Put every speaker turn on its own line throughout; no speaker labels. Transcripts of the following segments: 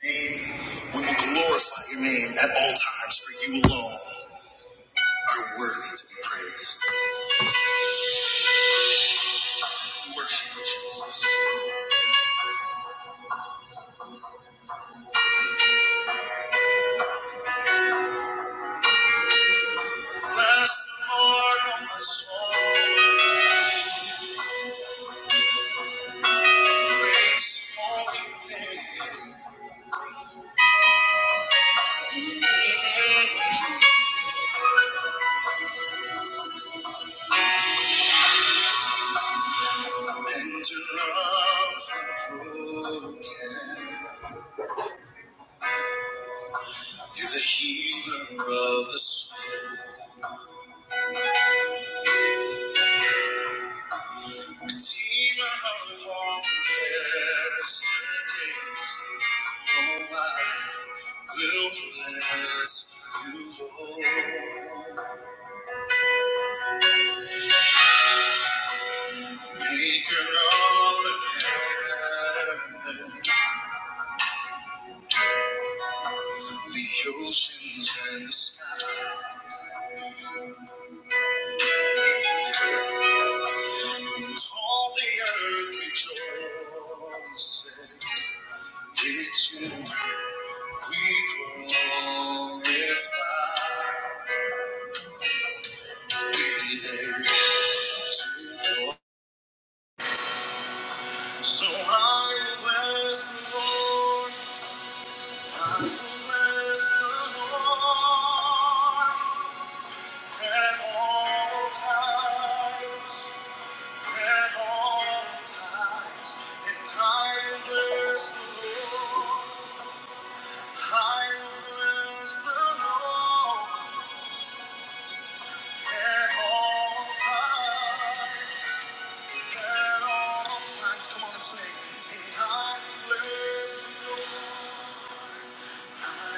We will glorify your name at all times, for you alone are worthy to be praised. We worship you, Jesus. Bless the Lord, O my soul. Praise your holy name. Mender of the broken. You're the healer of the soul. Redeemer of all the yesterdays. Oh, I will bless you, Lord. Maker of the heaven, the oceans and the sky. And all the earth rejoices. It's you we glorify. We lay to the Lord. So I bless the Lord. Come on and say, in time, bless Oh, oh, oh.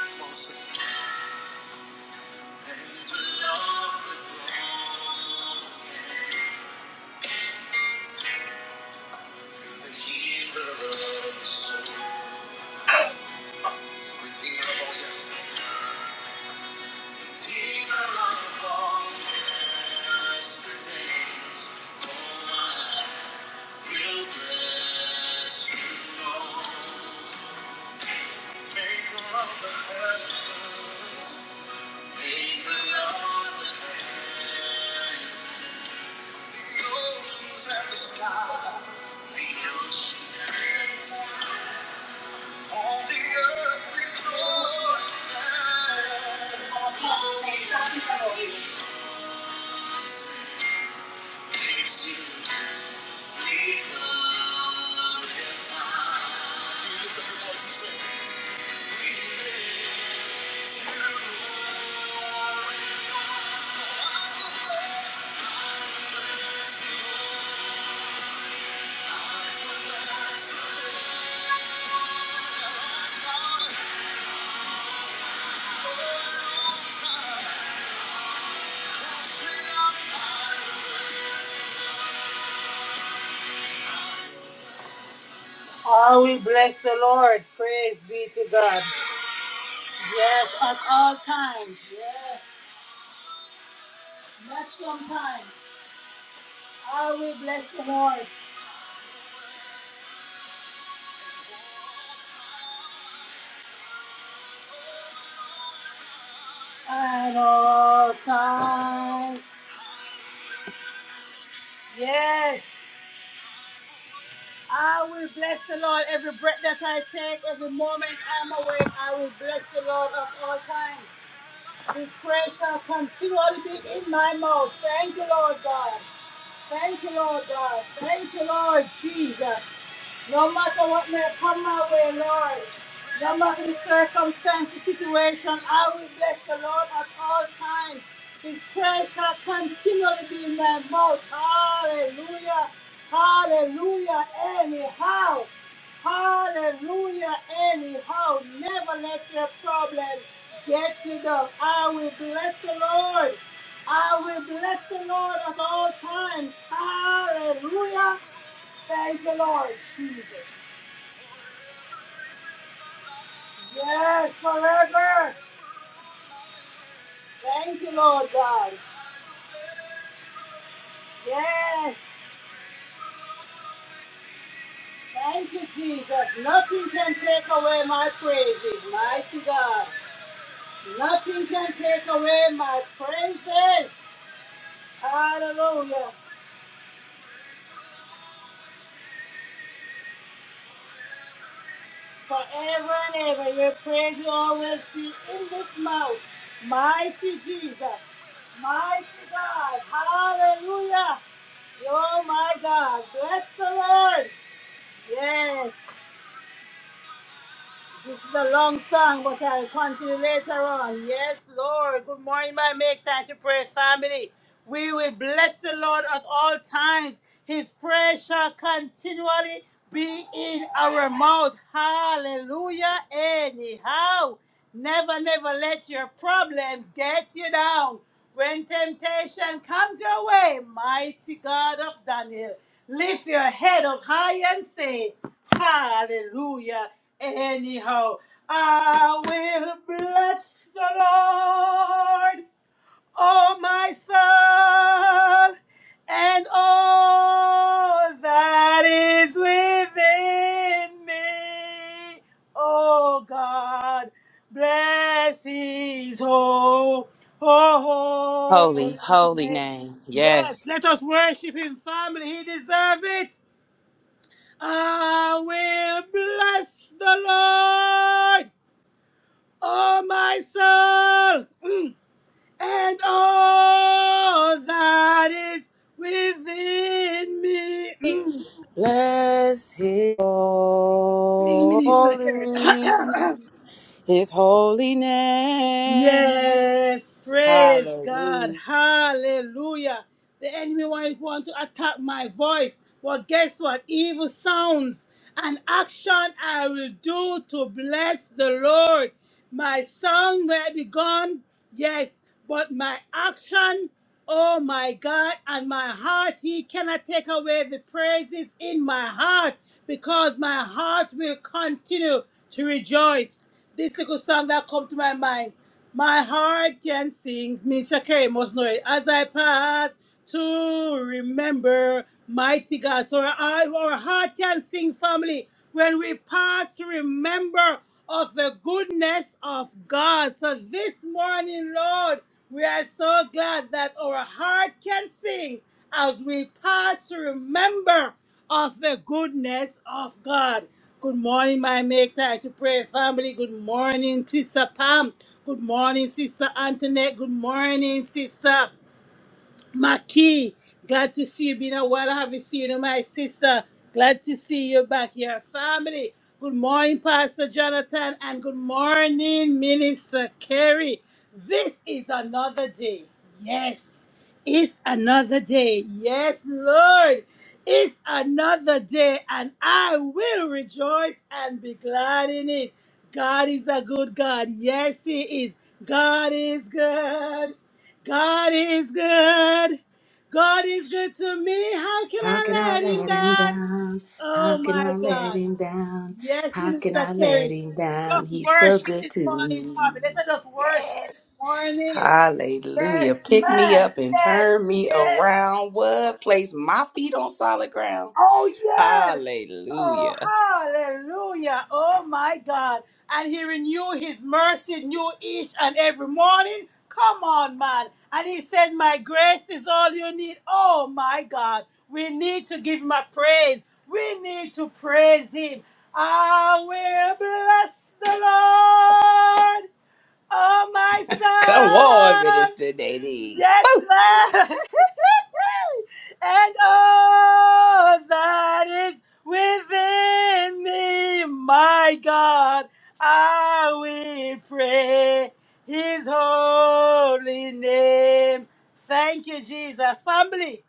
Come on, sing. And to love the Lord. the soul. of all, yes. Redeemer of all yesterdays. Oh, I will bless you, Lord. Maker of the heavens. Maker of the earth. The oceans and the sky. The oceans and the sky. All the earth rejoices. It's you, we come. You lift up your voice and say, Oh, we lift you up." I will bless the Lord. Praise be to God. Yes, at all times. Yes, not sometimes. I will bless the Lord at all times. Yes. I will bless the Lord every breath that I take, every moment I'm awake. I will bless the Lord at all times. His praise shall continually be in my mouth. Thank you, Lord God. Thank you, Lord God. Thank you, Lord Jesus. No matter what may come my way, Lord, no matter the circumstance, the situation, I will bless the Lord at all times. His praise shall continually be in my mouth. Hallelujah. Hallelujah. Anyhow. Hallelujah. Anyhow. Never let your problems get you down. I will bless the Lord. I will bless the Lord at all times. Hallelujah. Thank you, Lord Jesus. Yes, forever. Thank you, Lord God. Yes. Thank you, Jesus. Nothing can take away my praises, mighty God. Nothing can take away my praises. Hallelujah. Forever and ever, your praise will always be in this mouth. Mighty Jesus. Mighty God. Hallelujah. Oh my God, bless the Lord. Yes, This is a long song, but I'll continue later on. Yes, Lord. Good morning, my make time to pray family. We will bless the Lord at all times. His prayer shall continually be in our mouth. Hallelujah. Anyhow, never, never let your problems get you down. When temptation comes your way, mighty God of Daniel. Lift your head up high and say, Hallelujah. Anyhow, I will bless the Lord Oh, my soul, and all that is within me. O God, bless his whole,
Holy,
holy
holy
name.
name.
Yes,
Yes.
let us worship him, family. He deserves it. I will bless the Lord, oh, my soul. and all that is within me. Mm.
Bless his
Sing, Minister Kerry.
holy, his holy name.
Yes, praise God.
Hallelujah.
Hallelujah. The enemy want want to attack my voice. But guess what? Evil sounds and action I will do to bless the Lord. My song may be gone, yes, but my action, oh my God, and my heart, He cannot take away the praises in my heart because my heart will continue to rejoice. This little song that come to my mind. My heart can sing, Mr. Kerry must know it. As I pass to remember mighty God. So our, our heart can sing, family, when we pass to remember of the goodness of God. So this morning, Lord, we are so glad that our heart can sing as we pass to remember of the goodness of God. Good morning, my make time to pray family. Good morning, Sister Pam. Good morning, Sister Antoinette. Good morning, Sister. Maki, glad to see you. Been a while. I haven't seen you, my sister. Glad to see you back here, family. Good morning, Pastor Jonathan, and good morning, Minister Kerry. This is another day. Yes, it's another day. Yes, Lord, it's another day, and I will rejoice and be glad in it. God is a good God. Yes, He is. God is good. God is good. God is good to me. How can
How can
I
I
let him
let him
down?
down? How
Oh
can
my
I let
God.
him down?
Yes,
How can
Minister
I let
Kerry.
him down?
Just
He's so
worship
good
this
to
morning, family.
me.
Let us just worship this
Yes.
morning.
Hallelujah.
Yes,
Pick me
man.
up and
Yes,
turn me
yes.
around. What? Place my feet on solid ground.
Oh, yes. Oh,
Hallelujah.
hallelujah. Oh, my God. And he renew his mercy new each and every morning. Come on, man. And he said, My grace is all you need. Oh, my God. We need to give him a praise. We need to praise him. I will bless the Lord, oh, my
Come on,
soul
Minister Nadine.
Yes, Lord. and all that is within me, my God, I will pray his holy name. Thank you, Jesus. Family,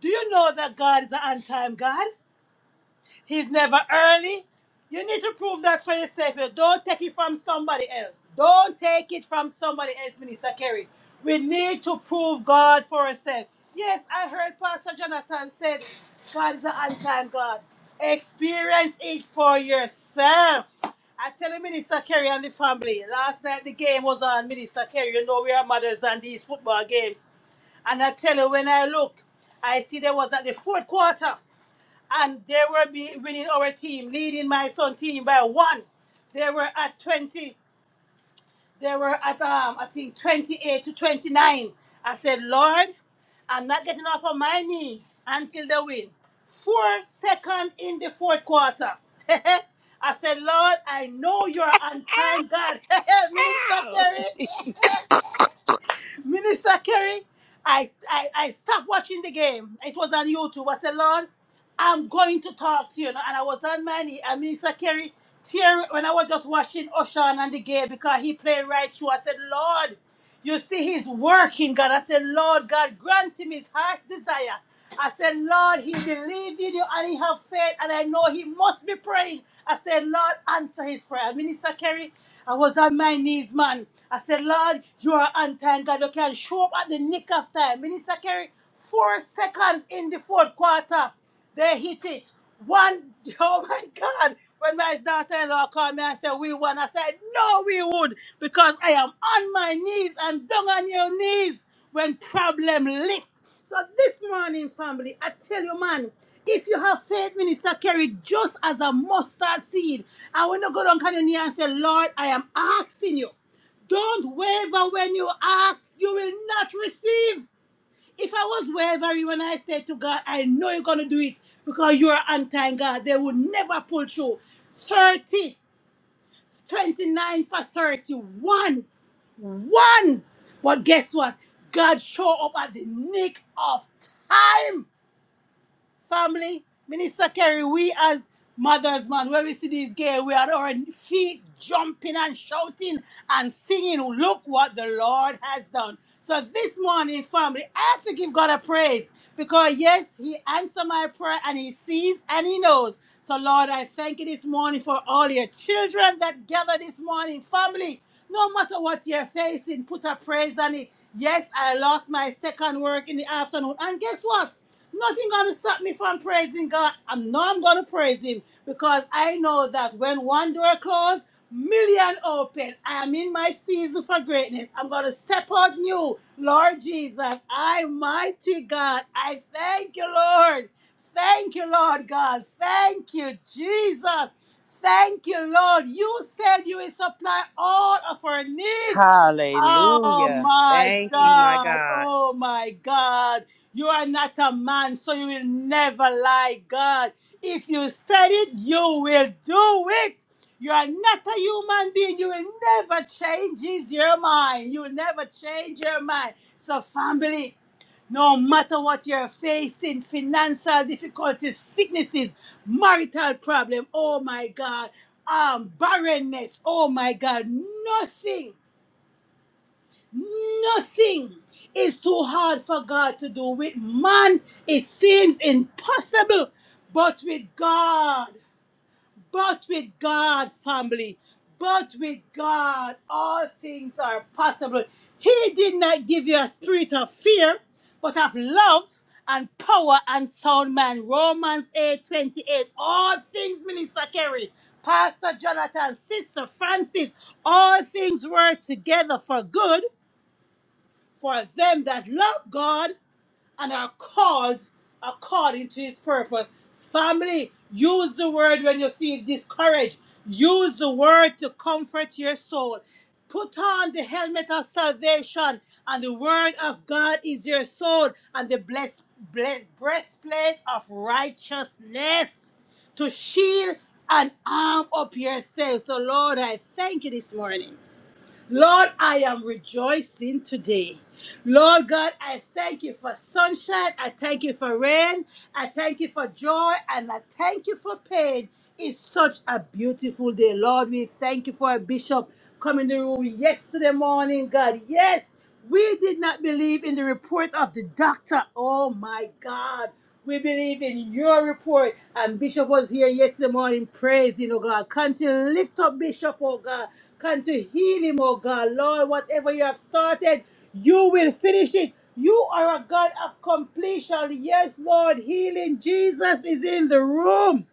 do you know that God is an on time God? He's never early. You need to prove that for yourself. You Don't take it from somebody else. Don't take it from somebody else, Minister Kerry. We need to prove God for ourselves. Yes, I heard Pastor Jonathan said, God is an unkind God. Experience it for yourself. I tell you, Minister Kerry and the family, last night the game was on, Minister Kerry. You know we are mothers and these football games. And I tell you, when I look, I see there was at the fourth quarter and they were be winning our team, leading my son team by one. They were at 20. They were at um, I think 28 to 29. I said, Lord, I'm not getting off of my knee until they win. Four second in the fourth quarter. I said, Lord, I know you're on time, God. Minister Kerry, Minister Kerry, I, I, I stopped watching the game. It was on YouTube. I said, Lord, I'm going to talk to you. You know, And I was on my knee. And Minister Kerry, tear when I was just watching Oshan and the game because he played right through. I said, Lord, you see he's working, God. I said, Lord, God, grant him his heart's desire. I said, Lord, he believes in you and he have faith and I know he must be praying. I said, Lord, answer his prayer. Minister Kerry, I was on my knees, man. I said, Lord, you are on time, God. You can show up at the nick of time. Minister Kerry, four seconds in the fourth quarter. They hit it. One, oh my God. When my daughter in law called me and said, We won, I said, No, we would, because I am on my knees and down on your knees when problem lift. So this morning, family, I tell you, man, if you have faith, Minister Kerry, just as a mustard seed, I want to go down on your knee and say, Lord, I am asking you. Don't waver when you ask, you will not receive. If I was wavering when I said to God, I know you're going to do it because you're on time, God, they would never pull through. 30, twenty-nine for 31. One. But guess what? God showed up at the nick of time family, Minister Kerry, we as mothers, man, when we see these girls, we are at our feet jumping and shouting and singing, look what the Lord has done. So this morning, family, I have to give God a praise because yes, He answered my prayer and He sees and He knows. So Lord, I thank you this morning for all your children that gather this morning, family. No matter what you're facing, put a praise on it. Yes, I lost my second work in the afternoon. And guess what? Nothing gonna stop me from praising God. I know I'm gonna praise Him because I know that when one door closed, million open. I am in my season for greatness. I'm gonna step out new, Lord Jesus. I mighty God. I thank you, Lord. Thank you, Lord God. Thank you, Jesus. Thank you, Lord. You said you will supply all of our needs Oh
Hallelujah.
my
Thank you, my
God.
God.
Oh my God. You are not a man, so you will never lie, God. If you said it, you will do it. You are not a human being. You will never change is your mind. You will never change your mind. So, family, no matter what you're facing, financial difficulties, sicknesses, marital problem, oh my God, um, barrenness, oh my God, nothing Nothing is too hard for God to do. With man, it seems impossible. But with God, but with God, family, but with God, all things are possible. He did not give you a spirit of fear, but of love and power and sound mind. Romans eight twenty eight. All things, Minister Kerry, Pastor Jonathan, Sister Francis, all things work together for good for them that love God and are called according to his purpose. Family, use the word when you feel discouraged. Use the word to comfort your soul. Put on the helmet of salvation, and the word of God is your sword, and the blessed, blessed breastplate of righteousness to shield and arm up yourself. So, Lord, I thank you this morning. Lord, I am rejoicing today. Lord God, I thank you for sunshine. I thank you for rain. I thank you for joy. And I thank you for pain. It's such a beautiful day. Lord, we thank you for a bishop coming to the room yesterday morning, God. Yes. We did not believe in the report of the doctor. Oh my God. We believe in your report. And Bishop was here yesterday morning praising, oh God. Come to lift up Bishop, oh God. Come to heal him, oh God. Lord, whatever you have started, you will finish it. You are a God of completion. Yes, Lord. Healing Jesus is in the room.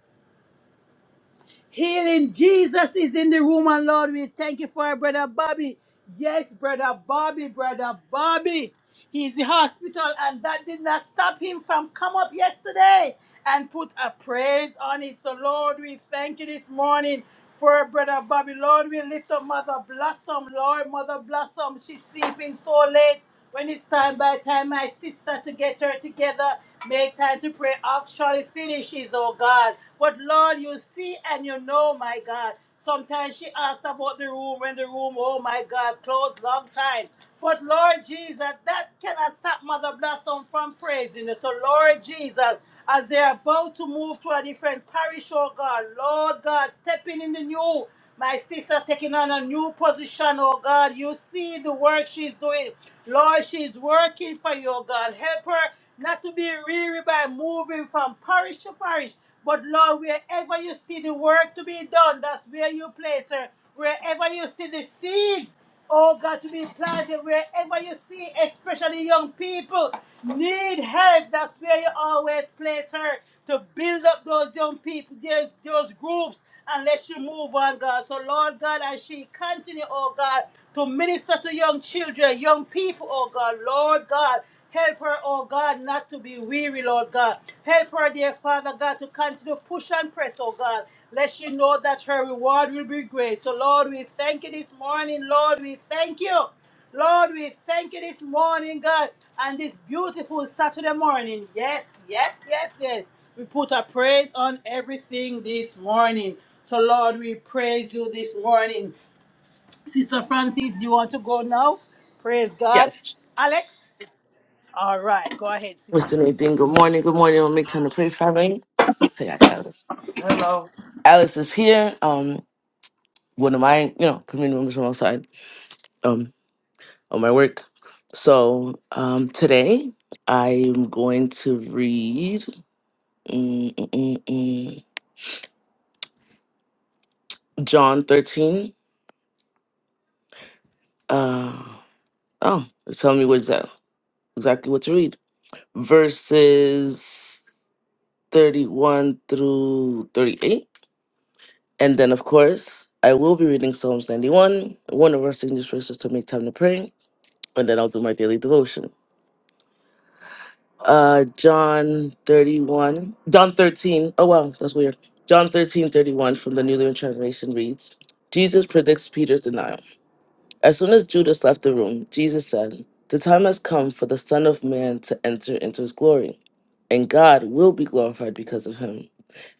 Healing Jesus is in the room, and Lord, we thank you for our brother Bobby. Yes, brother Bobby, brother Bobby. He's in the hospital, and that did not stop him from come up yesterday and put a praise on it. So, Lord, we thank you this morning for our brother Bobby. Lord, we lift up Mother Blossom. Lord, Mother Blossom, she's sleeping so late. When it's time by the time, my sister, to get her together, make time to pray, actually finishes, oh God. But Lord, you see and you know, my God. Sometimes she asks about the room when the room, oh my God, closed long time. But Lord Jesus, that cannot stop Mother Blossom from praising you. So Lord Jesus, as they're about to move to a different parish, oh God, Lord God, stepping in the new. My sister's taking on a new position, oh God. You see the work she's doing. Lord, she's working for you, oh God. Help her not to be weary by moving from parish to parish. But Lord, wherever you see the work to be done, that's where you place her. Wherever you see the seeds. Oh God, to be planted wherever you see, especially young people need help. That's where you always place her to build up those young people, those, those groups, and let you move on, God. So, Lord God, as she continue, oh God, to minister to young children, young people, oh God, Lord God. Help her, oh God, not to be weary, Lord God. Help her, dear Father God, to continue to push and press, oh God. Let she know that her reward will be great. So, Lord, we thank you this morning. Lord, we thank you. Lord, we thank you this morning, God, and this beautiful Saturday morning. Yes, yes, yes, yes. We put a praise on everything this morning. So, Lord, we praise you this morning. Sister Francis, do you want to go now? Praise God.
Yes.
Alex? All right, go ahead,
Mr.
Sissy.
Nadine, good morning. Good morning. We'll make time to pray, family. Say hi, Alice. Hello. Alice is here. Um, one of my, you know, community members from outside, um, on my work. So, um, today I'm going to read mm, mm, mm, mm, John 13. Uh, oh, it's telling me what's that exactly what to read. Verses 31 through 38. And then, of course, I will be reading Psalms 91, one of our signature verses to make time to pray, and then I'll do my daily devotion. Uh, John 31, John 13, oh wow, that's weird. John 13 31 from the New Living Translation reads, Jesus predicts Peter's denial. As soon as Judas left the room, Jesus said, The time has come for the Son of Man to enter into his glory, and God will be glorified because of him.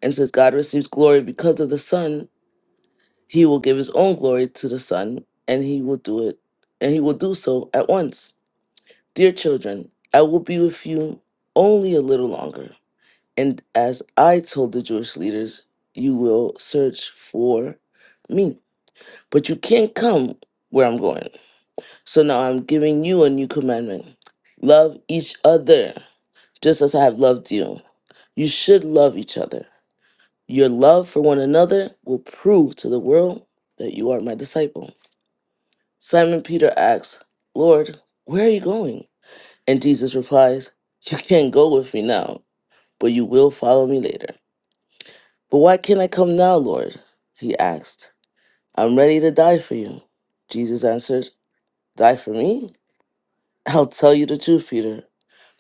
And since God receives glory because of the Son, He will give his own glory to the Son, and he will do it, and he will do so at once. Dear children, I will be with you only a little longer. And as I told the Jewish leaders, you will search for me. But you can't come where I'm going. So now I'm giving you a new commandment love each other, just as I have loved you. You should love each other. Your love for one another will prove to the world that you are my disciple. Simon Peter asks, Lord, where are you going? And Jesus replies, You can't go with me now, but you will follow me later. But why can't I come now, Lord? He asked. I'm ready to die for you. Jesus answered, Die for me? I'll tell you the truth, Peter.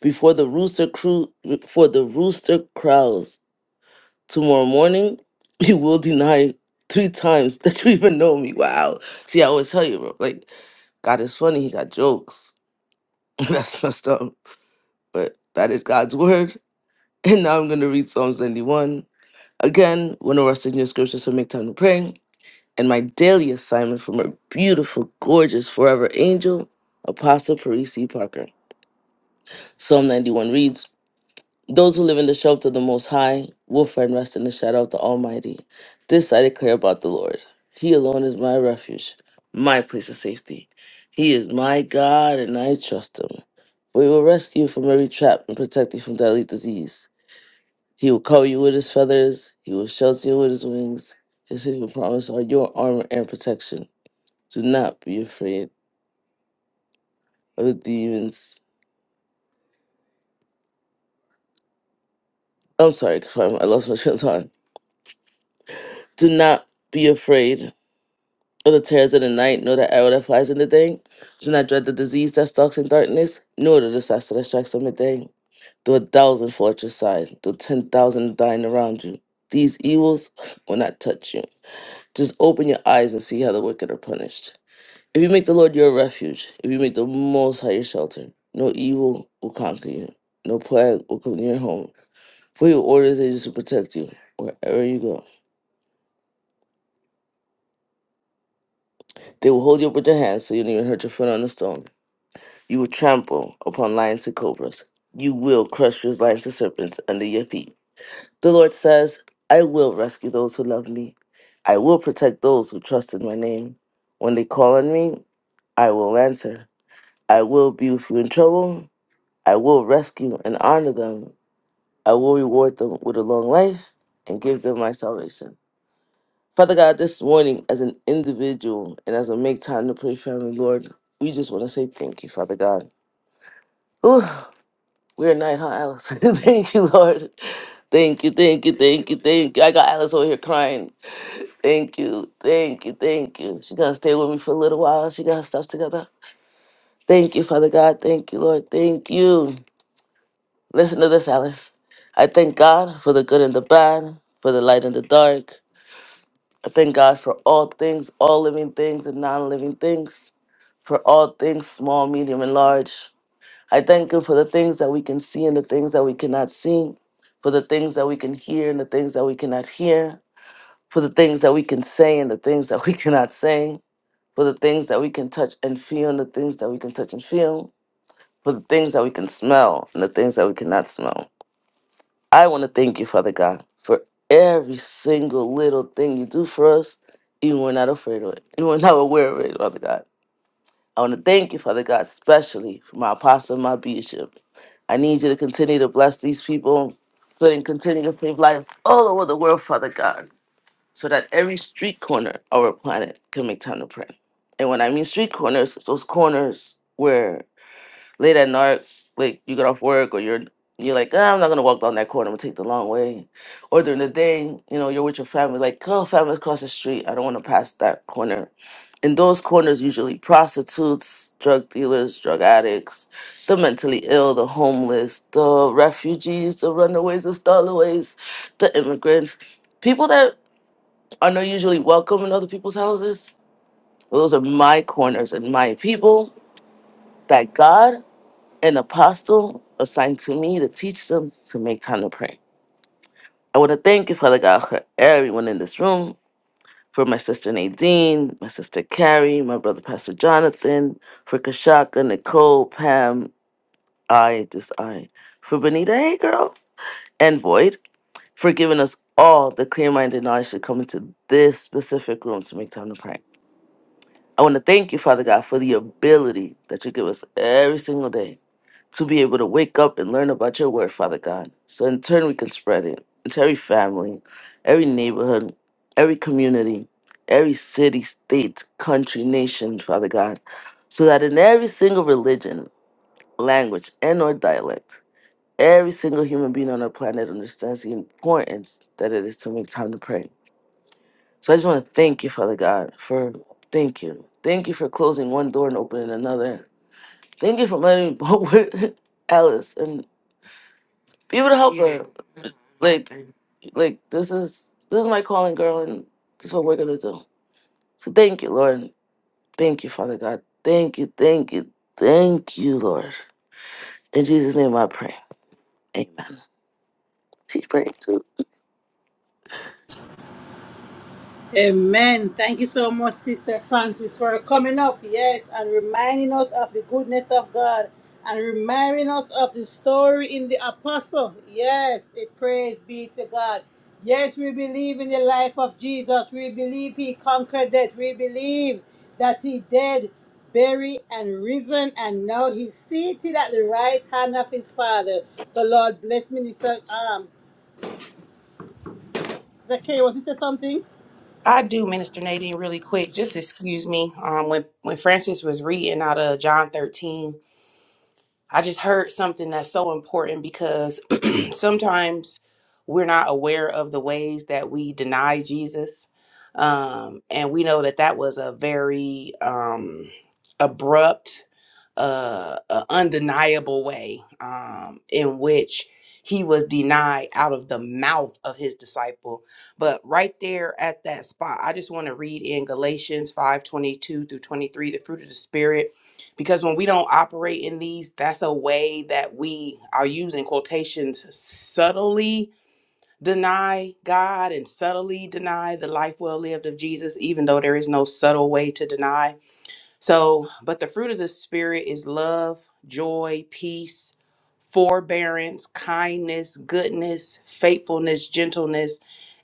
Before the rooster crew, before the rooster crows tomorrow morning, you will deny three times that you even know me. Wow. See, I always tell you, bro. Like God is funny. He got jokes. That's messed up. but that is God's word. And now I'm going to read Psalm 91. Again, when i rest in your scriptures, so make time to pray. And my daily assignment from our beautiful, gorgeous, forever angel, Apostle Parisi Parker. Psalm 91 reads Those who live in the shelter of the Most High will find rest in the shadow of the Almighty. This I declare about the Lord. He alone is my refuge, my place of safety. He is my God, and I trust him. We will rescue you from every trap and protect you from deadly disease. He will cover you with his feathers. He will shelter you with his wings. His hidden promise are your armor and protection. Do not be afraid of the demons. I'm sorry, I lost my train of thought. Do not be afraid of the terrors of the night, nor the arrow that flies in the day. Do not dread the disease that stalks in darkness, nor the disaster that strikes on the day. Though a thousand fall at your side, though ten thousand are dying around you, these evils will not touch you. Just open your eyes and see how the wicked are punished. If you make the Lord your refuge, if you make the Most High your shelter, no evil will conquer you, no plague will come near your home. For your orders angels to protect you wherever you go. They will hold you up with their hands so you don't even hurt your foot on the stone. You will trample upon lions and cobras. You will crush your lions and serpents under your feet. The Lord says, I will rescue those who love me. I will protect those who trust in my name. When they call on me, I will answer. I will be with you in trouble. I will rescue and honor them. I will reward them with a long life and give them my salvation. Father God, this morning, as an individual and as a make time to pray family, Lord, we just want to say thank you, Father God. Whew, we're night, huh, Alice? thank you, Lord. Thank you, thank you, thank you, thank you. I got Alice over here crying. Thank you, thank you, thank you. She's going to stay with me for a little while. She got her stuff together. Thank you, Father God. Thank you, Lord. Thank you. Listen to this, Alice. I thank God for the good and the bad, for the light and the dark. I thank God for all things, all living things and non living things, for all things, small, medium, and large. I thank Him for the things that we can see and the things that we cannot see, for the things that we can hear and the things that we cannot hear, for the things that we can say and the things that we cannot say, for the things that we can touch and feel and the things that we can touch and feel, for the things that we can smell and the things that we cannot smell. I want to thank you, Father God, for every single little thing you do for us, even when we're not afraid of it, even when we're not aware of it, Father God. I want to thank you, Father God, especially for my apostle and my bishop. I need you to continue to bless these people, but and continue to save lives all over the world, Father God, so that every street corner of our planet can make time to pray. And when I mean street corners, it's those corners where late at night, like you get off work or you're you're like, ah, I'm not gonna walk down that corner, I'm gonna take the long way. Or during the day, you know, you're with your family, like, oh, family's across the street, I don't wanna pass that corner. In those corners usually prostitutes, drug dealers, drug addicts, the mentally ill, the homeless, the refugees, the runaways, the stallaways, the immigrants, people that are not usually welcome in other people's houses. Those are my corners and my people. Thank God an apostle assigned to me to teach them to make time to pray. I want to thank you, Father God, for everyone in this room, for my sister Nadine, my sister Carrie, my brother Pastor Jonathan, for Kashaka, Nicole, Pam, I, just I, for Benita, hey girl, and Void, for giving us all the clear minded knowledge to come into this specific room to make time to pray. I want to thank you, Father God, for the ability that you give us every single day to be able to wake up and learn about your word, Father God. So in turn, we can spread it into every family, every neighborhood, every community, every city, state, country, nation, Father God. So that in every single religion, language, and or dialect, every single human being on our planet understands the importance that it is to make time to pray. So I just want to thank you, Father God, for thank you. Thank you for closing one door and opening another. Thank you for letting me go with Alice and be able to help her. Like, like this is this is my calling, girl, and this is what we're gonna do. So thank you, Lord. Thank you, Father God. Thank you, thank you, thank you, Lord. In Jesus' name, I pray. Amen. She's praying too.
Amen. Thank you so much, Sister Francis, for coming up, yes, and reminding us of the goodness of God and reminding us of the story in the apostle. Yes, a praise be to God. Yes, we believe in the life of Jesus. We believe he conquered death. We believe that he dead, buried, and risen, and now he's seated at the right hand of his Father. The Lord bless Minister um, Zachary. Want to say something?
I do, Minister Nadine, really quick. Just excuse me. Um, when when Francis was reading out of John 13 I just heard something that's so important because sometimes we're not aware of the ways that we deny Jesus. Um, and we know that that was a very um, abrupt, uh, uh, undeniable way um, in which he was denied out of the mouth of his disciple. But right there at that spot, I just want to read in Galatians 5 22 through 23, the fruit of the Spirit because when we don't operate in these that's a way that we are using quotations subtly deny god and subtly deny the life well lived of jesus even though there is no subtle way to deny so, but the fruit of the Spirit is love, joy, peace, forbearance, kindness, goodness, faithfulness, gentleness,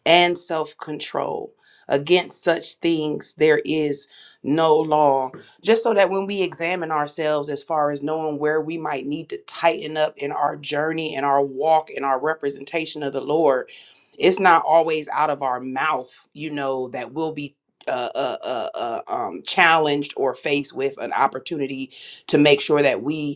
and self control. Against such things, there is no law. Just so that when we examine ourselves as far as knowing where we might need to tighten up in our journey, in our walk, in our representation of the Lord, it's not always out of our mouth, you know, that we'll be uh, uh, uh, uh, um, challenged or faced with an opportunity to make sure that we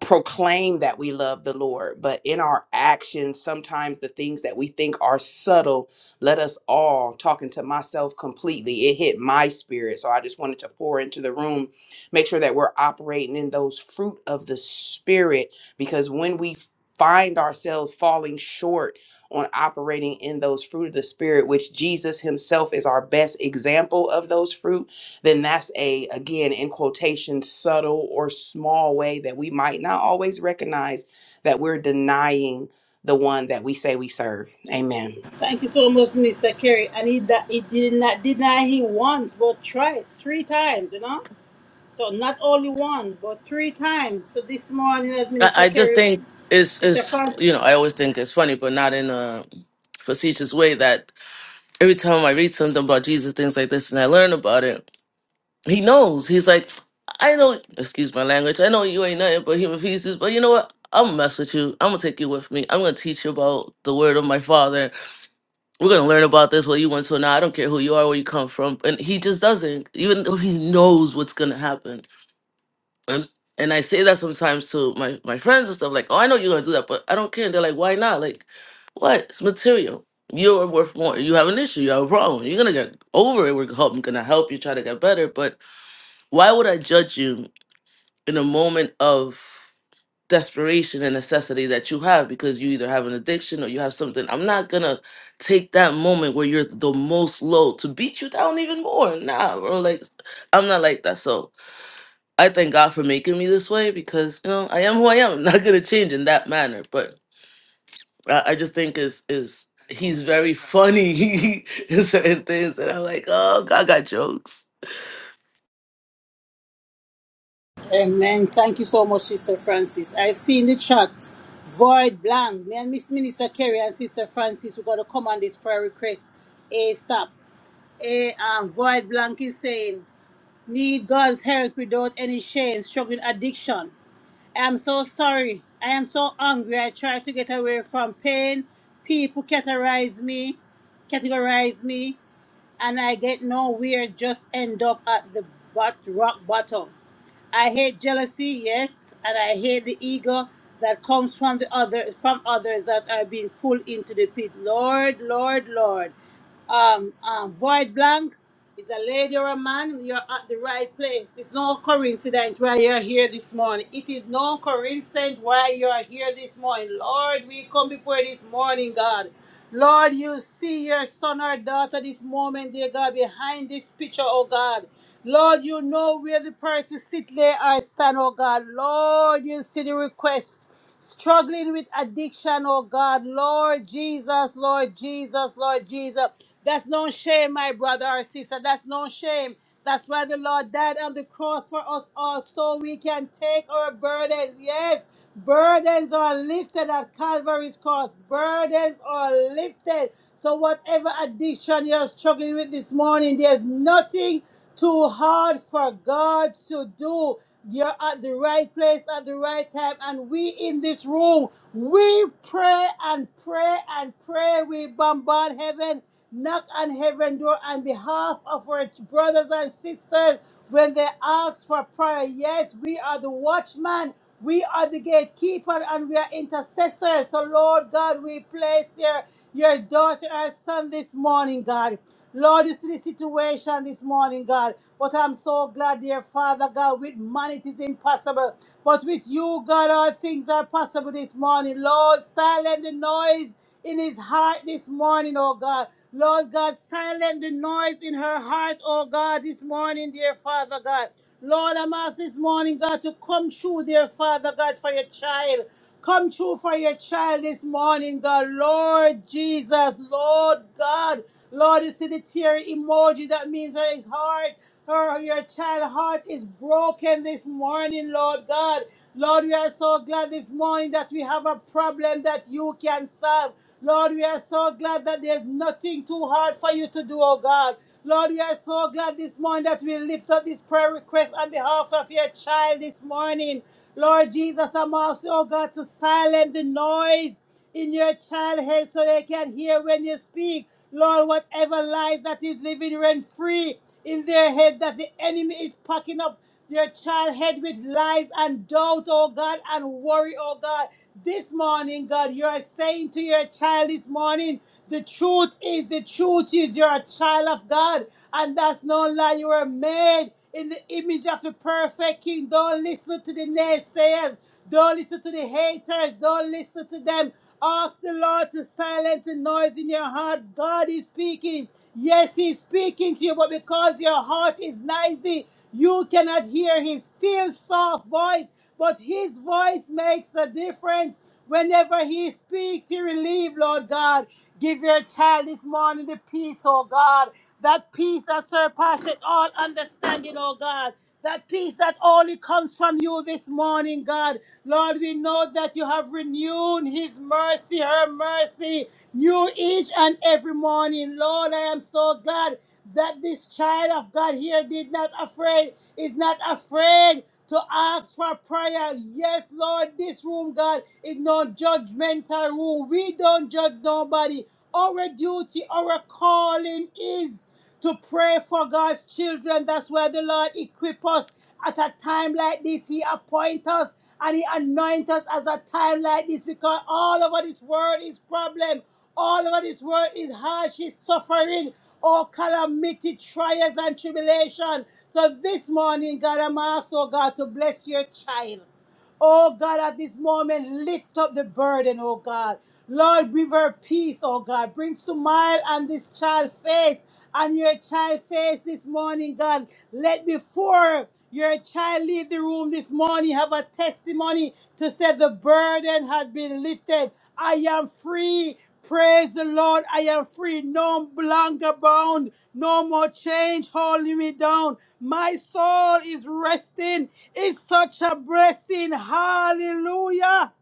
proclaim that we love the Lord, but in our actions, sometimes the things that we think are subtle, let us all, talking to myself completely, it hit my spirit. So I just wanted to pour into the room, make sure that we're operating in those fruit of the spirit, because when we find ourselves falling short on operating in those fruit of the spirit, which Jesus himself is our best example of those fruit then that's a again in quotation subtle or small way that we might not always recognize that we're denying the one that we say we serve amen
Thank you so much, Minister Kerry. And he, that he did not deny him once, but twice, three times, you know? So not only one, but three times. So this morning, as
I,
Minister
I just
Kerry,
think it's
Sister
it's
Francis.
you know I always think it's funny, but not in a facetious way that every time I read something about Jesus, things like this, and I learn about it, he knows. He's like, I know, excuse my language, I know you ain't nothing but human pieces, but you know what? I'm gonna mess with you. I'm gonna take you with me. I'm gonna teach you about the word of my father. We're gonna learn about this, what you went to now. I don't care who you are, where you come from. And he just doesn't, even though he knows what's gonna happen and and I say that sometimes to my my friends and stuff like, "Oh, I know you're gonna do that, but I don't care." And they're like, "Why not?" Like, what? It's material. You're worth more. You have an issue. You have a problem. You're gonna get over it. We're help, I'm gonna help you try to get better. But why would I judge you in a moment of desperation and necessity that you have because you either have an addiction or you have something? I'm not gonna take that moment where you're the most low to beat you down even more. Nah, bro. Like, I'm not like that. So I thank God for making me this way because you know I am who I am. I'm not gonna change in that manner, but I, I just think is is he's very funny in certain things, and I'm like, oh, God got jokes.
Amen. Thank you so much, Sister Francis. I see in the chat, void blank. Me and Miss Minister Kerry and Sister Francis, we got to come on this prayer request ASAP. A, um, void blank is saying, need God's help without any shame, struggling addiction. I'm so sorry. I am so angry. I try to get away from pain. People categorize me, categorize me, and I get nowhere. Just end up at the bot- rock bottom. I hate jealousy, yes, and I hate the ego that comes from the other from others that are being pulled into the pit. Lord, Lord, Lord. Um, um, void blank. Is a lady or a man, you're at the right place. It's no coincidence why you're here this morning. It is no coincidence why you're here this morning. Lord, we come before you this morning, God. Lord, you see your son or daughter this moment, dear God, behind this picture, oh God. Lord, you know where the person sit, lay, or stand, oh God. Lord, you see the request struggling with addiction, oh God. Lord Jesus, Lord Jesus, Lord Jesus. That's no shame, my brother or sister. That's no shame. That's why the Lord died on the cross for us all, so we can take our burdens. Yes, burdens are lifted at Calvary's cross. Burdens are lifted. So, whatever addiction you're struggling with this morning, there's nothing. Too hard for God to do. You're at the right place at the right time. And we in this room, we pray and pray and pray. We bombard heaven, knock on heaven door on behalf of our brothers and sisters when they ask for prayer. Yes, we are the watchman. We are the gatekeeper and we are intercessors. So, Lord God, we place your, your daughter, our son this morning, God. Lord, you see the situation this morning, God. But I'm so glad, dear Father God, with man it is impossible. But with you, God, all things are possible this morning. Lord, silence the noise in his heart this morning, oh God. Lord God, silence the noise in her heart, oh God, this morning, dear Father God. Lord, I'm asking this morning, God, to come through, dear Father God, for your child. Come true for your child this morning, God. Lord Jesus, Lord God. Lord, you see the tear emoji. That means that his heart, her, your child heart is broken this morning, Lord God. Lord, we are so glad this morning that we have a problem that you can solve. Lord, we are so glad that there's nothing too hard for you to do, oh God. Lord, we are so glad this morning that we lift up this prayer request on behalf of your child this morning. Lord Jesus, I'm asking, oh God, to silence the noise in your child's head so they can hear when you speak. Lord, whatever lies that is living rent free in their head that the enemy is packing up your child's head with lies and doubt, oh God, and worry, oh God. This morning, God, you are saying to your child this morning the truth is, the truth is, you're a child of God, and that's no lie. You were made in the image of the perfect King. Don't listen to the naysayers. Don't listen to the haters. Don't listen to them. Ask the Lord to silence the noise in your heart. God is speaking. Yes, He's speaking to you, but because your heart is noisy, you cannot hear His still soft voice. But His voice makes a difference. Whenever he speaks, he relieves, Lord God. Give your child this morning the peace, oh God. That peace that surpasses all understanding, oh God. That peace that only comes from you this morning, God. Lord, we know that you have renewed his mercy, her mercy, new each and every morning. Lord, I am so glad that this child of God here did not afraid, is not afraid to ask for prayer. Yes, Lord, this room, God, is not judgmental room. We don't judge nobody. Our duty, our calling is to pray for God's children. That's where the Lord equip us at a time like this. He appoint us and He anoint us as a time like this because all over this world is problem. All over this world is harsh, is suffering. Oh, calamity, trials, and tribulation. So this morning, God, I'm asking, oh God, to bless your child. Oh God, at this moment, lift up the burden, oh God. Lord, give her peace, oh God. Bring smile on this child's face and your child's face this morning, God. Let before your child leave the room this morning have a testimony to say the burden has been lifted. I am free Praise the Lord, I am free, no longer bound, no more change holding me down. My soul is resting, it's such a blessing. Hallelujah.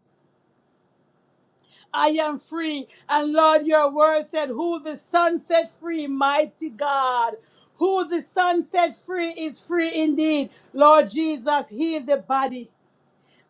I am free, and Lord, your word said, Who the Son set free, mighty God. Who the Son set free is free indeed. Lord Jesus, heal the body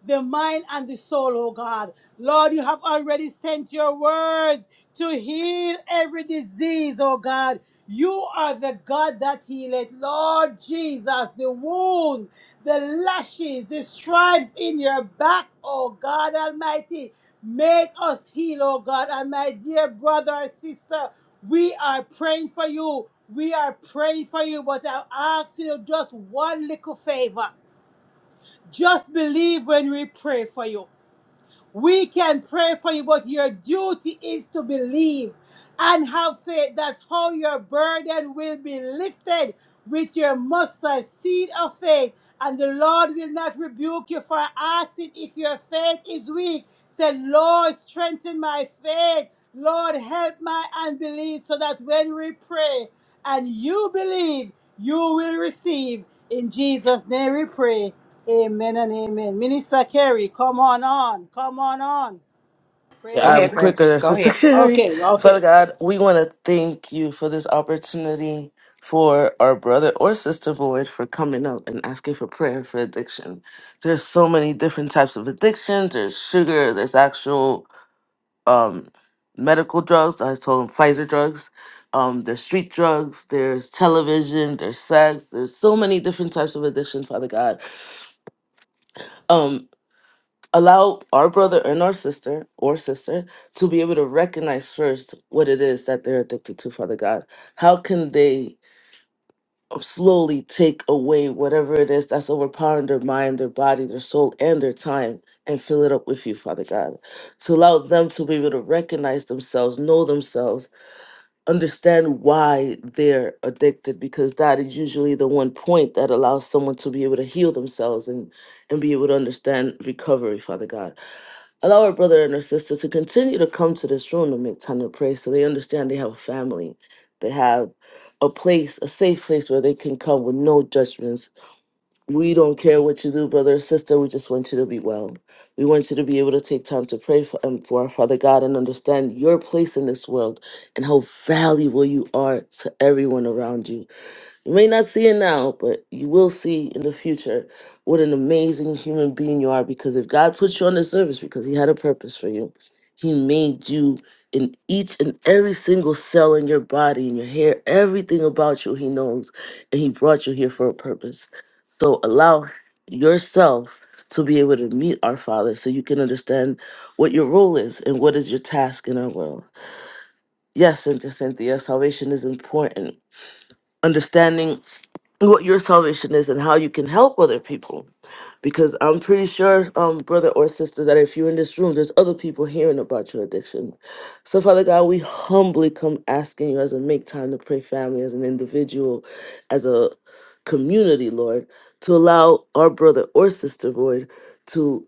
the mind and the soul, oh God. Lord, you have already sent your words to heal every disease, oh God. You are the God that healeth. Lord Jesus, the wound, the lashes, the stripes in your back, oh God Almighty. Make us heal, oh God. And my dear brother or sister, we are praying for you. We are praying for you, but I ask you just one little favor. Just believe when we pray for you. We can pray for you, but your duty is to believe and have faith. That's how your burden will be lifted with your mustard seed of faith. And the Lord will not rebuke you for asking if your faith is weak. Said, Lord, strengthen my faith. Lord, help my unbelief so that when we pray and you believe, you will receive. In Jesus' name we pray. Amen and amen. Minister Kerry, come on on. Come on on.
Go
Yeah,
Praise.
I'm
ahead,
quicker
Francis.
than
Go
Sister
ahead.
Carrie.
Okay, okay.
Father God, we want to thank you for this opportunity for our brother or sister Void for coming up and asking for prayer for addiction. There's so many different types of addictions. There's sugar. There's actual um, medical drugs. I told them Pfizer drugs. Um, there's street drugs. There's television. There's sex. There's so many different types of addiction. Father God, um, allow our brother and our sister or sister to be able to recognize first what it is that they're addicted to. Father God, how can they slowly take away whatever it is that's overpowering their mind, their body, their soul, and their time, and fill it up with you, Father God to allow them to be able to recognize themselves, know themselves, understand why they're addicted because that is usually the one point that allows someone to be able to heal themselves and and be able to understand recovery father god allow our brother and our sister to continue to come to this room and make time to pray so they understand they have a family they have a place a safe place where they can come with no judgments we don't care what you do, brother or sister. We just want you to be well. We want you to be able to take time to pray for, um, for our Father God and understand your place in this world and how valuable you are to everyone around you. You may not see it now, but you will see in the future what an amazing human being you are because if God put you on this service because He had a purpose for you, He made you in each and every single cell in your body, in your hair, everything about you, He knows. And He brought you here for a purpose. So allow yourself to be able to meet our Father so you can understand what your role is and what is your task in our world. Yes, Cynthia, Cynthia, salvation is important understanding what your salvation is and how you can help other people because i'm pretty sure um brother or sister that if you're in this room there's other people hearing about your addiction so father god we humbly come asking you as a make time to pray family as an individual as a community lord to allow our brother or sister lord to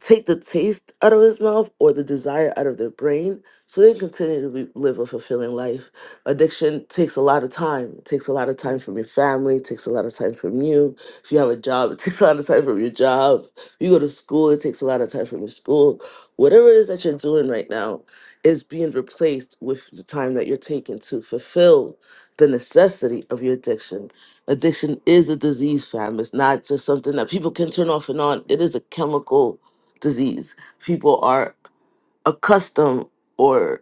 take the taste out of his mouth or the desire out of their brain so they can continue to be, live a fulfilling life. Addiction takes a lot of time. It takes a lot of time from your family, it takes a lot of time from you. If you have a job, it takes a lot of time from your job. If you go to school, it takes a lot of time from your school. Whatever it is that you're doing right now is being replaced with the time that you're taking to fulfill the necessity of your addiction. Addiction is a disease, fam. It's not just something that people can turn off and on. It is a chemical disease. People are accustomed or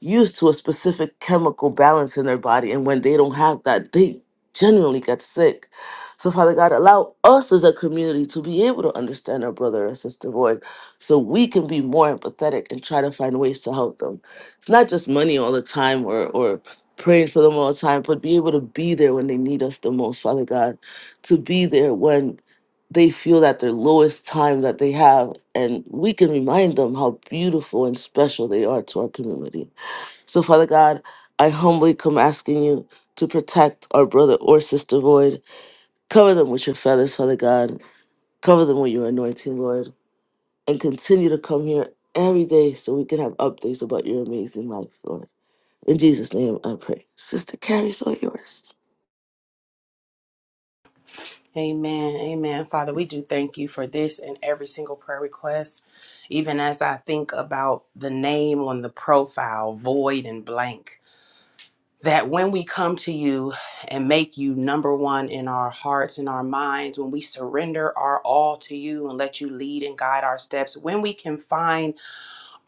used to a specific chemical balance in their body. And when they don't have that, they generally get sick. So, Father God, allow us as a community to be able to understand our brother or sister, Lord, so we can be more empathetic and try to find ways to help them. It's not just money all the time or, or praying for them all the time, but be able to be there when they need us the most, Father God, to be there when they feel that their lowest time that they have and we can remind them how beautiful and special they are to our community so father god i humbly come asking you to protect our brother or sister void cover them with your feathers father god cover them with your anointing lord and continue to come here every day so we can have updates about your amazing life lord in jesus name i pray sister carrie's all yours
Amen. Amen. Father, we do thank you for this and every single prayer request. Even as I think about the name on the profile, void and blank. that when we come to you and make you number one in our hearts and our minds, when we surrender our all to you and let you lead and guide our steps, when we can find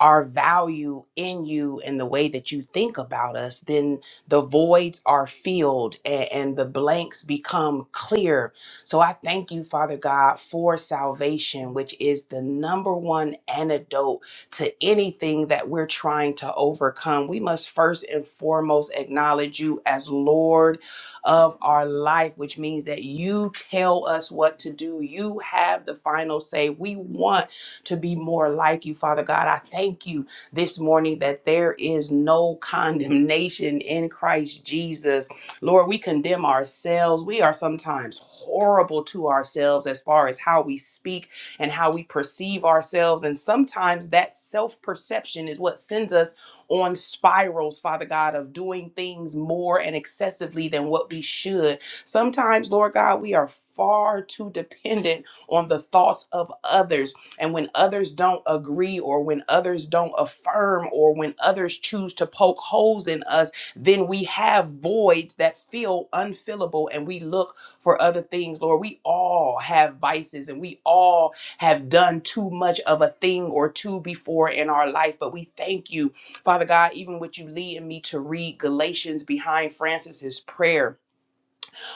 our value in you and the way that you think about us, then the voids are filled and, and the blanks become clear. So I thank you, Father God, for salvation, which is the number one antidote to anything that we're trying to overcome. We must first and foremost acknowledge you as Lord of our life, which means that you tell us what to do. You have the final say. We want to be more like you, Father God. I thank you this morning that there is no condemnation in Christ Jesus. Lord, we condemn ourselves. We are sometimes horrible to ourselves as far as how we speak and how we perceive ourselves. And sometimes that self perception is what sends us on spirals, Father God, of doing things more and excessively than what we should. Sometimes, Lord God, we are far too dependent on the thoughts of others and when others don't agree, or when others don't affirm, or when others choose to poke holes in us, then we have voids that feel unfillable and we look for other things. Lord, we all have vices and we all have done too much of a thing or two before in our life, but we thank you, Father God, even with you leading me to read Galatians behind Francis's prayer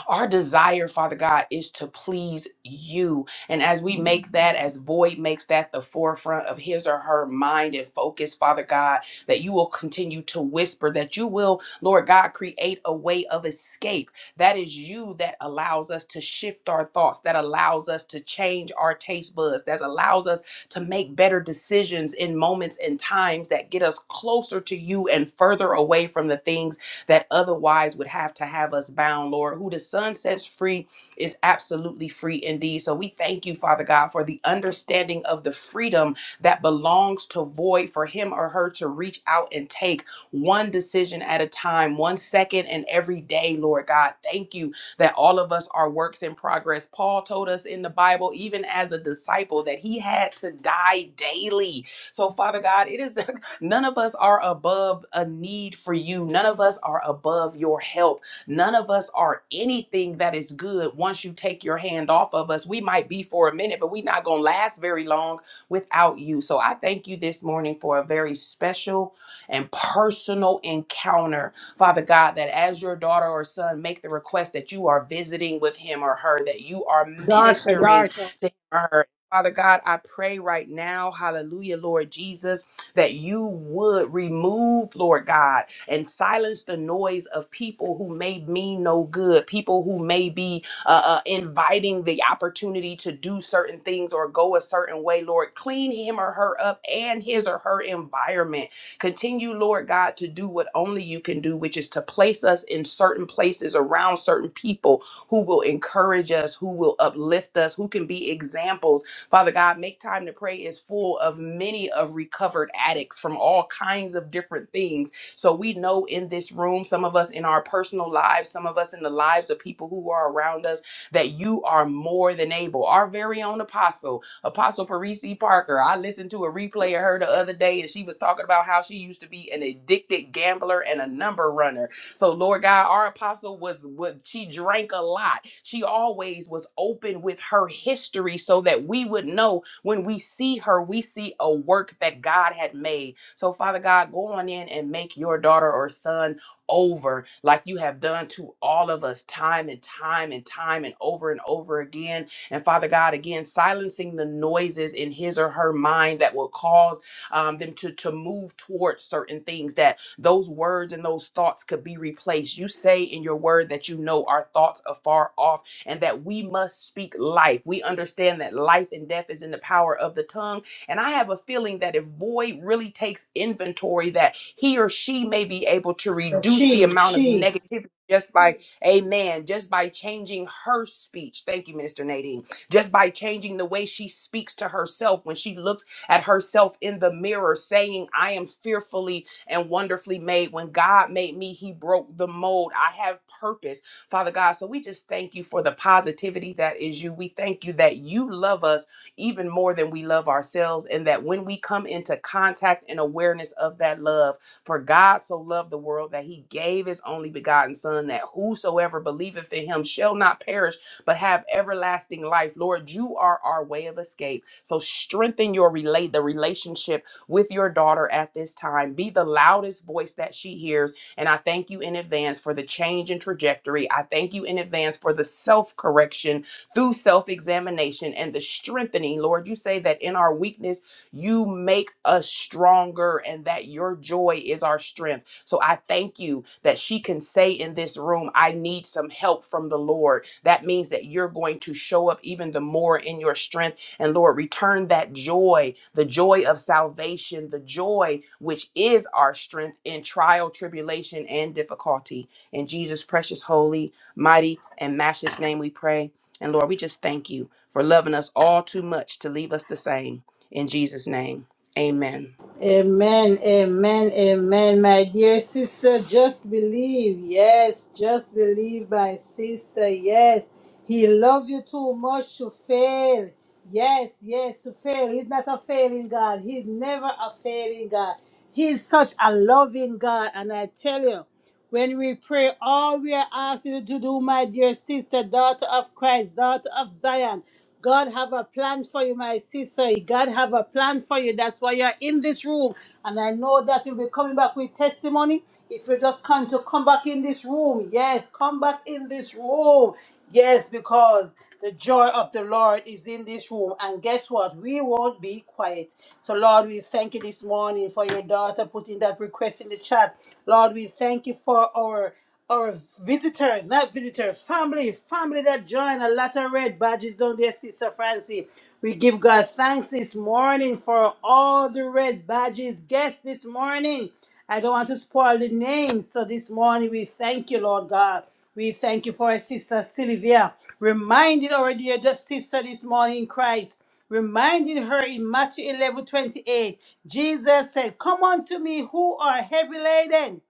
our desire, Father God, is to please you. And as we make that, as Boyd makes that the forefront of his or her mind and focus, Father God, that you will continue to whisper, that you will, Lord God, create a way of escape. That is you that allows us to shift our thoughts, that allows us to change our taste buds, that allows us to make better decisions in moments and times that get us closer to you and further away from the things that otherwise would have to have us bound, Lord. Who the Son sets free is absolutely free indeed. So we thank you, Father God, for the understanding of the freedom that belongs to void for him or her to reach out and take one decision at a time, one second and every day, Lord God. Thank you that all of us are works in progress. Paul told us in the Bible, even as a disciple, that he had to die daily. So, Father God, it is None of us are above a need for you. None of us are above your help. None of us are anything that is good once you take your hand off of us. We might be for a minute, but we're not going to last very long without you. So I thank you this morning for a very special and personal encounter, Father God, that as your daughter or son make the request that you are visiting with him or her, that you are
Daughter,
ministering
daughter.
to him or her. Father God, I pray right now, hallelujah, Lord Jesus that you would remove, Lord God, and silence the noise of people who may mean no good, people who may be uh, uh, inviting the opportunity to do certain things or go a certain way, Lord. Clean him or her up and his or her environment. Continue, Lord God, to do what only you can do, which is to place us in certain places around certain people who will encourage us, who will uplift us, who can be examples Father God, Make Time to Pray is full of many of recovered addicts from all kinds of different things. So we know in this room, some of us in our personal lives, some of us in the lives of people who are around us, that you are more than able. Our very own apostle, Apostle Parisi Parker. I listened to a replay of her the other day, and she was talking about how she used to be an addicted gambler and a number runner so, Lord God, our apostle was what she drank a lot. She always was open with her history so that we would know when we see her, we see a work that God had made. So, Father God, go on in and make your daughter or son over like you have done to all of us time and time and time and over and over again. And Father God, again, silencing the noises in his or her mind that will cause um, them to, to move towards certain things that those words and those thoughts could be replaced. You say in your word that you know our thoughts are far off and that we must speak life. We understand that life and death is in the power of the tongue. And I have a feeling that if Boyd really takes inventory, that he or she may be able to reduce the
She,
amount of
she.
negativity just by, amen, just by changing her speech. Thank you, Minister Nadine. Just by changing the way she speaks to herself when she looks at herself in the mirror, saying, I am fearfully and wonderfully made. When God made me, He broke the mold. I have purpose, Father God. So we just thank you for the positivity that is you. We thank you that you love us even more than we love ourselves, and that when we come into contact and awareness of that love, for God so loved the world that He gave His only begotten Son, that whosoever believeth in Him shall not perish but have everlasting life. Lord, you are our way of escape. So strengthen your relate the relationship with your daughter at this time. Be the loudest voice that she hears. And I thank you in advance for the change in trajectory. I thank you in advance for the self correction through self examination and the strengthening. Lord, you say that in our weakness, you make us stronger and that your joy is our strength. So I thank you that she can say in this room, I need some help from the Lord. That means that you're going to show up even the more in your strength and Lord, return that joy, the joy of salvation, the joy which is our strength in trial, tribulation, and difficulty. In Jesus' precious, holy, mighty, and matchless name we pray. And Lord, we just thank you for loving us all too much to leave us the same. In Jesus' name, amen.
Amen, amen, amen. My dear sister, just believe. Yes, just believe, my sister. Yes, he loves you too much to fail. Yes, yes, to fail. He's not a failing God. He's never a failing God. He's such a loving God. And I tell you, when we pray, all we are asking you to do, my dear sister, daughter of Christ, daughter of Zion. God have a plan for you, my sister. God have a plan for you. That's why you're in this room. And I know that you'll be coming back with testimony. If you just come to come back in this room. Yes, come back in this room. Yes, because the joy of the Lord is in this room. And guess what? We won't be quiet. So, Lord, we thank you this morning for your daughter putting that request in the chat. Lord, we thank you for our our visitors, not visitors, family, family that join a lot of red badges down there, Sister Francie. We give God thanks this morning for all the red badges guests this morning. I don't want to spoil the name. So this morning we thank you, Lord God. We thank you for our sister Sylvia, reminding our dear sister this morning in Christ, reminding her in Matthew 11 28. Jesus said, Come unto me who are heavy laden,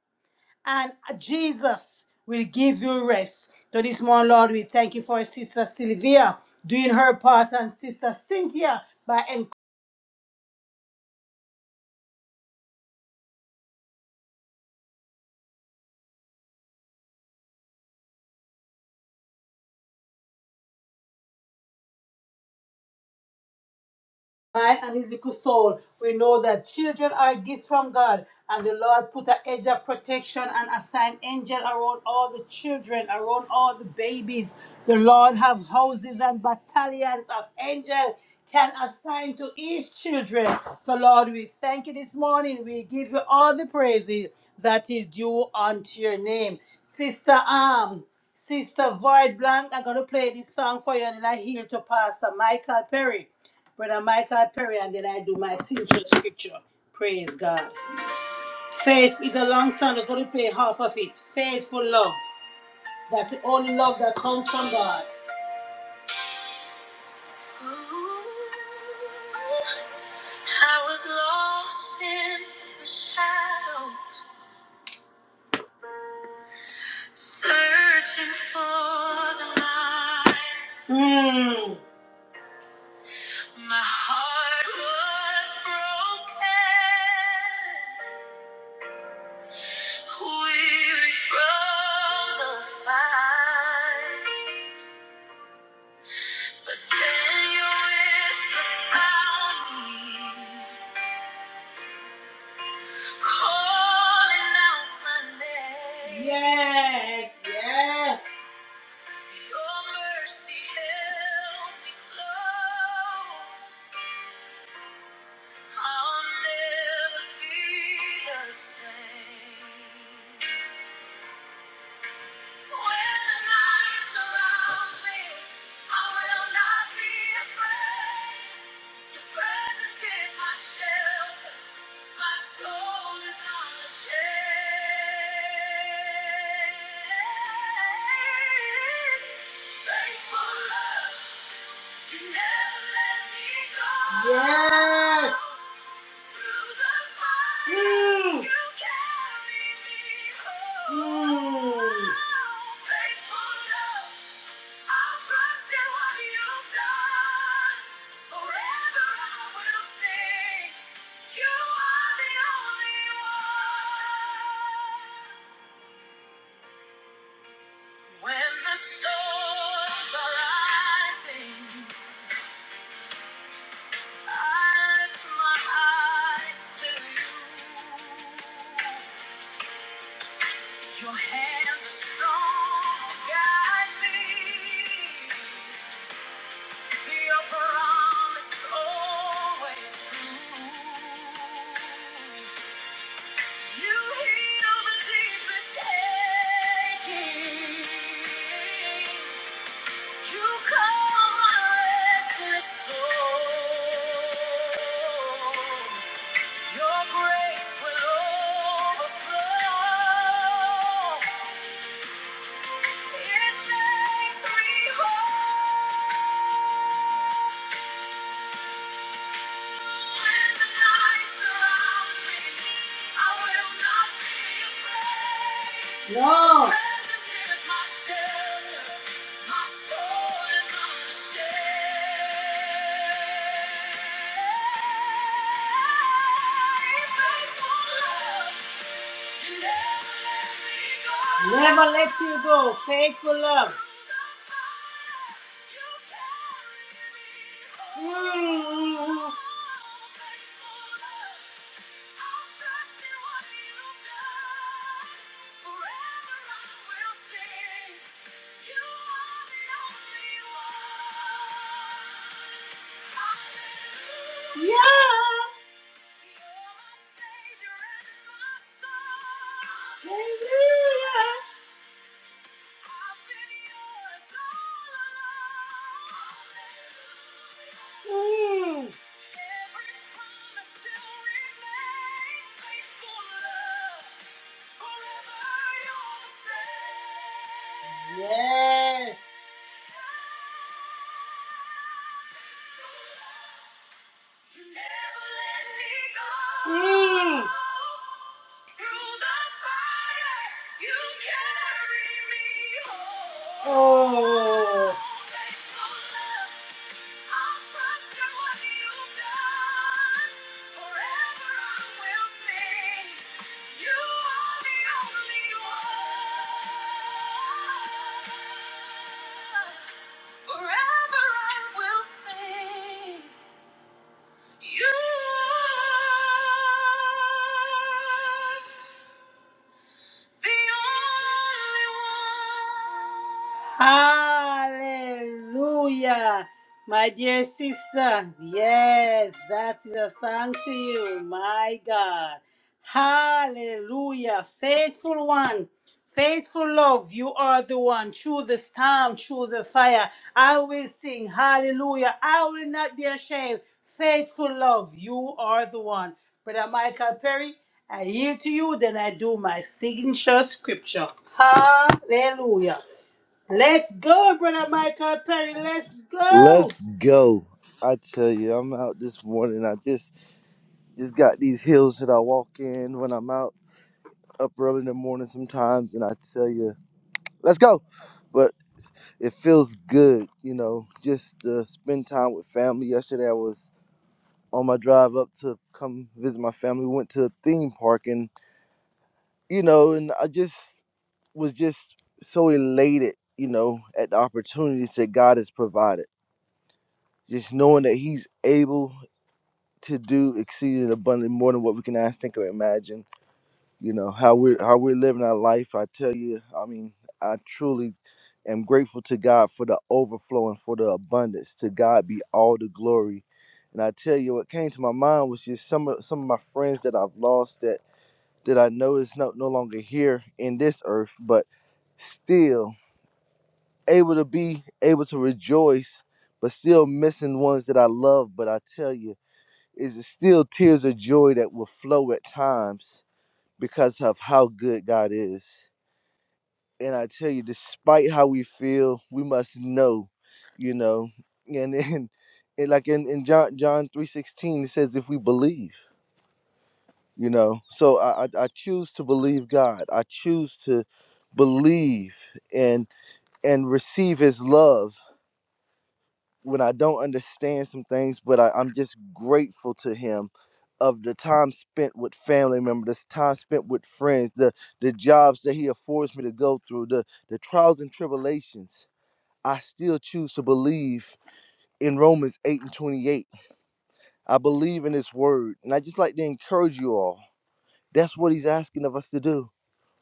and Jesus will give you rest. So this morning, Lord, we thank you for our sister Sylvia doing her part and sister Cynthia by encouraging mind and his little soul. We know that children are gifts from God, and the Lord put a edge of protection and assigned angel around all the children, around all the babies. The Lord have houses and battalions of angels can assign to each children. So Lord, we thank you this morning. We give you all the praises that is due unto your name. Sister Arm, Sister Void Blank, I'm gonna play this song for you and then I heal to Pastor Michael Perry. Brother Michael Perry, and then I do my signature scripture. Praise God. Faith is a long song. Just going to play half of it. Faithful love. That's the only love that comes from God. Ooh, I was lost in the shadows, searching for the light. Mm. My heart was broken. Weary from the fight, but then your whisper found me, calling out my name. Yes, yes. Your mercy held me close. I'll never be the same. Faithful love. Yes. Mm. Mm. When the storms are rising. I lift my eyes to you. Your hands are strong to guide me. Your promise always true. You heal the deepest aching. You calm my restless soul. Your grace will overflow. It makes me whole. When the night surrounds me, I will not be afraid. No. Your presence is my shelter. My soul is unashamed. Faithful love. Never let you go. Faithful love. Mm. Yeah. Woo! Yes. Mm. Oh. Forever I will sing. You are the only one. Hallelujah. My dear sister, yes, that is a song to you, my God. Hallelujah. Faithful one. Faithful love, you are the one through the storm, through the fire. I will sing hallelujah. I will not be ashamed. Faithful love, you are the one. Brother Michael Perry, I yield to you, then I do my signature scripture. Hallelujah. Let's go, Brother Michael Perry. Let's go.
Let's go. I tell you, I'm out this morning. I just just got these hills that I walk in when I'm out up early in the morning sometimes and I tell you, let's go. But it feels good, you know, just to spend time with family. Yesterday I was on my drive up to come visit my family. We went to a theme park and you know, and I just was just so elated, you know, at the opportunities that God has provided. Just knowing that he's able to do exceeded abundantly more than what we can ask, think, or imagine. You know how we're how we're living our life. I tell you, I mean, I truly am grateful to God for the overflow and for the abundance. To God be all the glory. And I tell you, what came to my mind was just some of some of my friends that I've lost that that I know is no no longer here in this earth, but still able to be able to rejoice, but still missing ones that I love. But I tell you is still tears of joy that will flow at times because of how good God is. And I tell you, despite how we feel, we must know, you know, and then and like in, in John John three sixteen it says if we believe, you know. So I, I I choose to believe God. I choose to believe and and receive his love when I don't understand some things, but I, I'm just grateful to him of the time spent with family members, the time spent with friends, the the jobs that he affords me to go through, the the trials and tribulations. I still choose to believe in Romans 8 and 28. I believe in his word. And I just like to encourage you all. That's what he's asking of us to do.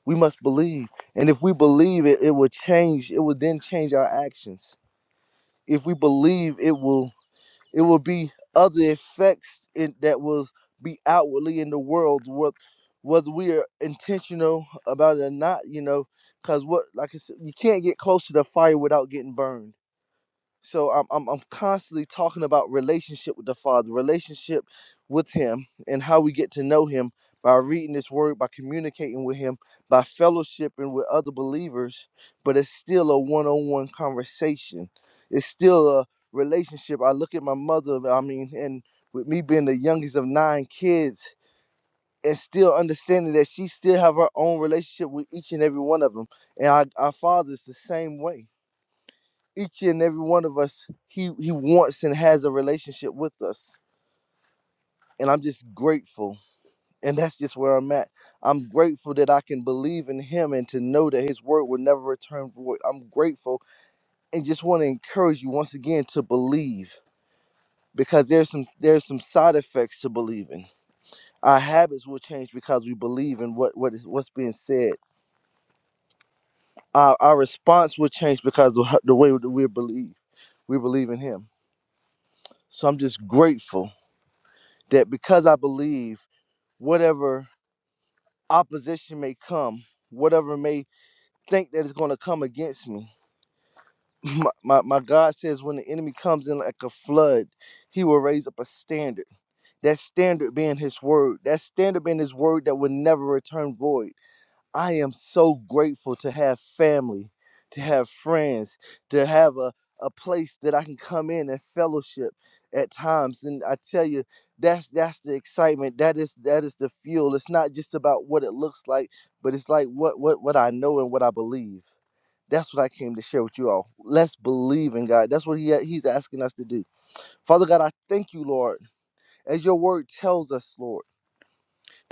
We must believe. And if we believe it, it will change. It will then change our actions. If we believe, it will It will be other effects in, that will be outwardly in the world, what, whether we are intentional about it or not, you know, because what, like I said, you can't get close to the fire without getting burned so I'm, I'm I'm constantly talking about relationship with the Father, relationship with Him, and how we get to know Him by reading His Word, by communicating with Him, by fellowshipping with other believers. But it's still a one-on-one conversation. It's still a relationship. I look at my mother. I mean, and with me being the youngest of nine kids. And still understanding that she still have her own relationship with each and every one of them, and our, our father is the same way each and every one of us he he wants and has a relationship with us and i'm just grateful and that's just where i'm at i'm grateful that i can believe in him and to know that his word will never return void i'm grateful and just want to encourage you once again to believe because there's some there's some side effects to believing our habits will change because we believe in what what is what's being said our, our response will change because of how- the way that we believe we believe in him so i'm just grateful that because I believe whatever opposition may come, whatever may think that is going to come against me, my, my, my God says when the enemy comes in like a flood, he will raise up a standard. That standard being his word, that standard being his word that will never return void. I am so grateful to have family, to have friends, to have a, a place that I can come in and fellowship at times. And I tell you, that's that's the excitement. That is that is the fuel. It's not just about what it looks like, but it's like what what what I know and what I believe. That's what I came to share with you all. Let's believe in God. That's what he, He's asking us to do. Father God, I thank you, Lord, as your word tells us, Lord,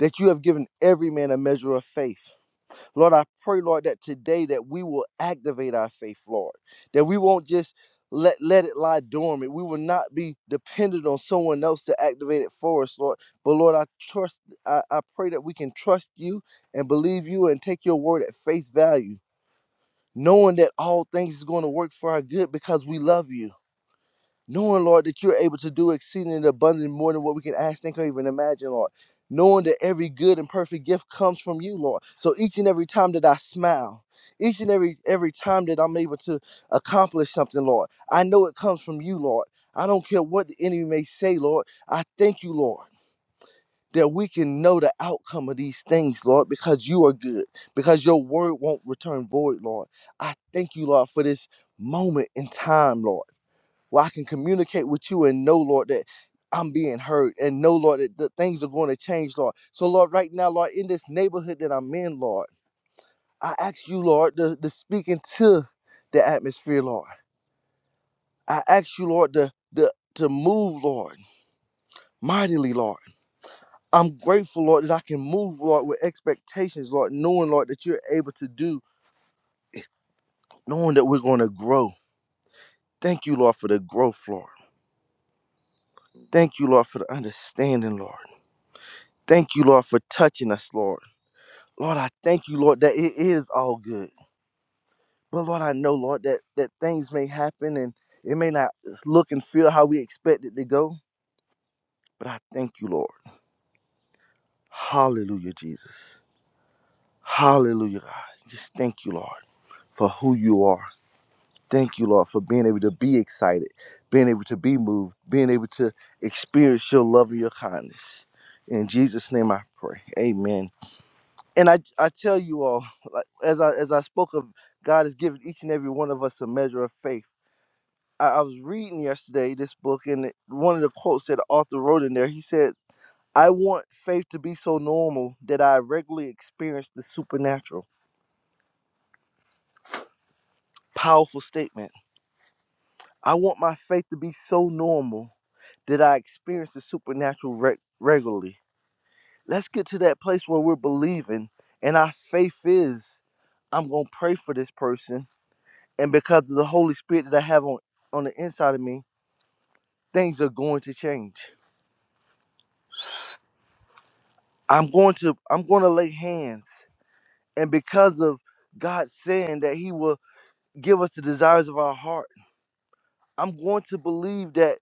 that you have given every man a measure of faith. Lord, I pray, Lord, that today that we will activate our faith, Lord, that we won't just let, let it lie dormant. We will not be dependent on someone else to activate it for us, Lord. But Lord, I trust, I, I pray that we can trust you and believe you and take your word at face value, knowing that all things is going to work for our good because we love you Knowing, Lord, that you're able to do exceeding and abundant more than what we can ask, think, or even imagine, Lord. Knowing that every good and perfect gift comes from you, Lord. So each and every time that I smile, each and every every time that I'm able to accomplish something, Lord, I know it comes from you, Lord. I don't care what the enemy may say, Lord. I thank you, Lord, that we can know the outcome of these things, Lord, because you are good, because your word won't return void, Lord. I thank you, Lord, for this moment in time, Lord where I can communicate with you and know, Lord, that I'm being heard and know, Lord, that the things are going to change, Lord. So, Lord, right now, Lord, in this neighborhood that I'm in, Lord, I ask you, Lord, to, to speak into the atmosphere, Lord. I ask you, Lord, to, to, to move, Lord, mightily, Lord. I'm grateful, Lord, that I can move, Lord, with expectations, Lord, knowing, Lord, that you're able to do, knowing that we're going to grow. Thank you, Lord, for the growth, Lord. Thank you, Lord, for the understanding, Lord. Thank you, Lord, for touching us, Lord. Lord, I thank you, Lord, that it is all good. But Lord, I know, Lord, that, that things may happen and it may not look and feel how we expect it to go. But I thank you, Lord. Hallelujah, Jesus. Hallelujah, God. Just thank you, Lord, for who you are. Thank you, Lord, for being able to be excited, being able to be moved, being able to experience your love and your kindness. In Jesus' name I pray. Amen. and I I tell you all, like, as I as I spoke of, God has given each and every one of us a measure of faith. I, I was reading yesterday this book, and it- one of the quotes that the author wrote in there, he said, "I want faith to be so normal that I regularly experience the supernatural." Powerful statement. I want my faith to be so normal that I experience the supernatural reg- regularly. Let's get to that place where we're believing, and our faith is, I'm gonna pray for this person and because of the Holy Spirit that I have on on the inside of me, things are going to change. I'm going to I'm going to lay hands, and because of God saying that He will give us the desires of our heart, I'm going to believe that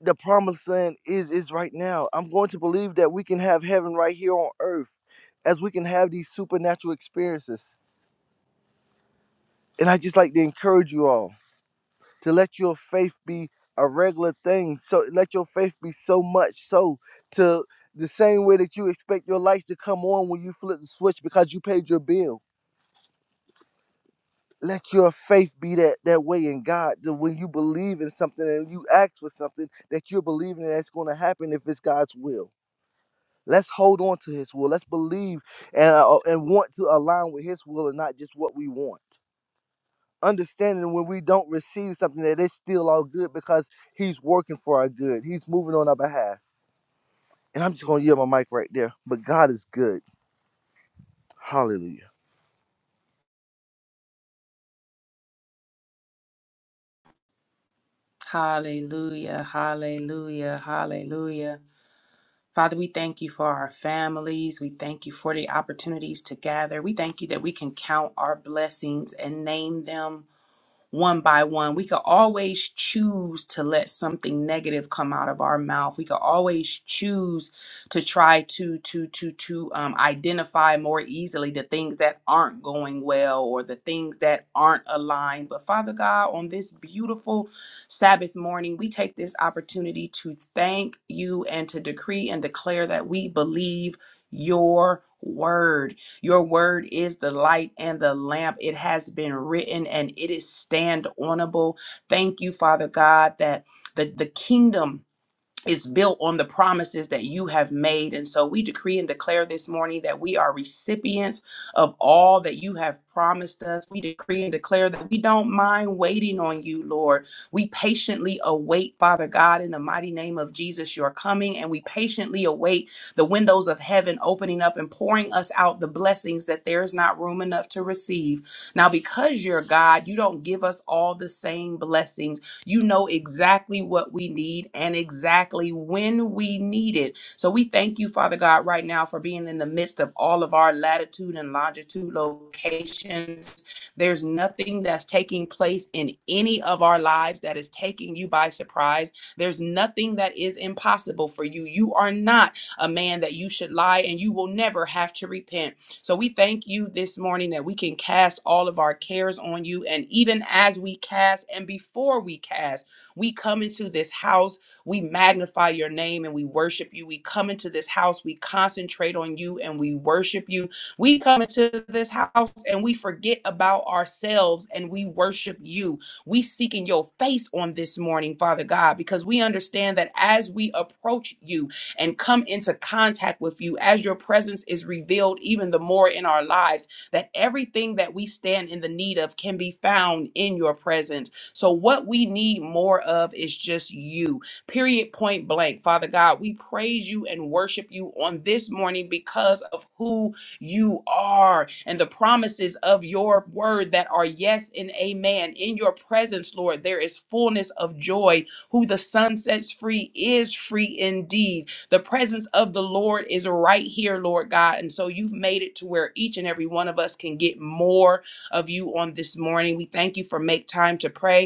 the promised land is is right now. I'm going to believe that we can have heaven right here on earth, as we can have these supernatural experiences. And I just like to encourage you all. to let your faith be a regular thing. So let your faith be so much so to the same way that you expect your lights to come on when you flip the switch because you paid your bill. Let your faith be that that way in God. That when you believe in something and you ask for something, that you're believing that's going to happen if it's God's will. Let's hold on to His will. Let's believe and uh, and want to align with His will and not just what we want. understanding when we don't receive something that it's still all good because he's working for our good. He's moving on our behalf. And I'm just gonna yield my mic right there. But God is good. Hallelujah.
Hallelujah, hallelujah, hallelujah. Father, we thank you for our families. We thank you for the opportunities to gather. We thank you that we can count our blessings and name them one by one. We could always choose to let something negative come out of our mouth. We could always choose to try to to to to um, identify more easily the things that aren't going well or the things that aren't aligned. But Father God, on this beautiful Sabbath morning, we take this opportunity to thank you and to decree and declare that we believe your word your word is the light and the lamp. It has been written and it is stand onable. Thank you, Father God, that the, the kingdom is built on the promises that you have made. And so we decree and declare this morning that we are recipients of all that you have promised us. We decree and declare that we don't mind waiting on you, Lord. We patiently await, Father God, in the mighty name of Jesus, your coming, and we patiently await the windows of heaven opening up and pouring us out the blessings that there is not room enough to receive. Now, because you're God, you don't give us all the same blessings you know exactly what we need and exactly when we need it. So we thank you, Father God, right now for being in the midst of all of our latitude and longitude locations. There's nothing that's taking place in any of our lives that is taking you by surprise. There's nothing that is impossible for you. You are not a man that you should lie, and you will never have to repent. So we thank you this morning that we can cast all of our cares on you. And even as we cast and before we cast, we come into this house, we magnify your name and we worship you. We come into this house, we concentrate on you and we worship you. We come into this house and we forget about ourselves and we worship you. We seeking your face on this morning, Father God, because we understand that as we approach you, and come into contact with you as your presence is revealed even the more in our lives, that everything that we stand in the need of can be found in your presence. So, what we need more of is just you, period, point blank. Father God, we praise you and worship you on this morning because of who you are and the promises of your word that are yes and amen. In your presence, Lord, there is fullness of joy. Who the Son sets free is free indeed. The presence of the Lord is right here, Lord God. And so you've made it to where each and every one of us can get more of you on this morning. We thank you for make time to pray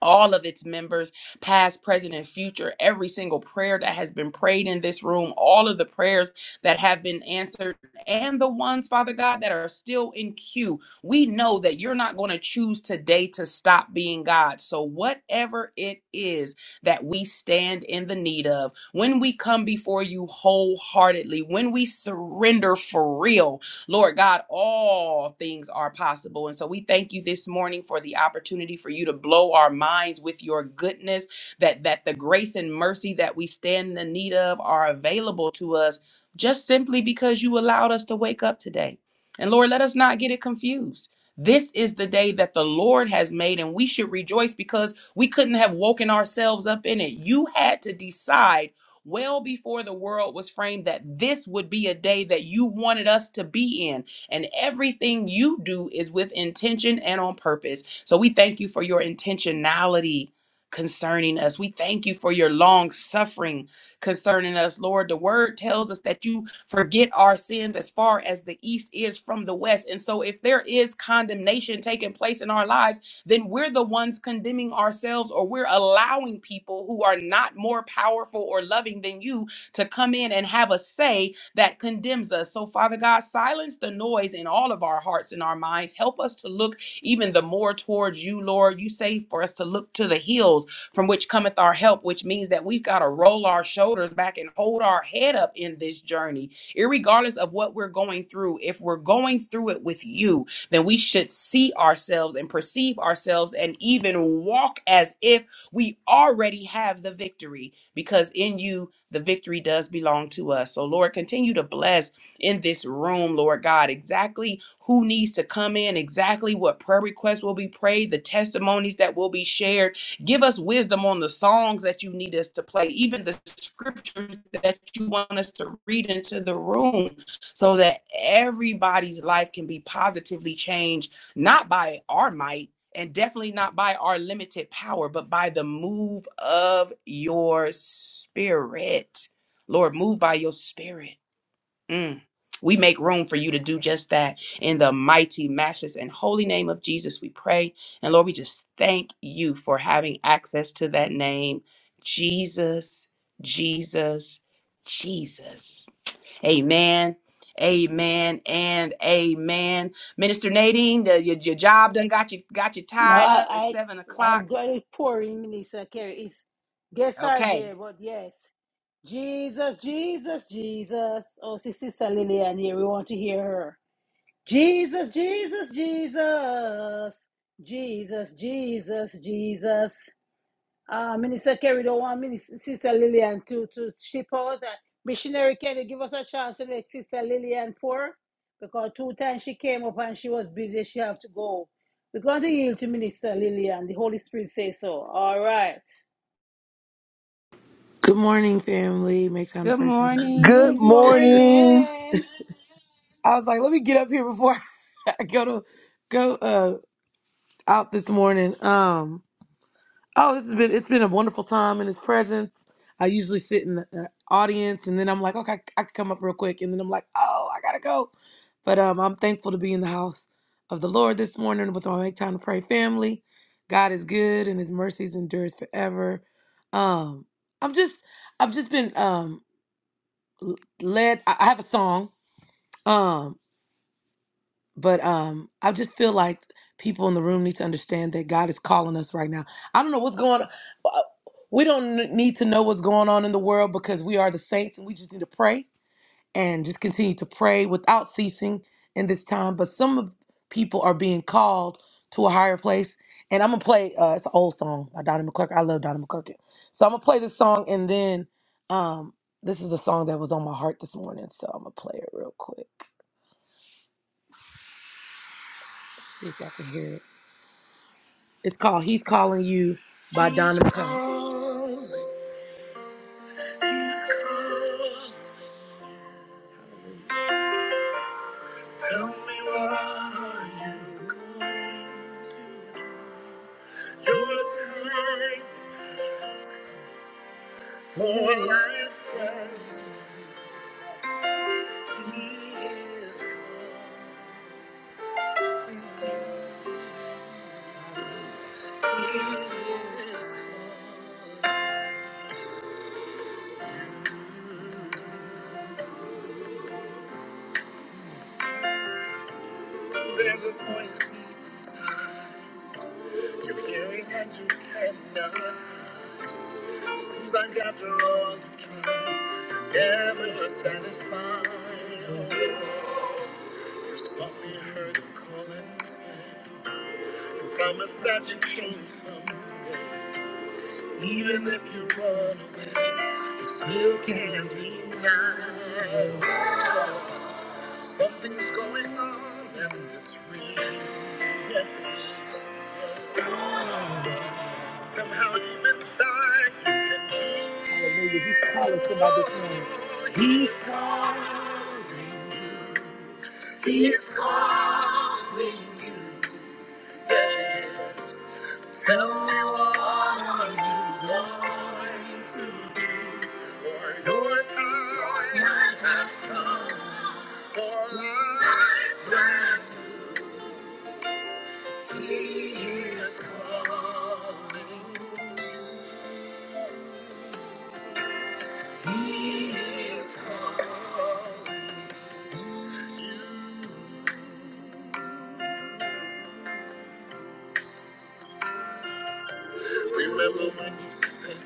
all of its members, past, present, and future, every single prayer that has been prayed in this room, all of the prayers that have been answered, and the ones, Father God, that are still in queue. We know that you're not going to choose today to stop being God. So, whatever it is that we stand in the need of, when we come before you wholeheartedly, when we surrender for real, Lord God, all things are possible. And so we thank you this morning for the opportunity for you to blow our minds with your goodness, that that the grace and mercy that we stand in the need of are available to us just simply because you allowed us to wake up today. And Lord, let us not get it confused. This is the day that the Lord has made, and we should rejoice because we couldn't have woken ourselves up in it. You had to decide well before the world was framed that this would be a day that you wanted us to be in. And everything you do is with intention and on purpose. So we thank you for your intentionality concerning us. We thank you for your long suffering concerning us, Lord. The word tells us that you forget our sins as far as the east is from the west. And so if there is condemnation taking place in our lives, then we're the ones condemning ourselves or we're allowing people who are not more powerful or loving than you to come in and have a say that condemns us. So, Father God, silence the noise in all of our hearts and our minds. Help us to look even the more towards you, Lord. You say for us to look to the hills from which cometh our help, which means that we've got to roll our shoulders back and hold our head up in this journey, irregardless of what we're going through. If we're going through it with you, then we should see ourselves and perceive ourselves and even walk as if we already have the victory because in you the victory does belong to us. So, Lord, continue to bless in this room, Lord God, exactly who needs to come in, exactly what prayer requests will be prayed, the testimonies that will be shared. Give us wisdom on the songs that you need us to play, even the scriptures that you want us to read into the room so that everybody's life can be positively changed, not by our might and definitely not by our limited power, but by the move of your spirit. Lord, move by your spirit. Mm. We make room for you to do just that in the mighty, matchless, and holy name of Jesus. We pray. And Lord, we just thank you for having access to that name, Jesus, Jesus, Jesus. Amen. Amen and amen. Minister Nadine, the, your, your job done got you got you
No,
tied up. It's
I,
seven
I
o'clock.
I'm very poor in Minister Kerry. It's guests are
Okay.
there, but yes. Jesus, Jesus, Jesus. Oh, see, Sister Lillian here. We want to hear her. Jesus, Jesus, Jesus. Jesus, Jesus, Jesus. Uh, Minister Kerry don't want Minister Sister Lillian to, to ship out. And Missionary Kerry, give us a chance to make Sister Lillian poor because two times she came up and she was busy. She have to go. We're going to yield to Minister Lillian. The Holy Spirit says so. All right.
Good morning, family. Make time to
Good
pray, family.
Good
Good
morning.
morning.
morning.
I was like, let me get up here before I go to go uh out this morning. Um, oh, this has been it's been a wonderful time in His presence. I usually sit in the uh, audience, and then I'm like, okay, I can come up real quick, and then I'm like, oh, I gotta go. But um, I'm thankful to be in the house of the Lord this morning with my Make Time to Pray family. God is good, and His mercies endures forever. Um, I'm just, I've just been um l- led. I I have a song Um, but um, I just feel like people in the room need to understand that God is calling us right now. I don't know what's going on. Uh, We don't n- need to know what's going on in the world because we are the saints and we just need to pray and just continue to pray without ceasing in this time. But some of people are being called to a higher place. And I'm gonna play uh, it's an old song by Donnie McClurkin. I love Donnie McClurkin. So I'm gonna play this song and then um this is the song that was on my heart this morning. So I'm gonna play it real quick. See if y'all can hear it. It's called He's Calling You by He's Donna McCall. calling, he's calling. Tell me what are you going to do? Your time for life friend. He is calling. There's a voice deep. You're hearing that you cannot. Seems like after all you try, you're never satisfied. Softly heard him calling. Promise that you can someday. Even if you run away, you still can't deny. Something's going on and it's real. Yes. Somehow you've been tired. You can Hallelujah. He's calling somebody this morning. He's calling. He's calling you. Yes. Tell me what are you going to do? For your time has come. For life that he is calling. He is calling. you. Remember when you said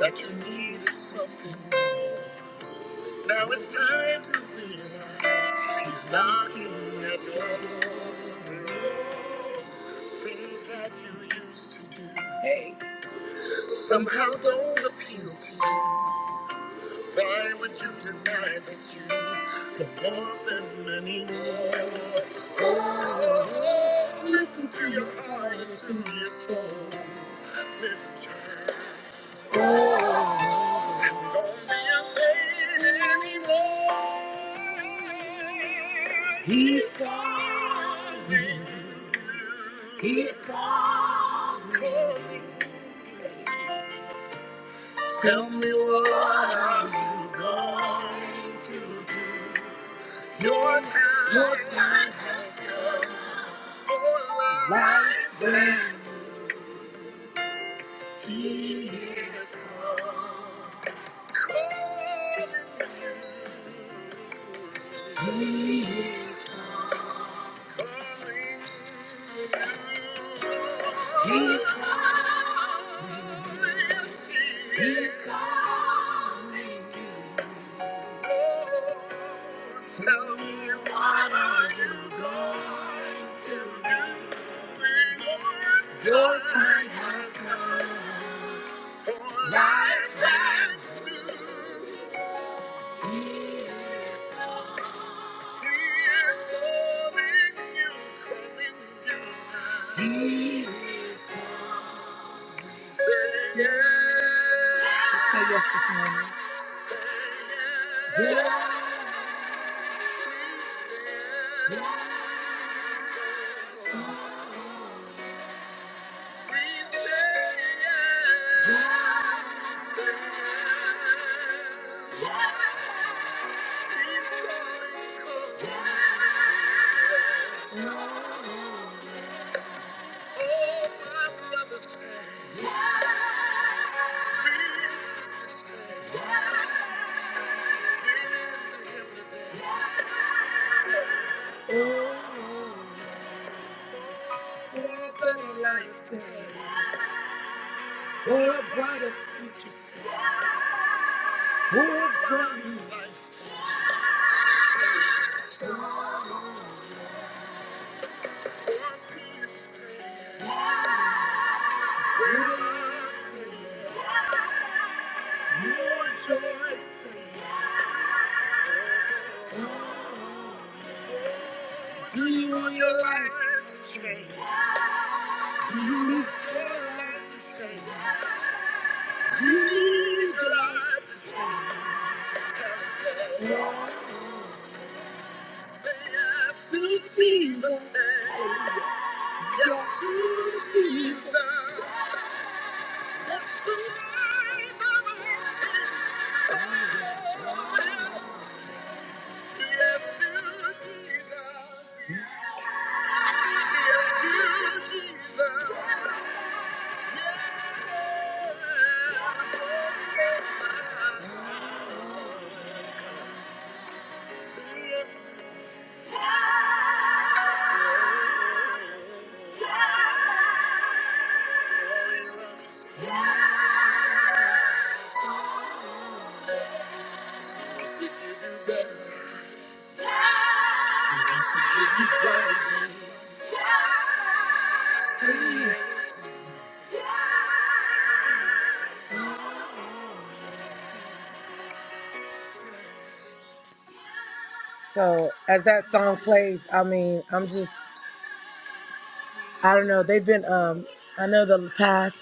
that you needed something? Now it's time to realize he's knocking at your door. Things that you used to do somehow don't appeal to you. Why would you deny that you don't want them anymore? Oh, listen to your heart and to your soul. Listen, child. He's calling. He's calling. Tell me what are you going to do? Your time, your time has come. Oh, life, when he is calling. He's calling you. Oh, tell me what are you going to do? Your time has come for life and truth. He is calling you, calling you now. He is calling. Say yes. Just say yes this morning. Say yes. Oh, better life, oh, brighter, oh, brighter. Do you want your life to change? Do you need your life to change? Do you need your life to change? To Jesus, yes, to Jesus. That's the life of a Yes, to Jesus. Yes, to Jesus. So as that song plays, I mean, I'm just, I don't know. They've been, um, I know the past.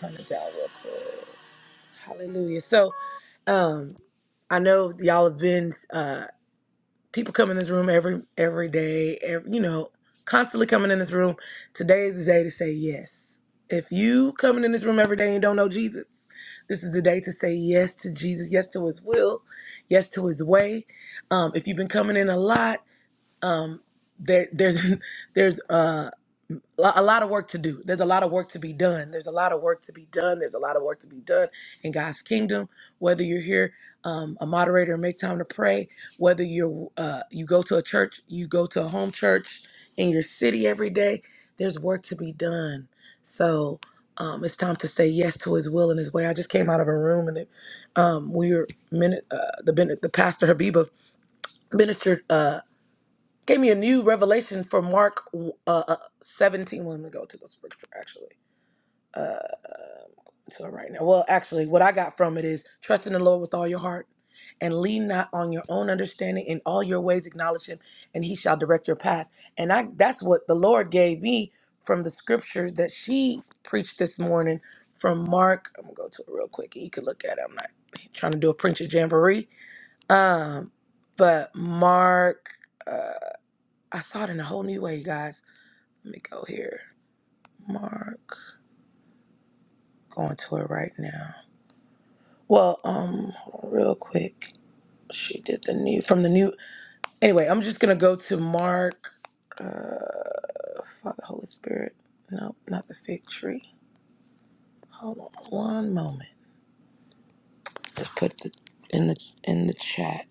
Turn it down real quick. Hallelujah. So, um, I know y'all have been. uh, people come in this room every every day every, you know constantly coming in this room today is the day to say yes if you coming in this room every day and don't know jesus this is the day to say yes to jesus yes to his will yes to his way um, if you've been coming in a lot um, there, there's there's uh, lo- a lot of work to do. There's a lot of work to be done. There's a lot of work to be done. There's a lot of work to be done in God's kingdom. Whether you're here, um, a moderator, and make time to pray. Whether you're uh, you go to a church, you go to a home church in your city every day. There's work to be done. So um, it's time to say yes to His will and His way. I just came out of a room and the, um, we were minute uh, the ben- the pastor Habiba ministered. Uh, Gave me a new revelation for Mark uh, uh, 17. Well, Let me go to the scripture actually. Uh, so right now, well, actually, what I got from it is trust in the Lord with all your heart and lean not on your own understanding in all your ways acknowledge him and he shall direct your path and i that's what the lord gave me from the scripture that she preached this morning from mark i'm gonna go to it real quick and you can look at it i'm not trying to do a preacher jamboree um but mark uh i saw it in a whole new way you guys let me go here. Mark. Going to it right now. Well, um, hold on real quick. She did the new from the new. Anyway, I'm just gonna go to Mark. Uh, Father, Holy Spirit. Nope, not the fig tree. Hold on one moment. Just put the in the in the chat.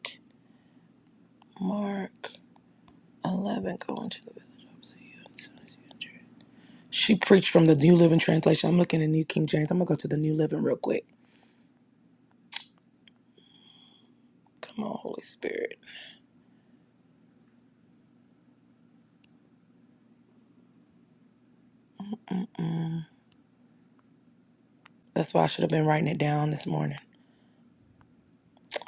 Mark 11. Going to the village. opposite you as soon as you enter it. She preached from the New Living Translation. I'm looking at New King James. I'm gonna go to the New Living real quick. Come on, Holy Spirit. Mm. That's why I should have been writing it down this morning.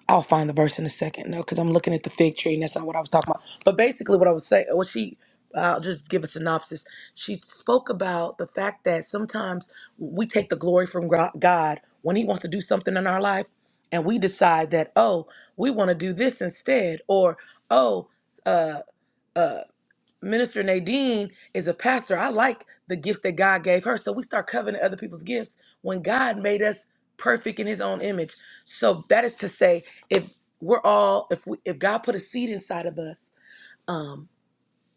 I'll find the verse in a second. No, because I'm looking at the fig tree, and that's not what I was talking about. But basically, what I was saying, what she, I'll just give a synopsis. She spoke about the fact that sometimes we take the glory from Gro- God when He wants to do something in our life, and we decide that, oh, we want to do this instead, or oh, uh, uh. Minister Nadine is a pastor. I like the gift that God gave her. So we start coveting other people's gifts when God made us perfect in his own image. So that is to say, if we're all, if we if God put a seed inside of us, um,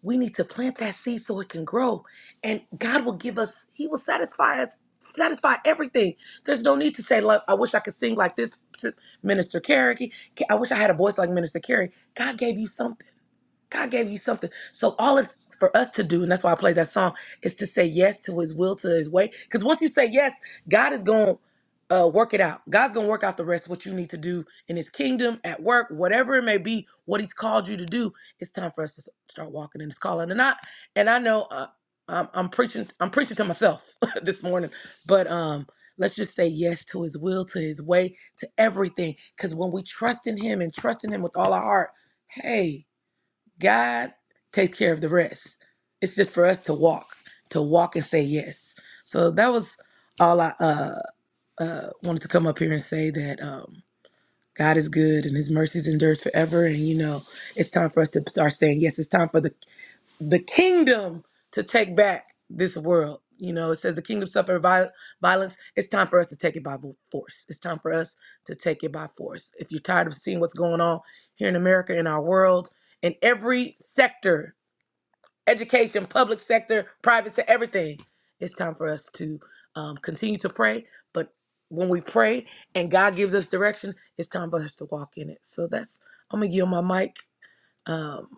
we need to plant that seed so it can grow. And God will give us, He will satisfy us, satisfy everything. There's no need to say, "Love, I wish I could sing like this to Minister Carey. I wish I had a voice like Minister Carey. God gave you something God gave you something. So all it's for us to do, and that's why I play that song, is to say yes to his will, to his way. Because once you say yes, God is going to uh, work it out. God's going to work out the rest, what you need to do in his kingdom, at work, whatever it may be, what he's called you to do. It's time for us to s- start walking in his calling. And I, and I know uh, I'm, I'm preaching, I'm preaching to myself this morning, but, um, Let's just say yes to his will, to his way, to everything. Because when we trust in him and trust in him with all our heart, hey, God takes care of the rest. It's just for us to walk, to walk and say yes. So that was all I uh, uh, wanted to come up here and say that um, God is good and His mercies endures forever. And you know, it's time for us to start saying yes. It's time for the the kingdom to take back this world. You know, it says the kingdom suffer viol- violence. It's time for us to take it by vo- force. It's time for us to take it by force. If you're tired of seeing what's going on here in America, in our world, in every sector education, public sector, private sector, everything. It's time for us to um, continue to pray. But when we pray and God gives us direction, it's time for us to walk in it. So that's, I'm going to give my mic. Um,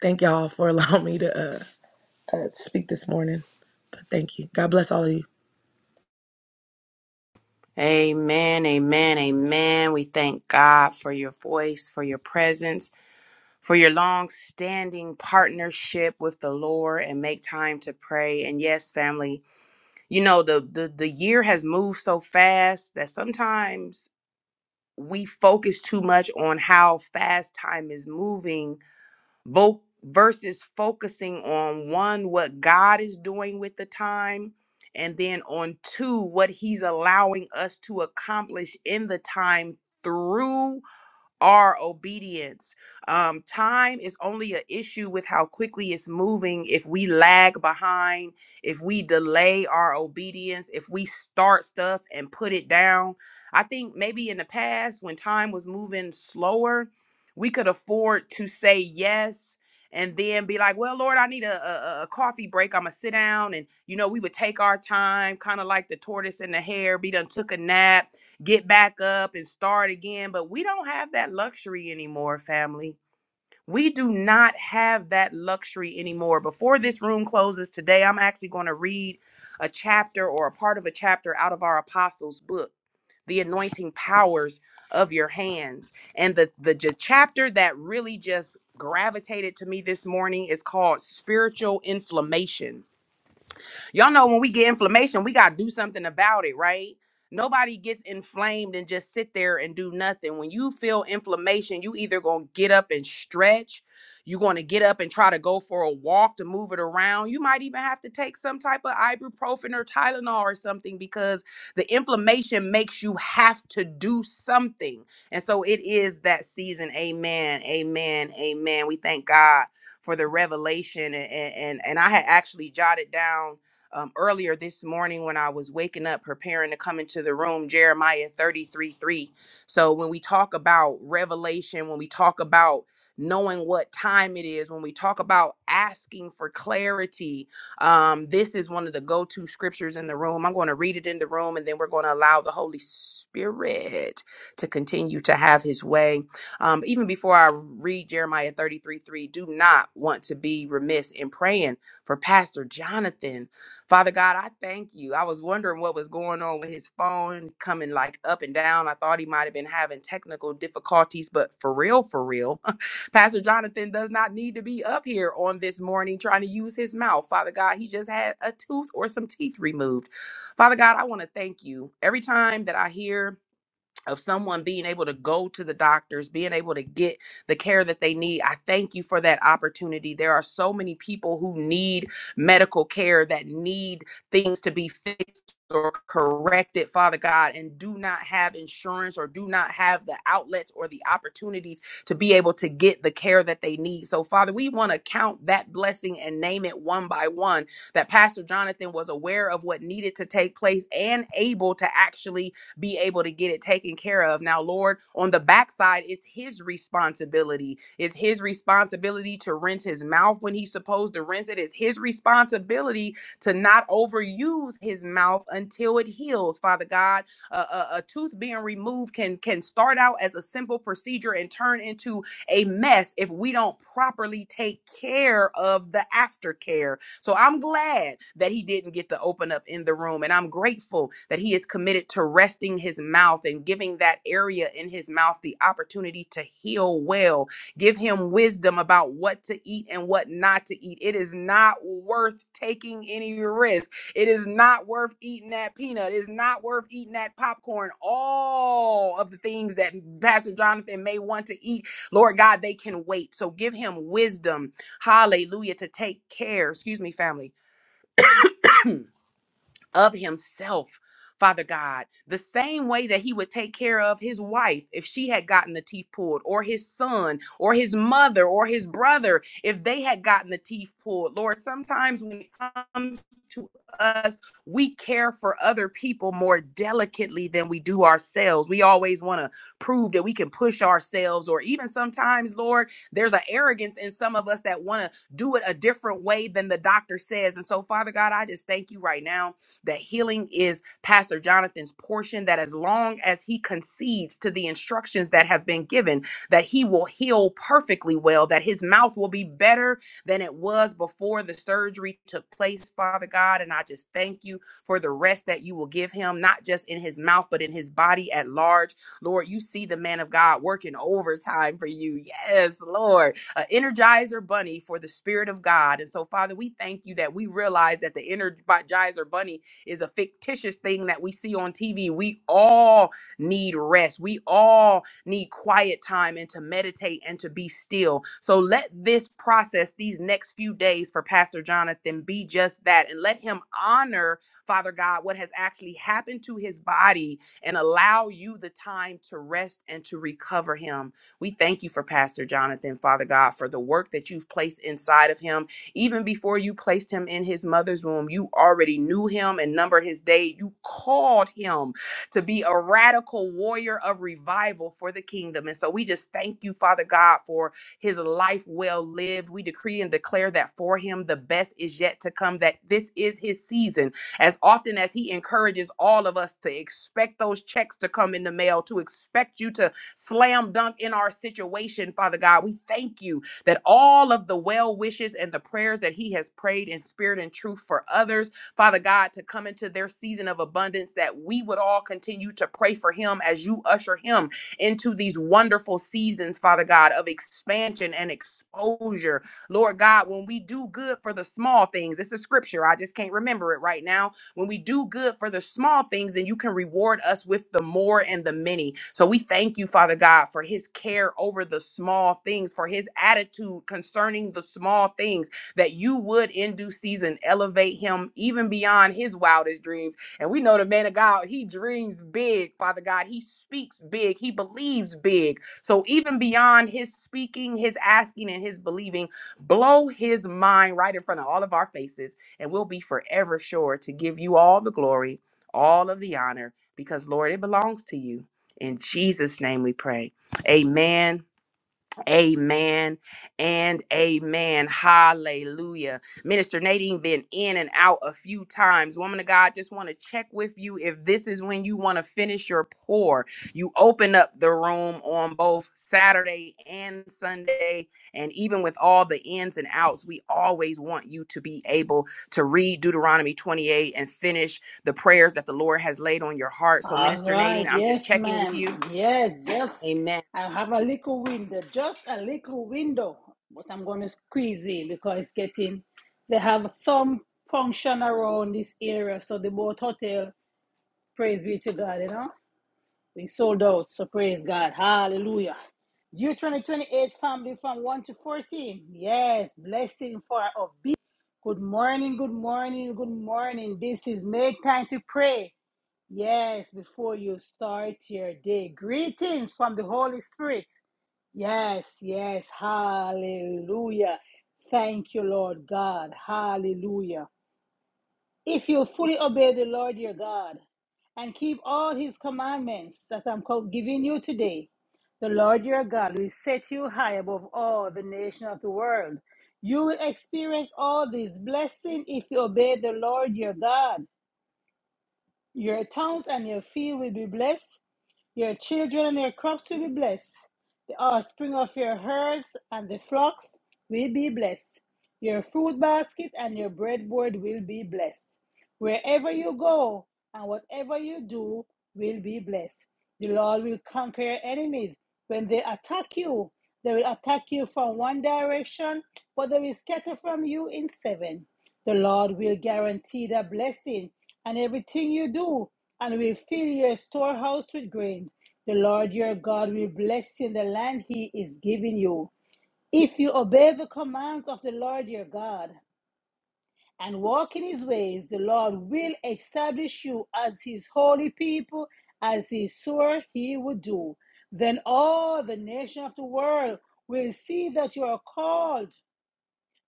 thank y'all for allowing me to uh, uh, speak this morning. But thank you. God bless all of you.
Amen, amen, amen. We thank God for your voice, for your presence, for your long standing partnership with the Lord and make time to pray. And yes, family, you know, the, the, the year has moved so fast that sometimes we focus too much on how fast time is moving vo- versus focusing on one what god is doing with the time and then on two what he's allowing us to accomplish in the time through our obedience. Um, time is only an issue with how quickly it's moving. If we lag behind, if we delay our obedience, if we start stuff and put it down. I think maybe in the past, when time was moving slower, we could afford to say yes and then be like, well, Lord, I need a, a, a a coffee break. I'm going to sit down. And, you know, we would take our time, kind of like the tortoise and the hare. Be done took a nap get back up and start again. But we don't have that luxury anymore, family. We do not have that luxury anymore. Before this room closes today, I'm actually going to read a chapter or a part of a chapter out of our apostles' book, The Anointing Powers of Your Hands. And the, the, j- chapter that really just gravitated to me this morning is called Spiritual Inflammation Y'all know when we get inflammation, we got to do something about it, right? Nobody gets inflamed and just sit there and do nothing. When you feel inflammation, you either going to get up and stretch, you're going to get up and try to go for a walk to move it around. You might even have to take some type of ibuprofen or Tylenol or something because the inflammation makes you have to do something. And so it is that season. Amen. Amen. Amen. We thank God for the revelation and and, and I had actually jotted down um, earlier this morning when I was waking up, preparing to come into the room, Jeremiah 33 3. So, when we talk about revelation, when we talk about knowing what time it is, when we talk about asking for clarity, um, this is one of the go to scriptures in the room. I'm going to read it in the room and then we're going to allow the Holy Spirit to continue to have his way. Um, even before I read Jeremiah 33 3, do not want to be remiss in praying for Pastor Jonathan Father God, I thank you. I was wondering what was going on with his phone coming like up and down. I thought he might have been having technical difficulties, but for real, for real, Pastor Jonathan does not need to be up here on this morning trying to use his mouth. Father God, he just had a tooth or some teeth removed. Father God, I want to thank you. Every time that I hear of someone being able to go to the doctors, being able to get the care that they need. I thank you for that opportunity. There are so many people who need medical care that need things to be fixed or corrected, Father God, and do not have insurance or do not have the outlets or the opportunities to be able to get the care that they need. So, Father, we want to count that blessing and name it one by one that Pastor Jonathan was aware of what needed to take place and able to actually be able to get it taken care of. Now, Lord, on the backside, it's his responsibility. It's his responsibility to rinse his mouth when he's supposed to rinse it. It's his responsibility to not overuse his mouth until it heals. Father God, a, a, a tooth being removed can can start out as a simple procedure and turn into a mess if we don't properly take care of the aftercare so I'm glad that he didn't get to open up in the room. And I'm grateful that he is committed to resting his mouth and giving that area in his mouth the opportunity to heal well. Give him wisdom about what to eat and what not to eat. It is not worth taking any risk. It is not worth eating that peanut. It is not worth eating that popcorn. All of the things that Pastor Jonathan may want to eat, Lord God, they can wait. So give him wisdom Hallelujah. To take care, excuse me, family of himself, Father God, the same way that he would take care of his wife if she had gotten the teeth pulled, or his son, or his mother, or his brother if they had gotten the teeth pulled. Lord, sometimes when it comes to us, we care for other people more delicately than we do ourselves. We always want to prove that we can push ourselves, or even sometimes, Lord, there's an arrogance in some of us that want to do it a different way than the doctor says. And so, Father God, I just thank you right now that healing is Pastor Jonathan's portion, that as long as he concedes to the instructions that have been given, that he will heal perfectly well, that his mouth will be better than it was before the surgery took place, Father God. And I just thank you for the rest that you will give him, not just in his mouth, but in his body at large. Lord, you see the man of God working overtime for you. Yes, Lord. An energizer bunny for the Spirit of God. And so, Father, we thank you that we realize that the energizer bunny is a fictitious thing that we see on TV. We all need rest. We all need quiet time and to meditate and to be still. So let this process, these next few days for Pastor Jonathan, be just that. And let him honor, Father God, what has actually happened to his body and allow you the time to rest and to recover him. We thank you for Pastor Jonathan, Father God, for the work that you've placed inside of him even before you placed him in his mother's womb, you already knew him and numbered his day. You called him to be a radical warrior of revival for the kingdom. And so we just thank you, Father God, for his life well lived. We decree and declare that for him the best is yet to come, that this is his season. As often as he encourages all of us to expect those checks to come in the mail, to expect you to slam dunk in our situation, Father God, we thank you that all of the well wishes and the prayers that he has prayed in spirit and truth for others, Father God, to come into their season of abundance, that we would all continue to pray for him as you usher him into these wonderful seasons, Father God, of expansion and exposure. Lord God, when we do good for the small things, it's a scripture. I just can't remember it right now when we do good for the small things, then you can reward us with the more and the many. So we thank you, Father God, for his care over the small things, for his attitude concerning the small things, that you would in due season elevate him even beyond his wildest dreams. And we know the man of God, he dreams big, Father God. He speaks big, he believes big. So even beyond his speaking, his asking, and his believing, blow his mind right in front of all of our faces. And we'll be forever sure to give you all the glory, all of the honor, because, Lord, it belongs to you. In Jesus' name we pray. Amen Amen and amen. Hallelujah. Minister Nadine been in and out a few times. Woman of God, just want to check with you if this is when you want to finish your pour. You open up the room on both Saturday and Sunday. And even with all the ins and outs, we always want you to be able to read Deuteronomy 28 and finish the prayers that the Lord has laid on your heart. So,
All
Minister Nadine,
right,
I'm just
yes,
checking with
ma'am.
you.
Yes, just
Amen.
I have a little window, just a little window, but I'm going to squeeze in because it's getting. They have some function around this area, so the boat hotel. Praise be to God, you know, we sold out, so praise God, Hallelujah. Deuteronomy 28, family from 1 to 14. Yes, blessing for obedience. Good morning, good morning, good morning. This is make time to pray. Yes, before you start your day. Greetings from the Holy Spirit. Yes, yes. Hallelujah. Thank you, Lord God. Hallelujah. If you fully obey the Lord your God and keep all his commandments that I'm co- giving you today, the Lord your God will set you high above all the nations of the world. You will experience all these blessings if you obey the Lord your God. Your towns and your field will be blessed. Your children and your crops will be blessed. The offspring of your herds and the flocks will be blessed. Your fruit basket and your breadboard will be blessed. Wherever you go and whatever you do will be blessed. The Lord will conquer your enemies. When they attack you, they will attack you from one direction, but they will scatter from you in seven. The Lord will guarantee the blessing and everything you do, and will fill your storehouse with grain. The Lord your God will bless you in the land he is giving you. If you obey the commands of the Lord your God and walk in his ways, the Lord will establish you as his holy people, as he swore he would do. Then all the nations of the world will see that you are called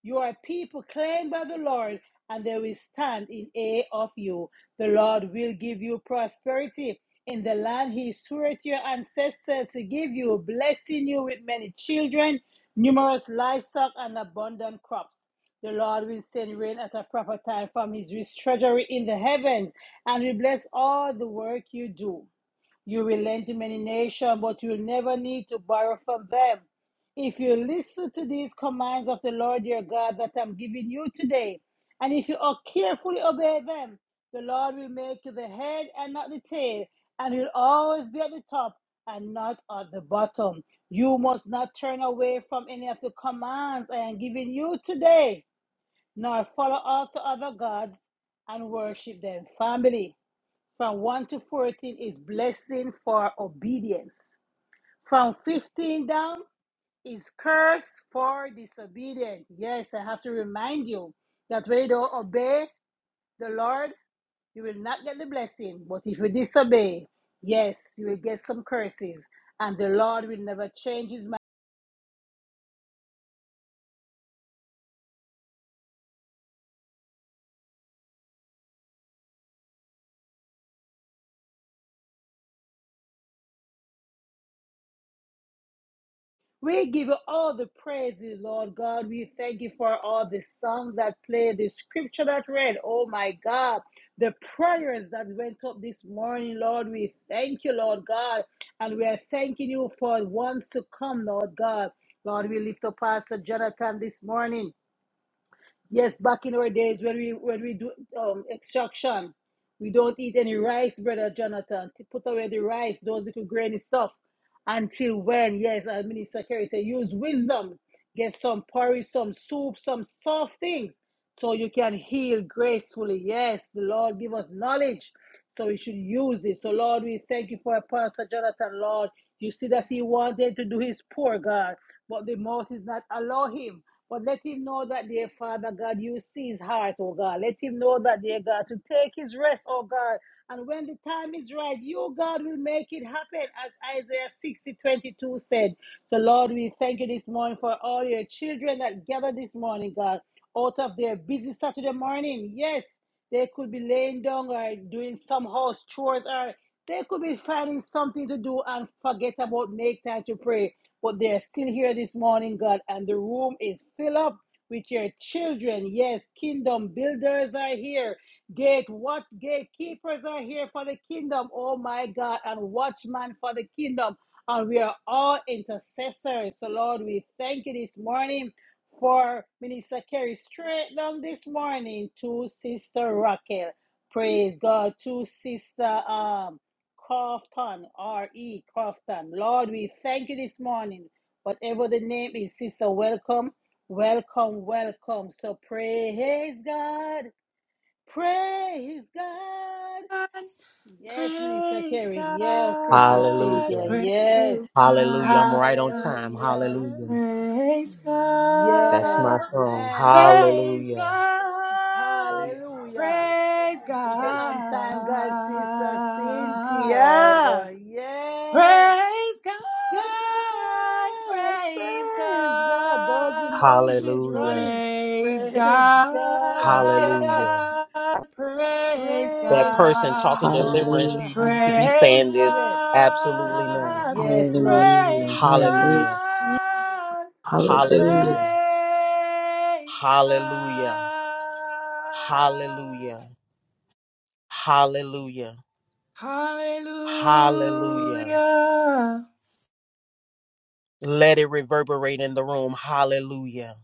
you are a people claimed by the Lord, and they will stand in awe of you. The Lord will give you prosperity in the land he swore to your ancestors to give you, blessing you with many children, numerous livestock, and abundant crops. The Lord will send rain at a proper time from his rich treasury in the heavens, and will bless all the work you do. You will lend to many nations, but you'll never need to borrow from them. If you listen to these commands of the Lord your God that I'm giving you today, and if you o- carefully obey them, the Lord will make you the head and not the tail, and you'll always be at the top and not at the bottom. You must not turn away from any of the commands I am giving you today, nor follow after other gods and worship them. Family, from 1 to 14 is blessing for obedience. From 15 down is curse for disobedience. Yes, I have to remind you that when you don't obey the Lord, you will not get the blessing. But if you disobey, yes, you will get some curses. And the Lord will never change his We give you all the praises, Lord God. We thank you for all the songs that played, the scripture that read. Oh my God, the prayers that went up this morning, Lord. We thank you, Lord God. And we are thanking you for wants to come, Lord God. Lord, we lift up Pastor Jonathan this morning. Yes, back in our days when we when we do um, extraction, we don't eat any rice, brother Jonathan. To put away the rice, those little grainy stuff, until when? Yes, our minister Kerry said, use wisdom. Get some porridge, some soup, some soft things, so you can heal gracefully. Yes, the Lord give us knowledge so we should use it. So, Lord, we thank you for pastor Jonathan, Lord. You see that he wanted to do his poor, God, but the mouth is not allow him. But let him know that, dear Father God, you see his heart, oh God. Let him know that, dear God, to take his rest, oh God. And when the time is right, you, God, will make it happen, as Isaiah 60 22 said. So, Lord, we thank you this morning for all your children that gathered this morning, God, out of their busy Saturday morning. Yes. They could be laying down or doing some house chores or they could be finding something to do and forget about make time to pray. But they're still here this morning, God, and the room is filled up with your children. Yes, kingdom builders are here. Gate what gatekeepers are here for the kingdom. Oh my God, and watchmen for the kingdom. And we are all intercessors. So Lord, we thank you this morning for Minister Kerry straight down this morning to Sister Raquel. Praise God to Sister um, Crofton, R.E. Crofton. Lord, we thank you this morning. Whatever the name is, Sister, welcome, welcome, welcome. So praise God, praise God. Yes, Minister
Praise
Kerry. Yes, Sister
God,
Cynthia.
Hallelujah.
Yes.
praise
Hallelujah. I'm
God,
right on time.
Hallelujah.
Hallelujah.
praise
That's
Yes,
my
God,
song.
ma'am.
praise God, praise
Hallelujah.
God,
Hallelujah.
Hallelujah.
Hallelujah.
praise
It's an
Yes.
on
God,
time God, Sister Cynthia. Yes.
praise
God, praise God. Those
God,
emojis
Hallelujah.
running.
praise
Praise
God,
God. Yes.
Hallelujah.
praise
That
Praise
person talking
God.
deliverance,
Hallelujah.
God.
you need to be
Hallelujah.
Praise
saying this
Yes.
absolutely now.
God.
Yes,
Hallelujah.
Lord.
Praise
Hallelujah.
Hallelujah.
Mm.
God.
Hallelujah.
Hallelujah.
Praise
Hallelujah.
God.
Hallelujah. Hallelujah. Hallelujah.
Hallelujah.
Let it reverberate in the room. Hallelujah.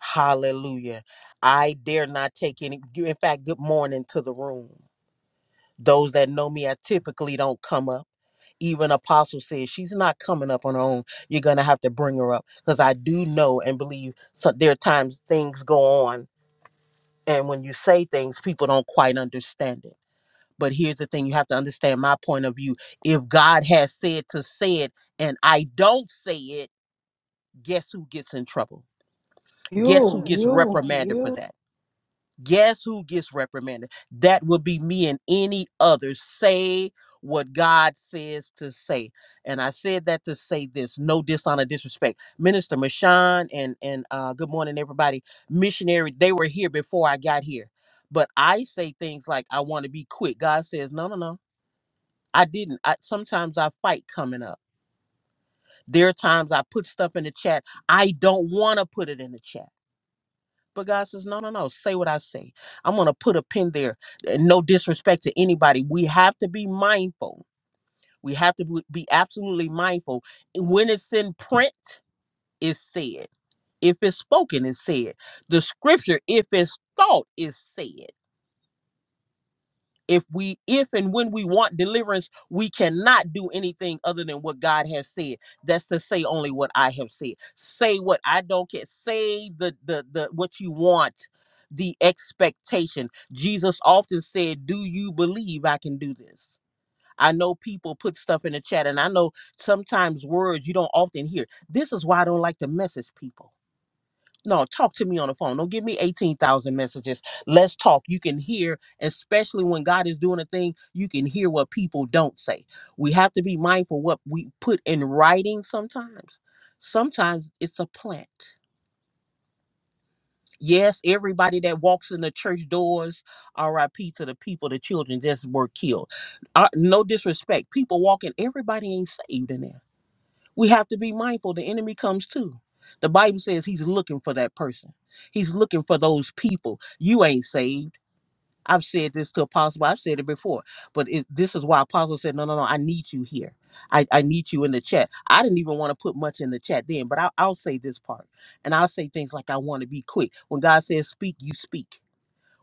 Hallelujah. I dare not take any. In fact, good morning to the room. Those that know me, I typically don't come up. Even Apostle says she's not coming up on her own. You're going to have to bring her up because I do know and believe so, there are times things go on. And when you say things, people don't quite understand it. But here's the thing you have to understand my point of view. If God has said to say it and I don't say it, guess who gets in trouble? Guess who
You,
gets
you,
reprimanded for
you.
that? Guess who gets reprimanded? That would be me and any other. Say what God says to say. And I said that to say this no dishonor, disrespect. Minister Mashawn and, and uh, good morning, everybody. Missionary, they were here before I got here. But I say things like, I want to be quick. God says, no, no, no. I didn't. I, sometimes I fight coming up. There are times I put stuff in the chat. I don't want to put it in the chat. But God says, no, no, no. Say what I say. I'm going to put a pin there. And no disrespect to anybody. We have to be mindful. We have to be be absolutely mindful. When it's in print, it's said. If it's spoken, it's said. The scripture, if it's thought, is said if we if and when we want deliverance we cannot do anything other than what god has said that's to say only what i have said say what i don't care say the the, the what you want the expectation jesus often said do you believe i can do this I know people put stuff in the chat, and I know sometimes words you don't often hear. This is why I don't like to message people no, talk to me on the phone. Don't give me 18,000 messages. Let's talk. You can hear, especially when God is doing a thing, you can hear what people don't say. We have to be mindful what we put in writing sometimes. Sometimes it's a plant. Yes, everybody that walks in the church doors, RIP to the people, the children just were killed. Uh, no disrespect. People walking, everybody ain't saved in there we have to be mindful the enemy comes too the bible says he's looking for that person he's looking for those people you ain't saved i've said this to apostle i've said it before but it, this is why apostle said no no no i need you here I, I need you in the chat i didn't even want to put much in the chat then but I, i'll say this part and i'll say things like i want to be quick when god says speak you speak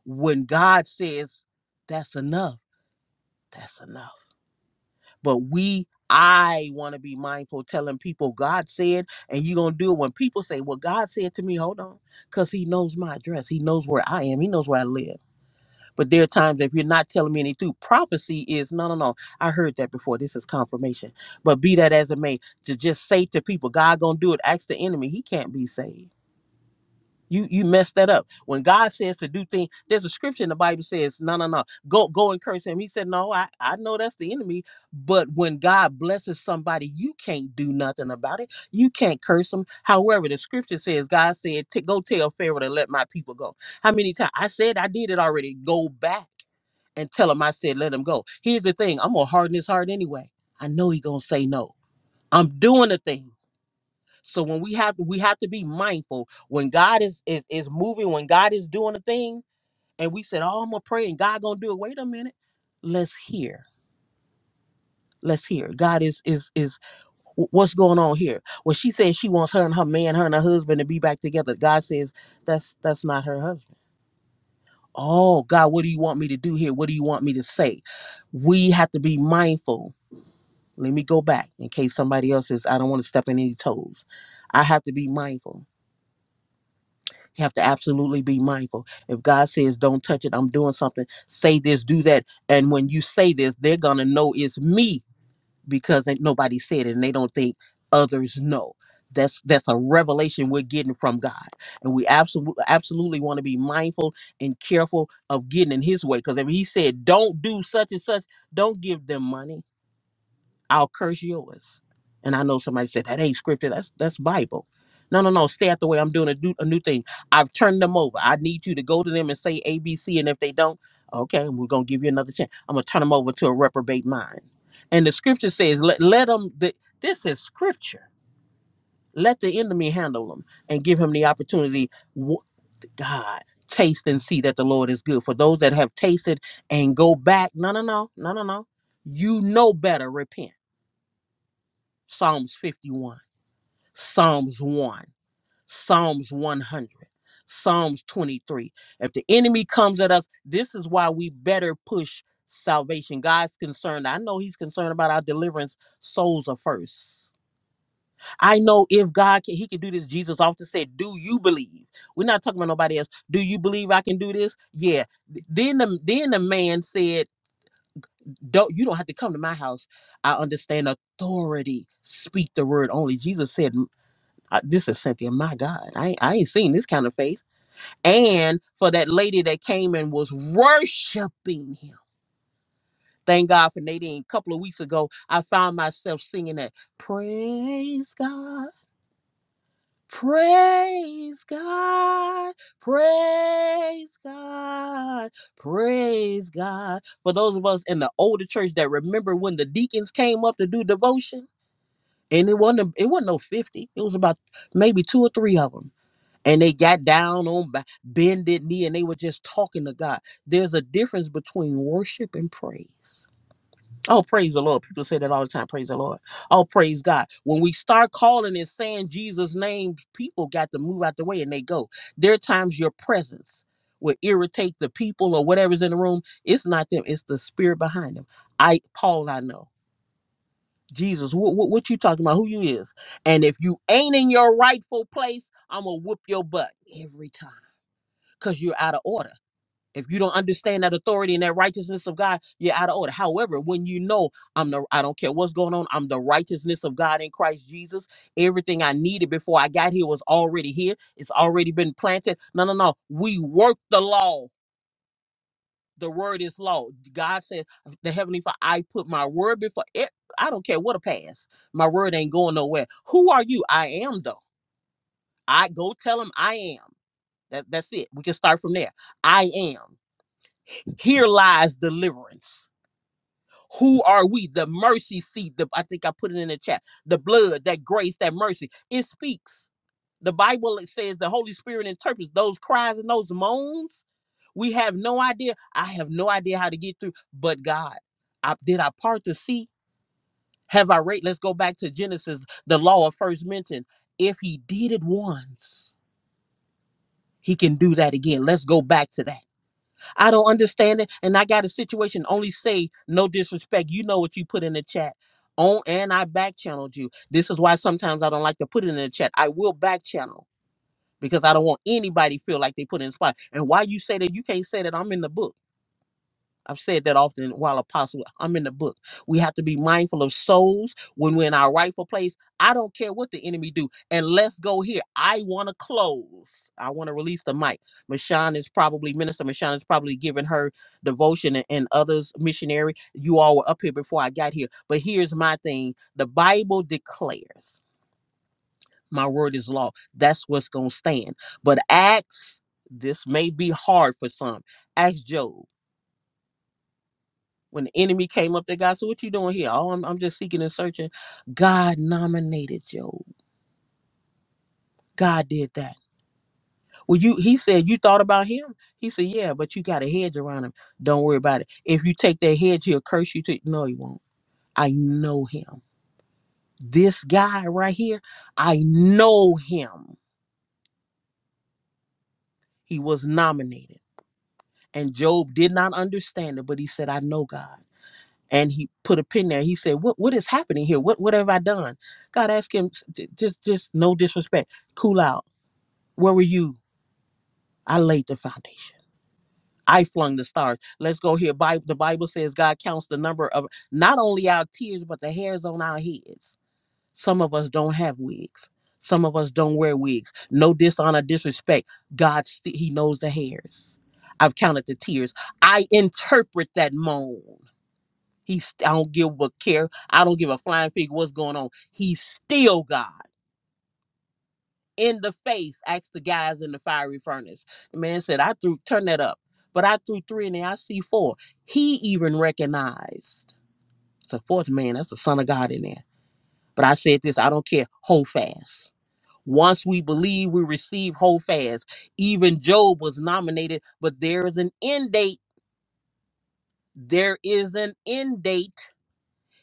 when god says that's enough that's enough but we i want to be mindful telling people god said and you gonna do it when people say well god said to me hold on because he knows my address he knows where i am he knows where i live but there are times if you're not telling me any prophecy is no no no i heard that before this is confirmation but be that as it may to just say to people god gonna do it ask the enemy he can't be saved you you messed that up. When God says to do things, there's a scripture in the Bible says, no, no, no, go go and curse him. He said, no, I I know that's the enemy, but when God blesses somebody, you can't do nothing about it. You can't curse them. However, the scripture says, God said, "T- go tell Pharaoh to let my people go. How many times I said I did it already? Go back and tell him I said let him go. Here's the thing, I'm gonna harden his heart anyway. I know he gonna say no. I'm doing the thing. So when we have to, we have to be mindful when God is is, is moving, when God is doing a thing, and we said, "Oh, I'm gonna pray, and God gonna do it." Wait a minute, let's hear, let's hear. God is is is wh- what's going on here? Well, she says she wants her and her man, her and her husband to be back together. God says that's that's not her husband. Oh God, what do you want me to do here? What do you want me to say? We have to be mindful. Let me go back in case somebody else says I don't want to step in any toes. I have to be mindful You have to absolutely be mindful. If God says, don't touch it, I'm doing something, say this, do that. And when you say this, they're going to know it's me because they, nobody said it and they don't think others know. That's that's a revelation we're getting from God, and we absolutely absolutely want to be mindful and careful of getting in His way. Because if He said, "Don't do such and such," don't give them money I'll curse yours. And I know somebody said that ain't scripted. That's that's Bible. No, no, no. Stay out the way. I'm doing a new, a new thing. I've turned them over. I need you to go to them and say A, B, C. And if they don't, okay, we're gonna give you another chance. I'm gonna turn them over to a reprobate mind. And the scripture says, let let them. The, this is scripture. Let the enemy handle them and give him the opportunity. Wh- God, taste and see that the Lord is good. For those that have tasted and go back, no, no, no, no, no, no. You know better. Repent. Psalms 51, Psalms 1, Psalms 100, Psalms 23. If the enemy comes at us, this is why we better push salvation. God's concerned. I know he's concerned about our deliverance. Souls are first. I know if God can, he can do this. Jesus often said, Do you believe? We're not talking about nobody else. Do you believe I can do this? Yeah. Th- Then the then the man said, Don't you don't have to come to my house. I understand authority. Speak the word only. Jesus said, I, this is Cynthia. My God, I I ain't seen this kind of faith. And for that lady that came and was worshiping him. Thank God for Nadine. A couple of weeks ago, I found myself singing that praise God, praise God, praise God, praise God. For those of us in the older church that remember when the deacons came up to do devotion, and it wasn't a- it wasn't no fifty. It was about maybe two or three of them and they got down on ba- bended knee and they were just talking to God. There's a difference between worship and praise. Oh, praise the Lord. People say that all the time. Praise the Lord. Oh, praise God. When we start calling and saying Jesus' name, people got to move out the way and they go. There are times your presence will irritate the people or whatever's in the room. It's not them, it's the spirit behind them. I Paul, I know. Jesus, what, what, what you talking about? Who you is? And if you ain't in your rightful place, I'm gonna whoop your butt every time because you're out of order. If you don't understand that authority and that righteousness of God, you're out of order. However, when you know I'm the I don't care what's going on, I'm the righteousness of God in Christ Jesus. Everything I needed before I got here was already here. It's already been planted. No, no, no. We work the law. The word is law. God said, the heavenly Father, I put my word before it. I don't care what a pass. My word ain't going nowhere. Who are you? I am though. I go tell him I am. That, that's it. We can start from there. I am. Here lies deliverance. Who are we? The mercy seat. The, I think I put it in the chat. The blood, that grace, that mercy. It speaks. The Bible says the Holy Spirit interprets those cries and those moans. We have no idea. I have no idea how to get through. But God, I, did I part the sea? Have I rate? Let's go back to Genesis, the law of first mention. If He did it once, He can do that again. Let's go back to that. I don't understand it. And I got a situation. Only say no disrespect. You know what you put in the chat. On and I back channeled you. This is why sometimes I don't like to put it in the chat. I will back channel because I don't want anybody feel like they put in the spot. And why you say that you can't say that I'm in the book. I've said that often while apostle, I'm in the book. We have to be mindful of souls when we're in our rightful place. I don't care what the enemy do. And let's go here. I want to close. I want to release the mic. Mashawn is probably, Minister Mashawn is probably giving her devotion and, and others missionary. You all were up here before I got here. But here's my thing. The Bible declares my word is law. That's what's going to stand. But Acts, this may be hard for some. Ask Job. When the enemy came up there, God, so what you doing here? Oh, I'm, I'm just seeking and searching. God nominated Job. God did that. Well, you he said you thought about him. He said, Yeah, but you got a hedge around him. Don't worry about it. If you take that hedge, he'll curse you to no, he won't. I know him. This guy right here, I know him. He was nominated. And Job did not understand it, but he said, I know God. and he put a pin there. He said, "What what is happening here? What what have I done?" God asked him, s- j- "Just just no disrespect, cool out. Where were you? I laid the foundation. I flung the stars. Let's go here. Bible, the Bible says God counts the number of not only our tears but the hairs on our heads. Some of us don't have wigs. Some of us don't wear wigs. No dishonor, disrespect. God, st- He knows the hairs. I've counted the tears. I interpret that moan. He's I don't give a care. I don't give a flying fig what's going on. He's still God. In the face, asked the guys in the fiery furnace. The man said, I threw turn that up. But I threw three and then I see four. He even recognized the fourth man, that's the son of God in there. But I said this, I don't care. Hold fast. Once we believe, we receive hold fast. Even Job was nominated, but there is an end date. There is an end date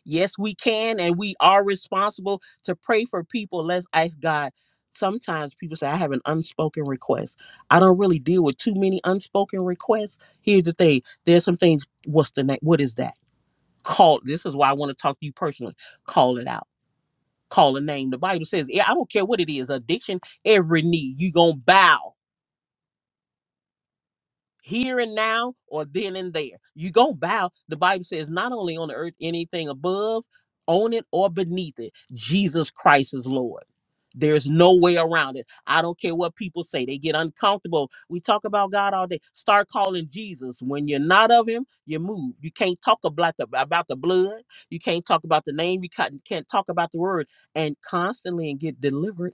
Yes, we can, and we are responsible to pray for people. Let's ask God. Sometimes people say, I have an unspoken request. I don't really deal with too many unspoken requests. Here's the thing there's some things. What's the name? What is that? Call. This is why I want to talk to you personally. Call it out. Call a name. The Bible says, yeah, I don't care what it is addiction, every knee, you going to bow. here and now or then and there. You go bow. The Bible says not only on the earth, anything above, on it or beneath it, Jesus Christ is Lord. There's no way around it. I don't care what people say. They get uncomfortable. We talk about God all day. Start calling Jesus. When you're not of him, you move. You can't talk about the, about the blood. You can't talk about the name. You can't, can't talk about the word. And constantly and get delivered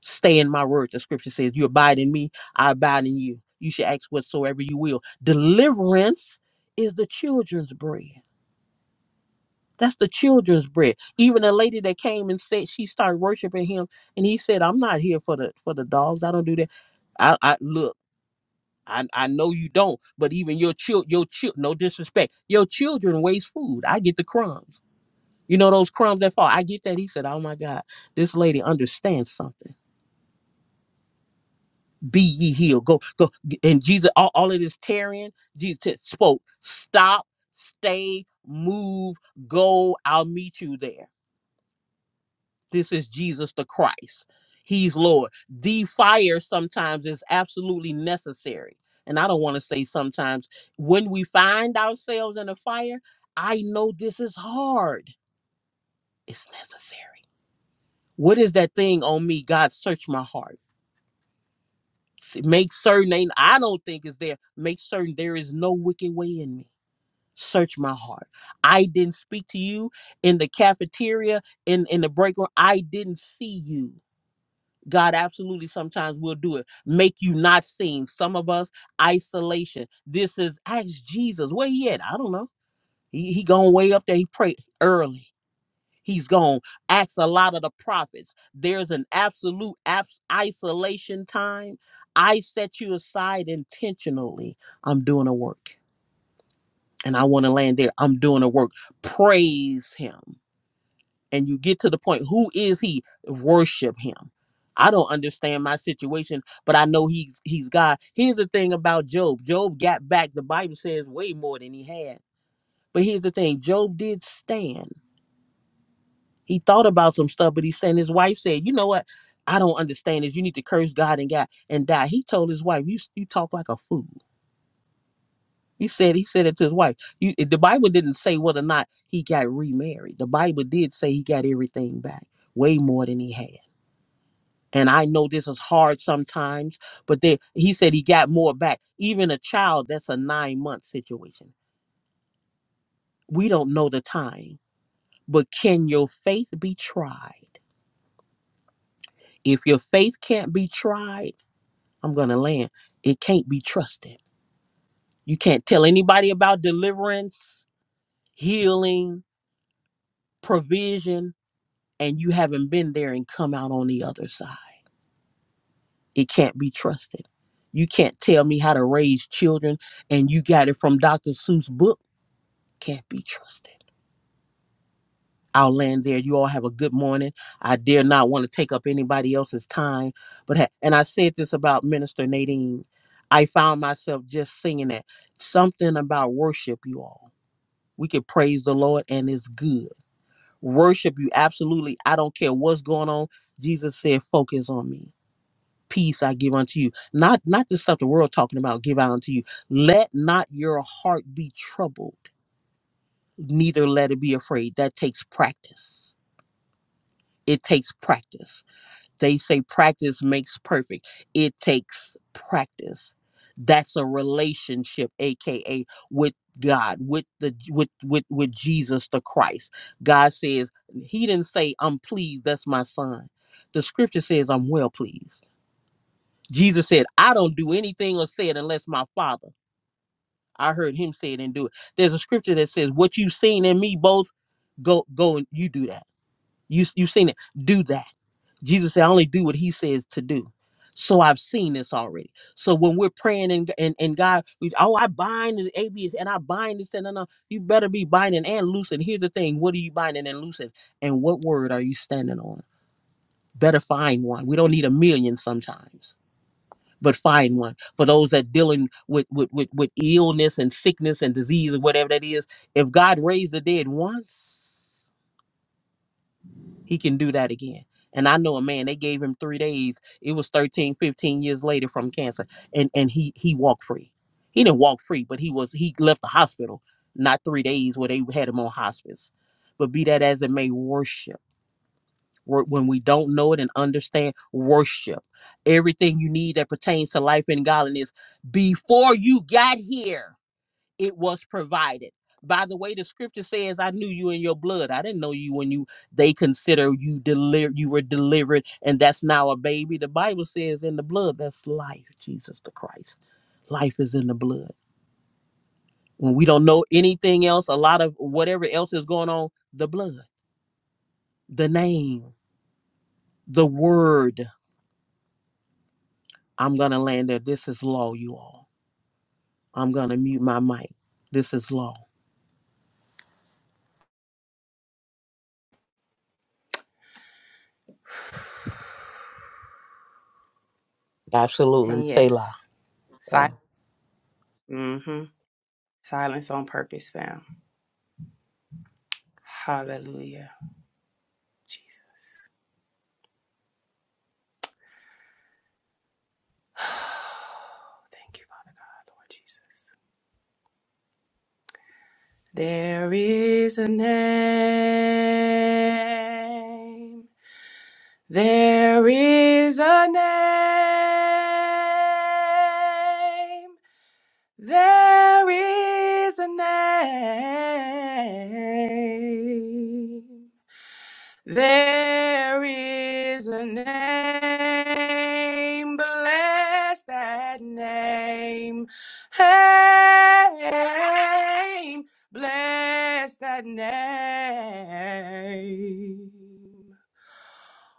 stay in my word. The scripture says, You abide in me, I abide in you. You should ask whatsoever you will. Deliverance is the children's bread. That's the children's bread. Even a lady that came and said she started worshiping him, and he said, "I'm not here for the for the dogs. I don't do that. I, I look. I, I know you don't, but even your child, your child, no disrespect, your children waste food. I get the crumbs. You know those crumbs that fall. I get that. He said, "Oh my God, this lady understands something." be ye healed. Go, go. And Jesus, all, all of this tearing, Jesus spoke, stop, stay, move, go. I'll meet you there. This is Jesus the Christ. He's Lord. The fire sometimes is absolutely necessary. And I don't want to say sometimes when we find ourselves in a fire, I know this is hard. It's necessary. What is that thing on me? God, search my heart. S- Make certain ain't I don't think is there. Make certain there is no wicked way in me. Search my heart. I didn't speak to you in the cafeteria, in in the break room. I didn't see you. God absolutely sometimes will do it. Make you not seen. Some of us isolation. This is ask Jesus where he at. I don't know. He he gone way up there. He prayed early. He's gone. Acts a lot of the prophets. There's an absolute abs- isolation time. I set you aside intentionally. I'm doing a work. And I want to land there. I'm doing a work. Praise him. And you get to the point. Who is he? Worship him. I don't understand my situation, but I know he's he's God. Here's the thing about Job. Job got back, the Bible says, way more than he had. But here's the thing: Job did stand. He thought about some stuff, but he's saying his wife said, "You know what? I don't understand this. You need to curse God and God and die." He told his wife, "You you talk like a fool." He said he said it to his wife. You, the Bible didn't say whether or not he got remarried. The Bible did say he got everything back, way more than he had. And I know this is hard sometimes, but there, he said he got more back. Even a child, that's a nine month situation. We don't know the time, but can your faith be tried? If your faith can't be tried I'm going to land. It can't be trusted. You can't tell anybody about deliverance, healing, provision, and you haven't been there and come out on the other side. It can't be trusted. You can't tell me how to raise children and you got it from Dr. Seuss' book. Can't be trusted. I'll land there. You all have a good morning. I dare not want to take up anybody else's time, but ha- and I said this about Minister Nadine. I found myself just singing that something about worship, you all. We can praise the Lord and it's good. Worship you absolutely. I don't care what's going on. Jesus said, focus on me. Peace I give unto you. Not not the stuff the world talking about, give out unto you. Let not your heart be troubled, neither let it be afraid. That takes practice. It takes practice They say practice makes perfect. It takes practice. That's a relationship, aka with God, with the with with with Jesus the Christ. God says He didn't say I'm pleased. That's my son. The Scripture says I'm well pleased. Jesus said I don't do anything or say it unless my Father. I heard Him say it and do it. There's a Scripture that says what you've seen in me, both go go and you do that. You you have seen it. Do that Jesus said, I only do what he says to do. So I've seen this already. So when we're praying and and, and God, we, oh, I bind the atheist and I bind this and no, no, you better be binding and loosing. Here's the thing: what are you binding and loosing, and what word are you standing on? Better find one. We don't need a million sometimes, but find one for those that dealing with with with, with illness and sickness and disease or whatever that is. If God raised the dead once. he can do that again. And I know a man, they gave him three days. It was 13, 15 years later from cancer. And and he he walked free. He didn't walk free, but he was he left the hospital, not three days where they had him on hospice. But be that as it may, worship. Wor- When we don't know it and understand, worship. Everything you need that pertains to life and godliness before you got here it was provided by the way the scripture says i knew you in your blood i didn't know you when you they consider you deliver you were delivered and that's now a baby the bible says in the blood that's life jesus the christ life is in the blood when we don't know anything else a lot of whatever else is going on the blood the name the word i'm gonna land there this is law you all i'm gonna mute my mic this is law absolutely
And
Selah.
yes,
law
silence. mm mhm, silence on prayer. Hallelujah, Jesus. Thank you, Father, Lord Jesus. There is a name. There is a name. There is a name. There is a name. Bless that name. Hey, bless that name.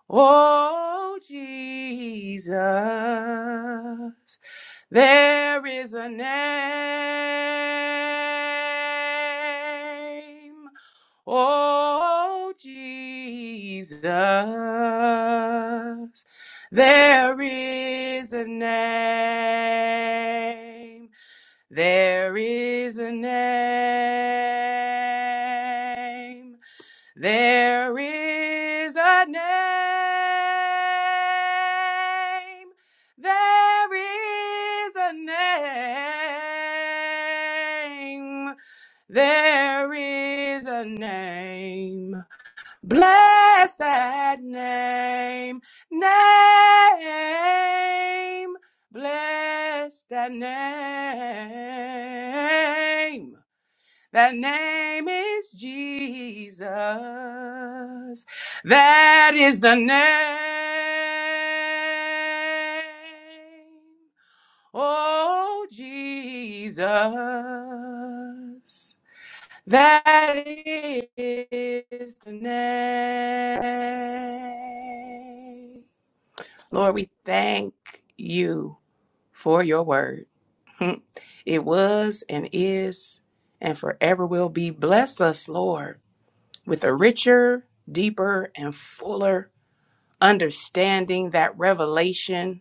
Oh, Jesus, there is a name. Oh, Jesus, there is a name. There is a name. There is a name. There is a name. There is a name. Bless that name. Name. Bless that name. That name is Jesus. That is the name. Oh, Jesus. That is the name. Lord, we thank you for your word. Hmm. It was and is and forever will be. Bless us, Lord, with a richer, deeper, and fuller understanding, that revelation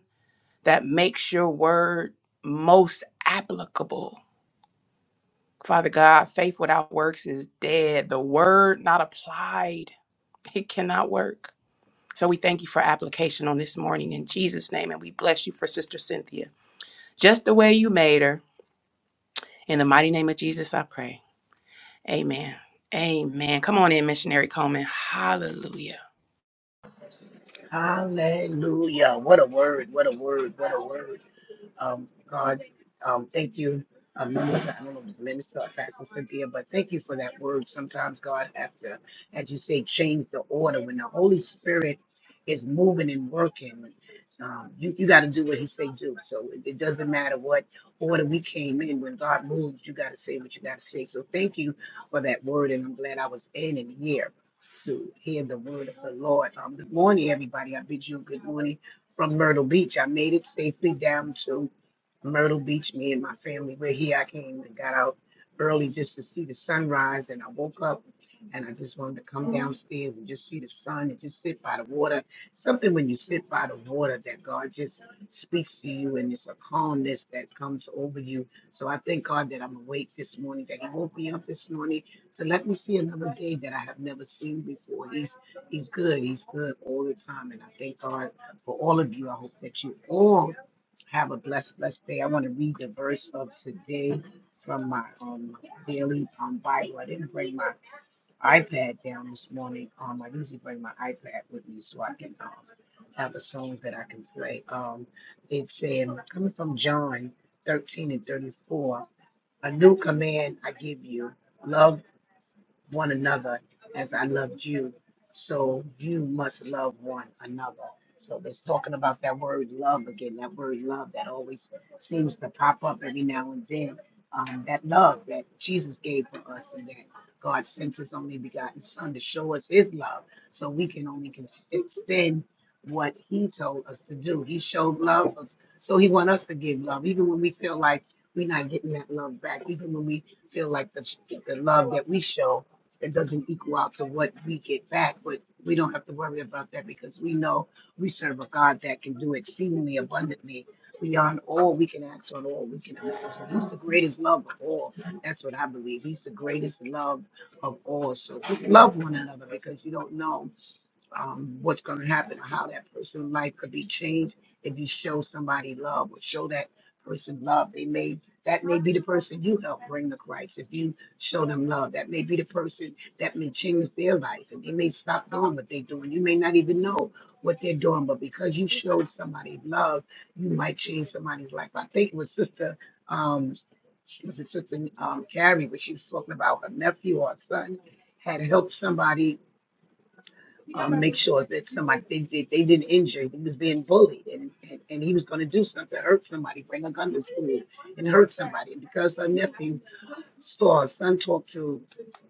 that makes your word most applicable. Father God, faith without works is dead. The word not applied, it cannot work. So we thank you for application on this morning in Jesus' name, and we bless you for Sister Cynthia, just the way you made her. In the mighty name of Jesus, I pray. Amen. Amen. Come on in, missionary Coleman. Hallelujah.
Amen. Hallelujah. What a word. What a word. What a word. Um, God, um, thank you. Um, minister, I don't know if it's minister or Pastor Cynthia, but thank you for that word. Sometimes God have to, as you say, change the order. When the Holy Spirit is moving and working, um, you, you got to do what he say do. So it, it doesn't matter what order we came in. When God moves, you got to say what you got to say. So thank you for that word, and I'm glad I was in and here to hear the word of the Lord. Um, good morning, everybody. I bid you good morning from Myrtle Beach. I made it safely down to Myrtle Beach, me and my family. We're here. I came and got out early just to see the sunrise, and I woke up and I just wanted to come downstairs and just see the sun and just sit by the water. Something when you sit by the water that God just speaks to you, and it's a calmness that comes over you. So I thank God that I'm awake this morning, that He woke me up this morning to let me see another day that I have never seen before. He's He's good. He's good all the time, and I thank God for all of you. I hope that you all have a blessed, blessed day. I want to read the verse of today from my um, daily um, Bible. I didn't bring my iPad down this morning. Um, I usually bring my iPad with me so I can um, have a song that I can play. Um, it's in, coming from John 13 and 34. A new command I give you. love one another as I loved you. So you must love one another. So it's talking about that word love again, that word love that always seems to pop up every now and then. Um, that love that Jesus gave to us and that God sent his only begotten son to show us his love. So we can only cons- extend what he told us to do. He showed love. So he want us to give love, even when we feel like we're not getting that love back, even when we feel like the, the love that we show it doesn't equal out to what we get back, but we don't have to worry about that because we know we serve a God that can do exceedingly abundantly beyond all we can ask or all we can imagine. He's the greatest love of all. That's what I believe. He's the greatest love of all. So just love one another because you don't know um, what's going to happen, how that person's life could be changed if you show somebody love or show that person love. They may that may be the person you help bring to Christ if you show them love. That may be the person that may change their life and they may stop doing what they're doing. You may not even know what they're doing, but because you showed somebody love, you might change somebody's life. I think it was Sister um, was it Sister um, Carrie, but she was talking about her nephew or son had helped somebody um, make sure that somebody they, they, they didn't injure. him. He was being bullied, and and, and he was going to do something, to hurt somebody, bring a gun to school, and hurt somebody. And because her nephew saw her son talk to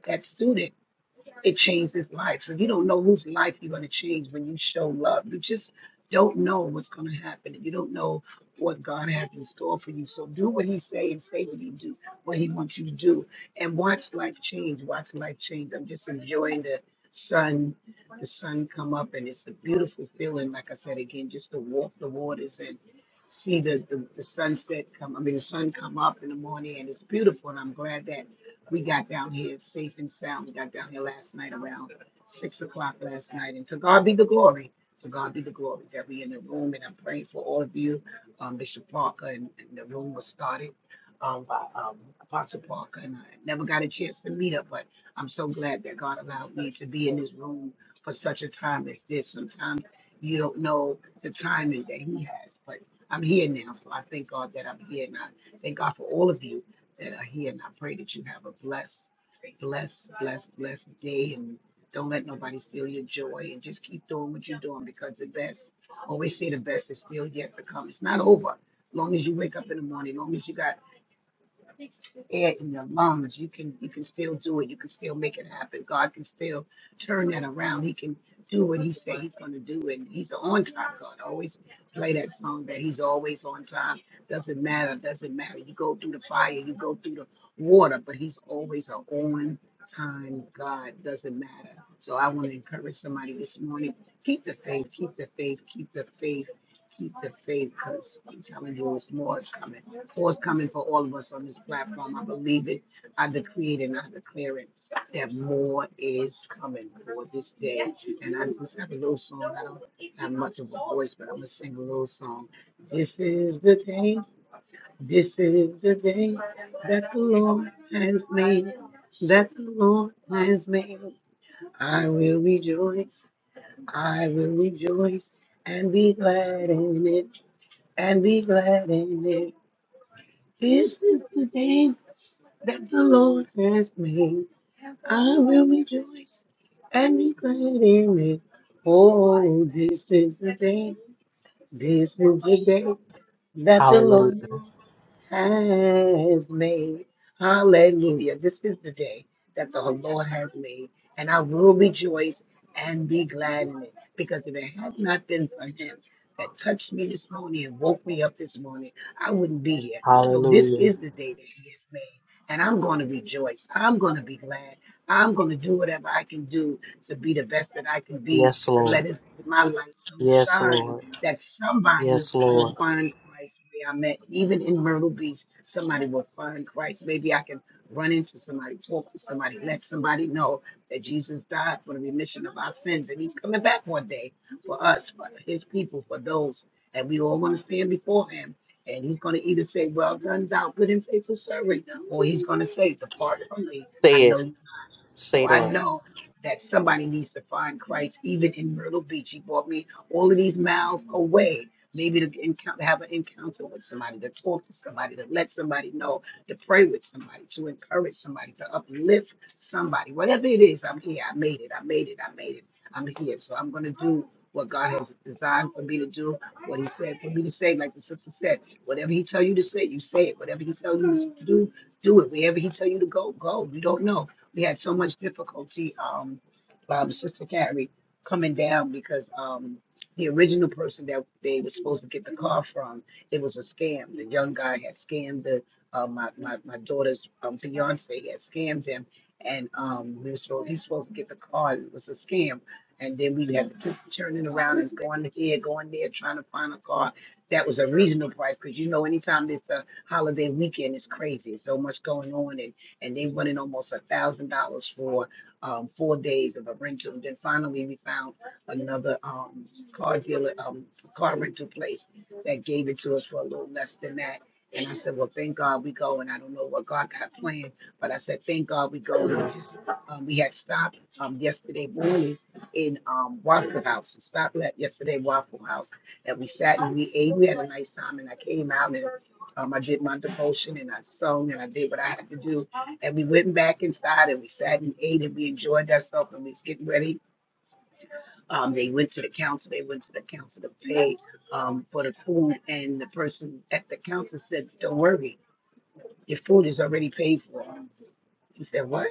that student, to change this life. So you don't know whose life you're going to change when you show love. You just don't know what's going to happen. You don't know what God has in store for you. So do what He say and say what you do, what He wants you to do, and watch life change. Watch life change. I'm just enjoying the sun, the sun come up, and it's a beautiful feeling. Like I said again, just to walk the waters and see the, the, the sunset come. I mean, the sun come up in the morning, and it's beautiful. And I'm glad that we got down here safe and sound. We got down here last night around six o'clock last night. And to God be the glory. To God be the glory that we in the room. And I'm praying for all of you. Um, Bishop Parker and, and the room was started um, by um, Apostle Parker. And I never got a chance to meet up, but I'm so glad that God allowed me to be in this room for such a time as this. Sometimes you don't know the timing that He has, but I'm here now. So I thank God that I'm here. And I thank God for all of you that are here. And I pray that you have a blessed, blessed, blessed, blessed day. And don't let nobody steal your joy. And just keep doing what you're doing because the best, always say the best is still yet to come. It's not over. Long as you wake up in the morning, long as you got air in your lungs. You can you can still do it. You can still make it happen. God can still turn that around. He can do what he said he's gonna do and he's an on time God. I always play that song that he's always on time. Doesn't matter, doesn't matter. You go through the fire, you go through the water, but he's always an on time God. Doesn't matter. So I want to encourage somebody this morning. Keep the faith, keep the faith, keep the faith keep the faith because I'm telling you, it's more is coming. More is coming for all of us on this platform. I believe it. I decree it and I declare it that more is coming for this day. And I just have a little song. I don't have much of a voice, but I'm going to sing a little song. This is the day. This is the day that the Lord has made. That the Lord has made. I will rejoice. I will rejoice and be glad in it and be glad in it. This is the day that the Lord has made. I will rejoice and be glad in it. Oh, this is the day, this is the day that the
hallelujah
Lord has made. Hallelujah. This is the day that the Lord has made, and I will rejoice and be glad in it. Because if it had not been for Him that touched me this morning and woke me up this morning, I wouldn't be here. So this
hallelujah
is the day that He has made. And I'm going to rejoice. I'm going to be glad. I'm going to do whatever I can do to be the best that I can be,
Yes,
to let
Lord.
his, my light so
Yes,
shine
Lord.
that somebody
Yes,
will
Lord.
find Christ where I'm at. Even in Myrtle Beach, somebody will find Christ. Maybe I can run into somebody, talk to somebody, let somebody know that Jesus died for the remission of our sins and he's coming back one day for us, for his people, for those that we all want to stand before him. And he's going to either say, Well done, thou good and faithful servant, or he's going to say, Depart from me. I
Say it.
know you
Say
so I
that.
know that somebody needs to find Christ, even in Myrtle Beach. He brought me all of these miles away, maybe to encounter, have an encounter with somebody, to talk to somebody, to let somebody know, to pray with somebody, to encourage somebody, to uplift somebody. Whatever it is, I'm here. I made it. I made it. I made it. I'm here. So I'm going to do what God has designed for me to do, what He said for me to say, like the sister said. Whatever He tell you to say, you say it. Whatever He tell you to do, do it. Wherever He tell you to go, go. You don't know we had so much difficulty um um sister carrie coming down because um the original person that they were supposed to get the car from it was a scam the young guy had scammed the uh, my, my my daughter's um fiance He had scammed him and um we were supposed, he was supposed to get the car and it was a scam and then we had to keep turning around and going here going there trying to find a car that was a reasonable price because you know anytime it's a holiday weekend it's crazy so much going on and and they wanted almost a thousand dollars for um, four days of a rental. And then finally, we found another um, car dealer, um, car rental place that gave it to us for a little less than that. And I said, well, thank God we go. And I don't know what God got planned, but I said, thank God we go. We just, um, we had stopped um, yesterday morning in um, Waffle House. We stopped at yesterday Waffle House and we sat and we ate. We had a nice time and I came out and um, I did my devotion and I sung and I did what I had to do and we went back inside and we sat and ate and we enjoyed ourselves and we was getting ready. Um, they went to the counter, they went to the counter to pay um, for the food. And the person at the counter said, Don't worry, your food is already paid for. He said, What?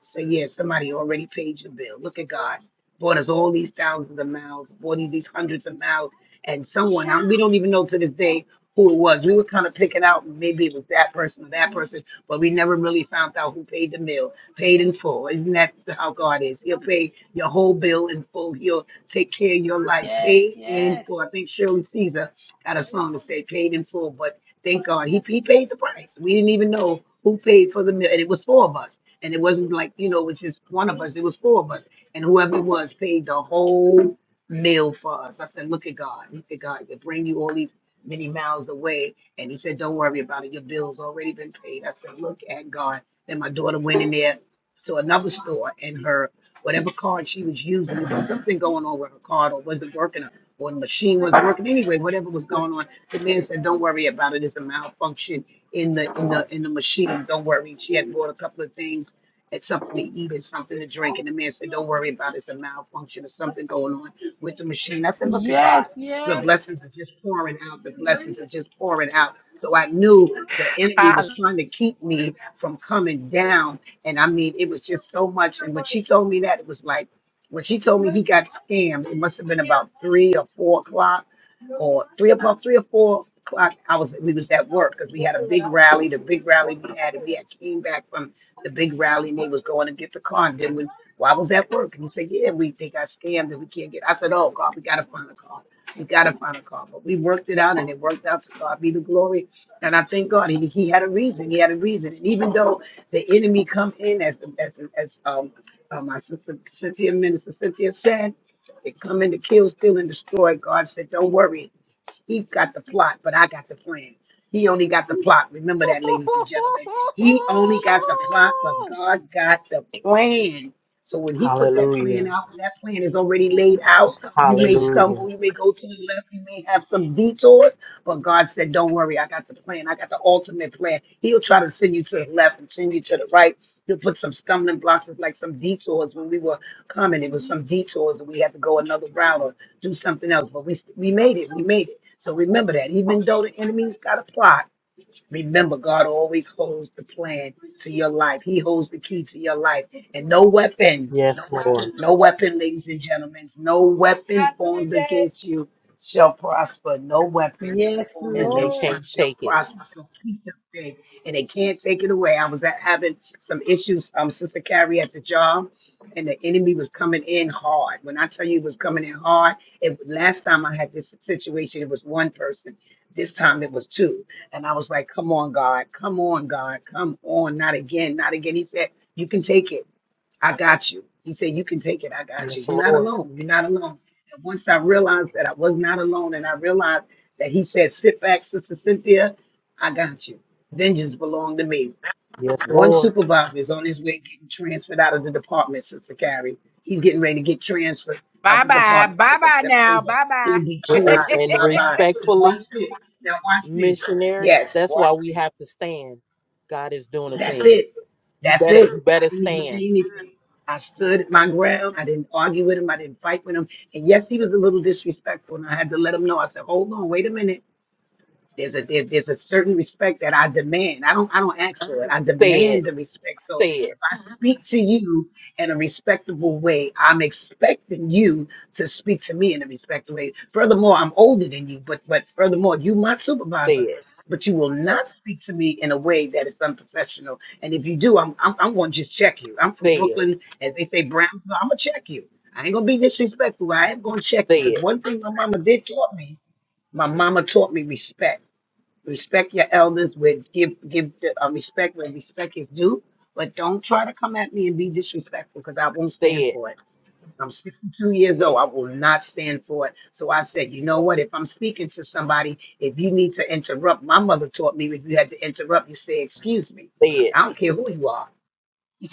So yeah, somebody already paid your bill. Look at God. Bought us all these thousands of miles, bought us these hundreds of miles, and someone I- we don't even know to this day who it was. We were kind of picking out maybe it was that person or that person, but we never really found out who paid the bill, paid in full. Isn't that how God is? He'll pay your whole bill in full. He'll take care of your life,
Yes,
paid in
yes.
full. I think Shirley Caesar had a song that said "Paid in full," but thank God he he paid the price. We didn't even know who paid for the meal, and it was four of us. And it wasn't like, you know, it was just one of us. It was four of us. And whoever it was paid the whole meal for us. I said, look at God. Look at God. They bring you all these many miles away. And he said, don't worry about it. Your bill's already been paid. I said, look at God. Then my daughter went in there to another store and her, whatever card she was using, there was something going on with her card or wasn't working or the machine wasn't working anyway, whatever was going on. The man said, don't worry about it. It's a malfunction in the in the in the machine. Don't worry. She had bought a couple of things it's something to eat, it's something to drink. And the man said, Don't worry about it, it's a malfunction, there's something going on with the machine. I said, Look at God.
Yes,
The
yes.
blessings are just pouring out. The blessings are just pouring out. So I knew the enemy
Hallelujah.
was trying to keep me from coming down. And I mean, it was just so much. And when she told me that, it was like, when she told me he got scammed, it must have been about three or four o'clock or three o'clock, three or four o'clock. I was, we was at work because we had a big rally, the big rally we had, and we had came back from the big rally and they was going to get the car. And then we, well, I was at work and he said, yeah, we they got scammed and we can't get. I said, oh God, we gotta find a car. We gotta find a car. But we worked it out and it worked out to God be the glory. And I thank God he, he had a reason. He had a reason. And even though the enemy come in as as as um uh, my sister Cynthia minister Cynthia said, they come in to kill, steal, and destroy. God said, don't worry. He's got the plot, but I got the plan. He only got the plot. Remember that, ladies and gentlemen. He only got the plot, but God got the plan. So when he put that plan
Hallelujah.
out, when that plan is already laid out, you may stumble,
Hallelujah.
you may go to the left, you may have some detours, but God said, Don't worry, I got the plan. I got the ultimate plan. He'll try to send you to the left and send you to the right. He'll put some stumbling blocks, it's like some detours when we were coming. It was some detours and we had to go another route or do something else. But we we made it. We made it. So remember that. Even though the enemy's got a plot, remember God always holds the plan to your life. He holds the key to your life. And no weapon,
Yes, Lord.
no weapon, ladies and gentlemen, no weapon formed against you shall prosper. No weapon
Yes,
formed
And they
against
Lord.
you
can't
shall
take it.
prosper. So keep the faith. And they can't take it away. I was at, having some issues, um, Sister Carrie at the job, and the enemy was coming in hard. When I tell you it was coming in hard, it last time I had this situation, it was one person. This time it was two and I was like, come on, God, come on, God, come on, not again, not again. He said, you can take it. I got you. He said, you can take it. I got you.
Yes,
You're not
Lord.
alone. You're not alone. And once I realized that I was not alone and I realized that he said, sit back, Sister Cynthia, I got you. Vengeance belonged to me.
Yes,
One
Lord.
supervisor is on his way getting transferred out of the department, Sister Carrie. He's getting ready to get transferred out
Bye
of the
bye.
department
Bye
as of
bye now.
September.
Bye
He'll be
And,
transferred,
and
blah, blah. And watch
respectfully,
this. Now watch this.
missionary,
Yes,
that's why
watch
we
this.
have to stand. God is doing a
That's
thing.
it.
You
That's
better
it.
you
I
better
didn't even say
stand.
anything. I stood my ground. I didn't argue with him. I didn't fight with him. And yes, he was a little disrespectful. And I had to let him know. I said, hold on, wait a minute there's a there, there's a certain respect that I demand. I don't I don't ask for it. I
Say it.
demand the respect. So
Say
if
it.
I speak to you in a respectable way, I'm expecting you to speak to me in a respectful way. Furthermore, I'm older than you, but but furthermore, you my
Say
supervisor,
it.
but you will not speak to me in a way that is unprofessional. And if you do, I'm I'm, I'm going to just check you. I'm from
Say it.
Brooklyn, as they say, Brown. So I'm gonna check you. I ain't gonna be disrespectful. I am gonna check you
Say
because
it.
one thing my mama did taught me. My mama taught me respect respect your elders with give give the, uh, respect where respect is due but don't try to come at me and be disrespectful because i won't
Say
stand
it.
for it i'm 62 years old i will not stand for it so i said you know what if i'm speaking to somebody if you need to interrupt my mother taught me if you had to interrupt you say excuse me
Say it.
i don't care who you are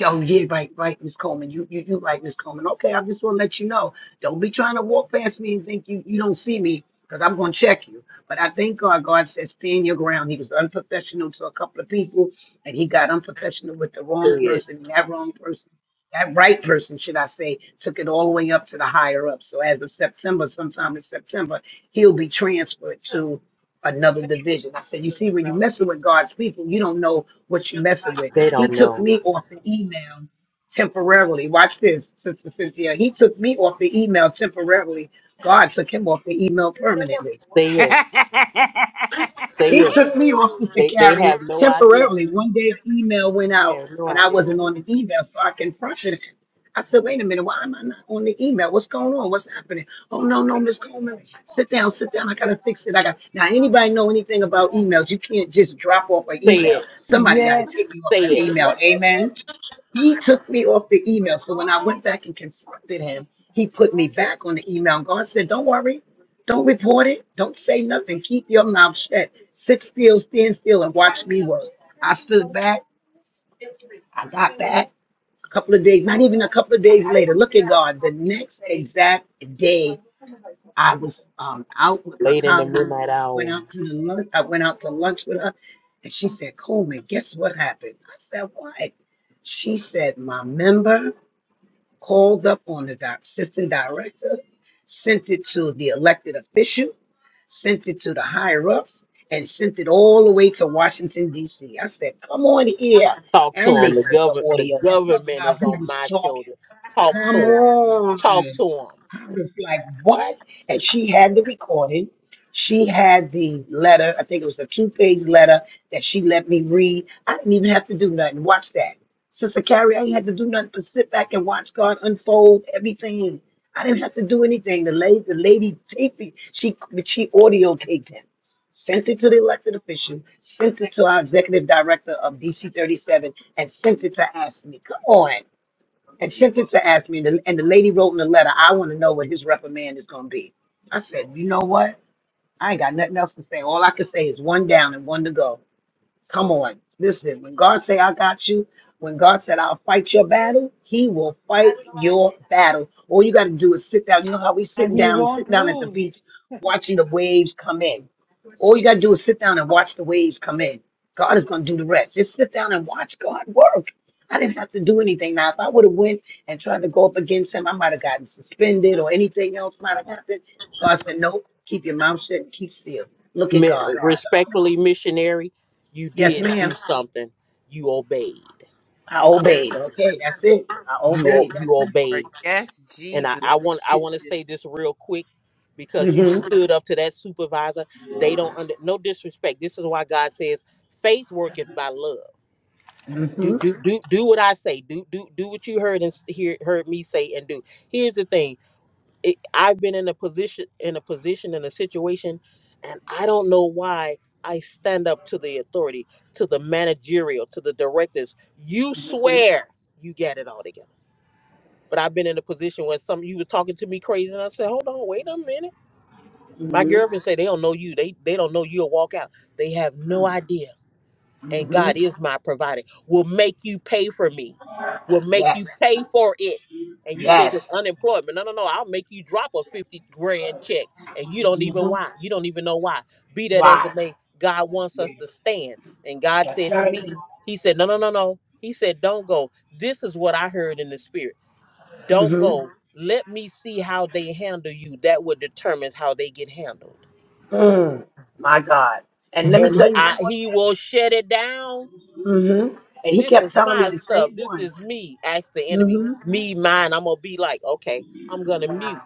Oh yeah, right, right, Miss Coleman. You, you, you right, Miss Coleman. Okay, I just want to let you know. Don't be trying to walk past me and think you, you don't see me, because I'm gonna check you. But I thank God. God says stand your ground. He was unprofessional to a couple of people, and he got unprofessional with the
Say
wrong
it.
person. And that wrong person, that right person, should I say, took it all the way up to the higher up. So as of September, sometime in September, he'll be transferred another division. I said, you see, when you're messing with God's people, you don't know what you're messing with.
They
He
don't
took
know.
me off the email temporarily. Watch this, Sister Cynthia. He took me off the email temporarily. God took him off the email permanently.
Say
bye.
it. Say
He
it.
took me off to
They they
carry
have no idea.
temporarily. One day an email went
Have
out
no
and I
idea.
wasn't on the email, so I confronted him. I said, wait a minute, why am I not on the email? What's going on? What's happening? Oh no, no, Miss Coleman. Sit down, sit down. I gotta fix it. I got now anybody know anything about emails? You can't just drop off an
Say
email.
it.
Somebody gotta take
Yes.
you off
Say
that
it.
email. Amen. He took me off the email. So when I went back and confronted him, he put me back on the email. And God said, Don't worry. Don't report it. Don't say nothing. Keep your mouth shut. Sit still, stand still, and watch me work. I stood back. I got back. A couple of days, not even a couple of days later. Look at God. The next exact day, I was um, out with my
Late in the
colleagues.
midnight
I went
hour.
out to the lunch. I went out to lunch with her, and she said, "Coleman, guess what happened?" I said, "What?" She said, "My member." called up on the doc- assistant director, sent it to the elected official, sent it to the higher ups, and sent it all the way to Washington, D.C. I said, Come on here.
Talk to
And they
him. The
sent the
govern the
audio of
government
how
is
he
on
was
my
talking.
shoulder. Talk
Come
talk
on.
to him.
I was like, what? And she had the recording. She had the letter. I think it was a two page letter that she let me read. I didn't even have to do nothing. Watch that. Sister Carrie, I ain't had to do nothing but sit back and watch God unfold everything. I didn't have to do anything. The lady, the lady taped it. She, she audio taped him, sent it to the elected official, sent it to our executive director of DC 37, and sent it to Ashley. Come on and sent it to ask me, and the, and the lady wrote in the letter, I want to know what his reprimand is going to be. I said, you know what? I ain't got nothing else to say. All I can say is one down and one to go. Come on. Listen, when God say I got you, when God said I'll fight your battle, he will fight your battle. All you got to do is sit down. You know how we sitting
And he
down,
won't
sitting down at the
lose.
beach, watching the waves come in. All you gotta do is sit down and watch the waves come in. God is gonna do the rest. Just sit down and watch God work. I didn't have to do anything. Now, if I would have went and tried to go up against him, I might have gotten suspended or anything else might have happened. God said, "Nope. Keep your mouth shut and keep still. Look at
Mi-
God." So,
respectfully, missionary, you
yes,
did do
ma'am.
something. You obeyed.
I obeyed. Okay, that's it. I
You o-
obeyed. That's
you
it.
Lord,
obeyed.
yes,
And I,
Jesus.
I want I want to say this real quick because you
hmm
stood up to that supervisor. They don't under no disrespect. This is why God says faith worketh by love. do
hmm
do do do what I say. Do do do what you heard and s- hear heard me say and do. Here's the thing. It, I've been in a position in a position in a situation, and I don't know why I stand up to the authority, to the managerial, to the directors. You swear you got it all together. But I've been in a position where some you were talking to me crazy, and I said, "Hold on, wait a minute." My
hmm
girlfriend said, "They don't know you. They they don't know you'll walk out. They have no idea." And
hmm
God my providing will make you pay for me make you
Yes.
pay for it and you think of
Yes.
unemployment no no no i'll make you drop a 50 grand check and you don't even
hmm
why you don't even know why be that as
Why?
may god wants us to
Yes.
stand and god
That's
said
right.
he said no no no no he said don't go this is what i heard in the spirit don't
Mm-hmm.
go let me see how they handle you that would determine how they get handled
Mm, my God. And let me tell you one more
he
thing.
will shut it down
hmm And he
this
kept
is
telling me
my
the
stuff.
same
This
one.
is me. Ask the enemy.
hmm
Be mine. I'm gonna be like, okay, I'm gonna mute.
Wow.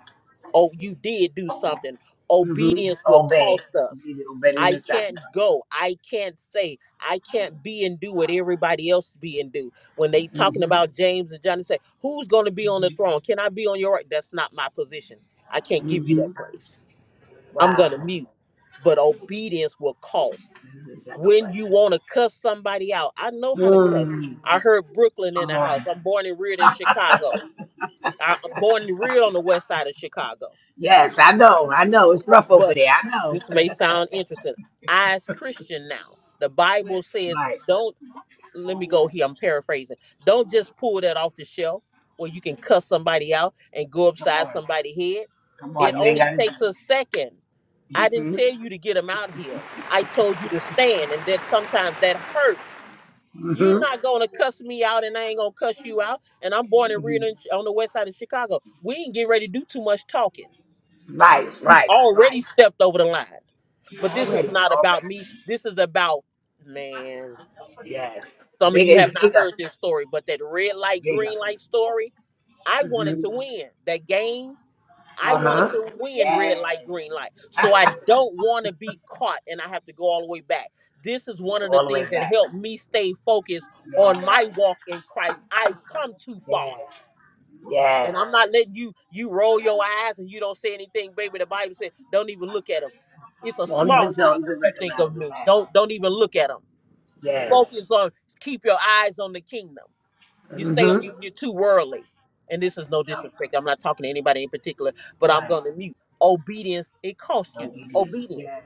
Oh, you did do something.
hmm
Obedience will
Obey.
cost us.
Be the obedient
I
and
can't
sacrifice.
go. I can't say. I can't be and do what everybody else be and do. When they talking
hmm
about James and John, they say, who's gonna be on the throne? Can I be on your right? That's not my position. I can't give you
hmm
that place. I'm gonna
Wow.
mute. But obedience will cost.
Obedient
When
sacrifice.
you wanna cuss somebody out, I know how to
Mm,
I heard Brooklyn in
come
the house.
on.
I'm born and reared in Chicago. I- I'm born and reared on the west side of Chicago.
Yes, I know. I know. It's rough over
But
there. I know.
this may sound interesting. I, as Christian now, the Bible says,
Right.
don't, let me go here, I'm paraphrasing. Don't just pull that off the shelf where you can cuss somebody out and go
Come
upside
on.
somebody's head.
Come on.
It
You ain't
only
got to do
takes a
it.
second. I didn't
hmm
tell you to get them out here. I told you to stand, and that sometimes that hurt You're
hmm
not gonna cuss me out, and I ain't gonna cuss you out. And I'm born and reared in, on the west side of Chicago. We ain't getting ready to do too much talking.
Right.
You've
Right.
already
Right.
stepped over the line. But this is
Already.
not about
Already.
me. This is about man.
Yes.
Some of you
Bigger is
have not
bigger.
heard this story, but that red light, green
Bigger.
light story. I wanted to win that game I
Uh
wanted
huh.
to win red light,
Yes.
green light. So I don't want to be caught and I have to go all the way back. This is
Not
one of the
All the way
things that
back.
helped me stay focused on my
Yes.
walk in Christ. I've come too far.
Yes.
And I'm
Yes.
not letting you you roll your eyes and you don't say anything, baby. The Bible says, don't even look at them. It's a
Won't even
small
tell
thing
him to
what you think
recognize
of
it.
me.
Yes.
Don't don't even look at them.
Yes.
Focus on keep your eyes on the kingdom you stay on
Mm-hmm.
you, you're too worldly and this is no disrespect i'm not talking to anybody in particular but i'm
Right.
going to mute obedience it costs you
Obedience.
obedience
Yes.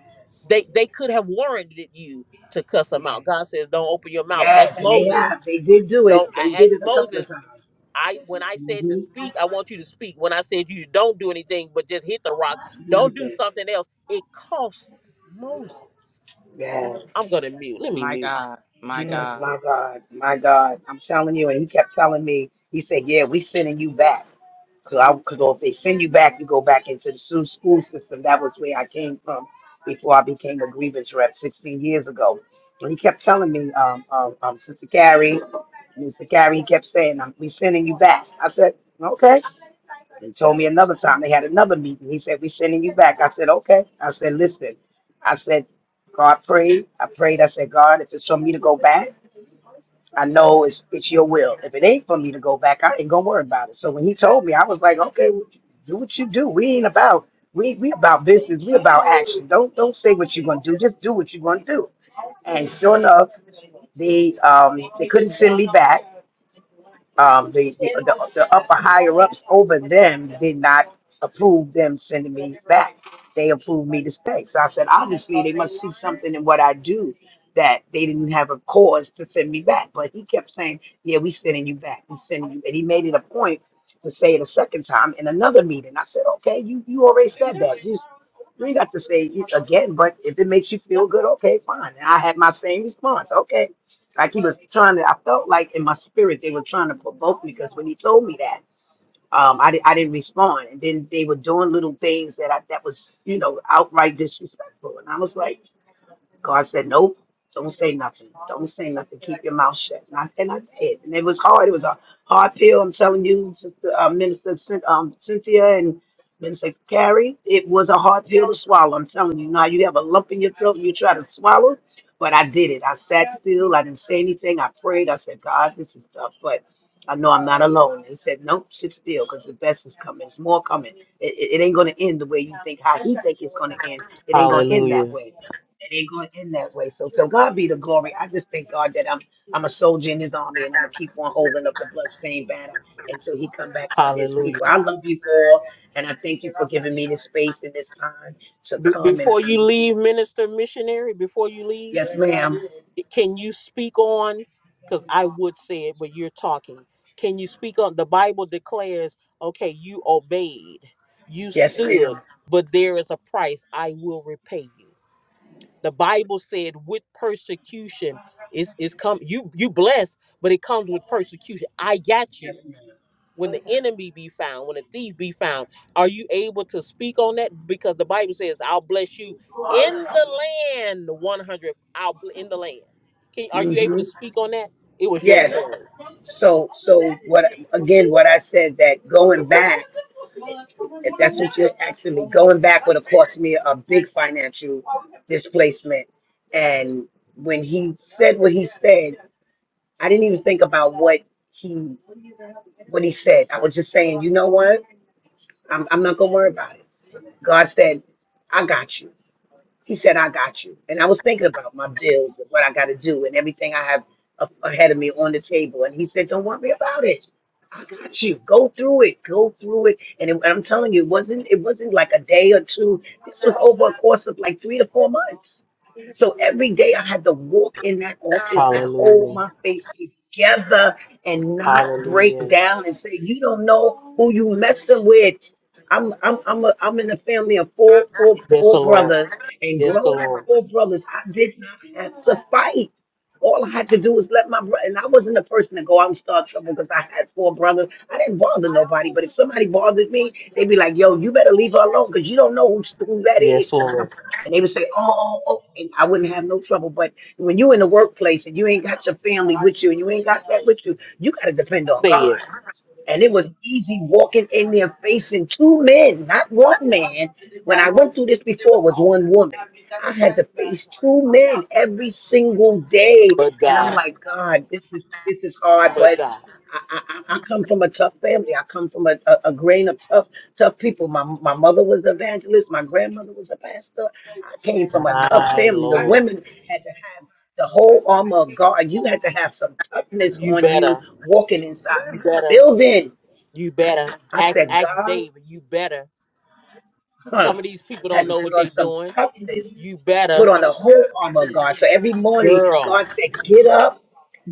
they they could have warranted you to cuss them
Yes.
out god says don't open your mouth
Yes.
ask
And they
moses
have. They did do it.
don't
They
i
did
asked
it a couple of
moses
times.
i when i said to
Mm-hmm.
speak i want you to speak when i said you don't do anything but just hit the rock don't do something else it cost moses
Yes.
i'm going to mute let me
My
mute
God, my
Yes.
God,
My God. My God. I'm telling you. And he kept telling me. He said, "Yeah, we sending you back." So, I, cause if they send you back, you go back into the su- school system. That was where I came from before I became a grievance rep 16 years ago. And he kept telling me, um, um, um Sister Carrie, Mr. Carrie, he kept saying, um, we sending you back. I said, okay. They told me another time they had another meeting. He said, we sending you back. I said, okay. I said, listen, I said, God prayed. I prayed. I said, God, if it's for me to go back. I know it's it's your will. If it ain't for me to go back, I ain't gonna worry about it. So when he told me, I was like, okay, well, do what you do. We ain't about we we about business. We about action. Don't don't say what you're gonna do. Just do what you're gonna do. And sure enough, they um they couldn't send me back um, the, the, the, the upper higher ups over them did not approve them sending me back. They approved me to stay. So I said, obviously, they must see something in what I do that they didn't have a cause to send me back. But he kept saying, yeah, we sending you back. We sending you. And he made it a point to say it a second time in another meeting. I said, okay, you, you already said that. You ain't got to say it again, but if it makes you feel good, okay, fine. And I had my same response. Okay. Like he was trying to, I felt like in my spirit they were trying to provoke me because when he told me that um, I, di- I didn't respond. And then they were doing little things that I, that was, you know, outright disrespectful. And I was like, God said, nope, don't say nothing. Don't say nothing. Keep your mouth shut. And I, and I did. And it was hard. It was a hard pill. I'm telling you, Sister, uh, Minister Cyn- um, Cynthia and Minister Carrie, it was a hard pill to swallow. I'm telling you. Now you have a lump in your throat and you try to swallow. But I did it. I sat still. I didn't say anything. I prayed. I said, God, this is tough. I know I'm not alone. He said, nope, sit still because the best is coming. It's more coming. It, it, it ain't going to end the way you think, how he think it's going to end. It ain't going to end that
hallelujah
way. It ain't going to end that way. So, so God be the glory. I just thank God that I'm I'm a soldier in his army and I'm going to keep on holding up the bloodstained banner until he come back for his
hallelujah
people. I love you all and I thank you for giving me this space and this time to
Be-
come and
before you
be.
leave, minister missionary, before you leave,
Yes, ma'am.
can you speak on? Because I would say it, but you're talking. Can you speak on? The Bible declares, okay, you obeyed, you
Yes,
stood,
ma'am.
but there is a price. I will repay you. The Bible said, with persecution is is come. You you blessed, but it comes with persecution. I got
Yes.
you when the enemy be found, when a thief be found, are you able to speak on that? Because the Bible says, "I'll bless you in the land." One hundred, I'll bl- in the land. Can are you able
hmm
to speak on that? It was your
Yes.
story.
So, so what? Again, what I said that going back, if that's what you're asking me, going back would have cost me a big financial displacement. And when he said what he said, I didn't even think about what he what he said. I was just saying, you know what? I'm I'm not gonna worry about it. God said, I got you. She said, I got you. And I was thinking about my bills and what I got to do and everything I have a- ahead of me on the table. And he said, Don't worry about it. I got you. Go through it. Go through it. And it, I'm telling you, it wasn't it wasn't like a day or two. This was over a course of like three to four months. So every day I had to walk in that office and hold
Hallelujah.
my face together and
Ah,
not break down and say, You don't know who you messing with. I'm I'm I'm a, I'm in a family of four four
Yes,
four
Lord
brothers and
Yes,
growing up, four brothers, I did not have to fight. All I had to do was let my brother, and I wasn't the person to go out and start trouble because I had four brothers. I didn't bother nobody, but if somebody bothered me, they'd be like, yo, you better leave her alone because you don't know who, who that is.
yes, Lord.
And they would say, oh, oh, oh, and I wouldn't have no trouble. But when you in the workplace and you ain't got your family with you and you ain't got that with you, you got to depend on
say it,
God. And it was easy walking in there facing two men, not one man. When I went through this before, it was one woman. I had to face two men every single day,
but
and
God,
I'm like, God, this is this is hard.
but
But
God,
I, I, I I come from a tough family. I come from a, a, a grain of tough tough people. My my mother was an evangelist. My grandmother was a pastor. I came from a tough
My
family. The
Lord.
women had to have the whole armor of God. You had to have some toughness
you
on you
better,
walking inside
you
that
better,
building.
you better.
I
Ask,
said,
ask
God,
David. You better.
huh,
Some of these people
had
don't
to
know what
put on
they
some
doing.
toughness,
You
put
better,
on the whole armor of God. So every morning,
girl.
God said, get up.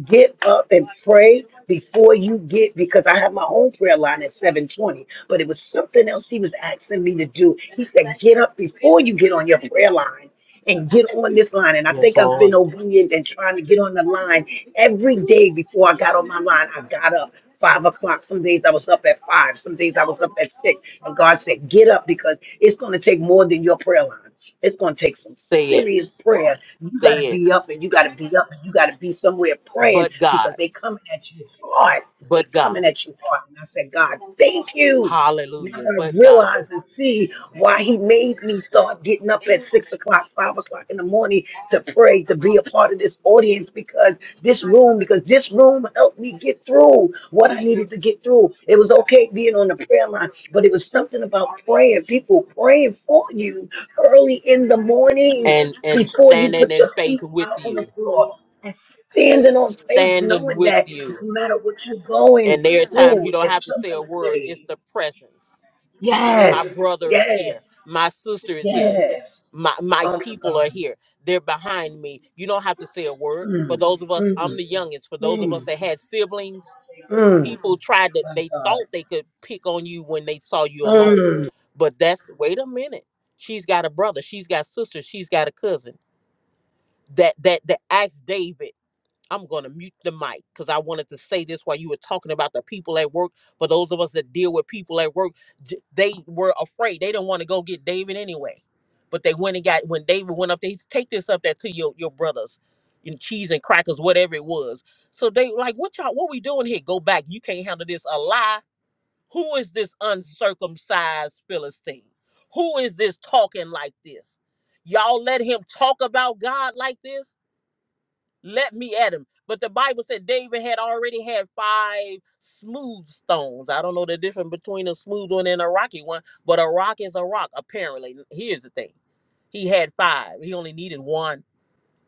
get up and pray before you get because I have my own prayer line at 720. But it was something else he was asking me to do. He said, get up before you get on your prayer line and get on this line. And I
Yes,
think I've been
Lord.
obedient and trying to get on the line every day before I got on my line. I got up. Five o'clock. Some days I was up at five. Some days I was up at six. And God said, Get up because it's going to take more than your prayer line. It's going to take some
Say it.
serious prayer you got to
said,
be up and you got to be up and you got to be somewhere praying
but
because
God,
they coming at you hard. They
but God,
coming at you hard. And I said, God, thank you. Now
hallelujah,
I
but God,
realize and see why he made me start getting up at six o'clock, five o'clock in the morning to pray, to be a part of this audience because this room, because this room helped me get through what I needed to get through. It was okay being on the prayer line, but it was something about praying, people praying for you early in the morning
and and
before you
standing
put
in
your
faith
feet
with
out on the
you,
floor and standing on faith,
standing
knowing
with
that
you.
no matter what you're going
And there are times you
through,
don't
if
have to say a
somebody
word, it's
say,
the presence. My
Yes,
brother is here,
yes,
my sister is here,
yes.
my my
Oh my
people are
God.
here. They're behind me. You don't have to say a word. For
Mm,
those of us, I'm
mm,
the youngest. For those of
mm,
us that had siblings,
mm.
people tried to
My
they
God.
thought they could pick on you when they saw you alone
Mm.
but that's wait a minute she's got a brother she's got sisters she's got a cousin that that that asked david i'm going to mute the mic because i wanted to say this while you were talking about the people at work For those of us that deal with people at work j- they were afraid they didn't want to go get david anyway but they went and got when david went up they said, take this up there to your your brothers and cheese and crackers whatever it was so they like what y'all what we doing here go back you can't handle this a lie who is this uncircumcised Philistine? Who is this talking like this? Y'all let him talk about God like this? Let me at him. But the Bible said David had already had five smooth stones. I don't know the difference between a smooth one and a rocky one, but a rock is a rock, apparently. Here's the thing he had five, he only needed one,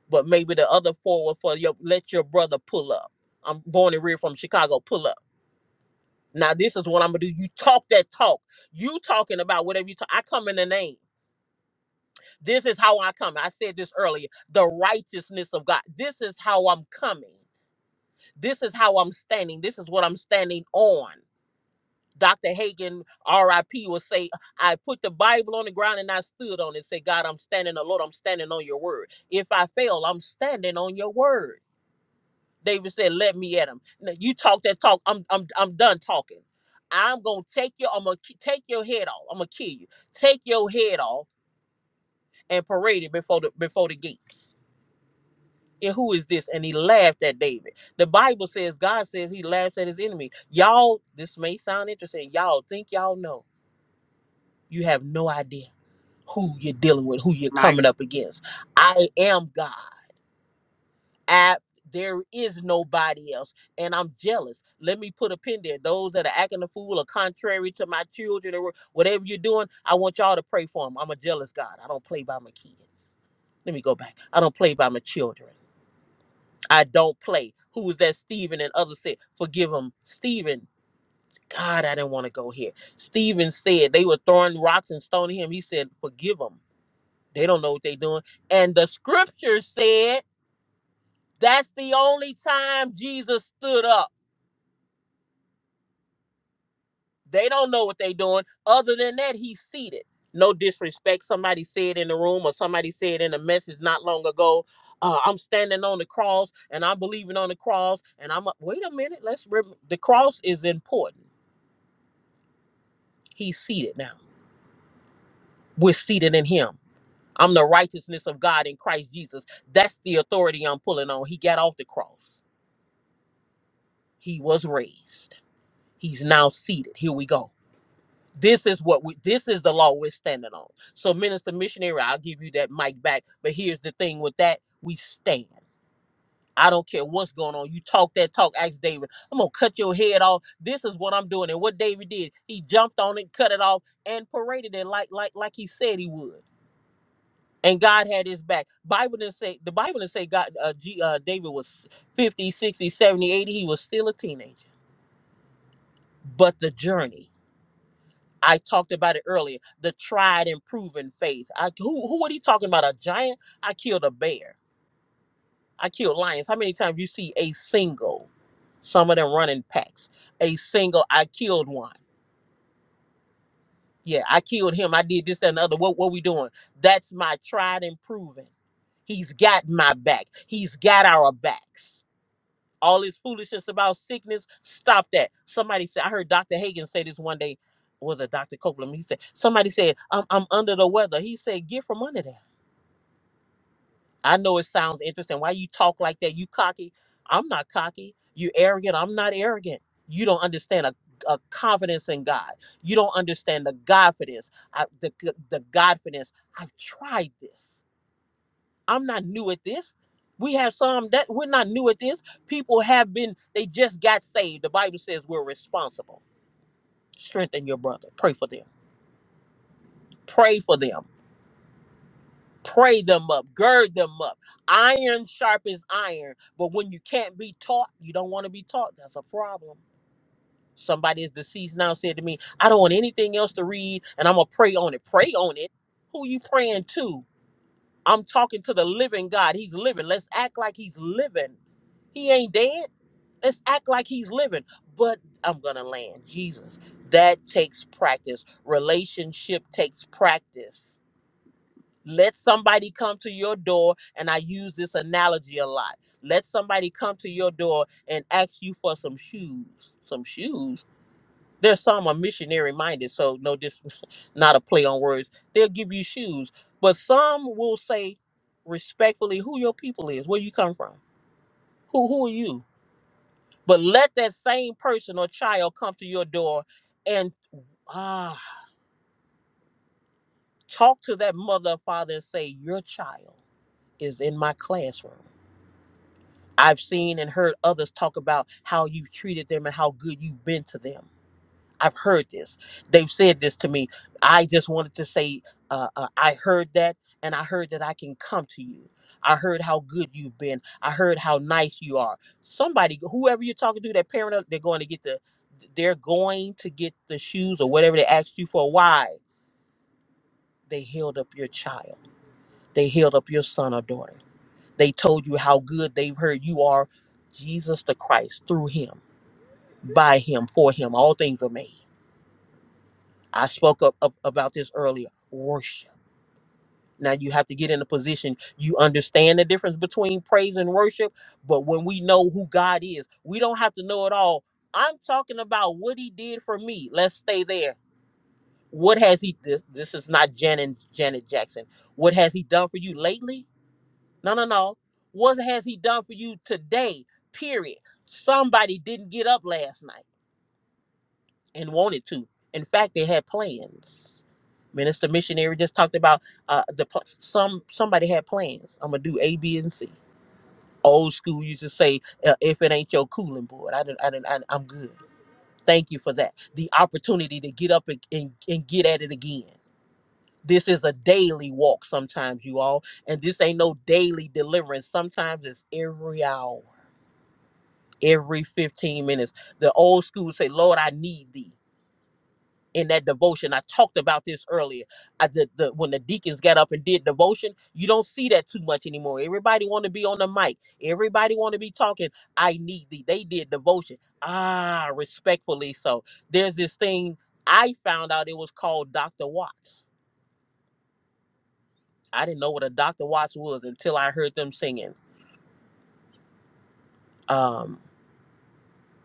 but maybe the other four were for your, let your brother pull up. I'm born and reared from Chicago, pull up. Now this is what I'm gonna do. You talk that talk. You talking about whatever you talk. I come in the name. This is how I come. I said this earlier. The righteousness of God. This is how I'm coming. This is how I'm standing. This is what I'm standing on. Dr. Hagen, R.I.P., will say, I put the Bible on the ground and I stood on it. Say, God, I'm standing, the Lord, I'm standing on your word. If I fail, I'm standing on your word. David said, "Let me at him." Now, you talk that talk. I'm I'm I'm done talking. I'm gonna take your I'm gonna ki- take your head off. I'm gonna kill you. Take your head off and parade it before the before the gates. And who is this? And he laughed at David. The Bible says God says he laughs at his enemy. Y'all, this may sound interesting. Y'all think y'all know. You have no idea who you're dealing with, who you're
my
coming up against. I am God. app. There is nobody else, and I'm jealous. Let me put a pin there. Those that are acting a fool or contrary to my children or whatever you're doing, I want y'all to pray for them. I'm a jealous God. I don't play by my kids. Let me go back. I don't play by my children. I don't play. Who was that? Stephen and others said, "Forgive him, Stephen." God, I didn't want to go here. Stephen said they were throwing rocks and stoning him. He said, "Forgive them. They don't know what they're doing." And the scripture said that's the only time Jesus stood up. They don't know what they are doing. Other than that, he's seated. No disrespect. Somebody said in the room or somebody said in a message not long ago, uh, I'm standing on the cross and I'm believing on the cross. And I'm, a- wait a minute, let's, rem- the cross is important. He's seated now. We're seated in him. I'm the righteousness of God in Christ Jesus. That's the authority I'm pulling on. He got off the cross. He was raised. He's now seated. Here we go. This is what we this is the law we're standing on. So minister missionary, I'll give you that mic back. But here's the thing with that, we stand. I don't care what's going on. You talk that talk, ask David. I'm gonna cut your head off. This is what I'm doing. And what David did, he jumped on it, cut it off, and paraded it like like like he said he would. And God had his back. Bible didn't say the Bible didn't say God uh, G, uh David was 50, 60, 70, 80. He was still a teenager. But the journey I talked about it earlier. The tried and proven faith. I, who who are you talking about? A giant? I killed a bear. I killed lions. How many times you see a single? Some of them running packs. A single. I killed one. Yeah, I killed him. I did this that, and the other. What what we doing? That's my tried and proven. He's got my back. He's got our backs. all this foolishness about sickness. Stop that. Somebody said, I heard Dr. Hagen say this one day, was it Dr. Copeland? He said, somebody said, I'm, I'm under the weather. He said, get from under that. I know it sounds interesting. Why you talk like that? You cocky. I'm not cocky. You arrogant. I'm not arrogant. You don't understand a, a confidence in God. You don't understand the Godfidence. I, the, the Godfidence. I've tried this. I'm not new at this. We have some that we're not new at this. People have been, they just got saved. The Bible says we're responsible. Strengthen your brother. Pray for them. Pray for them. Pray them up. Gird them up. Iron sharpens iron. But when you can't be taught, you don't want to be taught. That's a problem. Somebody is deceased now said to me, I don't want anything else to read and I'm going to pray on it. Pray on it. Who you praying to? I'm talking to the living God. He's living. Let's act like he's living. He ain't dead. Let's act like he's living. But I'm going to land. Jesus. That takes practice. Relationship takes practice. Let somebody come to your door, and I use this analogy a lot. Let somebody come to your door and ask you for some shoes. Some shoes? There's some are missionary minded, so no, this not a play on words. They'll give you shoes, but some will say respectfully who your people is, where you come from, who who are you. But let that same person or child come to your door and ah talk to that mother or father and say, Your child is in my classroom. I've seen and heard others talk about how you treated them and how good you've been to them. I've heard this. They've said this to me. I just wanted to say, uh, uh, I heard that, and I heard that I can come to you. I heard how good you've been. I heard how nice you are. Somebody, whoever you're talking to, that parent, they're going to get the, they're going to get the shoes or whatever they asked you for. Why? They held up your child. They held up your son or daughter. They told you how good they've heard you are, Jesus the Christ, through Him, by Him, for Him. All things were made. I spoke up, up about this earlier. Worship. Now you have to get in a position you understand the difference between praise and worship. But when we know who God is, we don't have to know it all. I'm talking about what He did for me. Let's stay there. What has He? This, this is not Janet Janet Jackson. What has He done for you lately? No, no, no. What has He done for you today? Period. Somebody didn't get up last night. and wanted to. In fact, they had plans. Minister missionary just talked about uh, the pl- some somebody had plans. I'm gonna do A, B, and C. Old school used to say, uh, "If it ain't your cooling board, I didn't, I didn't, I, I'm good." Thank you for that. The opportunity to get up and, and, and get at it again. This is a daily walk sometimes, you all, and this ain't no daily deliverance. Sometimes it's every hour, every 15 minutes. The old school would say, "Lord, I need thee." in that devotion. I talked about this earlier. I did the when the deacons got up and did devotion, you don't see that too much anymore. Everybody want to be on the mic. Everybody want to be talking. I need thee. They did devotion. Ah, respectfully. So there's this thing I found out. It was called Dr. Watts. I didn't know what a Dr. Watts was until I heard them singing. Um,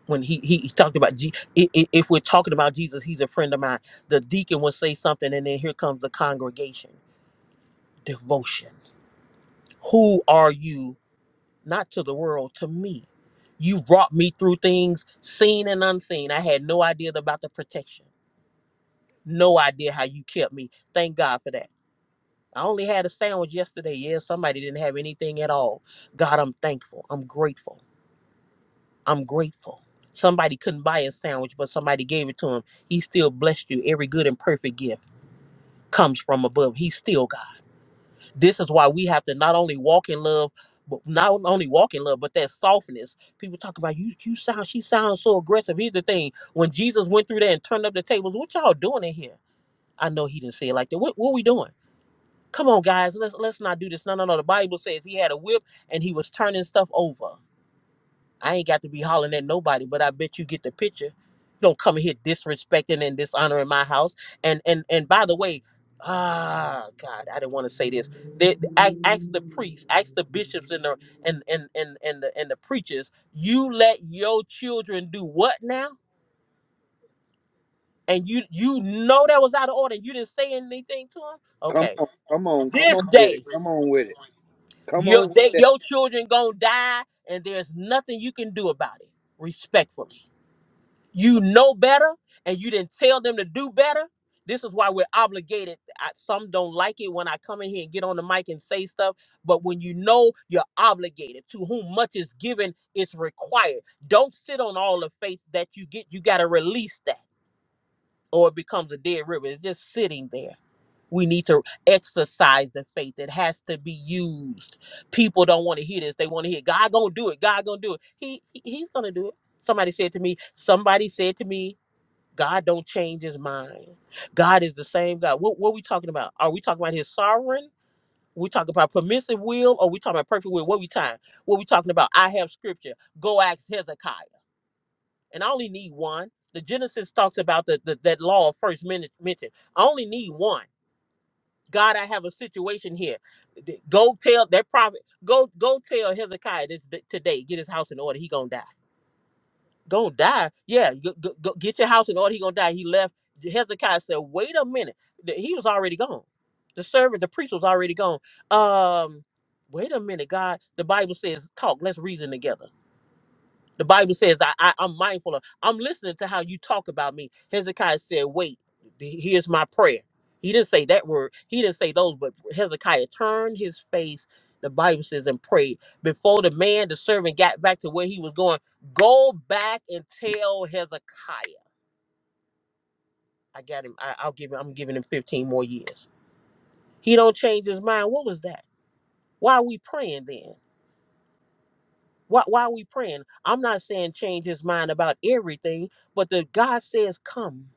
when he, he he talked about G, i- i- if we're talking about Jesus, he's a friend of mine. The deacon would say something, and then here comes the congregation devotion Who are you? Not to the world, to me. You brought me through things seen and unseen. I had no idea about the protection, no idea how you kept me. Thank God for that. I only had a sandwich yesterday. Yeah, somebody didn't have anything at all. God, I'm thankful. I'm grateful. I'm grateful. Somebody couldn't buy a sandwich, but somebody gave it to him. He still blessed you. Every good and perfect gift comes from above. He's still God. this is why we have to not only walk in love but not only walk in love but that softness people talk about you you sound she sounds so aggressive here's the thing when jesus went through there and turned up the tables what y'all doing in here i know he didn't say it like that what, what we doing come on guys let's let's not do this no no no the bible says he had a whip and he was turning stuff over I ain't got to be hollering at nobody, but I bet you get the picture. Don't come here disrespecting and dishonoring my house. And and and by the way, ah God, I didn't want to say this. They, ask, ask the priests, ask the bishops and the and and and and the, and the preachers. You let your children do what now? And you you know that was out of order. You didn't say anything to them.
Come
Okay,
on, come on, come on with it. Come on with it. Come
your
on with that.
your children gonna die, and there's nothing you can do about it. Respectfully. you know better and you didn't tell them to do better this is why we're obligated I, some don't like it when i come in here and get on the mic and say stuff but when you know you're obligated to whom much is given is required don't sit on all the faith that you get you got to release that or it becomes a dead river it's just sitting there we need to exercise the faith it has to be used people don't want to hear this they want to hear god gonna do it god gonna do it he he- he's gonna do it somebody said to me somebody said to me God don't change his mind. God is the same God. What, what are we talking about? Are we talking about his sovereign? We talking about permissive will or we talking about perfect will? What we time? What we talking about? I have scripture. Go ask Hezekiah. And I only need one. The Genesis talks about the, the that law first men- mentioned. I only need one. God, I have a situation here. D- Go tell that prophet. Go go tell Hezekiah this d- today. Get his house in order. He gonna die gonna die. Yeah, go, go, go get your house in order. He gonna die. He left. Hezekiah said, "Wait a minute." The- He was already gone. The servant, the priest, was already gone. Um, wait a minute, God. The Bible says, "Talk. Let's reason together." The Bible says, I, I, I'm mindful of, I'm listening to how you talk about me. Hezekiah said, Wait, th- here's my prayer. He didn't say that word, he didn't say those, but Hezekiah turned his face, the Bible says, and prayed. Before the man, the servant, got back to where he was going, go back and tell Hezekiah. I got him. I, I'll give him, I'm giving him 15 more years. He don't change his mind. What was that? Why are we praying then? Why, why are we praying? I'm not saying change his mind about everything, but the God says come.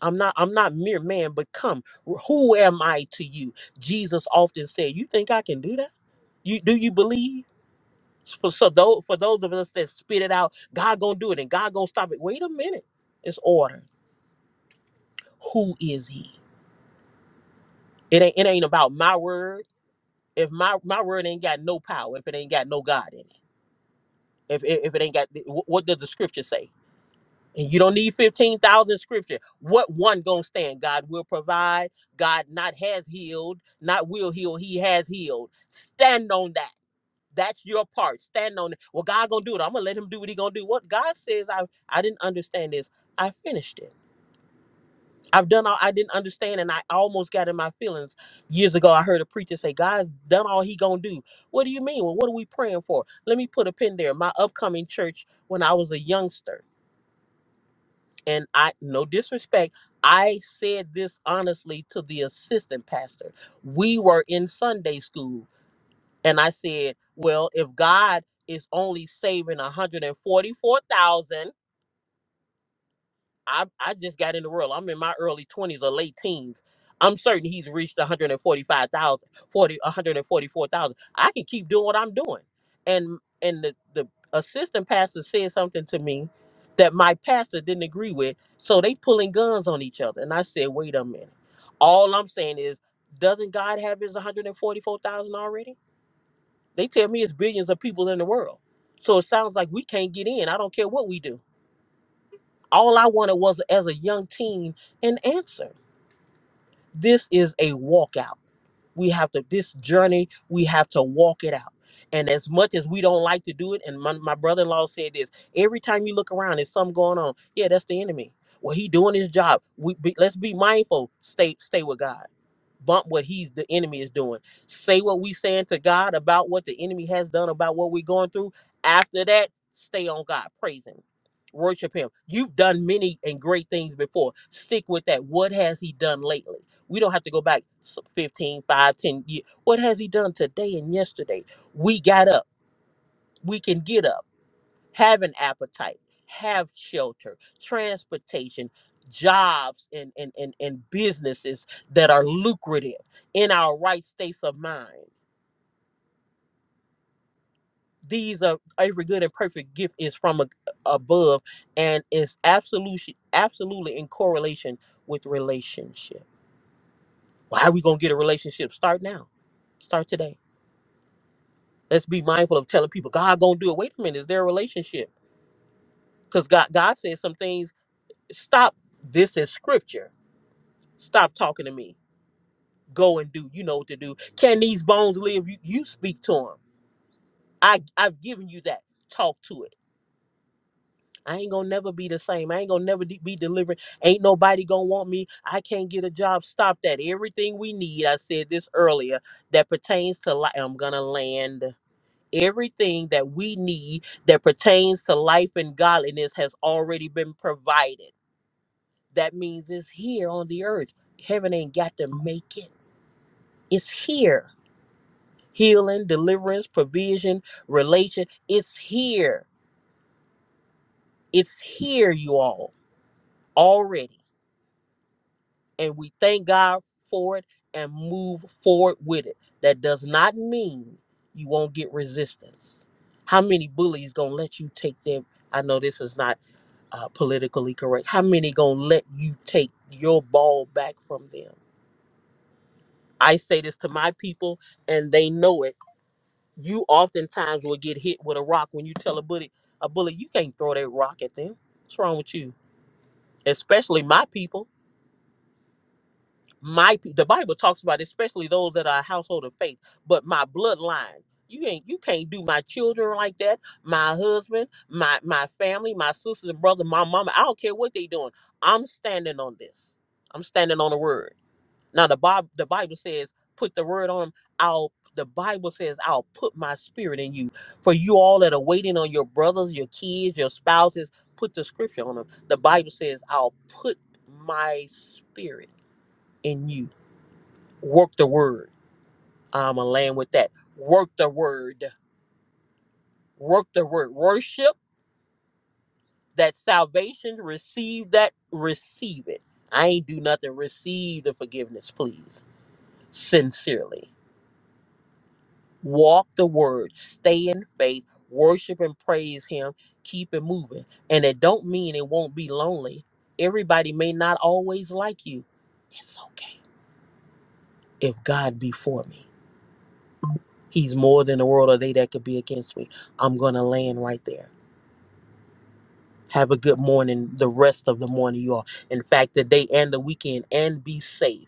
I'm not I'm not mere man, but come, who am I to you? Jesus often said, You think I can do that? You do you believe? For so those for those of us that spit it out, God gonna do it and God gonna stop it. Wait a minute. It's order. Who is he? It ain't it ain't about my word. If my my word ain't got no power, if it ain't got no God in it. If, if if it ain't got, wh- what does the scripture say? And you don't need 15,000 scripture. What one gonna stand? God will provide. God not has healed, not will heal. He has healed. Stand on that. That's your part. Stand on it. Well, God gonna do it. I'm gonna let him do what he gonna do. What God says, I I didn't understand this. I finished it. I've done all I didn't understand, and I almost got in my feelings. Years ago, I heard a preacher say, God's done all he gonna do. What do you mean? Well, what are we praying for? Let me put a pin there. My upcoming church when I was a youngster and I no disrespect, I said this honestly to the assistant pastor. We were in Sunday school and I said, well, if God is only saving 144,000 I I just got in the world. I'm in my early 20s or late teens. I'm certain he's reached 145,000, 40, 144,000. I can keep doing what I'm doing. And and the the assistant pastor said something to me that my pastor didn't agree with. So they pulling guns on each other. And I said, "Wait a minute. All I'm saying is doesn't God have his 144,000 already? They tell me it's billions of people in the world. So it sounds like we can't get in. I don't care what we do. All I wanted was as a young teen an answer. This is a walkout. We have to this journey, we have to walk it out. And as much as we don't like to do it, and my, my brother-in-law said this, every time you look around, there's something going on. Yeah, that's the enemy. Well, he doing his job. We be, let's be mindful. Stay, stay with God bump what he's the enemy is doing say what we saying to god about what the enemy has done about what we're going through after that stay on god praise him worship him you've done many and great things before stick with that what has he done lately we don't have to go back s- 15 five, ten years what has he done today and yesterday we got up we can get up have an appetite, have shelter, transportation, jobs, and, and, and, and businesses that are lucrative in our right states of mind. These are every good and perfect gift is from a, above and is absolutely absolutely in correlation with relationship. Why are we gonna get a relationship? Start now. Start today. Let's be mindful of telling people God gonna do it. Wait a minute, is there a relationship? Because God God says some things. Stop. This is scripture Stop talking to me. Go and do. You know what to do. Can these bones live? You, you speak to them. I, I've given you that. Talk to it. I ain't gonna never be the same. I ain't gonna never de- be delivering. Ain't nobody gonna want me. I can't get a job. Stop that. Everything we need, I said this earlier, that pertains to life. I'm gonna land. Everything that we need that pertains to life and godliness has already been provided. That means it's here on the earth. Heaven ain't got to make it. It's here. healing, deliverance, provision, relation. It's here. It's here, you all, already. And we thank God for it and move forward with it. That does not mean you won't get resistance. How many bullies gonna let you take them? I know this is not uh, politically correct. How many gonna let you take your ball back from them? I say this to my people, and they know it you oftentimes will get hit with a rock when you tell a bully, a bully, you can't throw that rock at them. What's wrong with you? Especially my people. My pe- the Bible talks about especially those that are a household of faith, but my bloodline. You ain't you can't do my children like that, my husband, my my family, my sisters and brother, my mama. I don't care what they doing. I'm standing on this. I'm standing on the word. Now the Bob the Bible says, put the word on them. I'll the Bible says, I'll put my spirit in you. For you all that are waiting on your brothers, your kids, your spouses, put the scripture on them. The Bible says, I'll put my spirit in you. Work the word. I'm a land with that. Work the word. Work the word. Worship that salvation. Receive that. Receive it. I ain't do nothing. Receive the forgiveness, please. Sincerely. walk the word, stay in faith, worship and praise him, keep it moving. And it don't mean it won't be lonely. Everybody may not always like you. It's okay. If God be for me, he's more than the world or they that could be against me. I'm going to land right there. Have a good morning, the rest of the morning, you all. In fact, the day and the weekend, and be safe.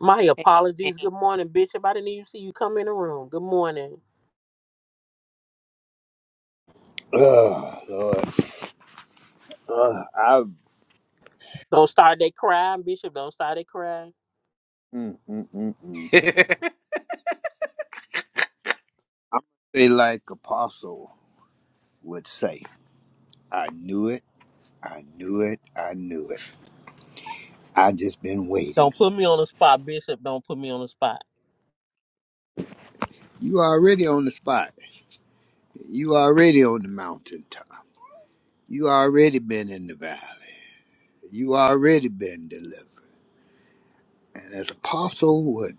My
Amen.
apologies. Good morning, Bishop. I didn't even see you come in the room. Good morning.
Ugh, Lord. Ugh, I
Don't start that crying, Bishop. Don't start that crying.
mm, mm, mm, mm.
Amen. God.
say like Apostle would say, I knew it, I knew it, I knew it. I just been waiting.
Don't put me on the spot, Bishop. Don't put me on the spot.
You already on the spot. You already on the mountaintop. You already been in the valley. You already been delivered. And as Apostle would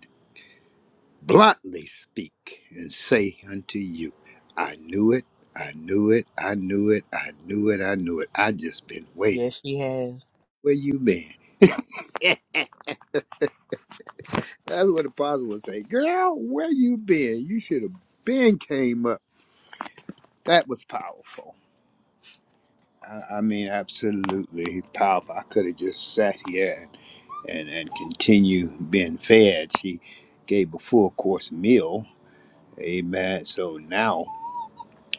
bluntly speak and say unto you, I knew it, I knew it, I knew it, I knew it, I knew it. I just been waiting.
Yes, she has.
Where you been? That's what the apostle would say. Girl, where you been? You should have been came up. That was powerful. I, I mean, absolutely powerful. I could have just sat here and, and, and continue being fed. She gave a full course meal. Amen. So now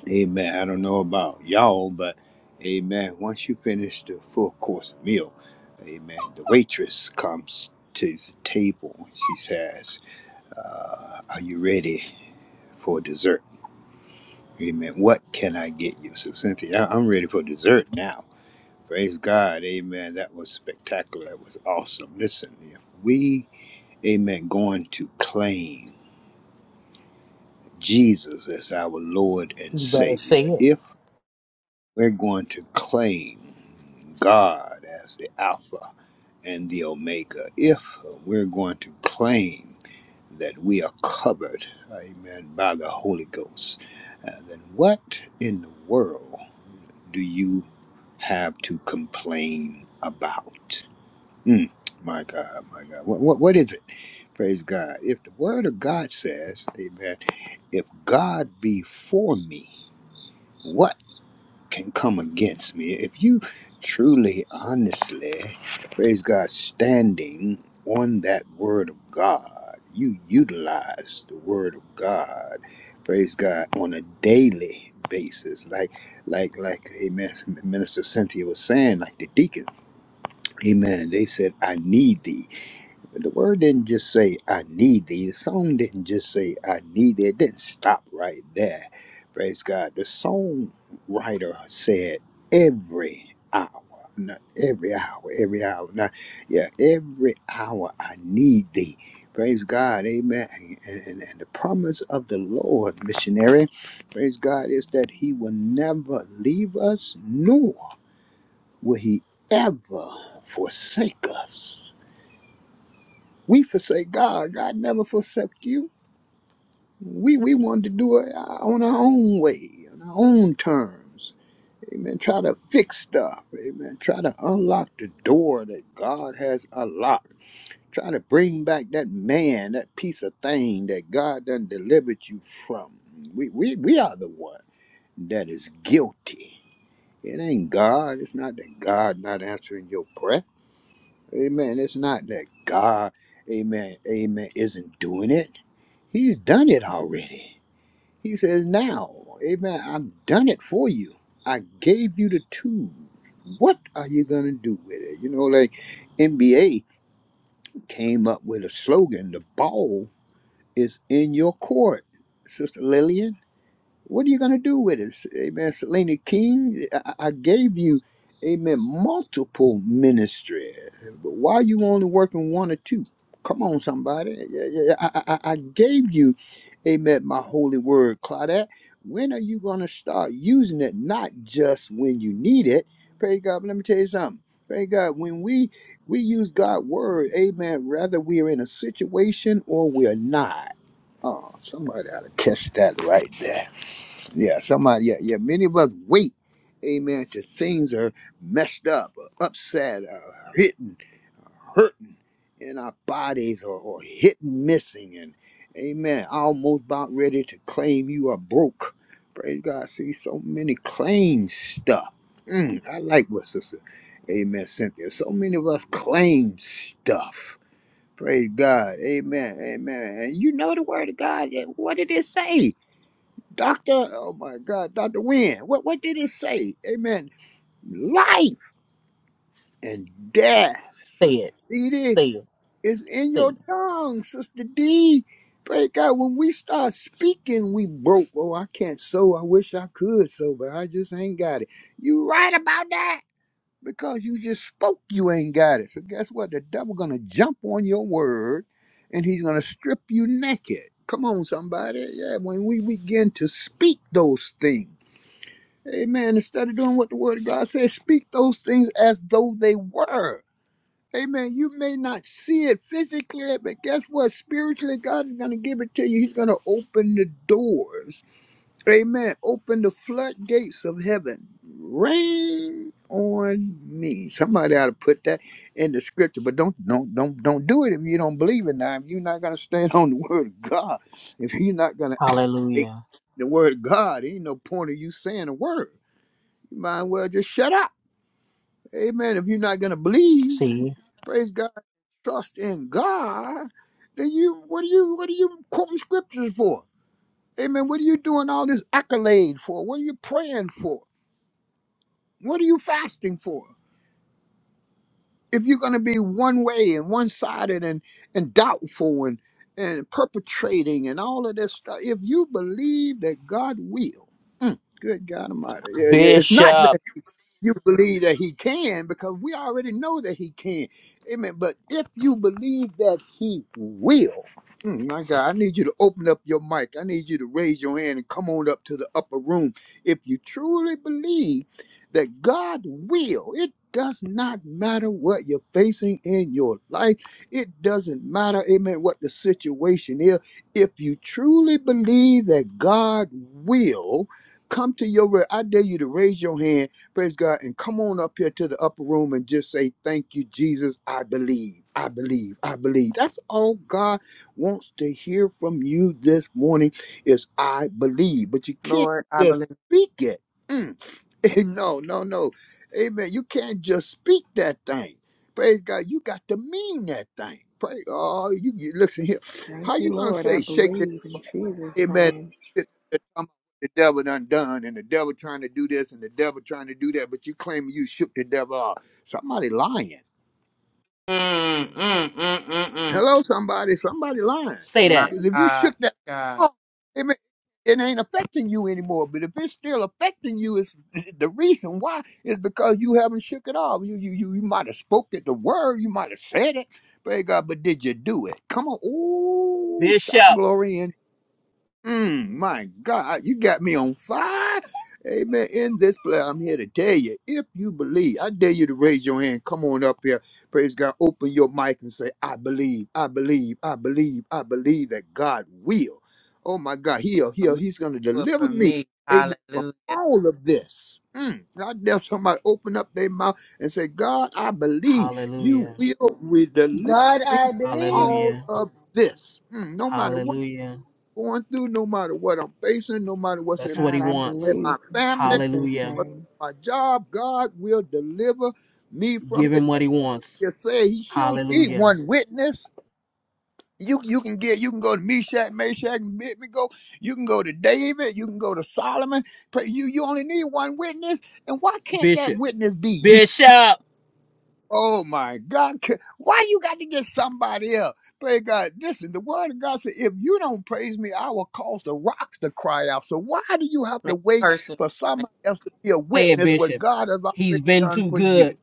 Amen. I don't know about y'all, but amen. Once you finish the full course meal, amen, the waitress comes to the table she says, uh, Are you ready for dessert? Amen. What can I get you? So, Cynthia, I- I'm ready for dessert now. Praise God. Amen. That was spectacular. That was awesome. Listen, if we, amen, going to claim Jesus as our Lord and
You better say
Savior.
it.
if We're going to claim God as the Alpha and the Omega. If we're going to claim that we are covered, amen, by the Holy Ghost, uh, then what in the world do you have to complain about? Mm, my God, my God. What, what, what is it? Praise God. If the Word of God says, amen, if God be for me, what? can come against me. If you truly, honestly, praise God, standing on that word of God, you utilize the word of God, praise God, on a daily basis. Like, like, like, amen, Minister Cynthia was saying, like the deacon, amen, they said, I need thee. The word didn't just say, I need thee. The song didn't just say, I need thee. It didn't stop right there. Praise God. The songwriter said, every hour. Not every hour, every hour. Not, yeah, every hour I need thee. Praise God. Amen. And, and, and the promise of the Lord, missionary, praise God, is that he will never leave us, nor will he ever forsake us. We forsake God. God never forsake you. We we wanted to do it uh, on our own way, on our own terms. Amen. Try to fix stuff. Amen. Try to unlock the door that God has unlocked. Try to bring back that man, that piece of thing that God done delivered you from. We we, we are the one that is guilty. It ain't God. It's not that God not answering your prayer. Amen. It's not that God, amen, amen, isn't doing it. He's done it already. He says, now, amen, I've done it for you. I gave you the tools. What are you going to do with it? You know, like NBA came up with a slogan the ball is in your court, Sister Lillian. What are you going to do with us? Amen. Selena King, I, I gave you, amen, multiple ministry. But why are you only working one or two? Come on, somebody. Yeah, yeah, yeah. I, I, I I gave you, amen, my holy word, Claudette. When are you going to start using it? Not just when you need it. Praise God. But let me tell you something. Praise God. When we we use God's word, amen, whether we are in a situation or we are not. Oh, somebody ought to catch that right there. Yeah, somebody, yeah, yeah. Many of us wait, amen, till things are messed up, or upset, or hitting, hurting in our bodies, or, or hitting, missing, and amen, almost about ready to claim you are broke. Praise God. See, so many claim stuff. Mm, I like what Sister, amen, Cynthia. So many of us claim stuff. Praise God. Amen. Amen. And you know the word of God. yeah, What did it say? Doctor, oh my God, Dr. Wynne, what, what did it say? Amen. Life and death,
Say
Sister
it.
D,
Say it.
is in
Say
your
it.
tongue, Sister D. Praise God, when we start speaking, we broke. Oh, I can't sew. I wish I could sew, but I just ain't got it. You right about that? Because you just spoke, you ain't got it. So guess what? The devil gonna jump on your word and he's gonna strip you naked. Come on, somebody. Yeah, when we begin to speak those things. Amen. Instead of doing what the word of God says, speak those things as though they were. Amen. You may not see it physically, but guess what? Spiritually, God is going to give it to you. He's going to open the doors. Amen. Open the floodgates of heaven. Rain on me. Somebody ought to put that in the scripture, but don't don't don't don't do it if you don't believe it. Now, if you're not going to stand on the word of God, if you're not going to
Hallelujah.
the word of God, ain't no point of you saying a word. You might as well just shut up. Amen. If you're not gonna believe,
See?
praise God, trust in God, then you what are you what are you quoting scriptures for? Amen. What are you doing all this accolade for? What are you praying for? What are you fasting for? If you're gonna be one way and one sided and and doubtful and and perpetrating and all of this stuff, if you believe that God will, mm, good God Almighty, yeah, yeah, it's not that.
Bishop.
you believe that he can because we already know that he can. Amen. But if you believe that he will, mm, my God, I need you to open up your mic. I need you to raise your hand and come on up to the upper room. If you truly believe that God will, it does not matter what you're facing in your life. It doesn't matter, amen, what the situation is. If you truly believe that God will, come to your, re- I dare you to raise your hand Praise God. And come on up here to the upper room and just say, Thank you, Jesus. I believe. I believe. I believe. That's all God wants to hear from you this morning is I believe. But you can't
Lord, I
just
believe.
speak it. Mm. no, no, no. Amen. You can't just speak that thing. Praise God. You got to mean that thing. Pray. Oh, you, you listen here.
Thank
How
you,
you gonna
Lord. I
say shake?
believe in Jesus'
Amen.
name.
Sitting there talking about The devil done done, and the devil trying to do this, and the devil trying to do that, but you claim you shook the devil off. Somebody lying.
Mm, mm, mm, mm, mm.
Hello, somebody. Somebody lying.
Say
My
that.
Because if you
God,
shook
my
that
God.
off, it, it ain't affecting you anymore. But if it's still affecting you, it's the reason why is because you haven't shook it off. You you you, you might have spoken the word, you might have said it, praise God, but did you do it? Come on. Ooh, shout
Bishop.
glory in Mm, my God, you got me on fire. Amen. In this place, I'm here to tell you, if you believe, I dare you to raise your hand. Come on up here. Praise God. Open your mic and say, I believe, I believe, I believe, I believe that God will. Oh my God, he'll,
For
he'll,
me,
he's going to
good
deliver
for
me.
me.
Amen. From
Hallelujah.
all of this. Mm. I dare somebody open up their mouth and say, God, I believe you
Hallelujah.
will re- deliver
God,
me from
I believe.
all
Hallelujah.
of this. Mm, no matter what
Hallelujah.
going through, no matter what I'm facing, no matter what's
That's
in,
what he
God, I
in
wants.
believe
my
in
family,
Jesus'
Hallelujah.
what's
name.
in my job, God will deliver me from
Give
this.
him what he wants.
Just say he she need
Hallelujah.
one witness. You you can get you can go to Meshach, Meshach, and Abednego. You can go to David. You can go to Solomon. But you you only need one witness. And why can't that
Bishop.
witness be you?
Bishop.
Oh my God. Ca- Why you got to get somebody else? Praise God. Listen, the word of God said, if you don't praise me, I will cause the rocks to cry out. So why do you have to
Make it
wait for
personal.
somebody else to be a
Say it,
witness what
Bishop.
God has
He's
already
been
done
too
for you?
good.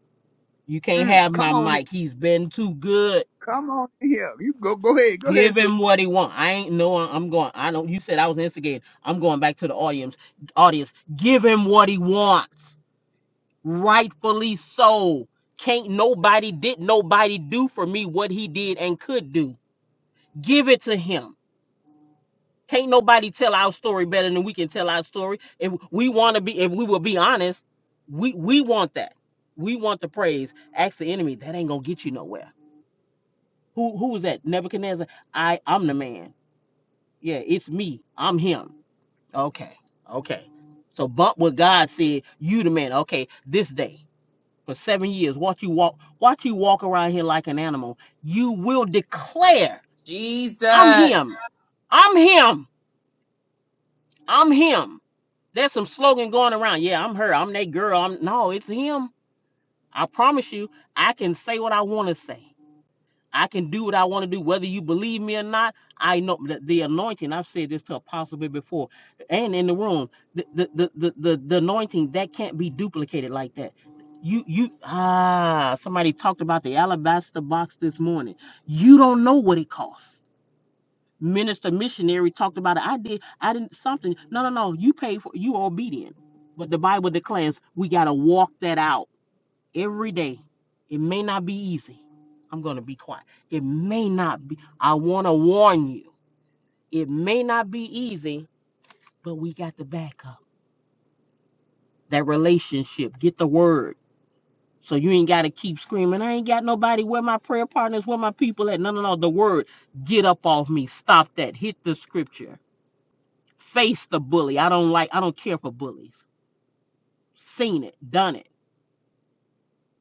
You can't
Mm,
have
come
my
on in.
mic. He's been too good.
Come on in here. You go go ahead. Go ahead,
Give
sister.
him what he want. I ain't no. I'm going. I know you said I was instigated. I'm going back to the audience. Audience, give him what he wants. Rightfully so. Can't nobody did nobody do for me what he did and could do. Give it to him. Can't nobody tell our story better than we can tell our story. If we want to be, if we will be honest, we we want that. We want the praise. Ask the enemy. That ain't gonna get you nowhere. Who who was that? Nebuchadnezzar. I I'm the man. Yeah, it's me. I'm him. Okay. Okay. So but what God said, you the man, okay, this day for seven years, watch you walk, watch you walk around here like an animal. You will declare, I'm
Jesus.
him. I'm him. I'm him. There's some slogan going around. Yeah, I'm her. I'm that girl. I'm no, it's him. I promise you, I can say what I want to say. I can do what I want to do, whether you believe me or not. I know that the anointing. I've said this to Apostle Bib before, and in the room, the the, the the the the anointing that can't be duplicated like that. You you ah, somebody talked about the alabaster box this morning. You don't know what it costs. Minister missionary talked about it. I did. I didn't something. No no no. You pay for. You are obedient. But the Bible declares we gotta walk that out every day. It may not be easy. I'm going to be quiet. It may not be. I want to warn you. It may not be easy, but we got the backup. That relationship. Get the word. So you ain't got to keep screaming. I ain't got nobody. Where my prayer partners? Where my people at? No, no, no. The word. Get up off me. Stop that. Hit the scripture. Face the bully. I don't like. I don't care for bullies. Seen it. Done it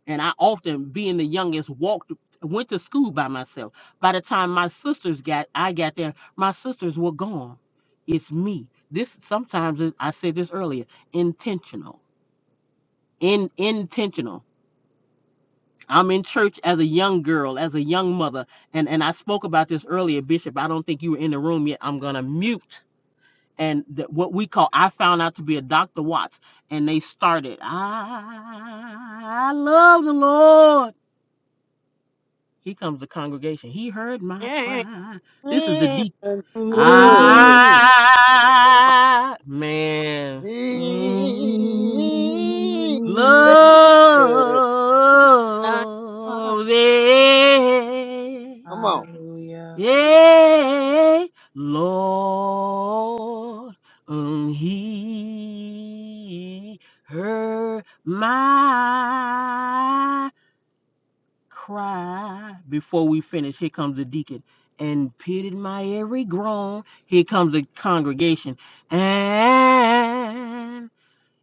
and I often, being the youngest, walked went to school by myself. By the time my sisters got I got there, my sisters were gone. It's me. This sometimes is- I said this earlier, intentional. In intentional. I'm in church as a young girl, as a young mother, and and I spoke about this earlier, Bishop. I don't think you were in the room yet. I'm gonna mute and th- what we call. I found out to be a Dr. Watts, and they started. I love the Lord. Here comes the congregation. He heard my cry. This is the deep.
Mm,
Ah, man.
mm.
Love thee,
Come
Hallelujah.
yea, Lord. And he heard my cry before we finish. Here comes the deacon. And pitied my every groan. Here comes the congregation. And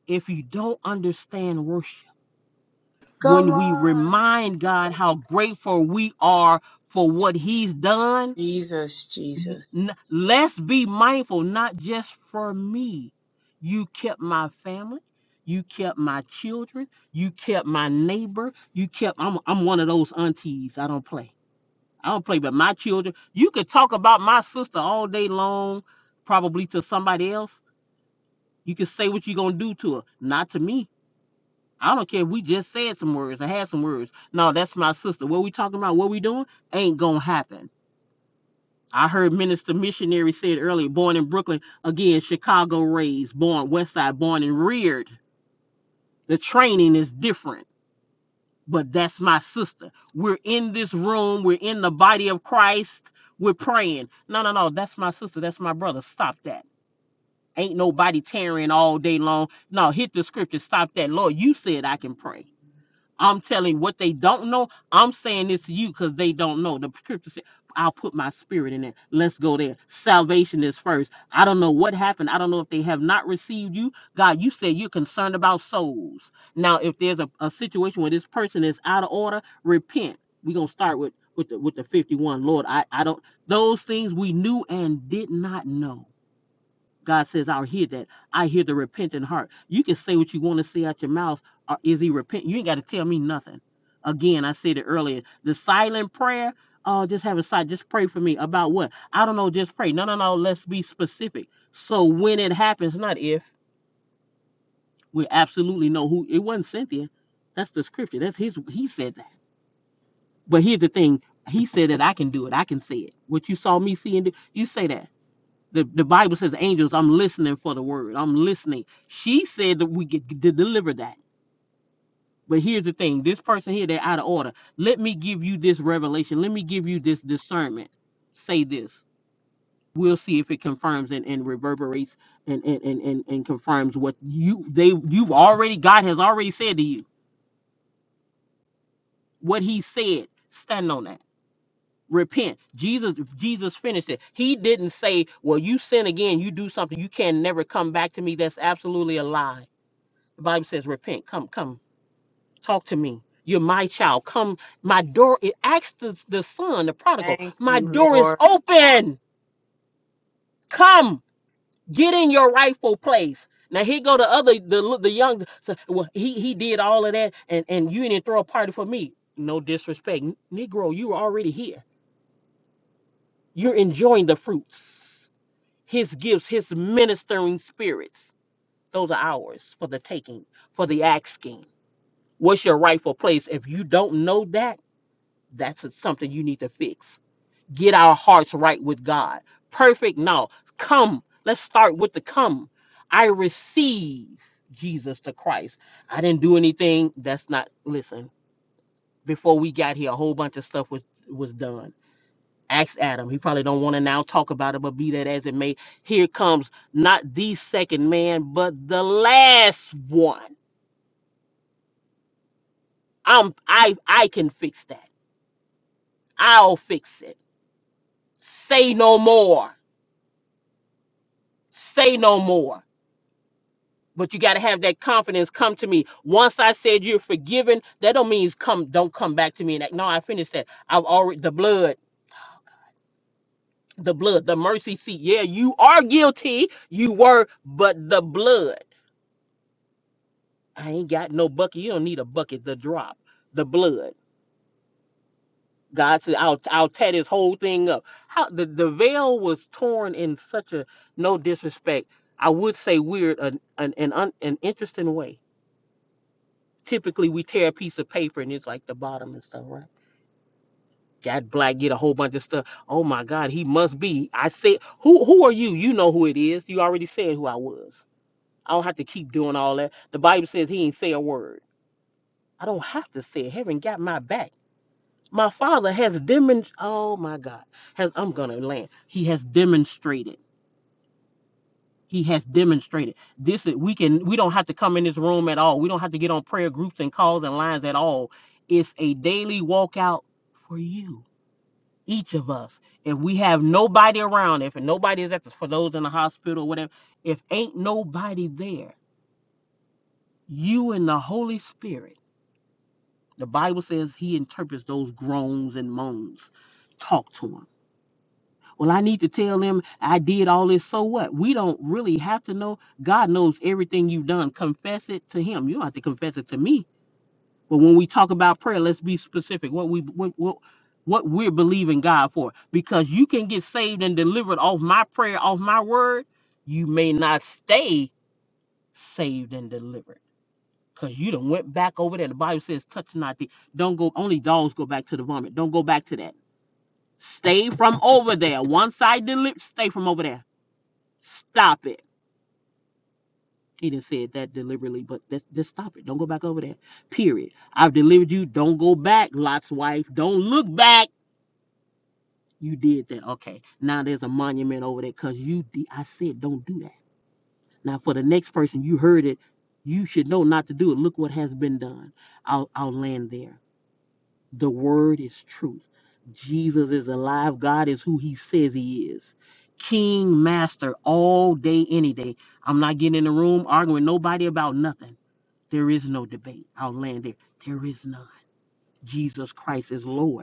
if you don't understand worship,
Come
when we
on.
remind God how grateful we are for what He's done,
Jesus,
n-
Jesus.
n- let's be mindful, not just for me. You kept my family. You kept my children. You kept my neighbor. You kept, I'm, I'm one of those aunties. I don't play. I don't play with my children. You could talk about my sister all day long, probably to somebody else. You can say what you're gonna do to her, not to me. I don't care if we just said some words or had some words. No, that's my sister. What we talking about, what we doing, ain't gonna happen. I heard Minister Missionary said earlier, born in Brooklyn, again, Chicago raised, born West Side, born and reared. The training is different. but that's my sister. We're in this room, we're in the body of Christ, we're praying. No, no, no, that's my sister, that's my brother. Stop that. Ain't nobody tearing all day long. No, hit the scripture, stop that. Lord, you said I can pray. I'm telling what they don't know. I'm saying this to you because they don't know. The scripture said, I'll put my spirit in it. Let's go there. Salvation is first. I don't know what happened. I don't know if they have not received you. God, you said you're concerned about souls. Now, if there's a, a situation where this person is out of order, repent. We're gonna start with with the with the 51. Lord, I, I don't those things we knew and did not know. God says, I'll hear that. I hear the repentant heart. You can say what you want to say out your mouth, or is he repentant? You ain't got to tell me nothing. Again, I said it earlier. The silent prayer, oh, just have a side, just pray for me. About what? I don't know, just pray. No, no, no, let's be specific. So when it happens, not if, we absolutely know who it wasn't Cynthia. That's the scripture. That's his he said that. But here's the thing, he said that I can do it. I can say it. What you saw me seeing, you say that. The, the Bible says, angels, I'm listening for the word. I'm listening. She said that we could d- deliver that. But here's the thing this person here, they're out of order. Let me give you this revelation. Let me give you this discernment. Say this. We'll see if it confirms and, and reverberates and, and, and, and, and confirms what you they you've already God has already said to you. What he said, stand on that. Repent. Jesus, Jesus finished it. He didn't say, Well, you sin again, you do something, you can never come back to me. That's absolutely a lie. The Bible says, repent, come, come, talk to me. You're my child. Come, my door. It asks the, the son, the prodigal,
Thank
my
you,
door is
Lord.
open. Come, get in your rightful place. Now here go the other, the li- the young. So, well, he he did all of that, and and you didn't throw a party for me. No disrespect, N- Negro. You were already here. You're enjoying the fruits, his gifts, his ministering spirits. Those are ours for the taking, for the asking. What's your rightful place? If you don't know that. That's something you need to fix. Get our hearts right with God. Perfect now. Come. Let's start with the come. I receive Jesus the Christ. I didn't do anything. That's not listen. Before we got here, a whole bunch of stuff was was done. Ask Adam. He probably don't want to now talk about it, but be that as it may, here comes not the second man, but the last one. I'm I I can fix that. I'll fix it. Say no more. say no more but you got to have that confidence come to me once i said you're forgiven that don't mean it's come don't come back to me and like no i finished that i've already the blood the blood the mercy seat yeah you are guilty you were but the blood i ain't got no bucket you don't need a bucket the drop the blood god said i'll i'll tear this whole thing up how the, the veil was torn in such a no disrespect i would say weird an an an, un, an interesting way typically we tear a piece of paper and it's like the bottom and stuff, right? Got black, get a whole bunch of stuff. Oh my God, he must be. I said, who who are you? You know who it is. You already said who I was. I don't have to keep doing all that. The Bible says he ain't say a word. I don't have to say it. Heaven got my back. My father has demonstrated. Oh my God, has I'm gonna land. He has demonstrated. he has demonstrated this is- we can we don't have to come in this room at all we don't have to get on prayer groups and calls and lines at all it's a daily walkout for you each of us if we have nobody around if nobody is at the, for those in the hospital whatever if ain't nobody there you and the holy spirit the bible says he interprets those groans and moans talk to him Well, I need to tell them I did all this. So what? We don't really have to know. God knows everything you've done. Confess it to Him. You don't have to confess it to me. But when we talk about prayer, let's be specific. What we what what, what we're believing God for, because you can get saved and delivered off my prayer, off my word. You may not stay saved and delivered. Cause you done went back over there. The Bible says, "Touch not the." Don't go. Only dogs go back to the vomit. Don't go back to that. Stay from over there. Once I deliver, stay from over there Stop it. He didn't say it that deliberately, but that's, just stop it. Don't go back over there. Period. I've delivered you. Don't go back, Lot's wife. Don't look back. You did that. Okay. Now there's a monument over there because you, de- I said, don't do that. Now for the next person, you heard it. You should know not to do it. Look what has been done. I'll, I'll land there. The word is truth. Jesus is alive. God is who he says he is. King, master, all day, any day. I'm not getting in the room arguing with nobody about nothing. There is no debate. I'll land there. There is none. Jesus Christ is Lord.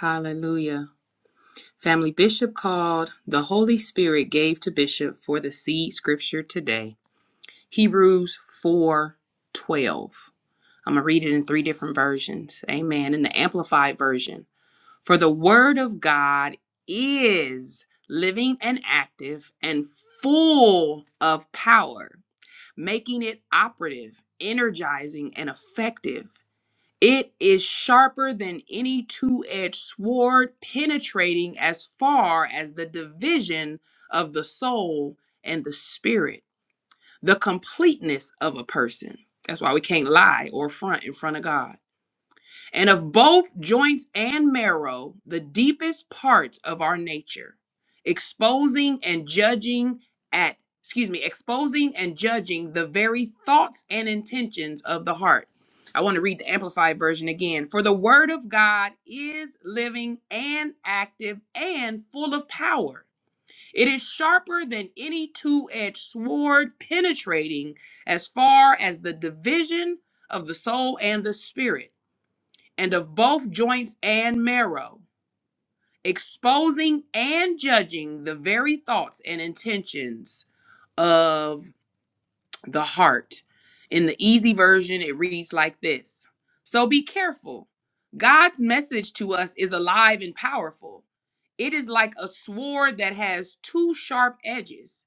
Hallelujah. Family Bishop called, the Holy Spirit gave to Bishop for the seed scripture today. Hebrews 412 I'm going to read it in three different versions. Amen. In the Amplified Version. For the word of God is living and active and full of power, making it operative, energizing, and effective. It is sharper than any two edged sword, penetrating as far as the division of the soul and the spirit, the completeness of a person. That's why we can't lie or front in front of God and of both joints and marrow, the deepest parts of our nature, exposing and judging at, excuse me, exposing and judging the very thoughts and intentions of the heart. I want to read the Amplified version again. For the Word of God is living and active and full of power. It is sharper than any two edged sword, penetrating as far as the division of the soul and the spirit and of both joints and marrow, exposing and judging the very thoughts and intentions of the heart. In the easy version, it reads like this So be careful. God's message to us is alive and powerful. It is like a sword that has two sharp edges.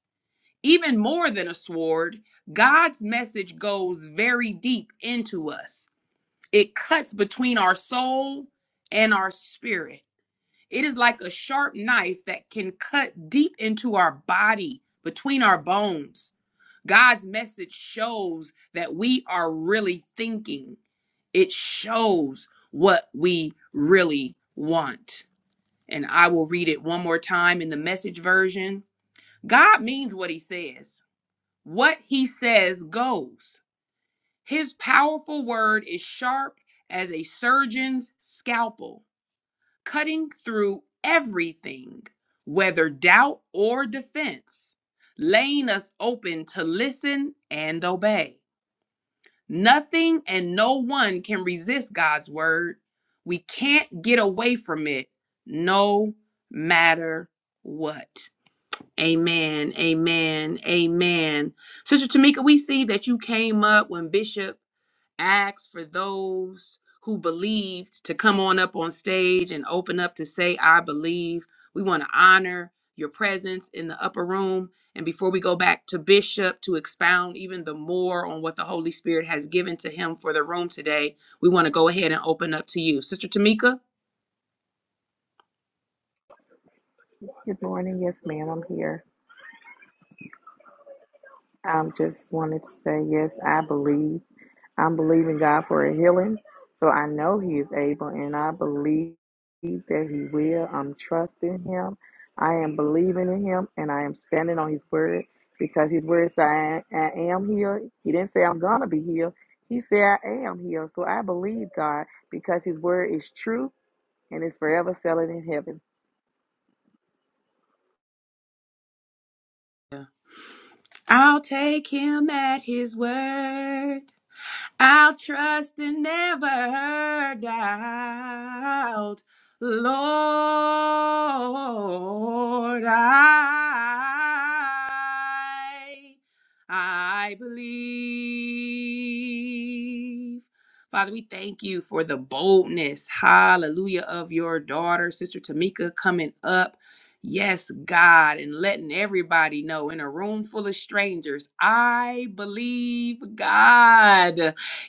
Even more than a sword, God's message goes very deep into us. It cuts between our soul and our spirit It is like a sharp knife that can cut deep into our body, between our bones. God's message shows that we are really thinking, it shows what we really want. And I will read it one more time in the message version. God means what he says. What he says goes. His powerful word is sharp as a surgeon's scalpel cutting through everything, whether doubt or defense, laying us open to listen and obey. Nothing and no one can resist God's word. We can't get away from it no matter what. Amen. Amen. Amen. Sister Tamika, we see that you came up when Bishop asked for those who believed to come on up on stage and open up to say, I believe. We want to honor your presence in the upper room. And before we go back to Bishop to expound even the more on what the Holy Spirit has given to him for the room today, we want to go ahead and open up to you. Sister Tamika?
Good morning. Yes, ma'am. I'm here. I um, just wanted to say, yes, I believe. I'm believing God for a healing. So I know He is able and I believe that He will. I'm trusting Him. I am believing in Him and I am standing on His word because His word said, I, I am healed. He didn't say I'm going to be healed. He said, I am healed. So I believe God because His word is true and is forever settled in heaven.
I'll take him at his word. I'll trust and never doubt, Lord. I, I believe. Father, we thank you for the boldness, hallelujah, of your daughter, Sister Tamika, coming up. Yes, God, and letting everybody know in a room full of strangers, I believe God.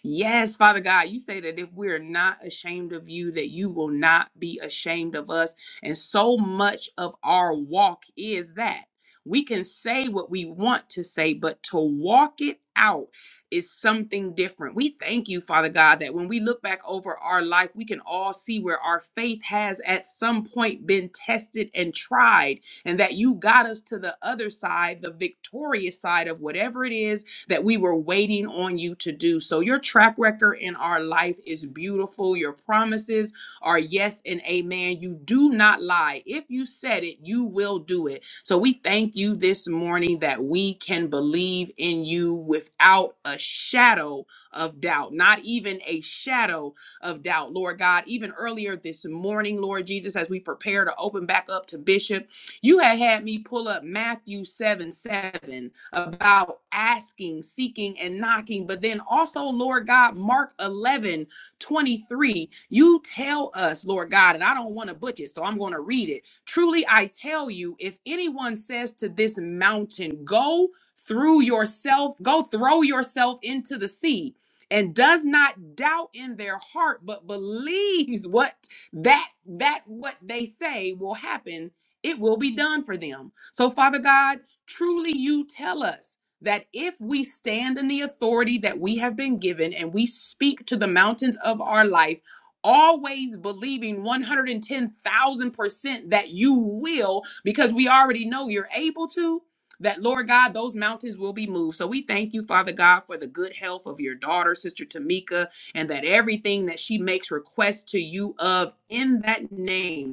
Yes, Father God, you say that if we're not ashamed of you, that you will not be ashamed of us. And so much of our walk is that. We can say what we want to say, but to walk it out is something different. We thank you, Father God, that when we look back over our life, we can all see where our faith has at some point been tested and tried, and that you got us to the other side, the victorious side of whatever it is that we were waiting on you to do. So your track record in our life is beautiful. Your promises are yes and amen. You do not lie. If you said it, you will do it. So we thank you this morning that we can believe in you without a shadow of doubt, not even a shadow of doubt, Lord God. Even earlier this morning, Lord Jesus, as we prepare to open back up to Bishop. You had had me pull up Matthew 7 7 about asking, seeking, and knocking. But then also, Lord God, Mark 11 23. you tell us, Lord God, and I don't want to butcher it, so I'm going to read it. Truly, I tell you, if anyone says to this mountain, go through yourself, go throw yourself into the sea. And does not doubt in their heart, but believes what that that what they say will happen it will be done for them. So, Father God, truly you tell us that if we stand in the authority that we have been given and we speak to the mountains of our life, always believing 110,000% that you will, because we already know you're able to. That Lord God, those mountains will be moved. So we thank you, Father God, for the good health of your daughter, Sister Tamika, and that everything that she makes request to you of in that name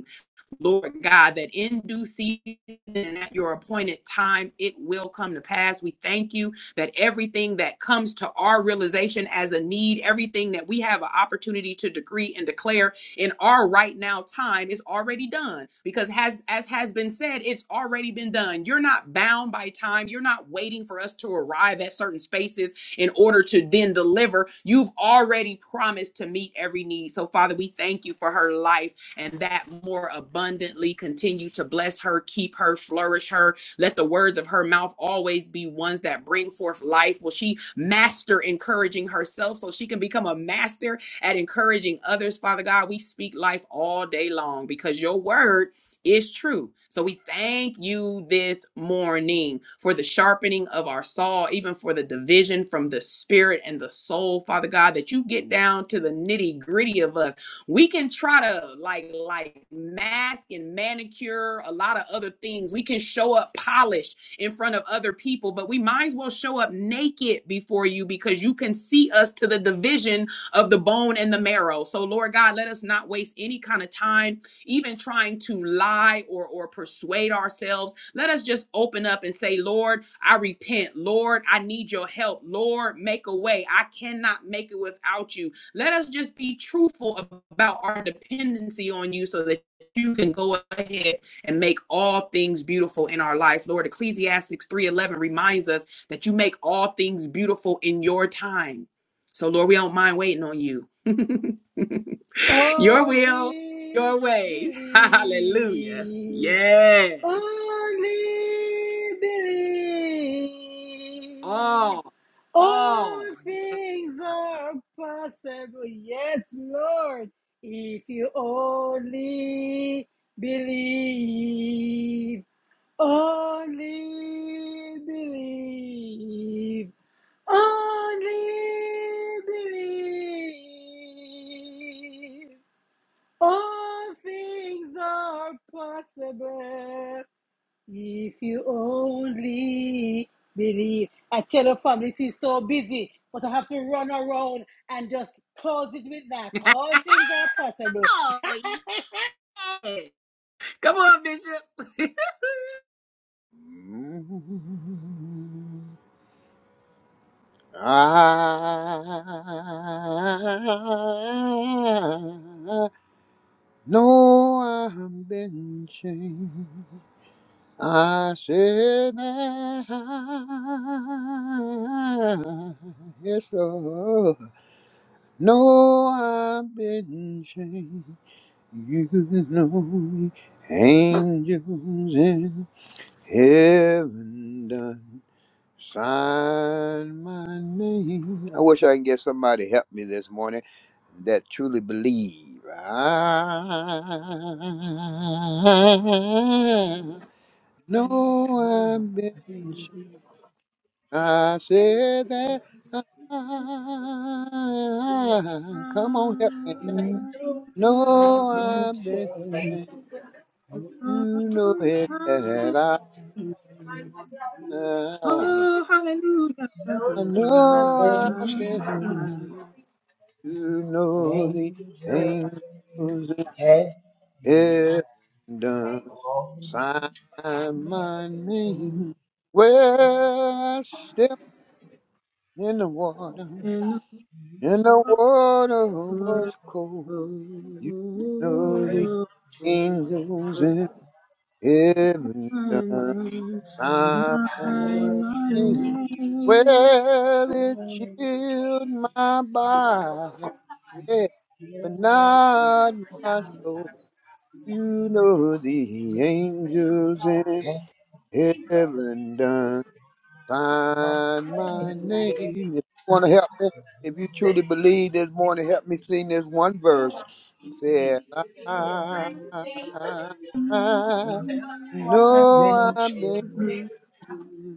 Lord God, that in due season and at your appointed time, it will come to pass. We thank you that everything that comes to our realization as a need, everything that we have an opportunity to decree and declare in our right now time is already done. Because has as has been said, it's already been done. You're not bound by time. You're not waiting for us to arrive at certain spaces in order to then deliver. You've already promised to meet every need. So Father, we thank you for her life and that more abundantly. Continue to bless her, keep her, flourish her. Let the words of her mouth always be ones that bring forth life. Will she master encouraging herself so she can become a master at encouraging others? Father God, we speak life all day long because your word is true. So we thank you this morning for the sharpening of our saw, even for the division from the spirit and the soul, Father God, that you get down to the nitty gritty of us we can try to like like mask and manicure a lot of other things we can show up polished in front of other people but we might as well show up naked before you because you can see us to the division of the bone and the marrow so lord god let us not waste any kind of time even trying to lie or or persuade ourselves let us just open up and say lord i repent lord i need your help lord make a way i cannot make it without you let us just be truthful about our dependency on you so that you can go ahead and make all things beautiful in our life. Lord, Ecclesiastes 3:11 reminds us that you make all things beautiful in your time. So Lord, we don't mind waiting on you. your will, your
Only
way. Hallelujah.
believe.
Yes.
Only believe.
All.
All
All. Yeah.
things are possible. Yes, Lord. If you only believe. Only believe. Only believe. All things are possible if you only believe. I tell your family it is so busy, but I have to run around and just close it with that. All things are possible.
Oh, yeah. Come on, Bishop.
on. I know I've been changed. I said I, yes, Lord. No, I've been changed. You know me, angels in heaven done. Sign my name. I wish I can get somebody to help me this morning that truly believe. I know I've been. sh- I said that. I, come on, help me.
Oh,
You
No, I've been.
change
You know it that I.
hallelujah.
I know
nothing
I've been.
changes.
You know
Angels
the angels in heaven done sign my name. Well, I stepped in the water,
In the
and the water
Lord,
was cold. You know the
oh,
angels in heaven
and
done
then
sign my
sign my
name.
name.
Well, it chilled my body, yeah, but not my soul. You know the angels in heaven done sign my name. If you want to help me, if you truly believe this morning, help me sing this one verse. It said, I, know I make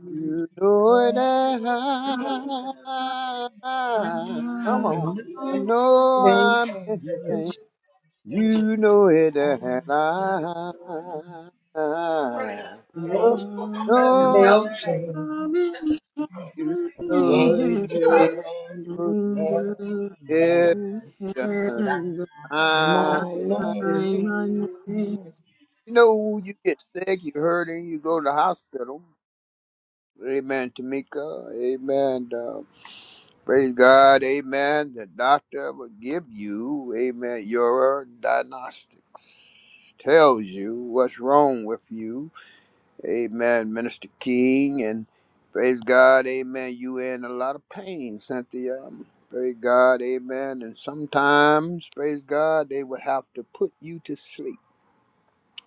you know that I, come on. I know I've been changed. You know it, and I
have nothing changes.
know
Nothing changes.
I'm
you
in
know
Angels
the
change.
and
angels
Angels
have
in
done.
heaven
at
I,
beside
my name.
you
my name.
know, you get sick, you hurt, and you go to the hospital. Amen, Tamika. Amen. Uh, praise God. Amen. The doctor will give you, amen, your diagnostics. Tells you what's wrong with you Amen, Minister King, and praise God, amen. You in a lot of pain, Cynthia. Um, Praise God, amen. And sometimes, praise God, they would have to put you to sleep.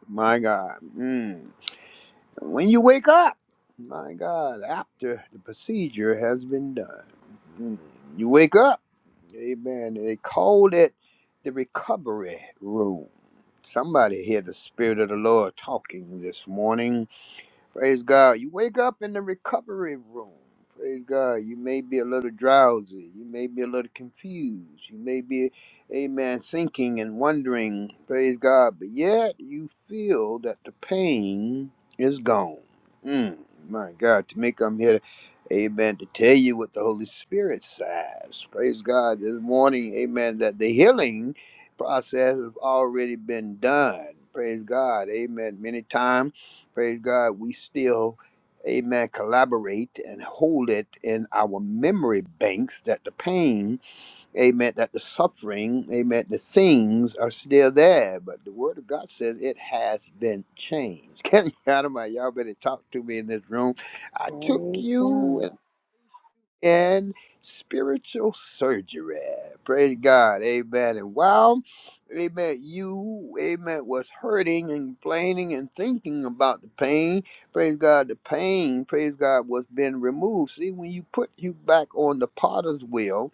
My God. Mm. When you wake up, my God, after the procedure has been done, mm, you wake up, amen. They called it the recovery room. Somebody hear the Spirit of the Lord talking this morning Praise God. You wake up in the recovery room. Praise God. You may be a little drowsy. You may be a little confused. You may be, amen, thinking and wondering. Praise God. But yet you feel that the pain is gone. Mm, my God. To make I'm here, amen, to tell you what the Holy Spirit says. Praise God. This morning, amen, that the healing process has already been done. Praise God. Amen. Many times praise God, we still, amen, collaborate and hold it in our memory banks that the pain, amen, that the suffering, amen, the things are still there. But the word of God says it has been changed. Can you out of my y'all better talk to me in this room? I took
Praise God.
you and spiritual surgery. Praise God. Amen. And while, amen, you, amen, was hurting and complaining and thinking about the pain, praise God, the pain, praise God, was being removed. See, when you put you back on the potter's wheel,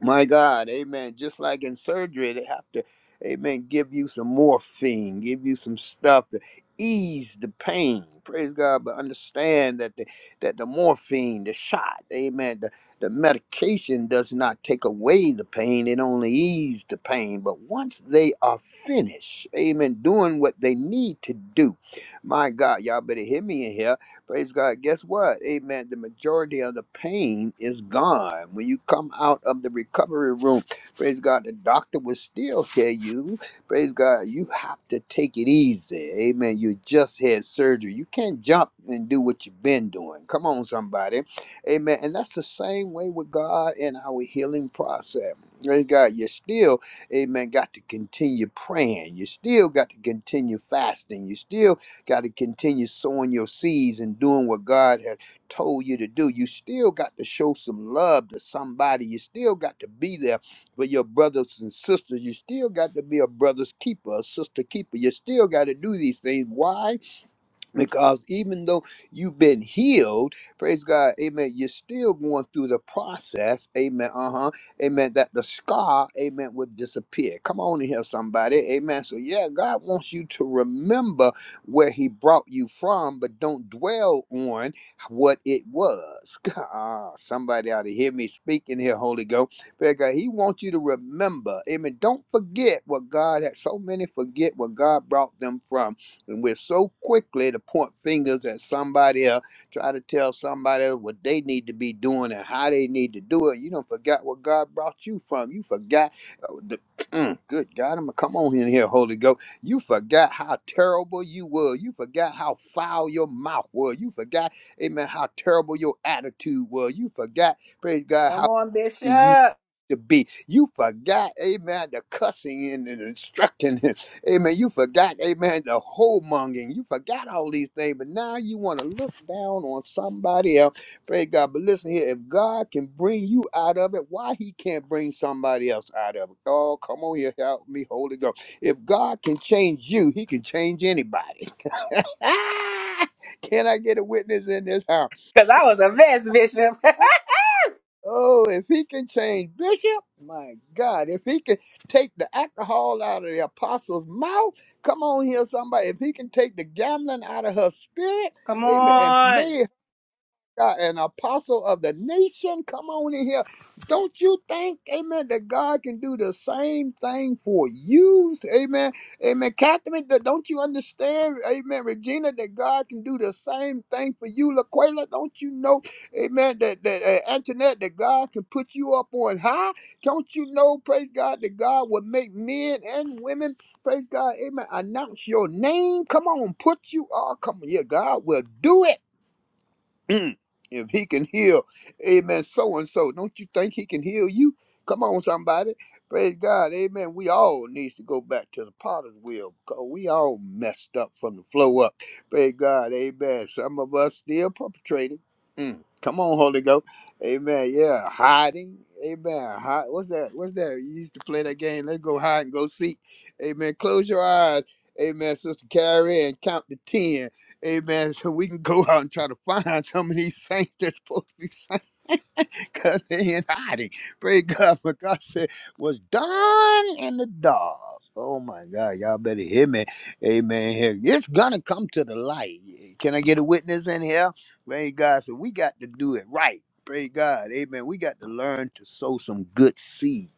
my God, amen. Just like in surgery, they have to, amen, give you some morphine, give you some stuff to ease the pain. Praise God, but understand that the that the morphine, the shot, amen, the, the medication does not take away the pain, it only eases the pain. But once they are finished, amen, doing what they need to do, my God, y'all better hear me in here Praise God. Guess what? Amen. The majority of the pain is gone. When you come out of the recovery room, praise God, the doctor will still tell you, praise God, you have to take it easy. Amen. You just had surgery. You can't jump and do what you've been doing. Come on, somebody. Amen. And that's the same way with God and our healing process. Praise God. You still, amen, got to continue praying. You still got to continue fasting. You still Got to continue sowing your seeds and doing what God has told you to do. You still got to show some love to somebody. You still got to be there for your brothers and sisters. You still got to be a brother's keeper, a sister keeper. You still got to do these things. Why? Because even though you've been healed, praise God, amen, you're still going through the process, amen, uh huh, amen, that the scar, amen, would disappear. Come on in here, somebody, amen. So, yeah, God wants you to remember where He brought you from, but don't dwell on what it was. Ah, somebody ought to hear me speaking here, Holy Ghost. Praise God, He wants you to remember, amen. Don't forget what God had, so many forget what God brought them from and we're so quickly to point fingers at somebody else, try to tell somebody else what they need to be doing and how they need to do it. You don't forget where God brought you from. You forgot uh, the Mm, good God, I'm gonna come on in here, Holy Ghost. You forgot how terrible you were. You forgot how foul your mouth was. You forgot, amen, how terrible your attitude was. You forgot, praise God, how you
Because
to be. You forgot, amen, the cussing and, and instructing. Amen. You forgot, amen, the homongering. You forgot all these things, but now you want to look down on somebody else. Praise God. But listen here, if God can bring you out of it, why he can't bring somebody else out of it? Oh, come on here. Help me, Holy Ghost. If God can change you, he can change anybody. Can I get a witness in this house?
I was a mess, Bishop.
Oh, if he can change Bishop, my God, if he can take the alcohol out of the apostle's mouth, come on here, somebody. If he can take the gambling out of her spirit,
Come
amen, and
on.
made God, an apostle of the nation. Come on in here. Don't you think, amen, that God can do the same thing for you? Amen. Amen. Catherine, that- don't you understand, amen, Regina, that God can do the same thing for you? Laquela, don't you know, amen, that, that uh, Antoinette, that God can put you up on high? Don't you know, praise God, that God will make men and women, praise God, amen, announce your name? Come on, put you all, come on, yeah, God will do it. Mm. if he can heal, amen, so and so, don't you think he can heal you? Come on, somebody. Praise God, amen. We all needs to go back to the potter's wheel because we all messed up from the flow up. Praise God, amen. Some of us still perpetrating. Mm. Come on, Holy Ghost. Amen. Yeah, hiding. Amen. Hi- What's that? What's that? You used to play that game. Let's go hide and go seek. Amen. Close your eyes. Amen, Sister Carrie, and count to 10. Amen. So we can go out and try to find some of these saints that's supposed to be saints because they in hiding. Praise God. But God said, was done in the dark. Oh my God. Y'all better hear me. Amen. Here- It's going to come to the light. Can I get a witness in here? Praise God. So we got to do it right. Praise God. Amen. We got to learn to sow some good seed.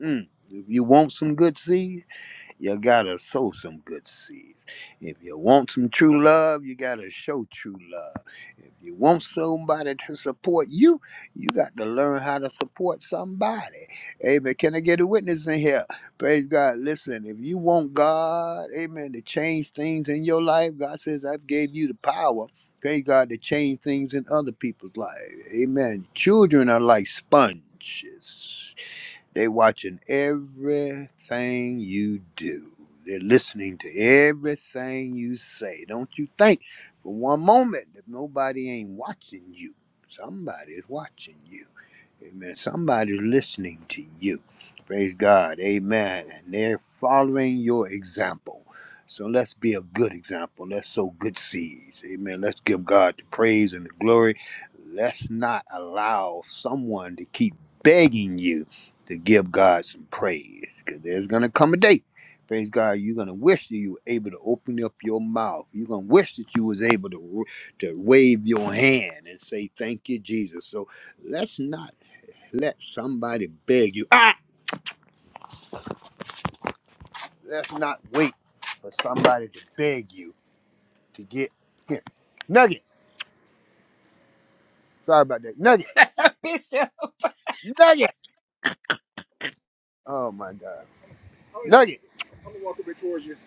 Mm. If you want some good seed, you gotta sow some good seeds. If you want some true love, you gotta show true love. If you want somebody to support you, you got to learn how to support somebody. Amen. Can I get a witness in here? Praise God. Listen, if you want God, amen, to change things in your life, God says, I've gave you the power. Praise God to change things in other people's lives. Amen. Children are like sponges. They watching everything you do. They're listening to everything you say. Don't you think for one moment that nobody ain't watching you. Somebody is watching you. Amen. Somebody's listening to you. Praise God. Amen. And they're following your example. So let's be a good example. Let's sow good seeds. Amen. Let's give God the praise and the glory. Let's not allow someone to keep begging you to give God some praise. Because there's going to come a day, praise God, you're going to wish that you were able to open up your mouth. You're going to wish that you was able to, to wave your hand and say, thank you, Jesus. So let's not let somebody beg you. Ah! Let's not wait for somebody to beg you to get here. Nugget. Sorry about that. Nugget.
Bishop.
Nugget. Oh, my God. Nugget.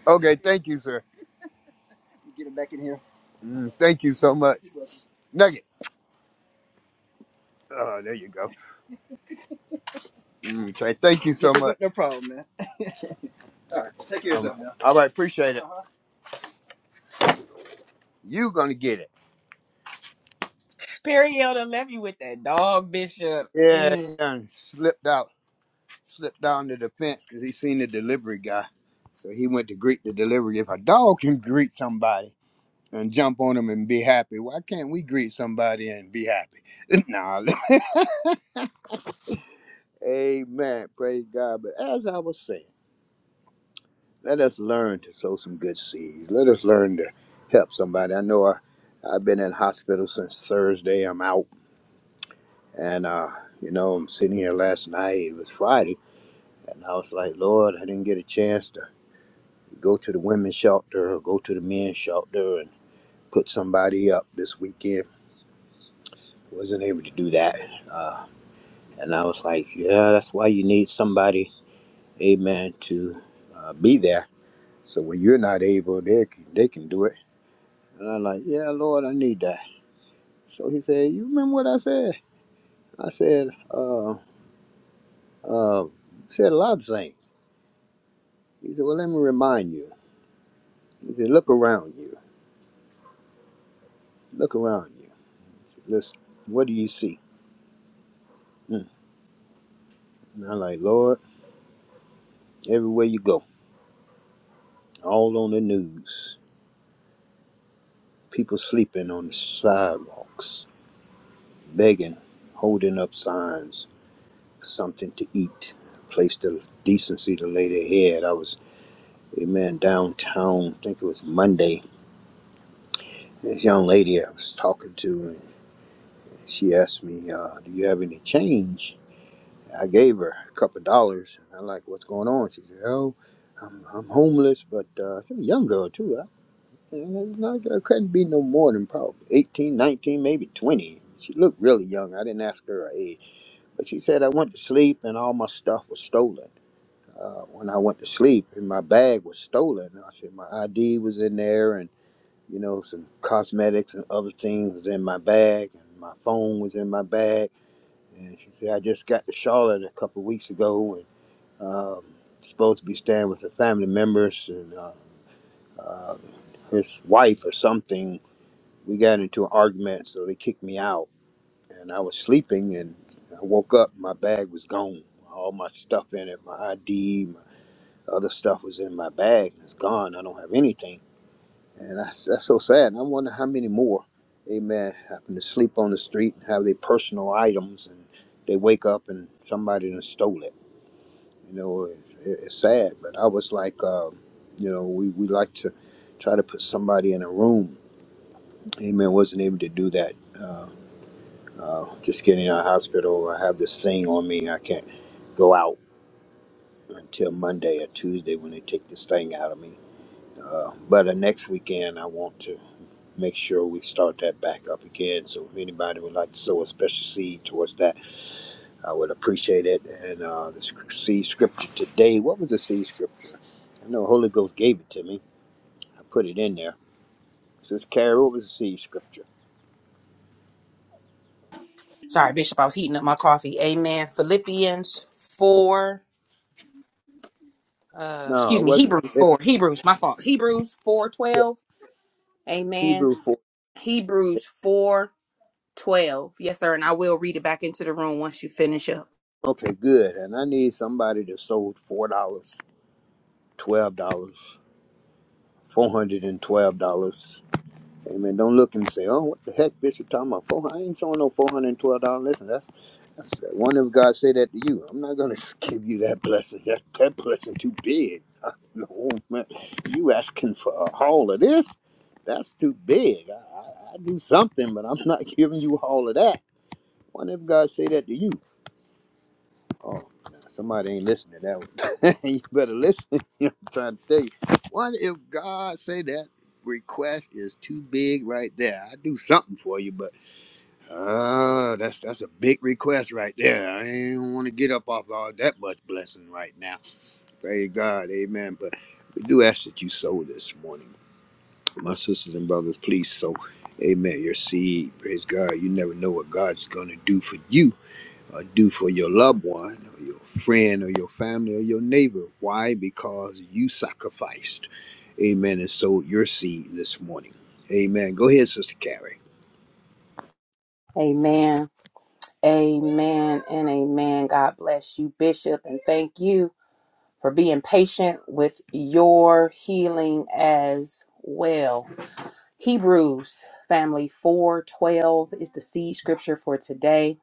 Okay, thank you, sir. Get him back in here. Mm, thank you so much. Nugget. Oh, there you go. Okay, thank you so much. Thank you. of Um, all right, appreciate it. You gonna get it?
Perry Elder left you with that dog, Bishop.
Yeah, he
Mm.
done slipped out, slipped down to the fence because he seen the delivery guy, so he went to greet the delivery. If a dog can greet somebody and jump on them and be happy, why can't we greet somebody and be happy? nah. Amen. Praise God. But as I was saying, let us learn to sow some good seeds. Let us learn to help somebody. I know I, I've been in hospital since Thursday. I'm out And, uh, you know, I'm sitting here last night, it was Friday, and I was like, Lord, I didn't get a chance to go to the women's shelter or go to the men's shelter and put somebody up this weekend. Wasn't able to do that. Uh, and I was like, yeah, that's why you need somebody, amen, to uh, be there. So when you're not able, they can, they can do it. And I'm like, yeah, Lord, I need that. So he said, you remember what I said? I said, uh, uh, said a lot of things. He said, well, let me remind you. He said, look around you. Look around you. Listen, what do you see? Mm. And I'm like, Lord, everywhere you go, all on the news, people sleeping on the sidewalks, begging, holding up signs, something to eat, place to decency to lay their head. I was, amen, downtown, I think it was Monday. This young lady I was talking to, and she asked me, uh, do you have any change? I gave her a couple dollars. And I like what's going on. She said, "Oh, I'm I'm homeless, but uh, she's a young girl too. I, I, I couldn't be no more than probably 18, 19, maybe 20. She looked really young. I didn't ask her her age, but she said I went to sleep and all my stuff was stolen. Uh, when I went to sleep, and my bag was stolen. I said my ID was in there, and you know some cosmetics and other things was in my bag, and my phone was in my bag. And she said I just got to Charlotte a couple weeks ago, um, supposed to be staying with her family members and um, uh, his wife or something. We got into an argument, so they kicked me out. And I was sleeping, and I woke up. My bag was gone. All my stuff in it, my ID, my other stuff was in my bag. It's gone. I don't have anything. And that's, that's so sad. And I wonder how many more, amen, happen to sleep on the street and have their personal items, and they wake up and somebody done stole it. You know, it's, it's sad, but I was like, um, you know, we, we like to try to put somebody in a room. Amen. Wasn't able to do that. Uh, uh, just getting out of hospital. I have this thing on me. I can't go out until Monday or Tuesday when they take this thing out of me. Uh, but the next weekend, I want to make sure we start that back up again. So if anybody would like to sow a special seed towards that, I would appreciate it. And uh, the sc- seed scripture today, what was the seed scripture? I know Holy Ghost gave it to me. I put it in there. It says, Carol, what was the seed scripture?
Sorry, Bishop. I was heating up my coffee. Amen. Philippians 4. Uh,
No,
excuse
it
me,
wasn't.
Hebrews
It,
4. Hebrews, my fault. Hebrews
yeah,
4.12. Amen.
Hebrew 4.
Hebrews 4.12. Yes, sir. And I will read it back into the room once you finish up.
Okay, good. And I need somebody that sold $4, dollars, $12, $412. Amen. Don't look and say, "Oh, what the heck, Bishop talking about four? hundred? I ain't showing no four hundred and twelve dollars." Listen, that's that's one of God say that to you. I'm not gonna give you that blessing. That that blessing too big. No man, you asking for a haul of this? That's too big. I, I, I do something, but I'm not giving you all of that. One of God say that to you. Oh, nah, somebody ain't listening to that one. you better listen. I'm trying to tell you. What if God say that request is too big right there? I do something for you, but oh, that's that's a big request right there. I ain't want to get up off all that much blessing right now. Praise God, Amen. But we do ask that you sow this morning, my sisters and brothers. Please sow, Amen. Your seed, praise God. You never know what God's gonna do for you uh, do for your loved one or your friend or your family or your neighbor. Why? Because you sacrificed, amen, and sowed your seed this morning. Amen. Go ahead, Sister Carrie.
Amen. Amen and amen. God bless you, Bishop, and thank you for being patient with your healing as well. Hebrews family 412 is the seed scripture for today.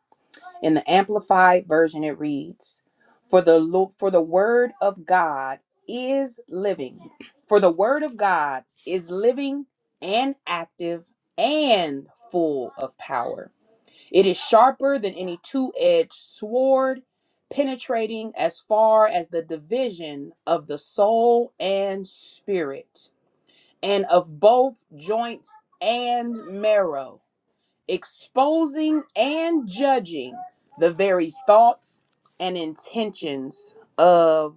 In the amplified version it reads, "For the lo- for the word of God is living. For the word of God is living and active and full of power." It is sharper than any two edged sword, penetrating as far as the division of the soul and spirit, and of both joints and marrow exposing and judging the very thoughts and intentions of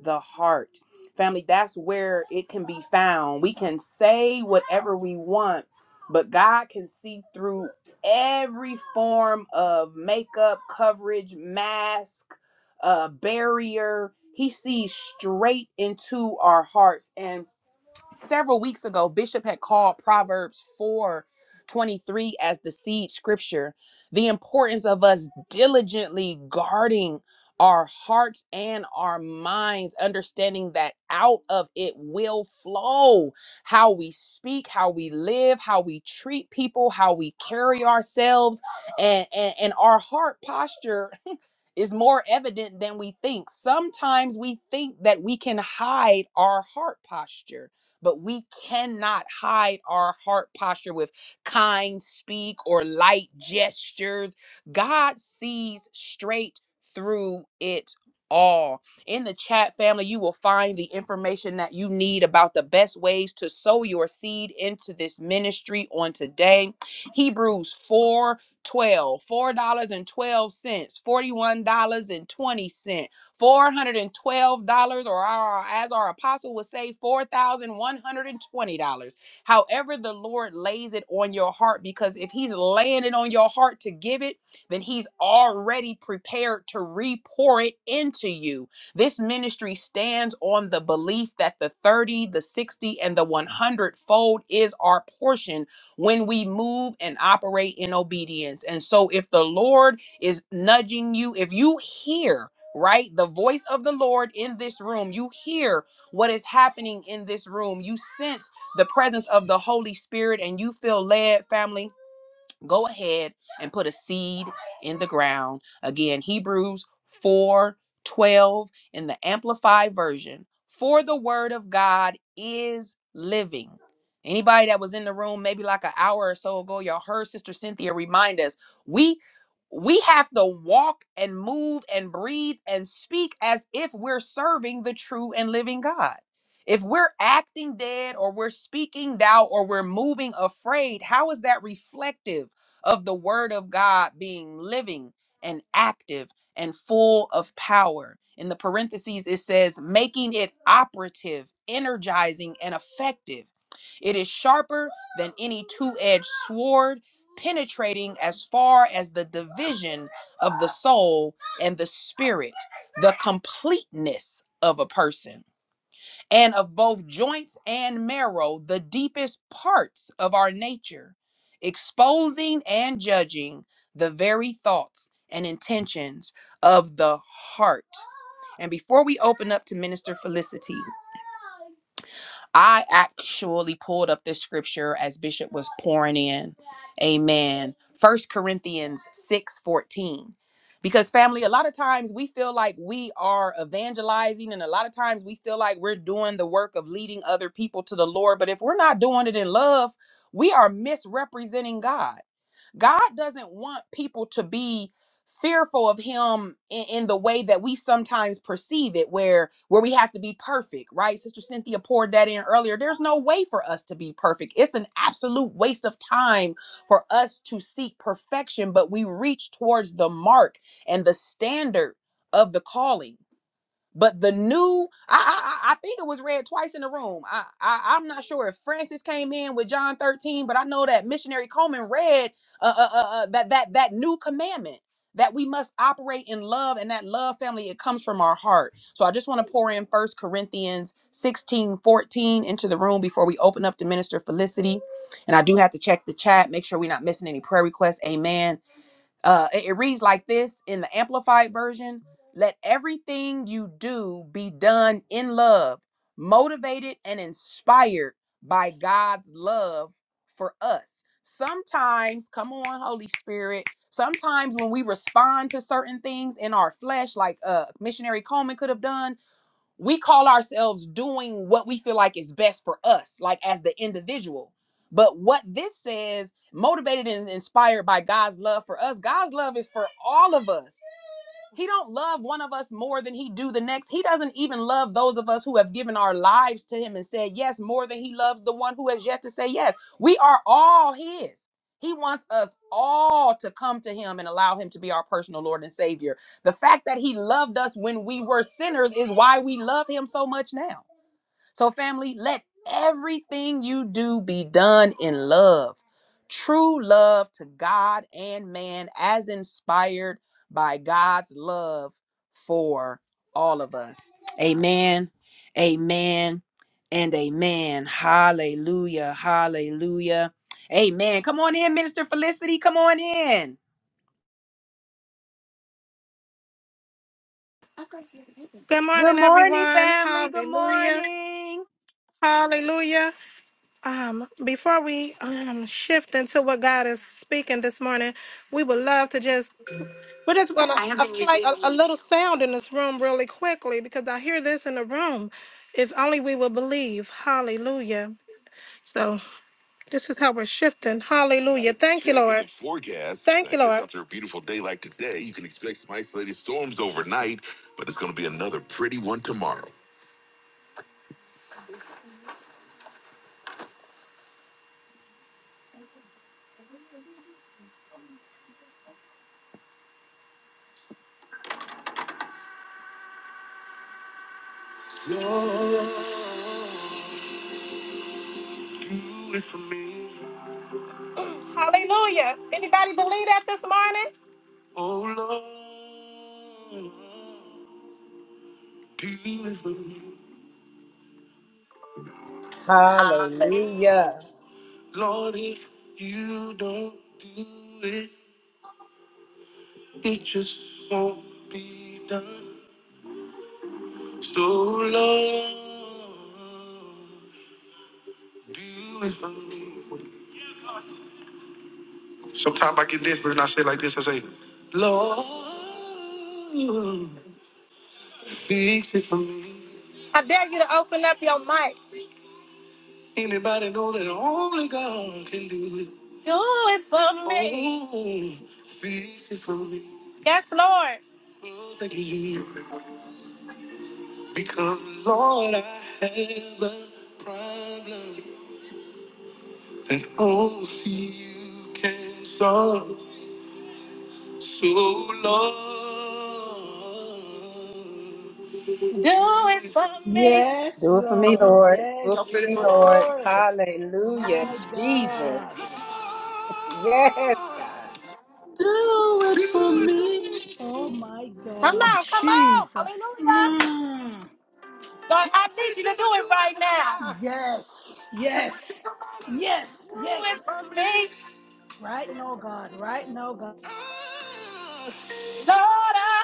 the heart. Family, that's where it can be found. We can say whatever we want, but God can see through every form of makeup, coverage, mask, uh, barrier. He sees straight into our hearts. And several weeks ago, Bishop had called Proverbs 4, 23 as the seed scripture, the importance of us diligently guarding our hearts and our minds, understanding that out of it will flow how we speak, how we live, how we treat people, how we carry ourselves, and, and, and our heart posture is more evident than we think. Sometimes we think that we can hide our heart posture but we cannot hide our heart posture with kind speak or light gestures. God sees straight through it all. In the chat family, you will find the information that you need about the best ways to sow your seed into this ministry on today. Hebrews four twelve four dollars and 12 $41.20. $412 or our, as our apostle would say $4,120. However the Lord lays it on your heart because if he's laying it on your heart to give it, then he's already prepared to re-pour it into you. This ministry stands on the belief that the 30, the 60 and the 100 fold is our portion when we move and operate in obedience. And so if the Lord is nudging you, if you hear right? The voice of the Lord in this room. You hear what is happening in this room. You sense the presence of the Holy Spirit and you feel led, family go ahead and put a seed in the ground. Again, Hebrews 4 12 in the Amplified Version. For the word of God is living. Anybody that was in the room maybe like an hour or so ago, y'all heard Sister Cynthia remind us we we have to walk and move and breathe and speak as if we're serving the true and living God. If we're acting dead or we're speaking doubt or we're moving afraid, how is that reflective? of the word of God being living and active and full of power. In the parentheses, it says, making it operative, energizing, and effective. It is sharper than any two edged sword, penetrating as far as the division of the soul and the spirit, the completeness of a person and of both joints and marrow, the deepest parts of our nature, exposing and judging the very thoughts and intentions of the heart. And before we open up to Minister Felicity, I actually pulled up this scripture as Bishop was pouring in. Amen. First Corinthians 6 14, Because family, a lot of times we feel like we are evangelizing, and a lot of times we feel like we're doing the work of leading other people to the Lord. But if we're not doing it in love, we are misrepresenting God God doesn't want people to be fearful of him in, in the way that we sometimes perceive it where where we have to be perfect right sister cynthia poured that in earlier there's no way for us to be perfect it's an absolute waste of time for us to seek perfection but we reach towards the mark and the standard of the calling but the new, I, I I I think it was read twice in the room. I, I I'm not sure if Francis came in with John 13, but I know that missionary Coleman read uh, uh, uh, uh, that that that new commandment that we must operate in love and that love family it comes from our heart. So I just want to pour in First Corinthians 16:14 into the room before we open up to Minister Felicity. And I do have to check the chat, make sure we're not missing any prayer requests. Amen. Uh, it it reads like this in the Amplified Version Let everything you do be done in love, motivated and inspired by God's love for us. Sometimes, come on, Holy Spirit. Sometimes when we respond to certain things in our flesh, like uh, missionary Coleman could have done, we call ourselves doing what we feel like is best for us, like as the individual. But what this says, motivated and inspired by God's love for us, God's love is for all of us. He don't love one of us more than he do the next. He doesn't even love those of us who have given our lives to him and said yes more than he loves the one who has yet to say yes. We are all his. He wants us all to come to him and allow him to be our personal Lord and Savior. The fact that he loved us when we were sinners is why we love him so much now. So, family, let everything you do be done in love. True love to God and man, as inspired by God's love for all of us. Amen. Amen. And amen. Hallelujah. Hallelujah. Amen. Come on in, Minister Felicity. Come on in.
Good
Good
morning,
morning,
everyone.
family. Good
Hallelujah.
morning.
Hallelujah. Um, before we um shift into what God is speaking this morning, we would love to just we're just gonna a little sound in this room really quickly because I hear this in the room. If only we would believe. Hallelujah. So this is how we're shifting. Hallelujah. Thank Hallelujah. Anybody believe that this morning?
Hallelujah.
I dare you to open up your mic. Do it for me. Yes, Lord. Do it for me.
Yes,
Do it for me,
Lord.
Lord.
Yes,
Do it for me, Lord.
Lord.
Hallelujah.
My
Jesus.
God.
Yes, God.
Do it for me. Oh my
Come
God,
on, come on.
Jesus.
Hallelujah.
Mm.
Lord, I need you to do it right now.
Yes, yes, yes, yes. Right now, God, right now, God.
Lord, I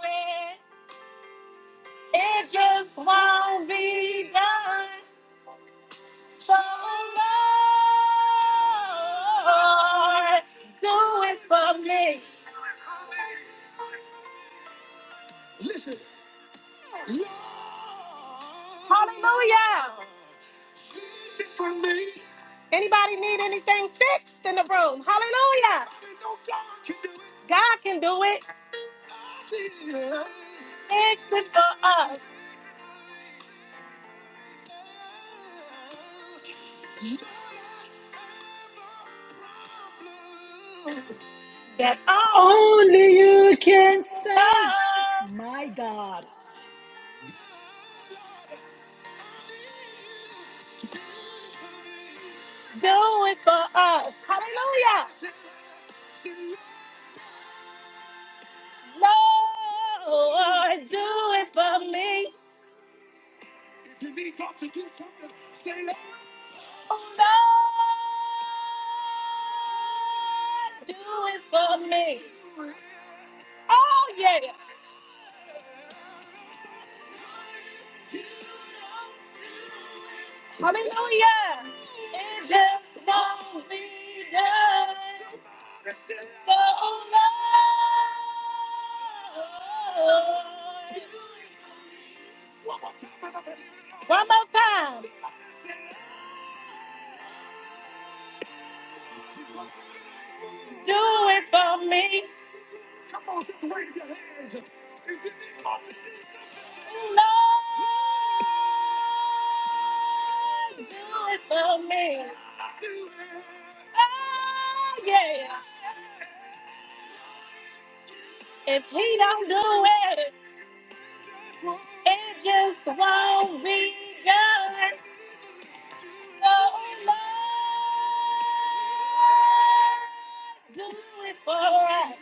pray it just won't be done. So, Lord, do it for me. Anybody need anything fixed in the room? Hallelujah. God can do it. Fix it for us. That all
Only you can save
time.
my God.
Do it for us. Hallelujah. Lord, do it for me. Lord, do it for me. Oh, yeah. Hallelujah. It just won't be done. Oh, Lord. One more time. Do it for me. Lord, do it for me. Oh, yeah. If he don't do it, it just won't be done. Oh Lord, do it for us.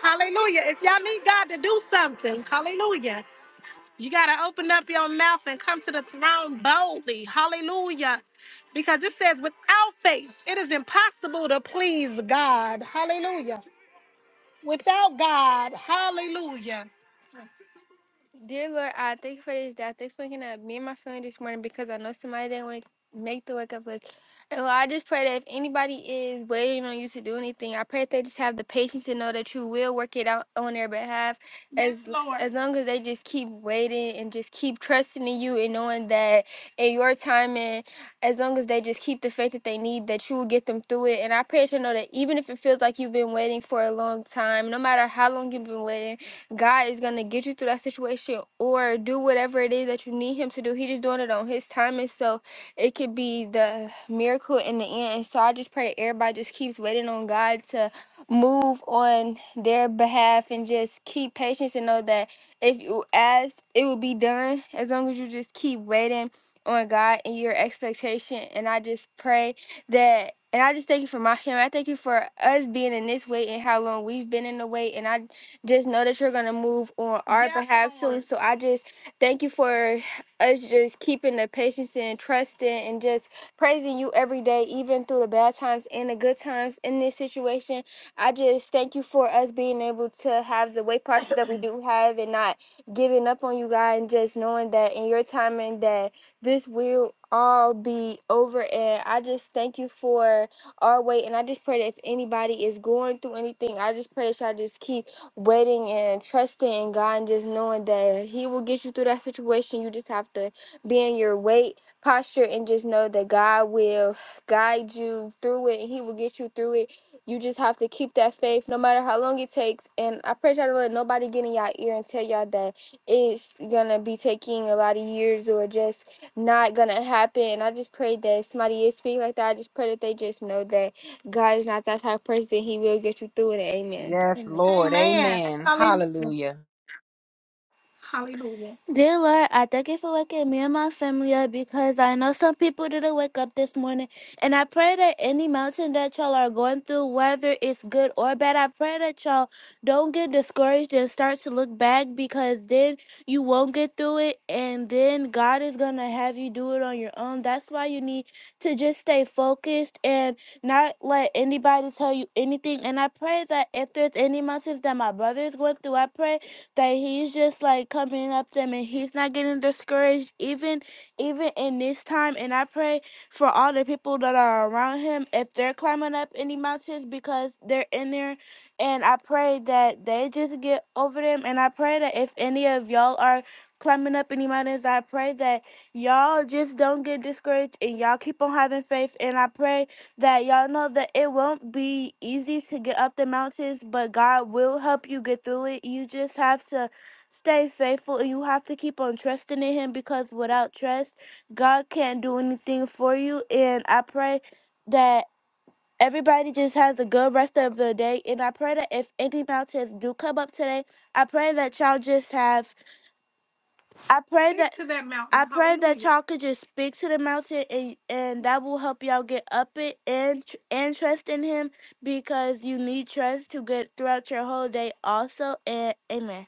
Hallelujah. If y'all need God to do something, hallelujah. You got to open up your mouth and come to the throne boldly. Hallelujah. Because it says, without faith, it is impossible to please God. Hallelujah. Without God, hallelujah. Dear Lord, I thank you for this day. I thank you for waking up me and my family this morning because I know somebody didn't wake, make the wake up list. And Lord, I just pray that if anybody is waiting on you to do anything, I pray that they just have the patience to know that you will work it out on their behalf. Yes, as Yes, Lord. as long as they just keep waiting and just keep trusting in you and knowing that in your timing, as long as they just keep the faith that they need, that you will get them through it. And I pray that you know that even if it feels like you've been waiting for a long time, no matter how long you've been waiting God is gonna get you through that situation or do whatever it is that you need him to do. He just doing it on his time and so it could be the miracle in the end. And so I just pray that everybody just keeps waiting on God to move on their behalf and just keep patience and know that if you ask, it will be done as long as you just keep waiting on God and your expectation. And I just pray that and I just thank you for my family. I thank you for us being in this wait and how long we've been in the wait. And I just know that you're gonna move on our Yes, behalf soon. Lord. So I just thank you for us just keeping the patience and trusting and just praising you every day, even through the bad times and the good times in this situation. I just thank you for us being able to have the weight posture that we do have and not giving up on you, God, and just knowing that in your timing that this will all be over. And I just thank you for our weight. And I just pray that if anybody is going through anything, I just pray that y'all just keep waiting and trusting in God and just knowing that He will get you through that situation. You just have to be in your weight posture and just know that God will guide you through it and He will get you through it. You just have to keep that faith no matter how long it takes. And I pray y'all don't let nobody get in y'all ear and tell y'all that it's gonna be taking a lot of years or just not gonna happen. And I just pray that if somebody is speaking like that. I just pray that they just know that God is not that type of person. He will get you through it. Amen.
Yes,
Amen.
Lord.
Amen.
Amen.
Hallelujah.
Hallelujah.
Hallelujah. Dear Lord, I thank you for waking me and my family up because I know some people didn't wake up this morning. And I pray that any mountain that y'all are going through, whether it's good or bad, I pray that y'all don't get discouraged and start to look back because then you won't get through it. And then God is going to have you do it on your own. That's why you need to just stay focused and not let anybody tell you anything. And I pray that if there's any mountains that my brother is going through, I pray that he's just like coming up them and he's not getting discouraged even even in this time and I pray for all the people that are around him if they're climbing up any mountains because they're in there and I pray that they just get over them and I pray that if any of y'all are climbing up any mountains I pray that y'all just don't get discouraged and y'all keep on having faith and I pray that y'all know that it won't be easy to get up the mountains, but God will help you get through it. You just have to stay faithful and you have to keep on trusting in Him because without trust, God can't do anything for you. And I pray that. Everybody just has a good rest of the day, and I pray that if any mountains do come up today, I pray that y'all just have I pray Speak that to that mountain. I pray that Hallelujah. y'all could just speak to the mountain and and that will help y'all get up it and tr- and trust in him because you need trust to get throughout your whole day also and amen.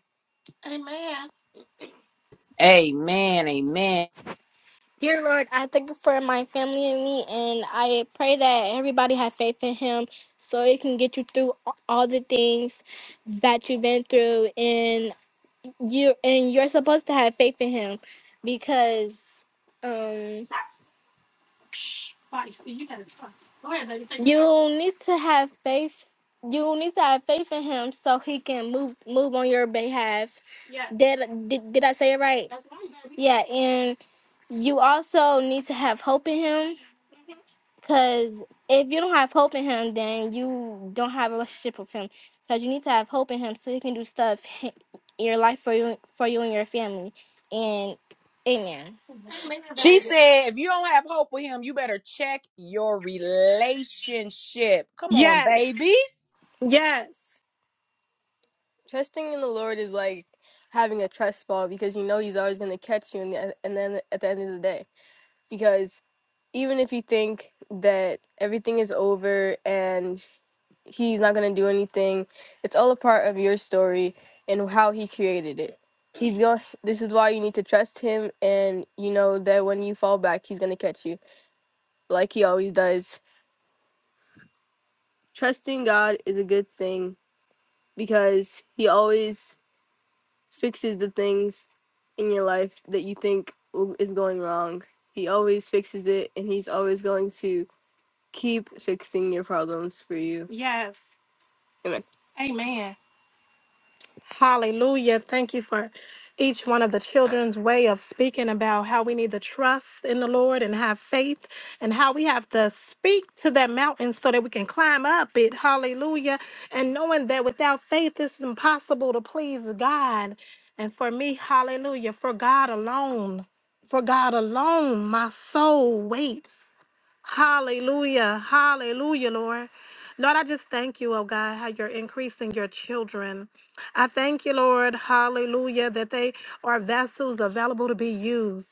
Amen. Amen.
Dear Lord, I thank you for my family and me and I pray that everybody have faith in him so it can get you through all the things that you've been through and you and you're supposed to have faith in him because um. you need to have faith. You need to have faith in him so he can move move on your behalf. Yes. Did did, did I say it right? Yeah, and you also need to have hope in him cuz if you don't have hope in him, then you don't have a relationship with him cuz you need to have hope in him so he can do stuff in your life for you for you and your family. And amen.
She said, if you don't have hope with him, you better check your relationship. Come on,
Yes.
baby.
Yes. Trusting in the Lord is like having a trust fall because you know He's always going to catch you, in the, and then at the end of the day, because even if you think that everything is over and He's not going to do anything, it's all a part of your story and how He created it. He's going. This is why you need to trust Him, and you know that when you fall back, He's going to catch you, like He always does. It's in you. Yes. Amen. Amen. Hallelujah. Thank you for each one of the children's way of speaking about how we need to trust in the Lord and have faith and how we have to speak to that mountain so that we can climb up it. Hallelujah. And knowing that without faith, it's impossible to please God. And for me, hallelujah, for God alone, for God alone, my soul waits. Hallelujah. Hallelujah, Lord. Lord, I just thank you, oh God, how you're increasing your children. I thank you, Lord, hallelujah, that they are vessels available to be used.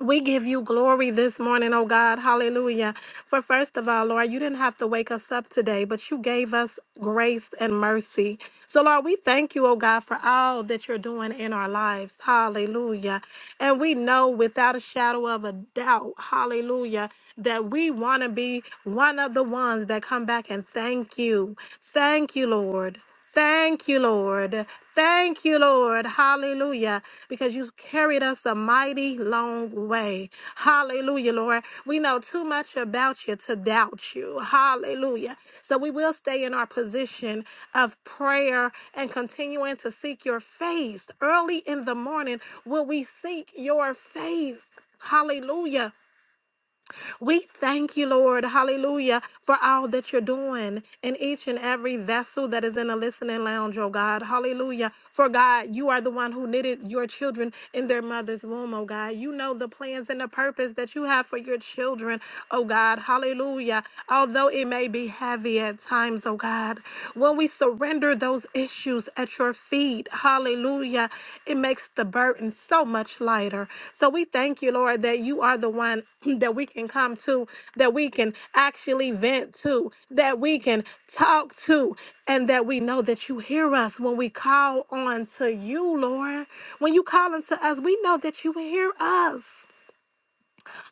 We give you glory this morning, oh God. Hallelujah. For first of all, Lord, you didn't have to wake us up today, but you gave us grace and mercy. So, Lord, we thank you, oh God, for all that you're doing in our lives. Hallelujah. And we know without a shadow of a doubt, hallelujah, that we want to be one of the ones that come back and thank you. Thank you, Lord. Thank you, Lord. Thank you, Lord. Hallelujah. Because you carried us a mighty long way. Hallelujah, Lord. We know too much about you to doubt you. Hallelujah. So we will stay in our position of prayer and continuing to seek your face. Early in the morning, will we seek your face? Hallelujah. We thank you, Lord, hallelujah, for all that you're doing in each and every vessel that is in the listening lounge, oh God, hallelujah. For God, you are the one who knitted your children in their mother's womb, oh God. You know the plans and the purpose that you have for your children, oh God, hallelujah. Although it may be heavy at times, oh God, when we surrender those those issues at your feet. Hallelujah. It makes the burden so much lighter. So we thank you, Lord, that you are the one that we can come to, that we can actually vent to, that we can talk to, and that we know that you hear us when we call on to you, Lord. When you call unto us, we know that you hear us.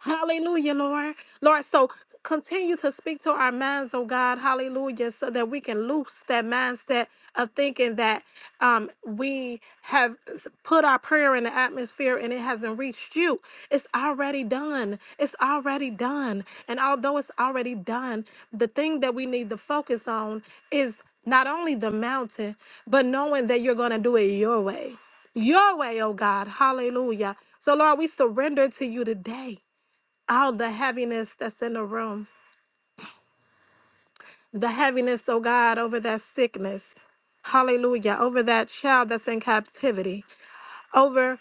Hallelujah, Lord. Lord, so continue to speak to our minds, oh God. Hallelujah. So that we can loose that mindset of thinking that um, we have s- put our prayer in the atmosphere and it hasn't reached you. It's already done. It's already done. And although it's already done, the thing that we need to focus on is not only the mountain, but knowing that you're going to do it your way. Your way, oh God. Hallelujah. So, Lord, we surrender to you today all the heaviness that's in the room, the heaviness, oh God, over that sickness. Hallelujah. Over that child that's in captivity, over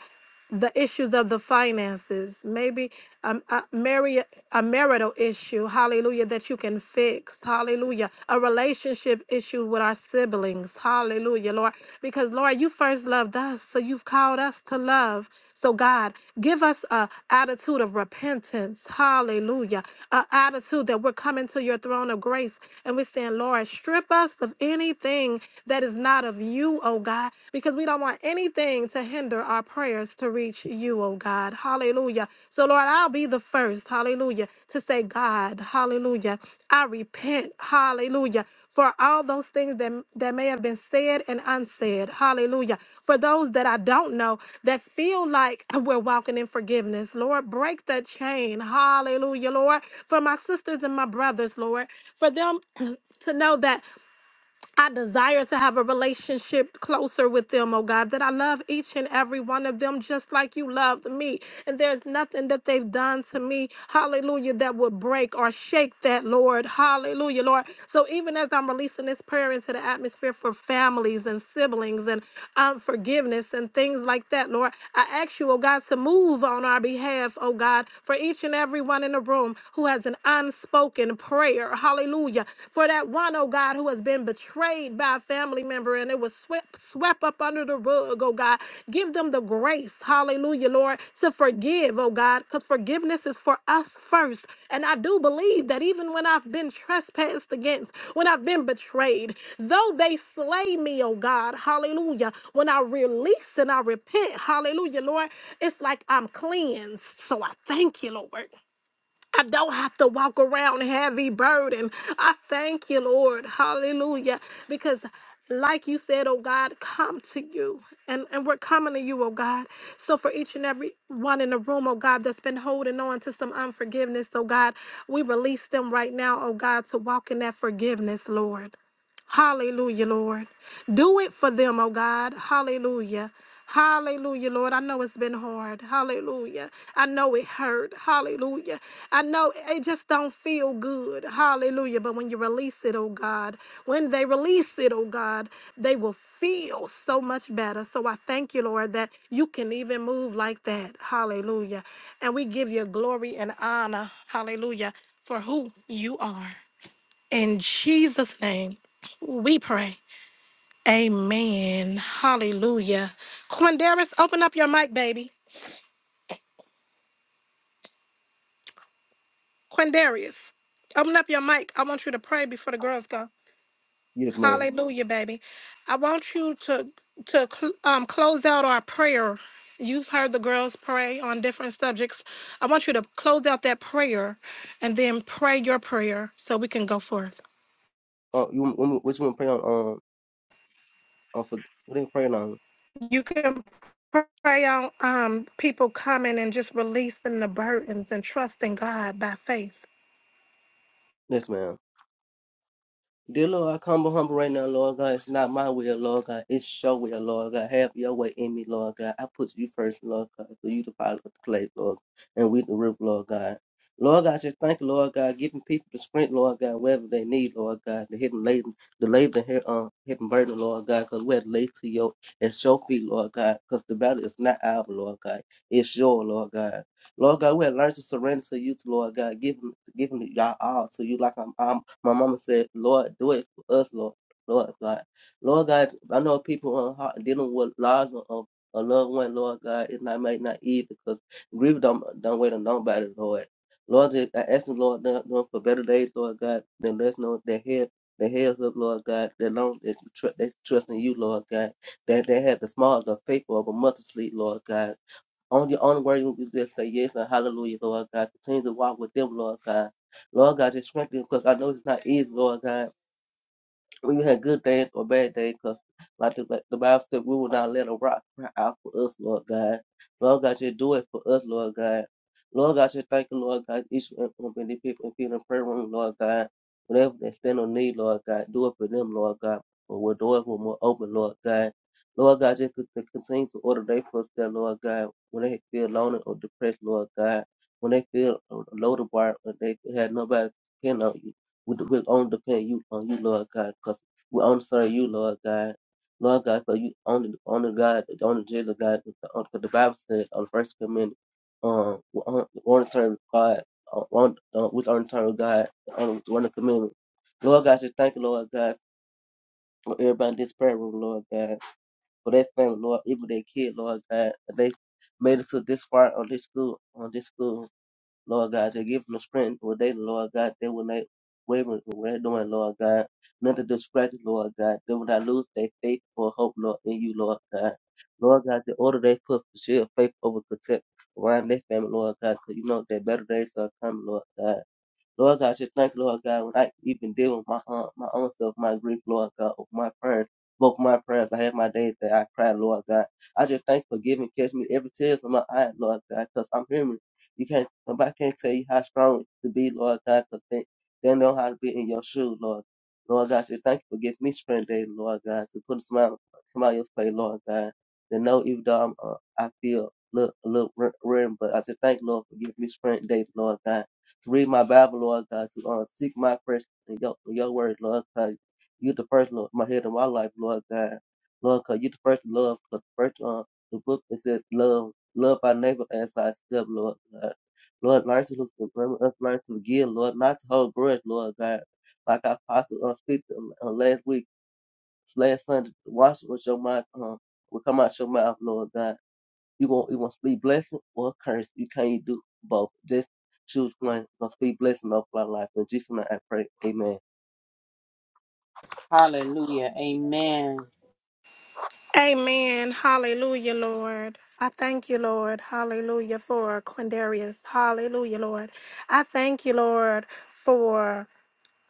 the issues of the finances, maybe um, a, mari- a marital issue, hallelujah, that you can fix, hallelujah, a relationship issue with our siblings, hallelujah, Lord, because Lord, you first loved us, so you've called us to love. So God, give us a attitude of repentance, hallelujah, a attitude that we're coming to your throne of grace and we're saying, Lord, strip us of anything that is not of you, oh God. God, because we don't want anything to hinder our prayers to reach you, oh God. Hallelujah. So, Lord, I'll be the first, hallelujah, to say, God, hallelujah. I repent, hallelujah, for all those things that, that may have been said and unsaid, hallelujah. For those that I don't know that feel like we're walking in forgiveness, Lord, break the chain, hallelujah, Lord. For my sisters and my brothers, Lord, for them to know that. I desire to have a relationship closer with them, oh God, that I love each and every one of them just like you loved me. And there's nothing that they've done to me, hallelujah, that would break or shake that, Lord. Hallelujah, Lord. So even as I'm releasing this prayer into the atmosphere for families and siblings and um, forgiveness and things like that, Lord, I ask you, oh God, to move on our behalf, oh God, for each and every one in the room who has an unspoken prayer prayer. Hallelujah. For that one, oh God, who has been betrayed by a family member and it was swept, swept up under the rug, oh God. Give them the grace, hallelujah, Lord, to forgive, oh God, because forgiveness is for us first. And I do believe that even when I've been trespassed against, when I've been betrayed, though they slay me, oh God, hallelujah, when I release and I repent, hallelujah, Lord, it's like I'm cleansed. So I thank you, Lord. I don't have to walk around heavy burden. I thank you, Lord. Hallelujah. Because like you said, oh God, come to you. And, and we're coming to you, oh God. So for each and every one in the room, oh God, that's been holding on to some unforgiveness, oh God, we release them right now, oh God, to walk in that forgiveness, Lord. Hallelujah, Lord. Do it for them, oh God. Hallelujah. Hallelujah, Lord. I know it's been hard. Hallelujah. I know it hurt. Hallelujah. I know it just don't feel good. Hallelujah. But when you release it, oh God, when they release it, oh God, they will feel so much better. So I thank you, Lord, that you can even move like that. Hallelujah. And we give you glory and honor. Hallelujah. For who you are. In Jesus' name, we pray. Amen. Hallelujah. Quindarius, open up your mic, baby. Quindarius, open up your mic. I want you to pray before the girls go.
Yes, ma'am.
Hallelujah, baby. I want you to to cl- um, close out our prayer. You've heard the girls pray on different subjects. I want you to close out that prayer and then pray your prayer so we can go forth.
Oh, you want me- what you want to pray on? Um, on for what they praying on?
you can pray on um, people coming and just releasing the burdens and trusting God by faith.
Yes, ma'am. Dear Lord, I come humble right now, Lord God. It's not my will, Lord God. It's your will, Lord God. Have your way in me, Lord God. I put you first, Lord God. For you to follow the clay, Lord, and we the roof, Lord God. Lord God, I just thank you, Lord God, giving people the strength, Lord God, wherever they need, Lord God, the hidden laden, the labor, here, um, hidden burden, Lord God, because we're laid to your and your feet, Lord God, because the battle is not our, Lord God, it's your, Lord God. Lord God, we have learned to surrender to you, to Lord God, giving, giving y'all all to you like I'm, I'm my mama said, Lord, do it for us, Lord. Lord God. Lord God, I know people on heart dealing with lives of a loved one, Lord God. It not might not easy because grief don't don't wait on nobody, Lord. Lord, I ask the Lord now, Lord, for better days, Lord God, then let's know their head their heads up, Lord God, that long they tr- they trust in you, Lord God. That they had the smallest of faith of a mustard seed, Lord God. Only the only word you can just say yes and hallelujah, Lord God. Continue to walk with them, Lord God. Lord God, just strengthen them because I know it's not easy, Lord God we had good days or bad days, because like the, like the Bible said, we will not let a rock cry out for us, Lord God. Lord God, you do it for us, Lord God. Lord God, you thank you, Lord God, each and every one of the people in the prayer room, Lord God. Whatever they stand on need, Lord God, do it for them, Lord God. But we'll do it when we're more open, Lord God. Lord God, just to continue to order their footsteps, Lord God, when they feel lonely or depressed, Lord God. When they feel low to bar, when they had nobody to depend on you. We- we only depend you on you, Lord God, because we only serve you, Lord God. Lord God, because you only only God, the only Jesus God, because the Bible said on the first commandment, um, we only we only serve God, uh, one, uh, we only serve God, the only one the commandment. Lord God, I just thank you, Lord God, for everybody in this prayer room, Lord God, for their family, Lord, even their kid, Lord God, that they made it to this far on this school, on this school. Lord God, just give them the strength where they, Lord God, they will not waver from what they're doing, Lord God. None to distract, you, Lord God. They will not lose their faith or hope, Lord, in you, Lord God. Lord God, the order they put the shield of faith over protect around their family, Lord God, because you know that better days are coming, Lord God. Lord God, just thank you, Lord God, when I even deal with my own my own stuff, my grief, Lord God, of my prayers, both my prayers. I had my days that I cried, Lord God. I just thank you for giving, catch me every tears in my eye, Lord God, because I'm human. You can't, nobody can't tell you how strong to be, Lord God, because they, they know how to be in your shoes, Lord. Lord God, just thank you for giving me strength today, Lord God, to put a smile, smile on your face, Lord God. To know even though I'm, uh, I feel a little, a little rim, but I just thank you, Lord, for giving me strength today, Lord God to read my Bible, Lord God, to uh, seek my first in your, in your word, Lord God. You the first, Lord, my head of my life, Lord God. Lord God, you the first love, the first uh, the book is said love, love our neighbor as thyself, Lord God. Lord, learn to look for us, learn to forgive, Lord, not to hold grudge, Lord God. Like I possibly uh, speak to, uh, last week, last Sunday, wash with your mouth, um, will come out your mouth, Lord God. You want you want to speak blessing or curse. You can't do both. Just choose one. Gonna speak blessing over our life. In Jesus' name I pray. Amen.
Hallelujah. Amen.
Amen. Hallelujah, Lord. I thank you, Lord. Hallelujah for Quindarius. Hallelujah, Lord. I thank you, Lord, for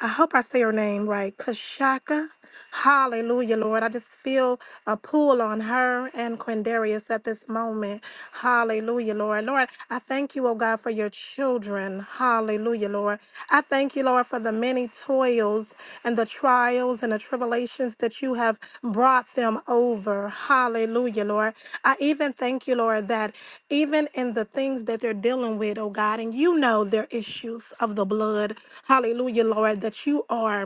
I hope I say her name right, Kashaka. Hallelujah, Lord. I just feel a pull on her and Quindarius at this moment. Hallelujah, Lord. Lord, I thank you, oh God, for your children. Hallelujah, Lord. I thank you, Lord, for the many toys travails and the trials and the tribulations that you have brought them over. Hallelujah, Lord. I even thank you, Lord, that even in the things that they're dealing with, oh God, and you know their issues of the blood. Hallelujah, Lord, that you are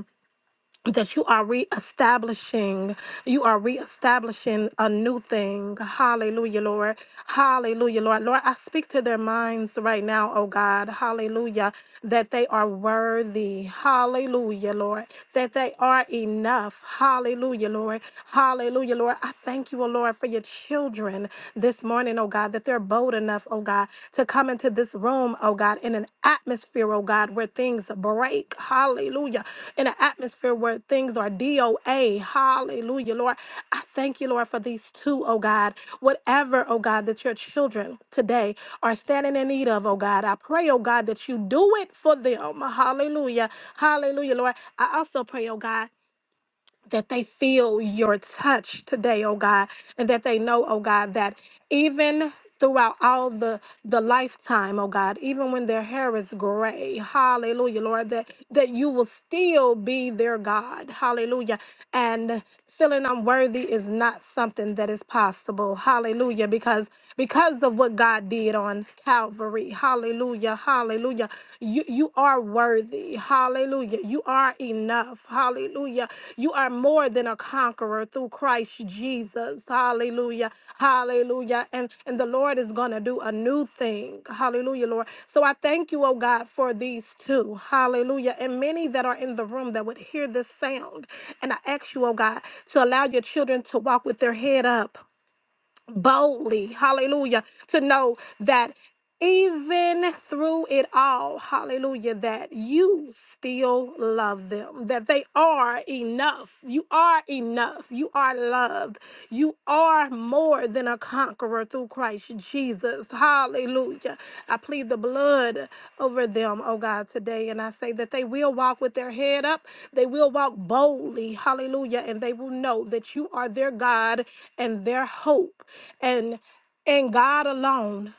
that you are reestablishing, you are reestablishing a new thing. Hallelujah, Lord. Hallelujah, Lord. Lord, I speak to their minds right now, oh God. Hallelujah. That they are worthy. Hallelujah, Lord. That they are enough. Hallelujah, Lord. Hallelujah, Lord. I thank you, oh Lord, for your children this morning, oh God, that they're bold enough us, oh God, to come into this room, oh God, in an atmosphere, oh God, where things break. Hallelujah. In an atmosphere where things are DOA. Hallelujah, Lord. I thank you, Lord, for these two, oh God. Whatever, oh God, that your children today are standing in need of, oh God, I pray, oh God, that you do it for them. Hallelujah. Hallelujah, Lord. I also pray, oh God that they feel your touch today, oh God, and that they know, oh God, that even throughout all the the lifetime, oh God, even when their hair is gray, hallelujah, Lord, that that you will still be their God. Hallelujah. And feeling unworthy is not something that is possible. Hallelujah. Because because of what God did on Calvary. Hallelujah. Hallelujah. You you are worthy. Hallelujah. You are enough. Hallelujah. You are more than a conqueror through Christ Jesus. Hallelujah. Hallelujah. And and the Lord is gonna do a new thing. Hallelujah, Lord. So I thank you, oh God, for these two. Hallelujah. And many that are in the room that would hear this sound. And I ask you, oh God, to allow your children to walk with their head up boldly, hallelujah, to know that even through it all, hallelujah, that you still love them, that they are enough. You are enough. You are loved. You are more than a conqueror through Christ. Christ Jesus. Hallelujah. I plead the blood over them, oh God, today. And I say that they will walk with their head up. They will walk boldly. Hallelujah. And they will know that you are their God and their hope. And and God alone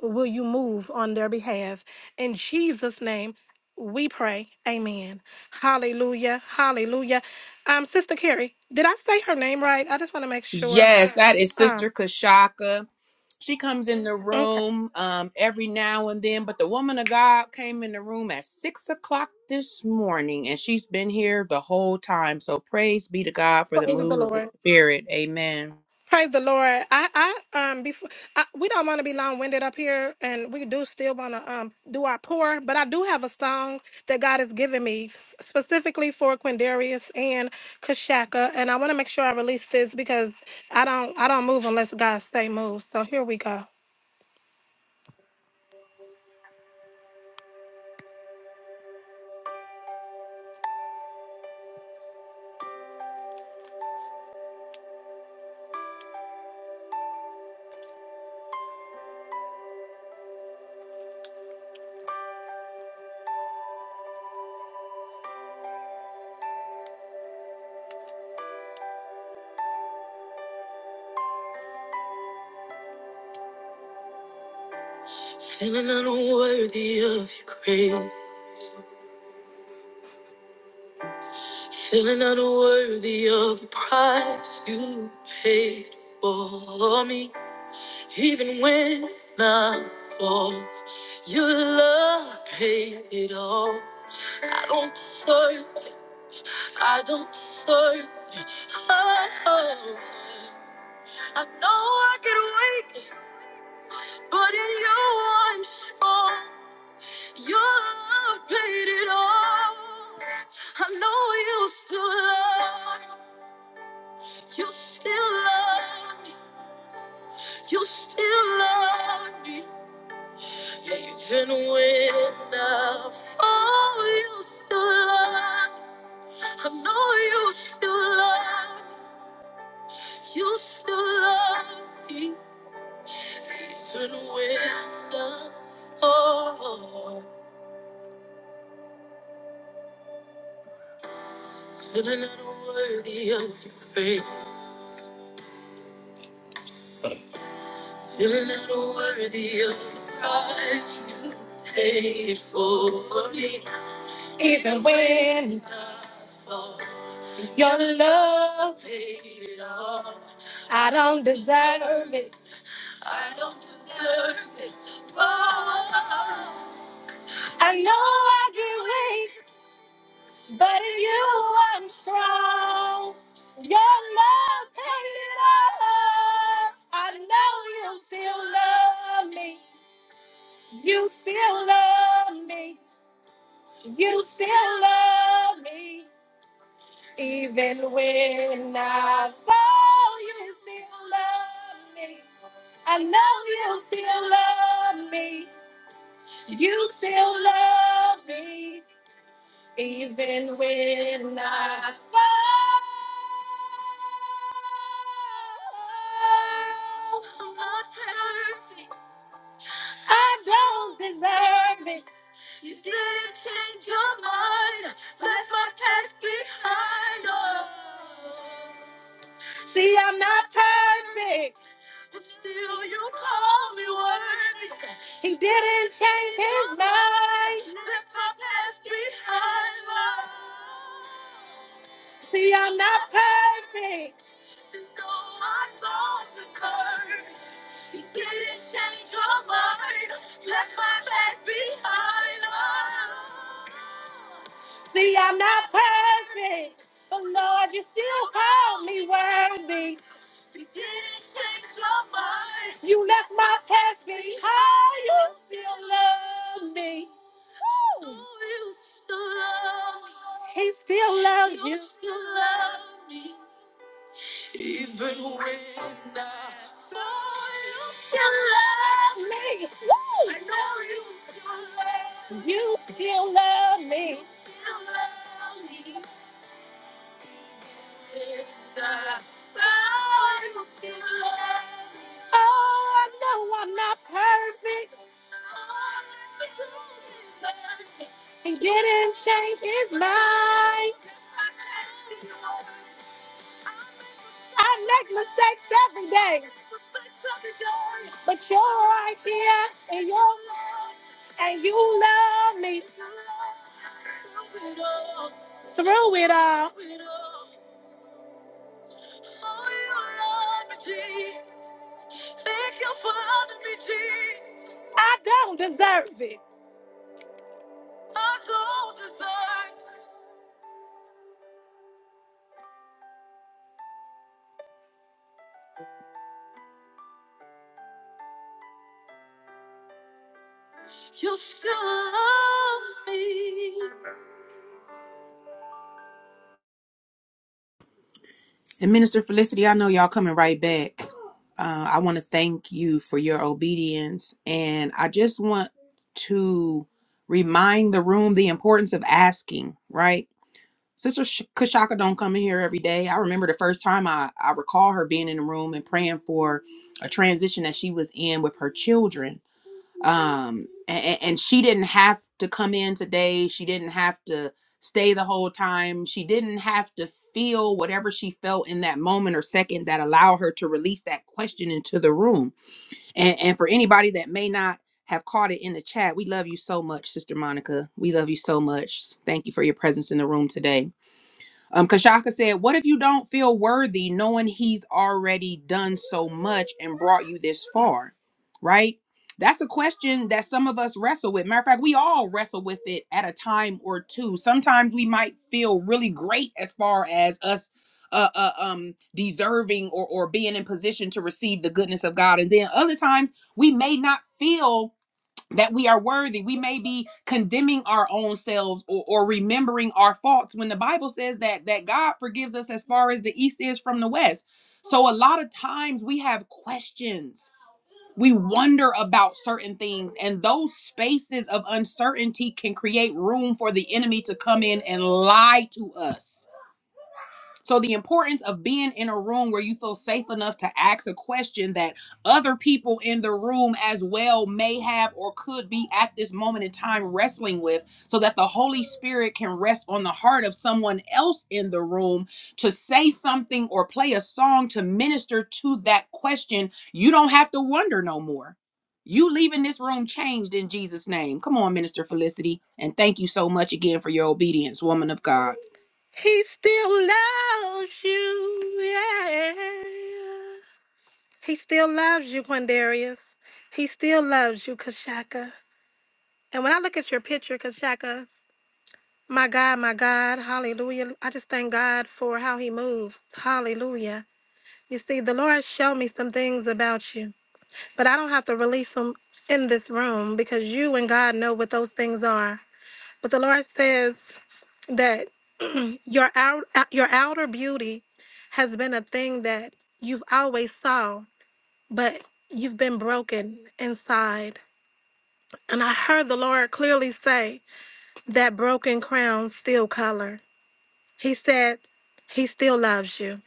will you move on their behalf. In Jesus' name, we pray. Amen. Hallelujah. Hallelujah. Um, Sister Carrie, did I say her name right? I just want to make sure.
Yes, that is
Um,
Sister Kashaka. She comes in the
okay.
room um, every now and then, but the woman of God came in the room at six o'clock this morning, and she's been here the whole time. So praise be to God for the
Praise the
move of the
Lord.
Spirit. Amen.
Praise the Lord. I, I um before I, we don't want to be long winded up here, and we do still want to um do our pour. But I do have a song that God has given me s- specifically for Quindarius and Kashaka, and I want to make sure I release this because I don't I don't move unless God say move. So here we go. Feeling unworthy of your grace, feeling unworthy of the price you paid for me, even when I fall. Your love paid it all. I don't deserve it. I don't deserve it. Oh, oh. I know I could wait, but in you I'm strong. Your love paid it all. I know you still love me. You still love me. You still love me. Even when I fall, you still love me. I know you still love, you still love me, even when I fall. Feeling unworthy of your grace, feeling unworthy of the price you paid for me. And when I paid it all, I don't deserve it. I don't deserve it. Oh, I know I did wait. But in you I'm strong. Your love paid it all. I know you still love me. You still love me. You still love me. Even when I fall, you still love me. I know you love me. You still love me. Even when I fall. perfect. Do you call me worthy? He didn't change his mind. Let my past behind me. See, I'm not perfect. So I don't deserve. He didn't change your mind. Left my past behind me. See, I'm not perfect. But Lord, you still call me worthy. You left my past behind. You still love me. He still loves you. You still love me. Oh, I know I'm not perfect. And getting change is mine. I make mistakes every day. But you're right here and you're, you love me through it all. I don't deserve it. You still love me.
And Minister Felicity, I know y'all coming right back. Uh, I want to thank you for your obedience, and I just want to remind the room the importance of asking. Right Sister Sh- Kashaka don't come in here every day. I remember the first time I, I recall her being in the room and praying for a transition that she was in with her children. Um, and, and she didn't have to come in today. She didn't have to stay the whole time. She didn't have to feel whatever she felt in that moment or second that allowed her to release that question into the room. And, and for anybody that may not have caught it in the chat, we love you so much, Sister Monica. We love you so much. Thank you for your presence in the room today um, Kashaka said, What if you don't feel worthy knowing he's already done so much and brought you this far? Right? That's a question that some of us wrestle with. Matter of fact, we all wrestle with it at a time or two. Sometimes we might feel really great as far as us uh, uh um deserving or or being in position to receive the goodness of God. And then other times we may not feel that we are worthy. We may be condemning our own selves or, or remembering our faults when the Bible says that that God forgives us as far as the east is from the west. So a lot of times we have questions. We wonder about certain things and those spaces of uncertainty can create room for the enemy to come in and lie to us so the importance of being in a room where you feel safe enough to ask a question that other people in the room as well may have or could be at this moment in time wrestling with so that the Holy Spirit can rest on the heart of someone else in the room to say something or play a song to minister to that question. You don't have to wonder no more. You leaving this room changed in Jesus' name. Come on, Minister Felicity. And thank you so much again for your obedience, woman of God.
He still loves you. Yeah. He still loves you, Quindarius. He still loves you, Kashaka. And when I look at your picture, Kashaka, my God, my God, hallelujah. I just thank God for how he moves. Hallelujah. You see, the Lord showed me some things about you, but I don't have to release them in this room because you and God know what those things are. But the Lord says that your out, uh, your outer beauty has been a thing that you've always saw but you've been broken inside. And I heard the Lord clearly say that broken crown still color. He said, He still loves you.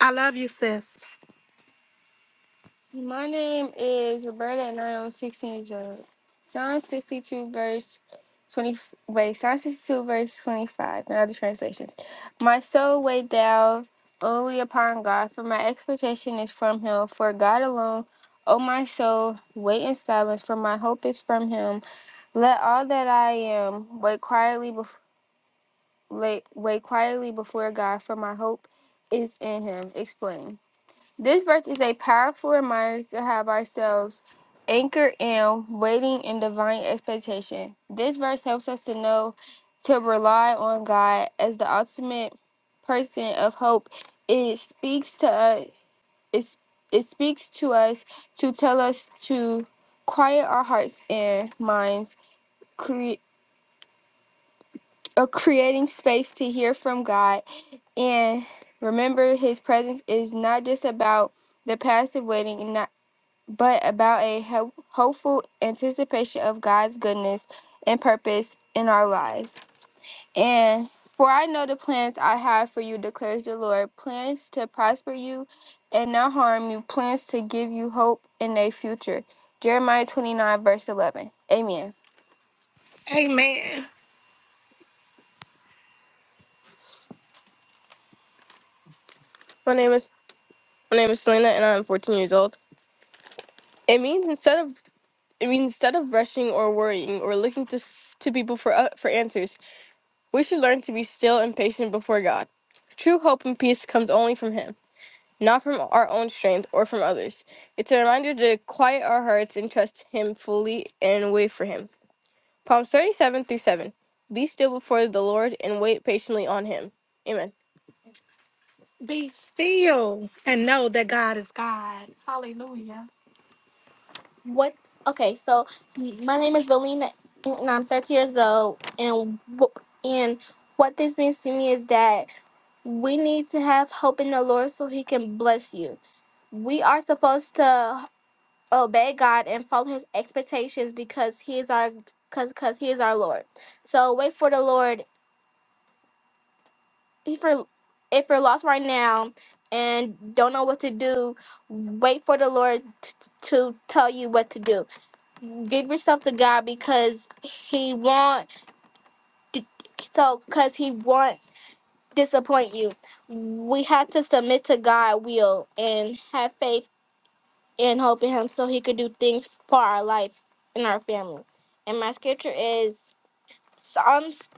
I love you, sis. My name is Roberta, and I am 16 years old. Psalm 62, verse 20. Wait, Psalm 62, verse 25. In other translations, my soul wait thou only upon God, for my expectation is from Him. For God alone, O my soul, wait in silence, for my hope is from Him. Let all that I am wait quietly before. Wait quietly before God, for my hope is in Him. Explain. This verse is a powerful reminder to have ourselves anchored in waiting in divine expectation. This verse helps us to know to rely on God as the ultimate person of hope. It speaks to us it, it speaks to us to tell us to quiet our hearts and minds, cre- uh, creating space to hear from God and remember his presence is not just about the passive waiting but about a ho- hopeful anticipation of God's goodness and purpose in our lives. And for I know the plans I have for you, declares the Lord plans to prosper you and not harm you, plans to give you hope in a future. Jeremiah 29, verse 11. Amen. Amen. My name is my name is Selena, and I'm 14 years old. It means instead of it means instead of rushing or worrying or looking to to people for uh, for answers, We should learn to be still and patient before God. True hope and peace comes only from Him, not from our own strength or from others. It's a reminder to quiet our hearts and trust Him fully and wait for Him. Psalms 37 through 7. Be still before the Lord and wait patiently on Him. Amen. Still and know that God is God. What? Okay, so my name is Valina, and I'm 13 years old. And wh- and what this means to me is that we need to have hope in the Lord so He can bless you. We are supposed to obey God and follow His expectations because He is our because because He is our Lord. So wait for the Lord. If you're if you're lost right now and don't know what to do, wait for the Lord t- to tell you what to do give yourself to God because He won't. So, because He won't disappoint you, we have to submit to God' will and have faith and hope in Him, so He could do things for our life and our family. And my scripture is Psalms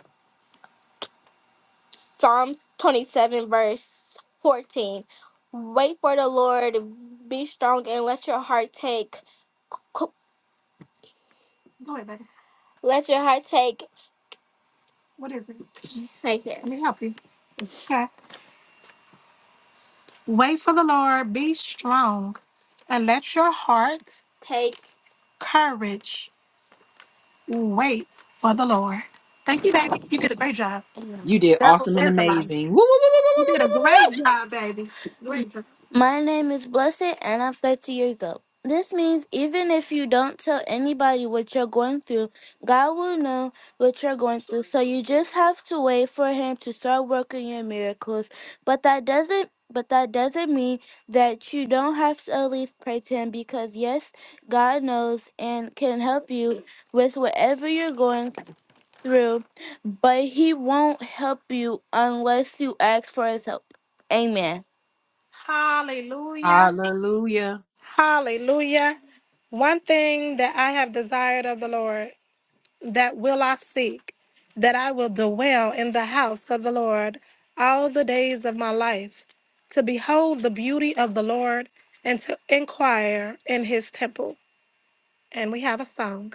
Psalms twenty seven verse fourteen. Wait for the Lord, be strong, and let your heart take. co- Go ahead, baby. Let your heart take. What is it? Right here. Let me help you. Wait for the Lord, be strong, and let your heart take courage. Wait for the Lord. Thank you, baby. You did a great job.
You did
Devil
awesome and
is alive.
amazing. Woo, woo, woo, woo, woo,
You
woo,
did a
woo, woo, woo,
great
woo.
job, baby. Great job. My name is Blessed and I'm 30 years old. This means even if you don't tell anybody what you're going through, God will know what you're going through. So you just have to wait for him to start working your miracles. But that doesn't but that doesn't mean that you don't have to at least pray to him because yes, God knows and can help you with whatever you're going through, but he won't help you unless you ask for his help. Amen. Hallelujah.
Hallelujah.
Hallelujah. One thing that I have desired of the Lord, that will I seek, that I will dwell in the house of the Lord all the days of my life, to behold the beauty of the Lord and to inquire in his temple. And we have a song.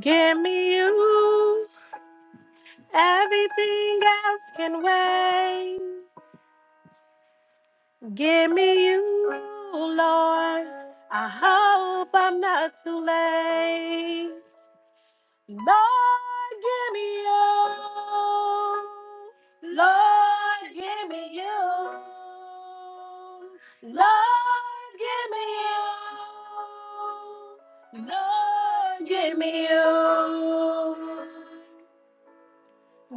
Give me you, everything else can wait. Give me you, Lord. I hope I'm not too late. Lord, give me you. Lord, give me you. Lord, give me you. Lord, give me you.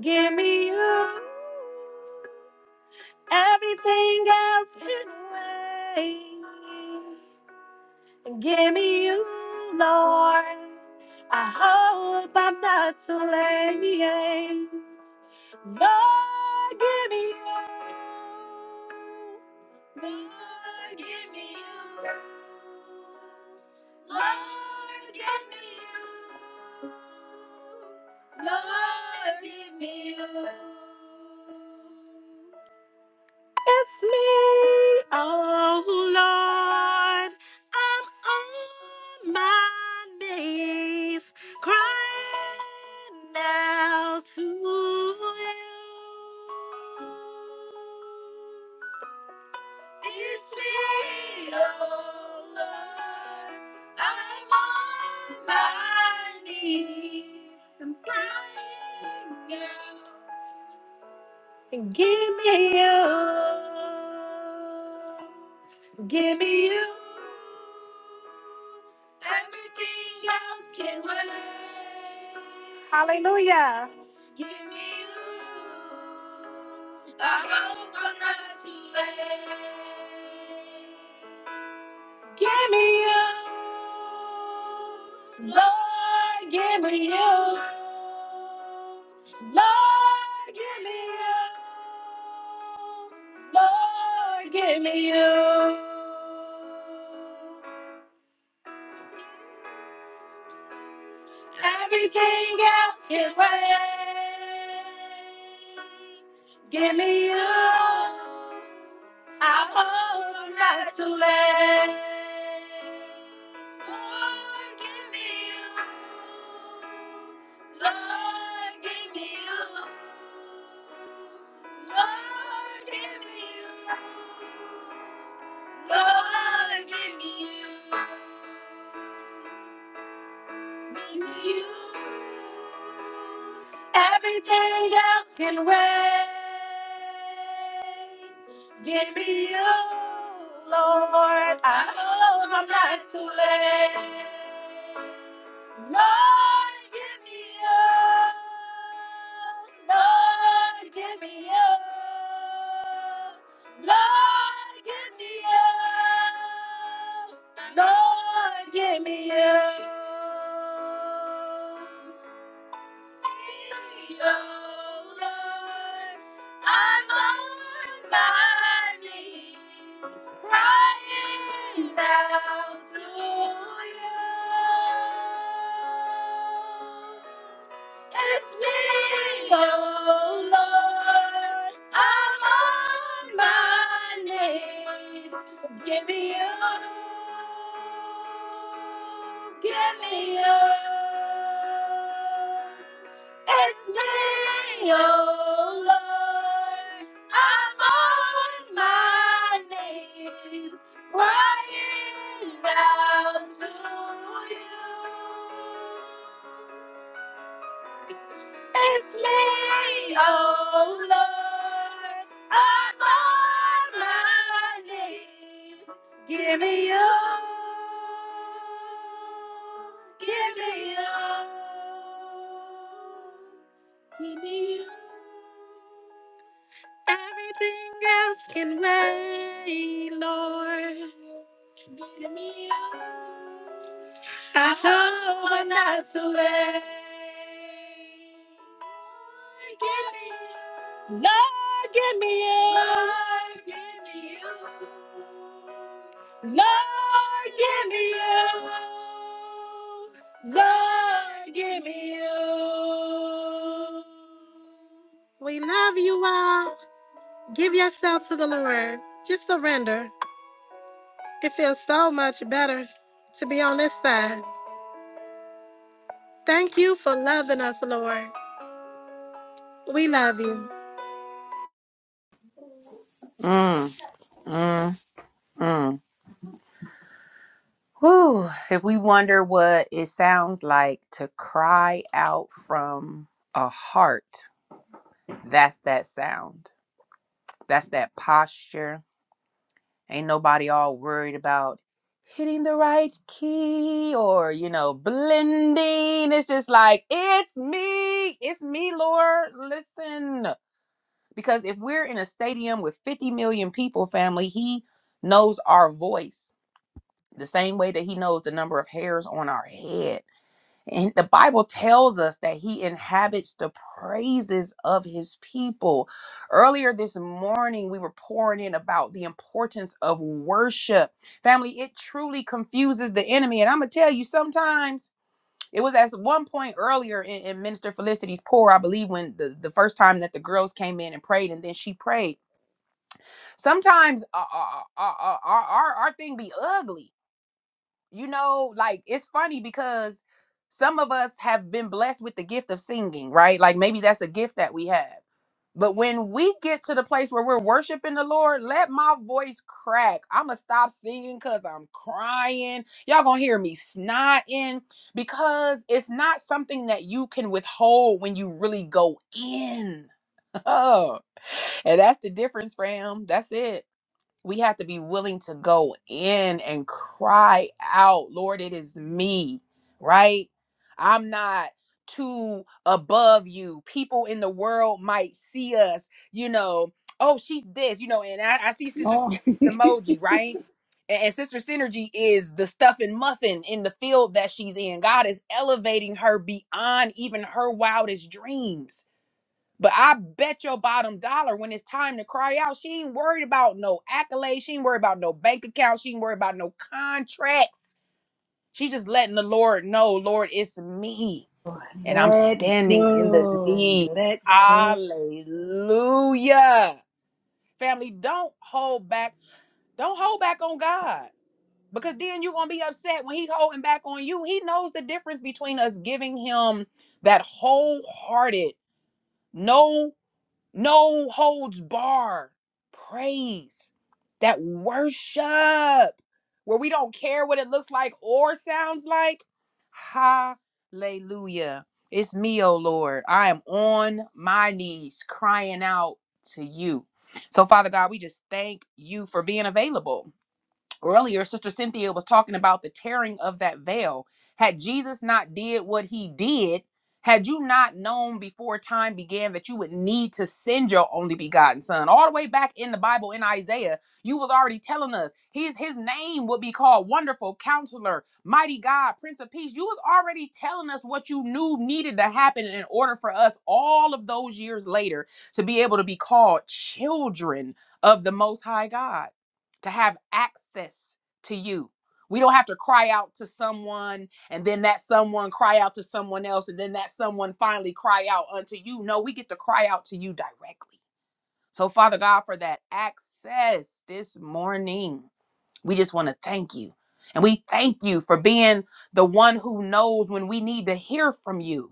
Give me you. Everything else can wait. Give me you, Lord. I hope I'm not too late. Lord, give me you. Oh, Lord, I'm on my knees crying out to you. Give me you. Everything else can wait. Hallelujah. I'm not too late. You, Lord, give me you. Lord, give me you. Lord, give me you. Everything else can wait. Give me you. I hope I'm not too late. Lord, give me you. Lord, give me you. Lord, give me you. Lord, give me you. You, everything else can wait. Give me you, Lord. I hope I'm not too late. Lord, give me you. Lord, give me you. Lord, give me you. Lord, give me you. Give me you, Lord. I'm on my knees, crying out to you. It's me, oh Lord. I'm on my knees. Give me you. Give me you. It's me, oh Lord. I'm on my knees. Crying out to you. It's me, oh Lord, I'm on my knees. Give me you. Everything else can wait, Lord. Give me you. I hope I'm not too late. Give me you. Lord. Lord, give me you. Lord, give me you. We love you all. Give yourself to the Lord. Just surrender. It feels so much better to be on this side. Thank you for loving us, Lord. We love you.
Mm, mm, mm. Whew. If we wonder what it sounds like to cry out from a heart, that's that sound. That's that posture. Ain't nobody all worried about hitting the right key or, you know, blending. It's just like, it's me. It's me, Lord. Listen. Because if we're in a stadium with 50 million people, family, He knows our voice the same way that He knows the number of hairs on our head. And the Bible tells us that he inhabits the praises of his people. Earlier this morning, we were pouring in about the importance of worship. Family, it truly confuses the enemy. And I'm going to tell you, sometimes it was at one point earlier in, in Minister Felicity's pour, I believe, when the, the first time that the girls came in and prayed and then she prayed. Sometimes our, our, our, our, our thing be ugly you know like it's funny because some of us have been blessed with the gift of singing right like maybe that's a gift that we have but when we get to the place where we're worshiping the lord let my voice crack i'ma stop singing because i'm crying y'all gonna hear me snotting because it's not something that you can withhold when you really go in and that's the difference fam that's it we have to be willing to go in and cry out, Lord, it is me, right? I'm not too above you. People in the world might see us, you know, oh, she's this, you know, and I, I see Sister Synergy's
Oh,
emoji, right? And, and Sister Synergy is the stuff and muffin in the field that she's in. God is elevating her beyond even her wildest dreams but I bet your bottom dollar when it's time to cry out, she ain't worried about no accolades. She ain't worried about no bank accounts. She ain't worried about no contracts. She just letting the Lord know, Lord, it's me. And I'm
let
standing in the
go,
need.
let go.
Hallelujah. Family, don't hold back. Don't hold back on God. Because then you're gonna be upset when He holding back on you. He knows the difference between us giving him that wholehearted, no no holds bar praise that worship where we don't care what it looks like or sounds like hallelujah it's me oh lord i am on my knees crying out to you so father god we just thank you for being available earlier sister cynthia was talking about the tearing of that veil had jesus not did what he did had you not known before time began that you would need to send your only begotten son all the way back in the bible in isaiah you was already telling us his his name would be called wonderful counselor mighty god prince of peace you was already telling us what you knew needed to happen in order for us all of those years later to be able to be called children of the most high god to have access to you. We don't have to cry out to someone and then that someone cry out to someone else and then that someone finally cry out unto you. No, we get to cry out to you directly. So, Father God, for that access this morning, we just want to thank you. And we thank you for being the one who knows when we need to hear from you.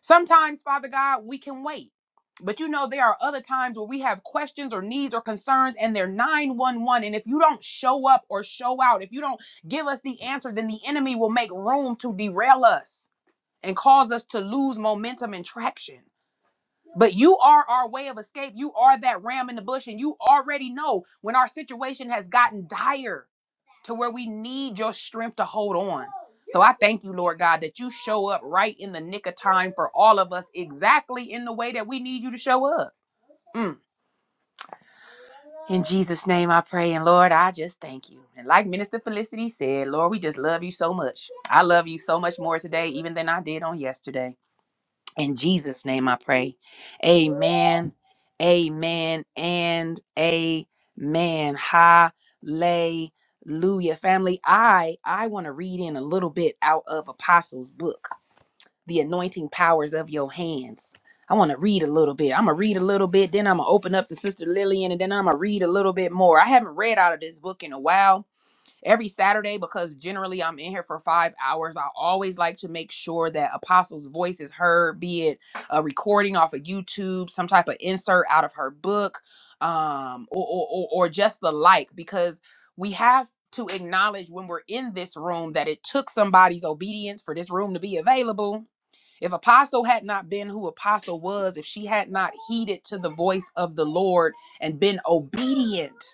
Sometimes, Father God, we can wait. But you know, there are other times where we have questions or needs or concerns, and they're 911. And if you don't show up or show out, if you don't give us the answer, then the enemy will make room to derail us and cause us to lose momentum and traction. But you are our way of escape. You are that ram in the bush, and you already know when our situation has gotten dire to where we need your strength to hold on. So I thank you, Lord God, that you show up right in the nick of time for all of us, exactly in the way that we need you to show up. Mm. In Jesus' name I pray. And Lord, I just thank you. And like Minister Felicity said, Lord, we just love you so much. I love you so much more today, even than I did on yesterday. In Jesus' name I pray. Amen. Amen. And amen. Hallelujah. Family, I I want to read in a little bit out of Apostles' book, The Anointing Powers of Your Hands. I want to read a little bit. I'm going to read a little bit, then I'm going to open up to Sister Lillian, and then I'm going to read a little bit more. I haven't read out of this book in a while every Saturday because generally I'm in here for five hours. I always like to make sure that Apostle's voice is heard, be it a recording off of YouTube, some type of insert out of her book, um, or, or, or, or just the like, because we have to acknowledge when we're in this room that it took somebody's obedience for this room to be available. If Apostle had not been who Apostle was, if she had not heeded to the voice of the Lord and been obedient,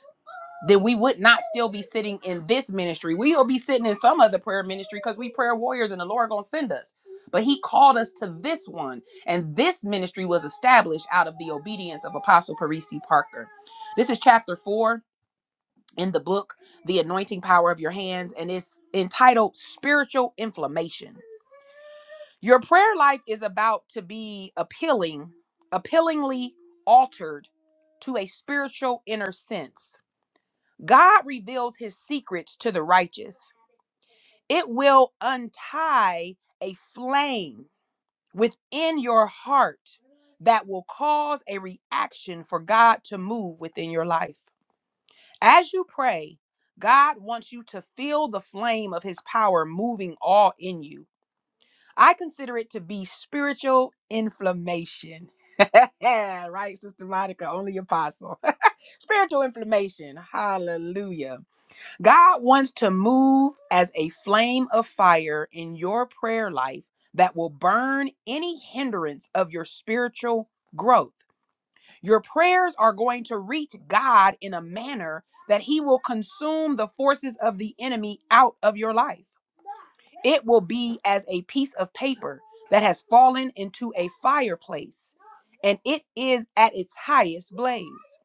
then we would not still be sitting in this ministry. We will be sitting in some other prayer ministry because we prayer warriors and the Lord gonna send us. But he called us to this one, and this ministry was established out of the obedience of Apostle Parisi Parker. This is chapter four in the book, The Anointing Power of Your Hands, and it's entitled Spiritual Inflammation. Your prayer life is about to be appealing, appealingly altered to a spiritual inner sense God reveals his secrets to the righteous. It will untie a flame within your heart that will cause a reaction for God to move within your life. As you pray, God wants you to feel the flame of his power moving all in you. I consider it to be spiritual inflammation. Yeah, right, Sister Monica, only apostle. spiritual inflammation. Hallelujah God wants to move as a flame of fire in your prayer life that will burn any hindrance of your spiritual growth. Your prayers are going to reach God in a manner that he will consume the forces of the enemy out of your life. It will be as a piece of paper that has fallen into a fireplace and it is at its highest blaze.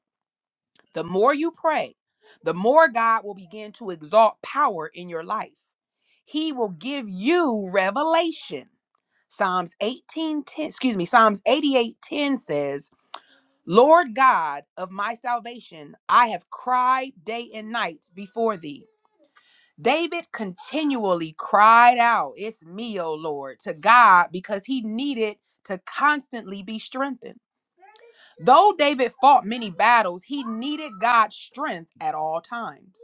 The more you pray, the more God will begin to exalt power in your life. He will give you revelation. Psalms 18:10, excuse me, Psalms 88:10 says, "Lord God of my salvation, I have cried day and night before thee." David continually cried out, "It's me, O Lord," to God because he needed to constantly be strengthened. Though David fought many battles, he needed God's strength at all times.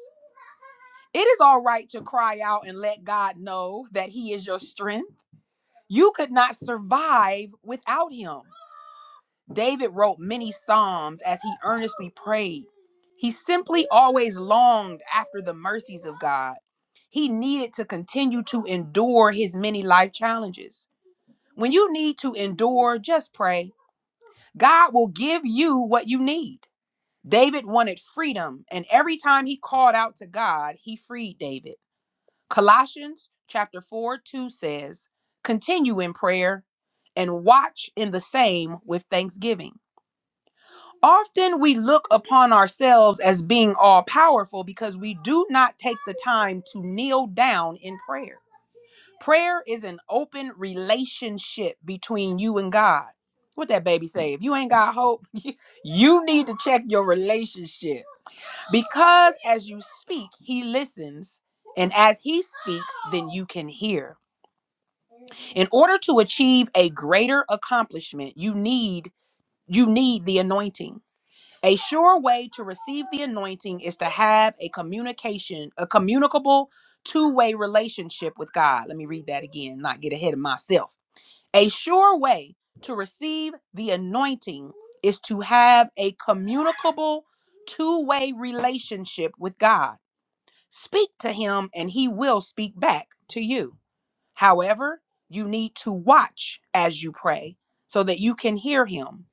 It is all right to cry out and let God know that he is your strength. You could not survive without him. David wrote many psalms as he earnestly prayed. He simply always longed after the mercies of God. He needed to continue to endure his many life challenges. When you need to endure, just pray. God will give you what you need. David wanted freedom, and every time he called out to God, he freed David. Colossians chapter 4 2 says, Continue in prayer and watch in the same with thanksgiving. Often we look upon ourselves as being all powerful because we do not take the time to kneel down in prayer. Prayer is an open relationship between you and God. What that baby say? If you ain't got hope, you need to check your relationship. Because as you speak, he listens, and as he speaks, then you can hear. In order to achieve a greater accomplishment, you need you need the anointing. A sure way to receive the anointing is to have a communication, a communicable two-way relationship with God. Let me read that again, not get ahead of myself. A sure way to receive the anointing is to have a communicable two-way relationship with God. Speak to him and he will speak back to you. However, you need to watch as you pray so that you can hear him.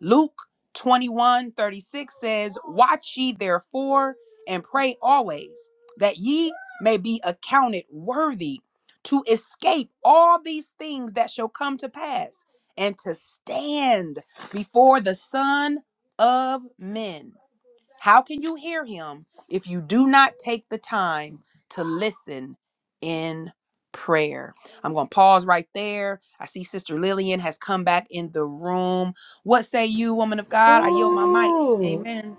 Luke 21 36 says, Watch ye therefore and pray always, that ye may be accounted worthy to escape all these things that shall come to pass and to stand before the Son of Men. How can you hear him if you do not take the time to listen in prayer? I'm going to pause right there. I see Sister Lillian has come back in the room. What say you, woman of God? I yield my mic.
Ooh.
Amen.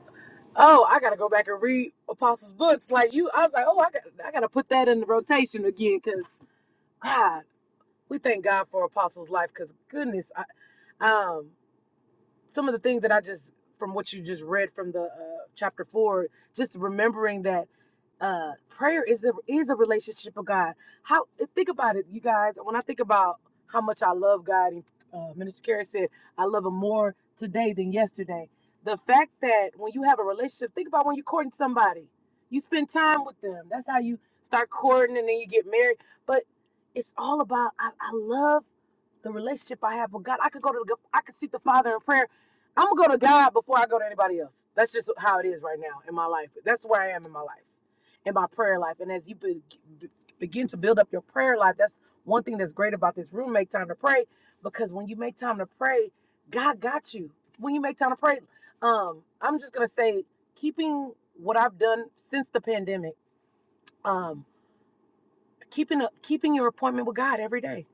Oh, I gotta go back and read Apostles' books. Like you, I was like, oh, I got, I gotta put that in the rotation again because. God, we thank God for Apostle's life because goodness, I, um, some of the things that I just from what you just read from the uh, chapter four, just remembering that uh prayer is a is a relationship with god how think about it you guys when i think about how much i love god and uh, minister Carey said i love him more today than yesterday the fact that when you have a relationship think about when you're courting somebody you spend time with them that's how you start courting and then you get married but it's all about i, I love the relationship I have with God. I could go to the, I could seek the Father in prayer. I'm gonna go to God before I go to anybody else. That's just how it is right now in my life. That's where I am in my life in my prayer life. And as you be, be- begin to build up your prayer life, that's one thing that's great about this room. Make time to pray because when you make time to pray, God got you. When you make time to pray, um, I'm just gonna say keeping what I've done since the pandemic, um, keeping a, keeping your appointment with God every day.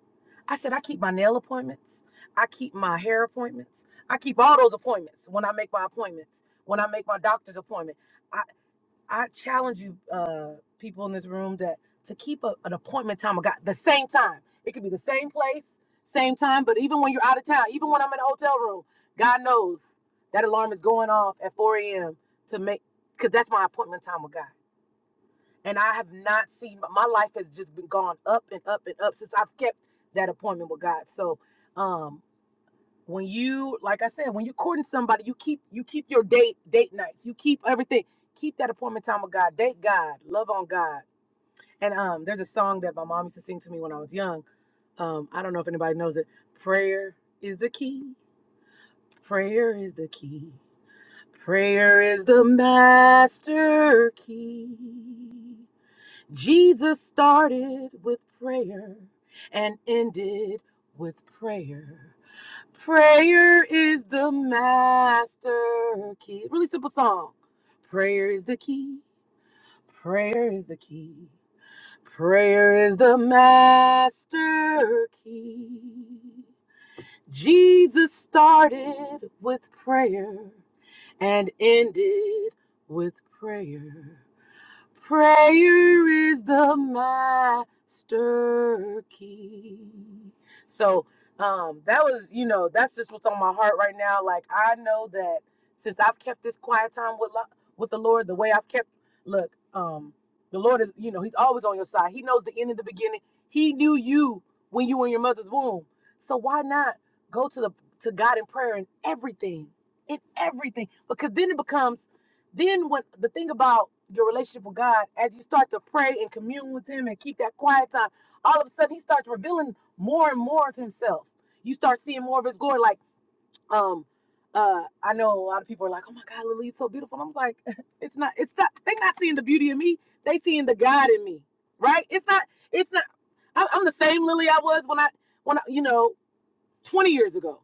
I said I keep my nail appointments, I keep my hair appointments, I keep all those appointments when I make my appointments, when I make my doctor's appointment. I I challenge you, uh, people in this room, that to keep a, an appointment time of God the same time. It could be the same place, same time, but even when you're out of town, even when I'm in a hotel room, God knows that alarm is going off at 4 a.m. to make because that's my appointment time with God. And I have not seen my life has just been gone up and up and up since I've kept that appointment with God. So, um, when you like i said when you're courting somebody you keep you keep your date date nights you keep everything keep that appointment time with god date god love on god and um there's a song that my mom used to sing to me when i was young um i don't know if anybody knows it prayer is the key prayer is the key prayer is the master key jesus started with prayer and ended with prayer Prayer is the master key. Really simple song. Prayer is the key. Prayer is the key. Prayer is the master key. Jesus started with prayer and ended with prayer. Prayer is the master key. So um that was, you know, that's just what's on my heart right now. Like I know that since I've kept this quiet time with lo- with the Lord, the way I've kept look, um the Lord is, you know, he's always on your side. He knows the end and the beginning. He knew you when you were in your mother's womb. So why not go to the to God in prayer in everything? In everything. Because then it becomes then when the thing about your relationship with God, as you start to pray and commune with Him and keep that quiet time, all of a sudden He starts revealing more and more of Himself. You start seeing more of His glory. Like, um, uh, I know a lot of people are like, "Oh my God, Lily, it's so beautiful." And I'm like, it's not. It's not. They're not seeing the beauty in me. They seeing the God in me, right? It's not. It's not. I, I'm the same Lily I was when I when I, you know 20 years ago.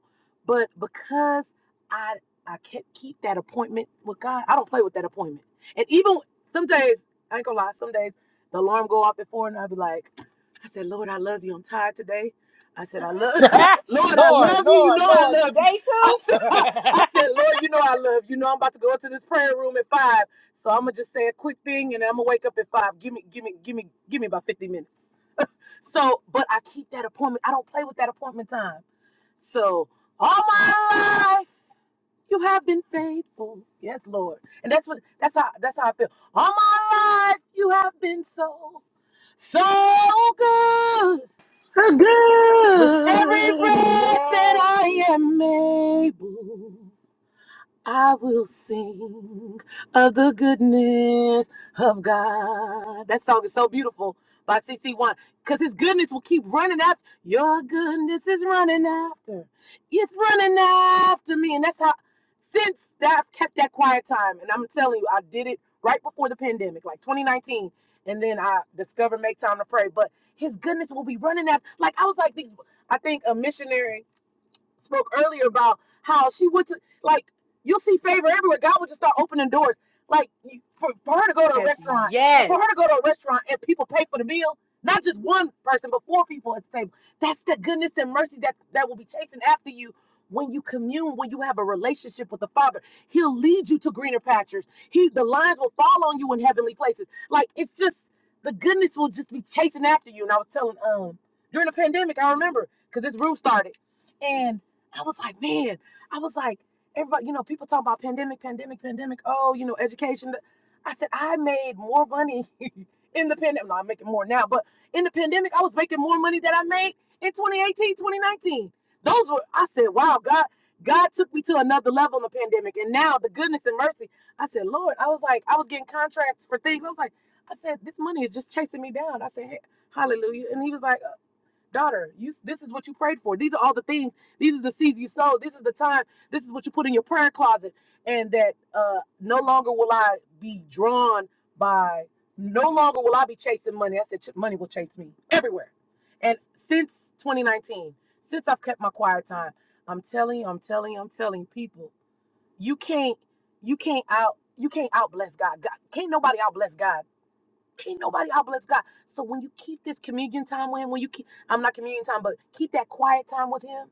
But because I I kept keep that appointment with God, I don't play with that appointment. And even some days, I ain't gonna lie, some days the alarm go off at four and I'll be like, I said, Lord, I love you. I'm tired today. I said, I love Lord, I
Lord,
love you. You
Lord,
know I
Lord,
love you.
today
I
too?
said, I said, Lord, you know I love you. You know I'm about to go into this prayer room at five. So I'm gonna just say a quick thing and then I'm gonna wake up at five. Give me, give me, give me, give me about 50 minutes. So, but I keep that appointment. I don't play with that appointment time. So all my life you have been faithful. Yes, Lord. And that's what that's how that's how I feel. All my life you have been so so good
Oh,
with every
Good,
breath
yeah.
that I am able. I will sing of the goodness of God. That song is so beautiful by CC1 because his goodness will keep running after. Your goodness is running after. It's running after me. And that's how, since that, I've kept that quiet time. And I'm telling you, I did it right before the pandemic, like 2019. And then I discovered Make Time to Pray. But his goodness will be running after. Like, I was like, the- I think a missionary spoke earlier about how she went to like you'll see favor everywhere. God will just start opening doors. Like you- for, for her to go to a
Yes,
restaurant, well, for
yes.
her to go to a restaurant and people pay for the meal, not just one person, but four people at the table. That's the goodness and mercy that that will be chasing after you when you commune, when you have a relationship with the Father. He'll lead you to greener pastures. He the lines will fall on you in heavenly places. Like it's just the goodness will just be chasing after you. And I was telling um during the pandemic, I remember because this room started. I was like, man, I was like, everybody, you know, people talking about pandemic, pandemic, pandemic. Oh, you know, education. I said, I made more money in the pandemic. No, I'm making more now, but in the pandemic, I was making more money than I made in 2018, 2019. Those were, I said, wow, God, God took me to another level in the pandemic. And now the goodness and mercy. I said, Lord, I was like, I was getting contracts for things. I was like, I said, this money is just chasing me down. I said, hey, hallelujah. And he was like, daughter you this is what you prayed for these are all the things these are the seeds you sowed this is the time this is what you put in your prayer closet and that uh no longer will i be drawn by no longer will i be chasing money i said "Ch- money will chase me everywhere and since 2019 since i've kept my quiet time i'm telling you i'm telling you i'm telling you, people you can't you can't out you can't out bless god, god can't nobody out bless god Ain't nobody how blessed God. So when you keep this communion time with Him, when you keep, I'm not communion time, but keep that quiet time with Him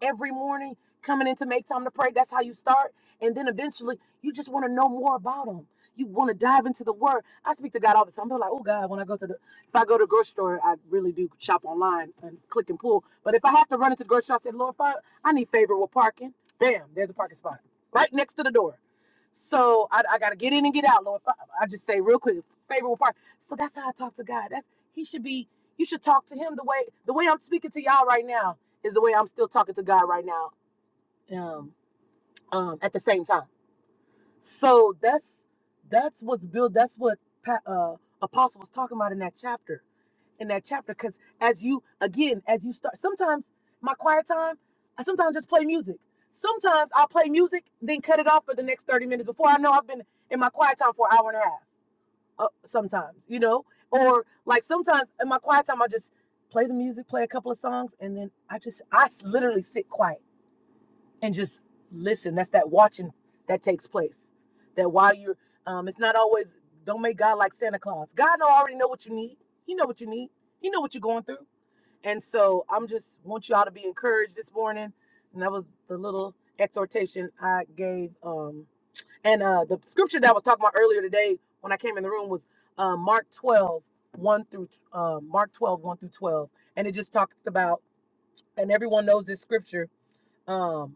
every morning, coming in to make time to pray. That's how you start. And then eventually, you just want to know more about Him. You want to dive into the Word. I speak to God all the time. I'm like, oh God, when I go to the, if I go to the grocery store, I really do shop online and click and pull. But if I have to run into the grocery store, I said, Lord, if I, I need favorable parking. Bam, there's a parking spot right next to the door. So I, I gotta get in and get out, Lord. I, I just say real quick, favorable parking. So that's how I talk to God. That's he should be. You should talk to him the way the way I'm speaking to y'all right now is the way I'm still talking to God right now. Um, um, at the same time. So that's that's what's built. That's what Pa- uh, Apostle was talking about in that chapter. In that chapter, because as you again, as you start, sometimes my quiet time, I sometimes just play music. Sometimes I'll play music, then cut it off for the next 30 minutes before I know I've been in my quiet time for an hour and a half uh, sometimes, you know, or like sometimes in my quiet time, I just play the music, play a couple of songs, and then I just, I literally sit quiet and just listen. That's that watching that takes place. That while you're, um, it's not always, don't make God like Santa Claus. God know, already know what you need. He know what you need. He know what you're going through. And so I'm just want y'all to be encouraged this morning. And that was the little exhortation I gave. Um, and uh, the scripture that I was talking about earlier today when I came in the room was uh, Mark twelve one through uh, Mark twelve one through 12. And it just talks about, and everyone knows this scripture, um,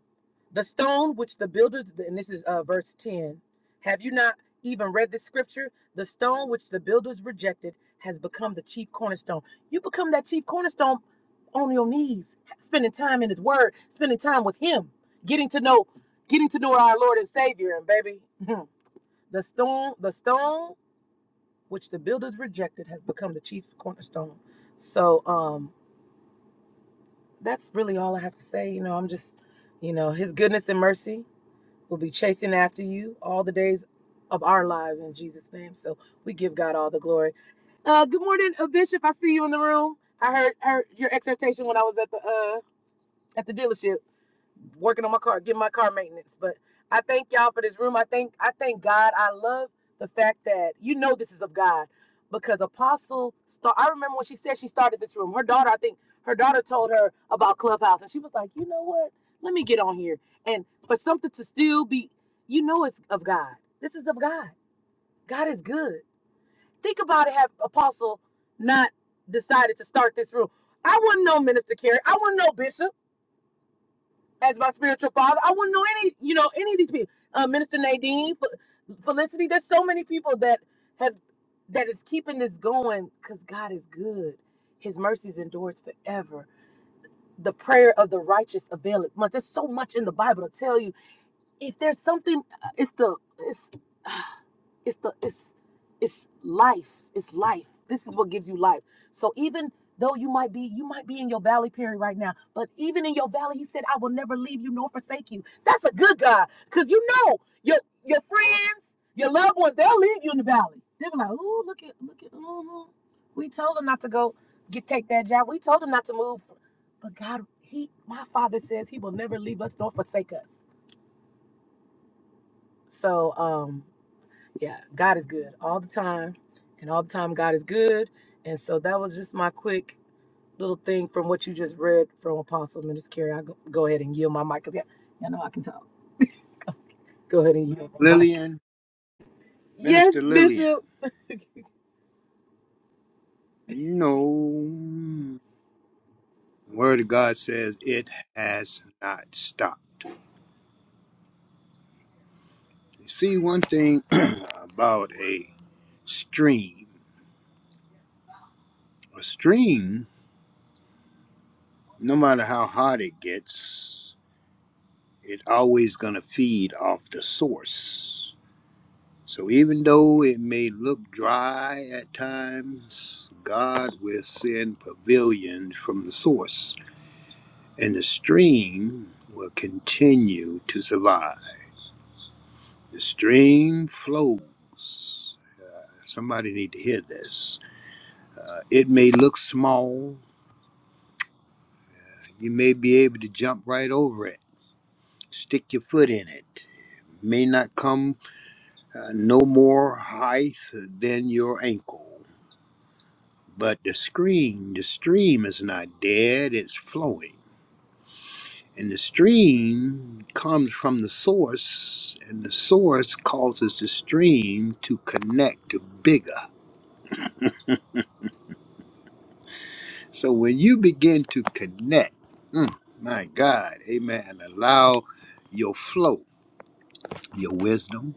the stone which the builders, and this is uh, verse 10. Have you not even read this scripture? The stone which the builders rejected has become the chief cornerstone. You become that chief cornerstone on your knees, spending time in his word, spending time with him, getting to know, getting to know our Lord and Savior. And baby, The stone, the stone which the builders rejected has become the chief cornerstone. So um that's really all I have to say. You know, I'm just, you know, his goodness and mercy will be chasing after you all the days of our lives in Jesus' name. So we give God all the glory. Uh good morning, uh, Bishop. I see you in the room. I heard heard your exhortation when I was at the uh at the dealership. working on my car, getting my car maintenance. But I thank y'all for this room. I thank I thank God. I love the fact that you know this is of God because Apostle Star. I remember when she said she started this room. Her daughter, I think her daughter told her about Clubhouse, and she was like, you know what? Let me get on here. And for something to still be, you know, it's of God. This is of God. God is good. Think about it. Have Apostle not decided to start this room? I wouldn't know Minister Carey. I wouldn't know Bishop as my spiritual father. I wouldn't know any, you know, any of these people. Uh, Minister Nadine, Felicity. There's so many people that have that is keeping this going because God is good. His mercies endures forever. The prayer of the righteous availeth much. There's so much in the Bible to tell you. If there's something, uh, it's the it's it's the it's it's life. It's life. This is what gives you life. So even though you might be you might be in your valley period right now, but even in your valley, he said, I will never leave you nor forsake you. That's a good God. Cause you know your your friends, your loved ones, they'll leave you in the valley. They'll be like, oh, look at look at mhm. we told him not to go get take that job. We told him not to move. But God, he my father says he will never leave us nor forsake us. So um yeah, God is good all the time, and all the time God is good. And so that was just my quick little thing from what you just read from Apostle Minister Carey. I'll go, go ahead and yield my mic because yeah, y'all know I can talk. Go ahead and yield my mic.
Lillian,
Yes,
Minister Lillian.
Bishop.
No. Word of God says it has not stopped. You see, one thing about a stream, a stream, no matter how hot it gets, It's always going to feed off the source. So even though it may look dry at times, God will send pavilions from the source, and the stream will continue to survive. The stream flows. Somebody need to hear this. Uh, it may look small. You may be able to jump right over it, stick your foot in it. May not come uh, no more height than your ankle. But the stream, the stream is not dead, it's flowing. And the stream comes from the source, and the source causes the stream to connect to bigger. So when you begin to connect, mm, my God, amen, allow your flow, your wisdom,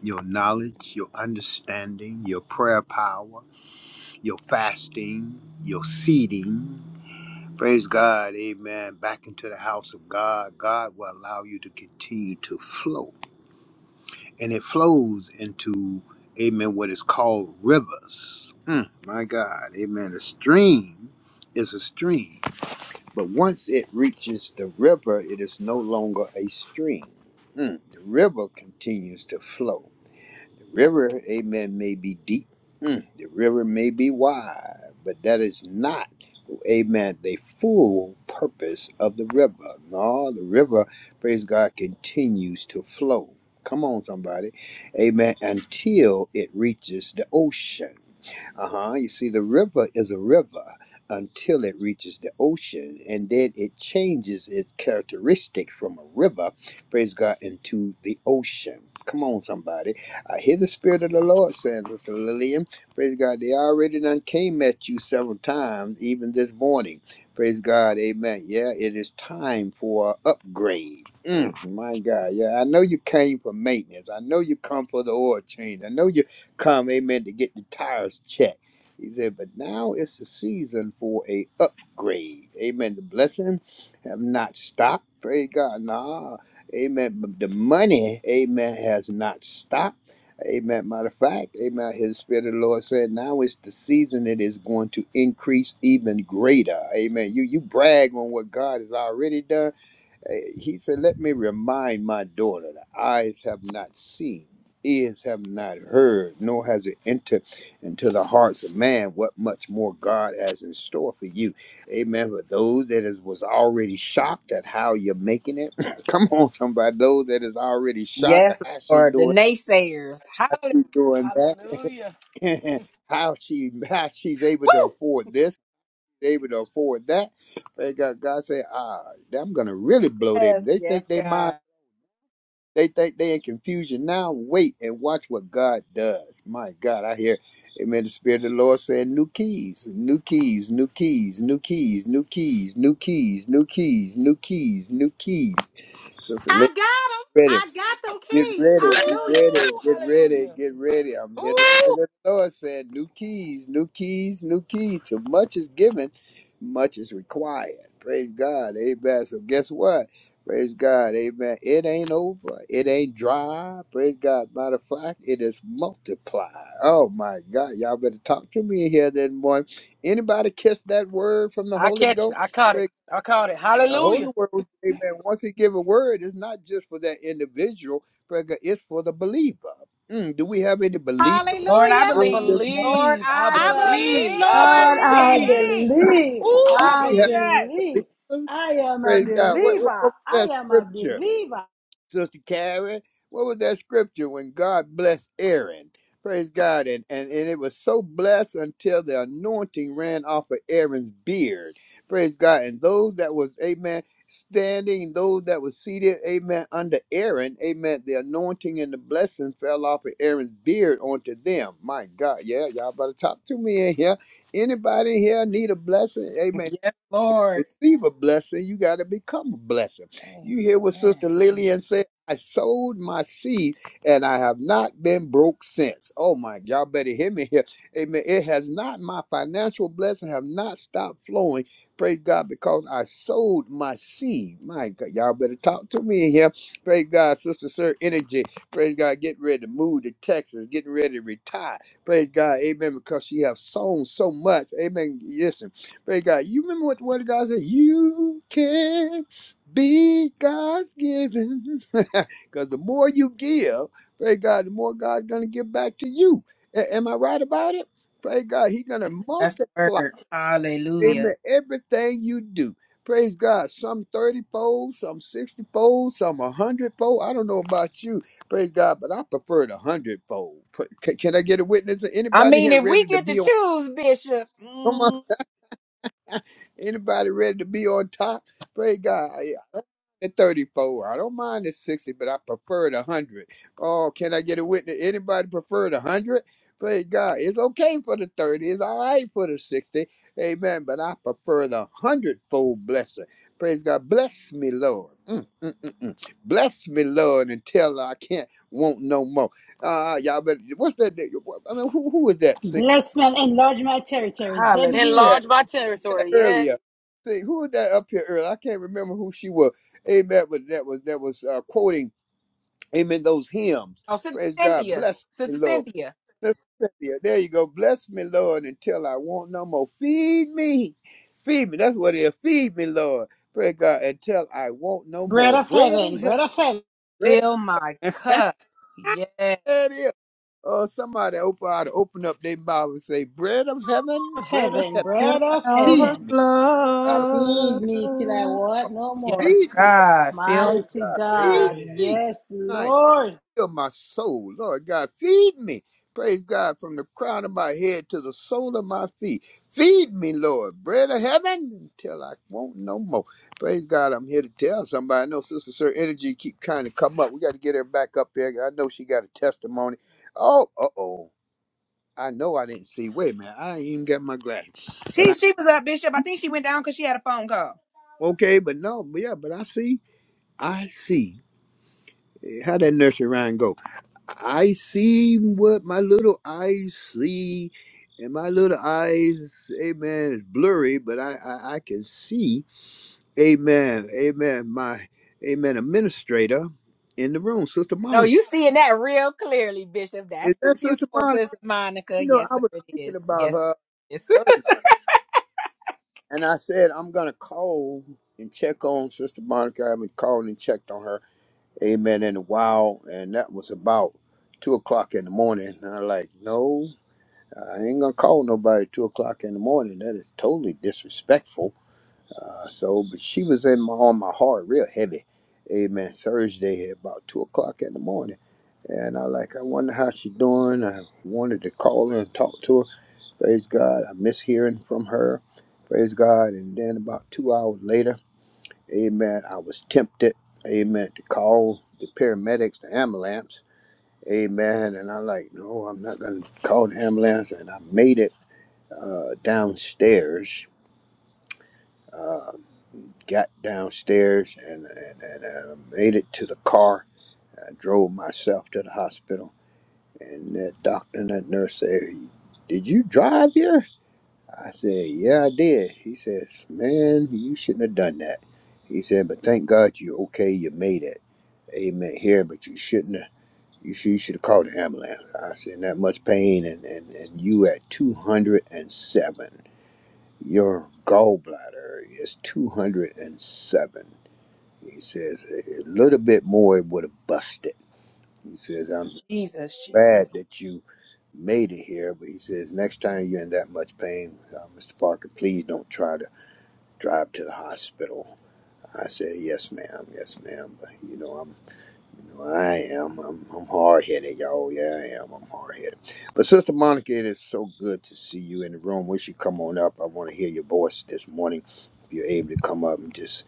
your knowledge, your understanding, your prayer power, your fasting, your seeding. Praise God, amen. Back into the house of God. God will allow you to continue to flow. And it flows into, amen, what is called rivers. Hmm, my God, amen. A stream is a stream, but once it reaches the river, it is no longer a stream. Hmm, the river continues to flow. The river, amen, may be deep, Hmm, the river may be wide, but that is not amen, the full purpose of the river. No, the river, praise God, continues to flow. Come on, somebody. Amen. Until it reaches the ocean. Uh huh. You see, the river is a river until it reaches the ocean, and then it changes its characteristic from a river, praise God, into the ocean. Come on, somebody. I hear the Spirit of the Lord saying, Sister Lillian. Praise God. They already done came at you several times, even this morning. Praise God. Amen. Yeah, it is time for a upgrade. Mm, my God. Yeah, I know you came for maintenance. I know you come for the oil change. I know you come, amen, to get the tires checked. He said, but now it's the season for a upgrade. Amen. The blessing have not stopped. Praise God. Nah. Amen. But the money, amen, has not stopped. Amen. Matter of fact, amen. His spirit of the Lord said, now is the season it is going to increase even greater. Amen. You you brag on what God has already done. Eh, He said, Let me remind my daughter that eyes have not seen, ears have not heard, nor has it entered into the hearts of man what much more God has in store for you. Amen. For those that is was already shocked at how you're making it. Come on, somebody. Those that is already shocked at
yes,
how she
Lord. The
doing
naysayers.
how
Hallelujah.
she's doing
Hallelujah.
that, how she how she's able to
Woo!
afford this, able to afford that. They got God say, ah, I'm gonna really blow them.
Yes,
They think
yes,
they mind,
God.
they think they in confusion now. Wait and watch what God does. My God, I hear, Amen. The Spirit of the Lord saying, new keys, new keys, new keys, new keys, new keys, new keys, new keys, new keys, new keys. So, so let ready. Get
Woo!
ready, get ready, get ready,
Hallelujah.
get ready. I'm
Woo!
here to say that the Lord said, new keys, new keys, new keys. Too much is given, much is required. Praise God, amen. So guess what? Praise God, amen. It ain't over. It ain't dry. Praise God. Matter of fact, it is multiplied. Oh my God. Y'all better talk to me here this morning. Anybody kiss that word from the
I
Holy
catch it.
Ghost?
I caught it. I caught it.
The Holy
Hallelujah.
Word, amen, once he give a word, it's not just for that individual, but it's for the believer. Mm, do we have any believers in the
Lord, I
Hallelujah.
I
room
believe.
this morning?
Lord,
believe. I
Our
I
believe. I
God, I
believe.
believe.
believe.
Ooh,
Do
I
I
we have
believe.
Jesus.
believe.
believers?
I am a
Praise God. What, what,
believer.
what was
I
that
am a
scripture?
believer.
Sister Carrie, what was that scripture when God blessed Aaron? Praise God. And, and, and it was so blessed until the anointing ran off of Aaron's beard. Praise God. And those that was, amen, standing, those that was seated, amen, under Aaron, amen, the anointing and the blessing fell off of Aaron's beard onto them. My God. Yeah, y'all better talk to me in here. Anybody in here need a blessing? Amen
Yes, Lord.
receive a blessing, you got to become a blessing. You hear what Sister Lillian said? I sowed my seed and I have not been broke since. Oh my, y'all better hear me here. Amen. It has not, my financial blessing have not stopped flowing. Praise God, because I sowed my seed. My God, y'all better talk to me in here. Praise God, Sister Sir Energy. Praise God, getting ready to move to Texas, getting ready to retire. Praise God, amen, because she has sown so much. Amen. Listen. Praise God. You remember what the word of God said? You can be God's given. Because the more you give, praise God, the more God's going to give back to you. A- am I right about it? Praise God. He's going to
That's the
multiply,
word. Hallelujah.
amen, everything you do. Praise God. Some 30 fold, some 60 fold, some 100 fold. I don't know about you. Praise God, but I prefer the 100 fold. Can, can I get a witness?
I
Anybody
mean,
here
if we
ready to
get to
be on?
choose, Bishop.
Come on.
mm,
Anybody ready to be on top? Pray God. I, at 34. I don't mind the 60, but I prefer the 100. Oh, can I get a witness? Anybody prefer the 100? Pray God. It's okay for the 30. It's all right for the 60. Amen. But I prefer the 100 fold blessing. Praise God. Bless me, Lord. Mm, mm, mm, mm. Bless me, Lord, until I can't want no more. Uh, y'all, but what's that? I mean, who, who is that? singing?
Bless me and enlarge my territory.
Hallelujah.
Zebedee,
earlier. See who was that up here earlier? I can't remember who she was. Amen. But that was that was uh, quoting Amen those hymns.
Oh, Sister
Praise God.
Cynthia.
Bless me,
Sister
Lord.
Cynthia.
Sister Cynthia, There you go. Bless me, Lord, until I want no more. Feed me. Feed me. That's what it is. Feed me, Lord. Praise God. Until I want no
bread
more.
of
Bread
heaven,
of
bread
heaven.
of heaven,
Bread.
Fill my
that
cup. Yes.
it is. Oh, somebody open ought to open up their mouth and say, Bread of heaven,
of
bread of
heaven,
to
bread of
heaven. Feed
heaven.
me. God,
overflow.
Feed me till I want no more.
Yes,
feed me,
God. Fill
Praise
Mighty
God. Feed
God,
Praise.
me.
yes,
I
Lord.
heal my soul. Lord God, feed me. Praise God from the crown of my head to the sole of my feet. Feed me, Lord, bread of heaven until I won't no more. Praise God, I'm here to tell somebody. I know Sister Sir Energy keep kind of come up. We got to get her back up there. I know she got a testimony. Oh, uh-oh. I know I didn't see. Wait a minute. I ain't even got my glasses. But
She
I,
she was up, Bishop. I think she went down because she had a phone call.
okay, but no, but yeah, but I see. I see. How that nursery rhyme go? I see what my little eyes see, and my little eyes, amen, is blurry, but I, I, I can see, amen, amen, my, amen, administrator in the room, Sister
No,
Monica.
you seeing that real clearly, Bishop.
Is
That's the
that Sister
beautiful
Monica?
sister Monica.
You know,
Yes,
I
sir,
was
it
thinking
is.
about
Yes,
her
yes.
Thursday, and I said, I'm going to call and check on Sister Monica. I haven't called and checked on her, amen, in a while, and that was about two o'clock in the morning. And I'm like, no. I ain't gonna call nobody two o'clock in the morning. That is totally disrespectful. Uh, so, but she was in my on my heart real heavy. Amen. Thursday at about two o'clock in the morning, and I like I wonder how she doing. I wanted to call her and talk to her. Praise God. I miss hearing from her. Praise God. And then about two hours later, Amen. I was tempted, Amen, to call the paramedics, the ambulance. Amen. And I like, no, I'm not gonna call the ambulance. And I made it uh, downstairs, uh, got downstairs, and, and, and, and I made it to the car. I drove myself to the hospital, and that doctor and that nurse said, "Did you drive here?" I said, "Yeah, I did." He says, "Man, you shouldn't have done that." He said, "But thank God you're okay. You made it. Amen. Here, but you shouldn't have." You should, you should have called the ambulance. I said, that much pain, and, and, and you at 207. Your gallbladder is 207. He says, a little bit more it would have busted. He says, I'm
Jesus, Jesus.
glad that you made it here, but he says, next time you're in that much pain, uh, Mr. Parker, please don't try to drive to the hospital. I said, yes, ma'am, yes, ma'am. But, you know, I'm I am. I'm, I'm hard headed, y'all. Yeah, I am. I'm hard headed. But Sister Monica, it is so good to see you in the room. Wish you come on up. I want to hear your voice this morning. If you're able to come up and just,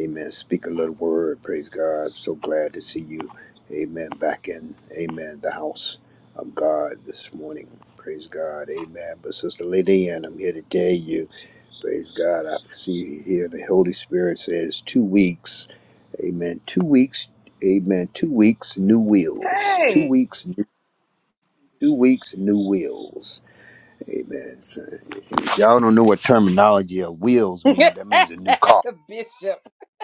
amen, speak a little word. Praise God. So glad to see you. Amen. Back in, amen, the house of God this morning. Praise God. Amen. But Sister Lady, and I'm here to tell you, praise God. I see here the Holy Spirit says two weeks. Amen. Two weeks. Amen. Two weeks. New wheels. Two
Hey.
weeks. New, Two weeks. New wheels. Amen. So, if y'all don't know what terminology of wheels mean.
Bishop.
That means a new car.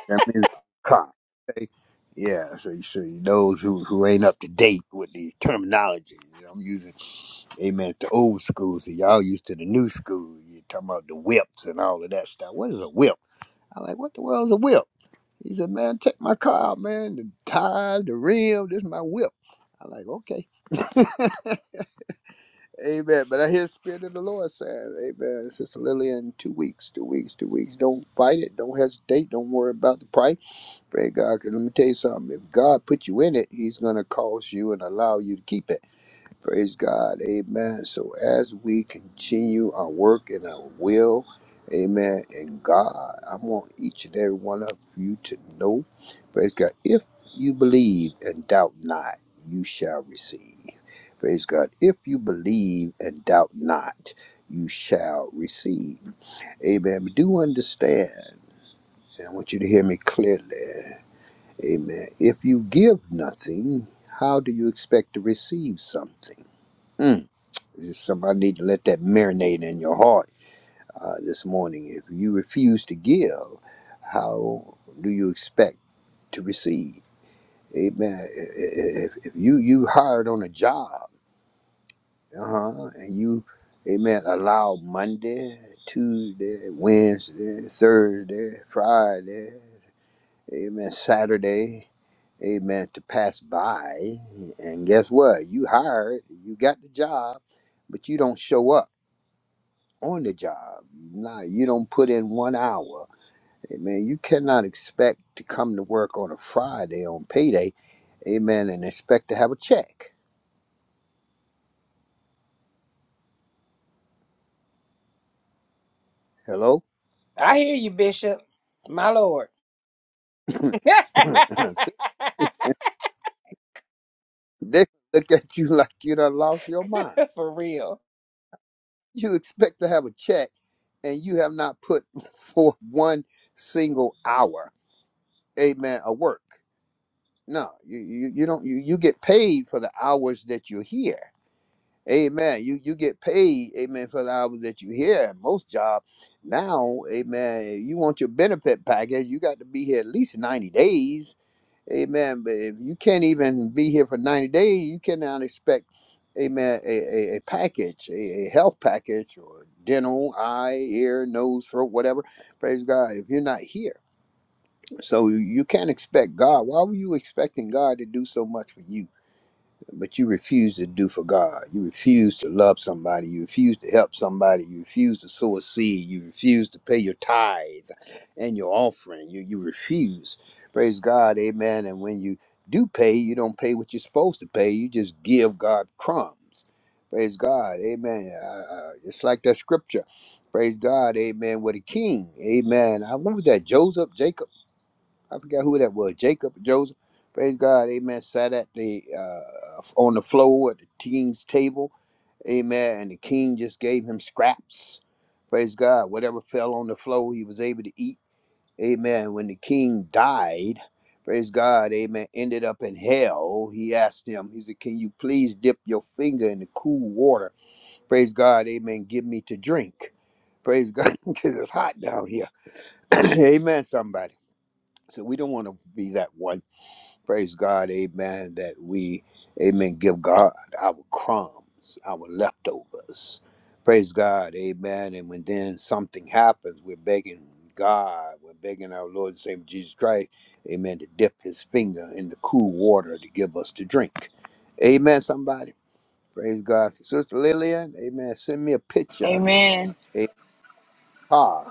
That means a new car. Okay? Yeah. So, you- so you- those who who ain't up to date with these terminologies, you know, I'm using. Amen. It's the old school. So y'all used to the new school. You talking about the whips and all of that stuff. What is a whip? I'm like, what the world is a whip? He said, man, take my car out, man. The tires, the rim, this is my whip. I like, okay. Amen. But I hear the Spirit of the Lord saying, Amen. Sister Lillian, two weeks, two weeks, two weeks. Don't fight it. Don't hesitate. Don't worry about the price. Pray God. Because let me tell you something. If God put you in it, He's going to cause you and allow you to keep it. Praise God. Amen. So as we continue our work and our will, amen, and God, I want each and every one of you to know, praise God, if you believe and doubt not, you shall receive. Praise God. If you believe and doubt not, you shall receive. Amen. But do understand, and I want you to hear me clearly. Amen. If you give nothing, how do you expect to receive something? Mm. Somebody need to let that marinate in your heart uh, this morning. If you refuse to give, how do you expect to receive? Amen. If, if you you hired on a job, uh-huh, and you, amen, allow Monday, Tuesday, Wednesday, Thursday, Friday, amen, Saturday, amen, to pass by, and guess what? You hired, you got the job, but you don't show up on the job. Nah, you don't put in one hour. Amen. You cannot expect to come to work on a Friday on payday, amen, and expect to have a check. Hello?
I hear you, Bishop. My Lord.
they look at you like you done lost your mind.
For real.
You expect to have a check and you have not put forth one single hour, amen, of work. No, you, you, you don't you, you get paid for the hours that you're here. Amen. You you get paid, amen, for the hours that you here. And Most job now, amen. If You want your benefit package, you got to be here at least ninety days, amen. But if you can't even be here for ninety days, you cannot expect, amen, a, a, a package, a, a health package, or dental, eye, ear, nose, throat, whatever. Praise God. If you're not here, so you can't expect God. Why were you expecting God to do so much for you? but you refuse to do for God. You refuse to love somebody. You refuse to help somebody. You refuse to sow a seed. You refuse to pay your tithe and your offering. You you refuse. Praise God, Amen. And when you do pay, you don't pay what you're supposed to pay. You just give God crumbs. Praise God, Amen. Uh, uh, it's like that scripture. Praise God, Amen. With a king, Amen. I, what was that? Joseph, Jacob. I forgot who that was. Jacob, Joseph. Praise God. Amen. Sat at the uh, on the floor at the king's table. Amen. And the king just gave him scraps. Praise God. Whatever fell on the floor, he was able to eat. Amen. When the king died, praise God, amen, ended up in hell. He asked him, he said, Can you please dip your finger in the cool water? Praise God, amen. Give me to drink. Praise God, because it's hot down here. amen, somebody. So we don't want to be that one. Praise God, amen, that we, amen, give God our crumbs, our leftovers. Praise God, amen. And when then something happens, we're begging God, we're begging our Lord and Savior Jesus Christ, amen, to dip his finger in the cool water to give us to drink. Amen, somebody. Praise God. Sister Lillian, amen, send me a picture,
Amen.
a car.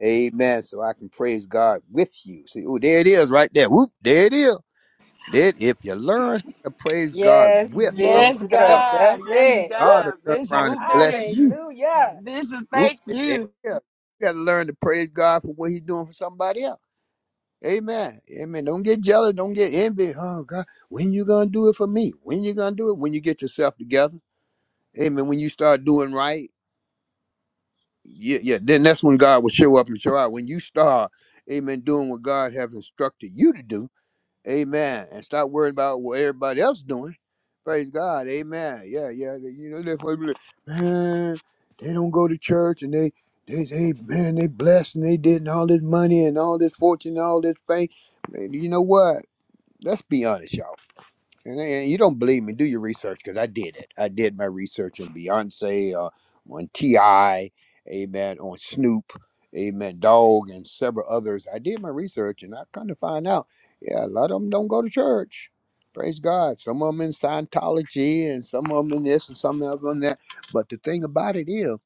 Amen. So I can praise God with you. See, oh, there it is right there. Whoop, there it is. That if you learn to praise God
Yes,
with
Yes,
somebody
Bishop.
else,
God.
That's
Yes,
it. Woo!
God will
God.
turn
Bishop,
around and
whoop, there it
bless
is.
you.
Hallelujah.
Bishop,
Whoop,
thank
eh, eh,
you.
yeah. You gotta learn to praise God for what He's doing for somebody else. Amen. Amen. Don't get jealous. Don't get envious. Oh God, when you gonna do it for me? When you gonna do it? When you get yourself together. Amen. When you start doing right, yeah, yeah. Then that's when God will show up and show out. When you start, Amen, doing what God has instructed you to do Amen. And stop worrying about what everybody else doing. Praise God. Amen. Yeah, yeah. they- You know, that's what we- man, they don't go to church and they, they, they, man, they blessed and they did and all this money and all this fortune and all this fame. Man, you know what? Let's be honest, y'all. And, and you don't believe me? Do your research because I did it. I did my research on Beyonce, uh, on Ti, Amen, on Snoop, Amen, Dog, and several others. I did my research and I kind of find out, yeah, a lot of them don't go to church. Praise God. Some of them in Scientology and some of them in this and some of them in that. But the thing about it is,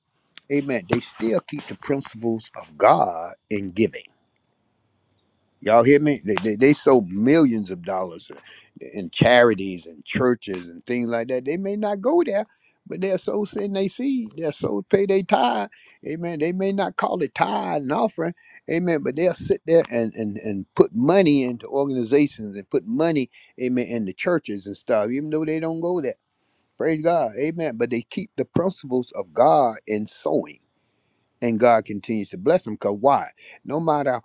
Amen, they still keep the principles of God in giving. Y'all hear me? They, they, they sold millions of dollars in in charities and churches and things like that. They may not go there, but their souls send they seed. They're so pay their tithe. Amen. They may not call it tithe and offering. Amen. But they'll sit there and, and, and put money into organizations and put money, amen, into churches and stuff, even though they don't go there. Praise God. Amen. But they keep the principles of God in sowing and God continues to bless them. Because why? No matter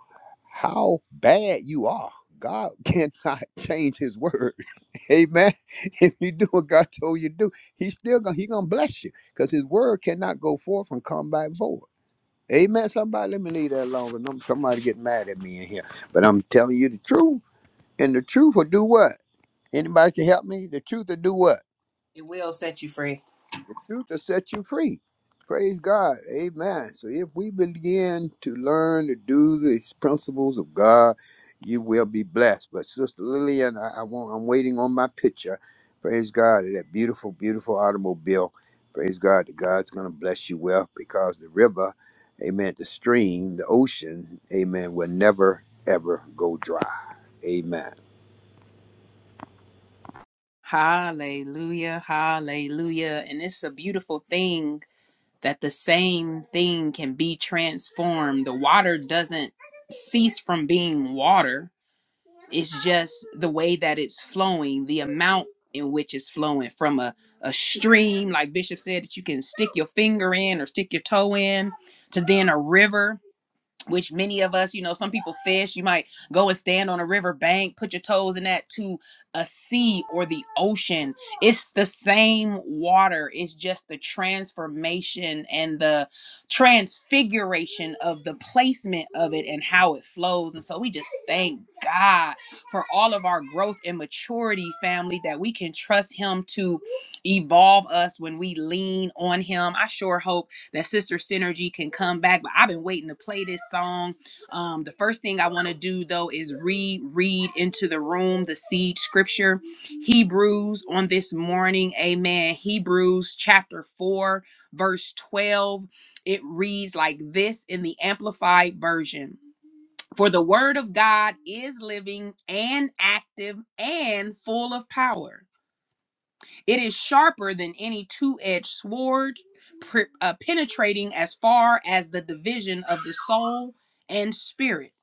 how bad you are, God cannot change His word. Amen. If you do what God told you to do, He's still gonna He gonna bless you because His word cannot go forth and come back void. Amen. Somebody, let me leave that alone. 'cause I'm- Somebody get mad at me in here, but I'm telling you the truth, and the truth will do what? Anybody can help me? The truth will do what?
It will set you free.
truth will set you free. Praise God. Amen. So if we begin to learn to do these principles of God, you will be blessed. But Sister Lillian, I, I want I'm waiting on my picture. Praise God. of That beautiful, beautiful automobile. Praise God that God's gonna bless you well because the river, amen, the stream, the ocean, amen, will never ever go dry. Amen.
Hallelujah. Hallelujah. And it's a beautiful thing that the same thing can be transformed. The water doesn't cease from being water. it's just the way that it's flowing the amount in which it's flowing from a, a stream like bishop said that you can stick your finger in or stick your toe in to then a river which many of us, you know, some people fish. You might go and stand on a river bank, put your toes in that to a sea or the ocean. It's the same water. It's just the transformation and the transfiguration of the placement of it and how it flows. And so we just thank God for all of our growth and maturity, family, that we can trust Him to evolve us when we lean on Him. I sure hope that Sister Synergy can come back. But I've been waiting to play this song. Um, the first thing I want to do though is reread into the room the seed scripture, Hebrews on this morning. Amen. Hebrews chapter 4, verse 12. It reads like this in the Amplified Version. For the word of God is living and active and full of power it is sharper than any two edged sword, pre- uh, penetrating as far as the division of the soul and spirit,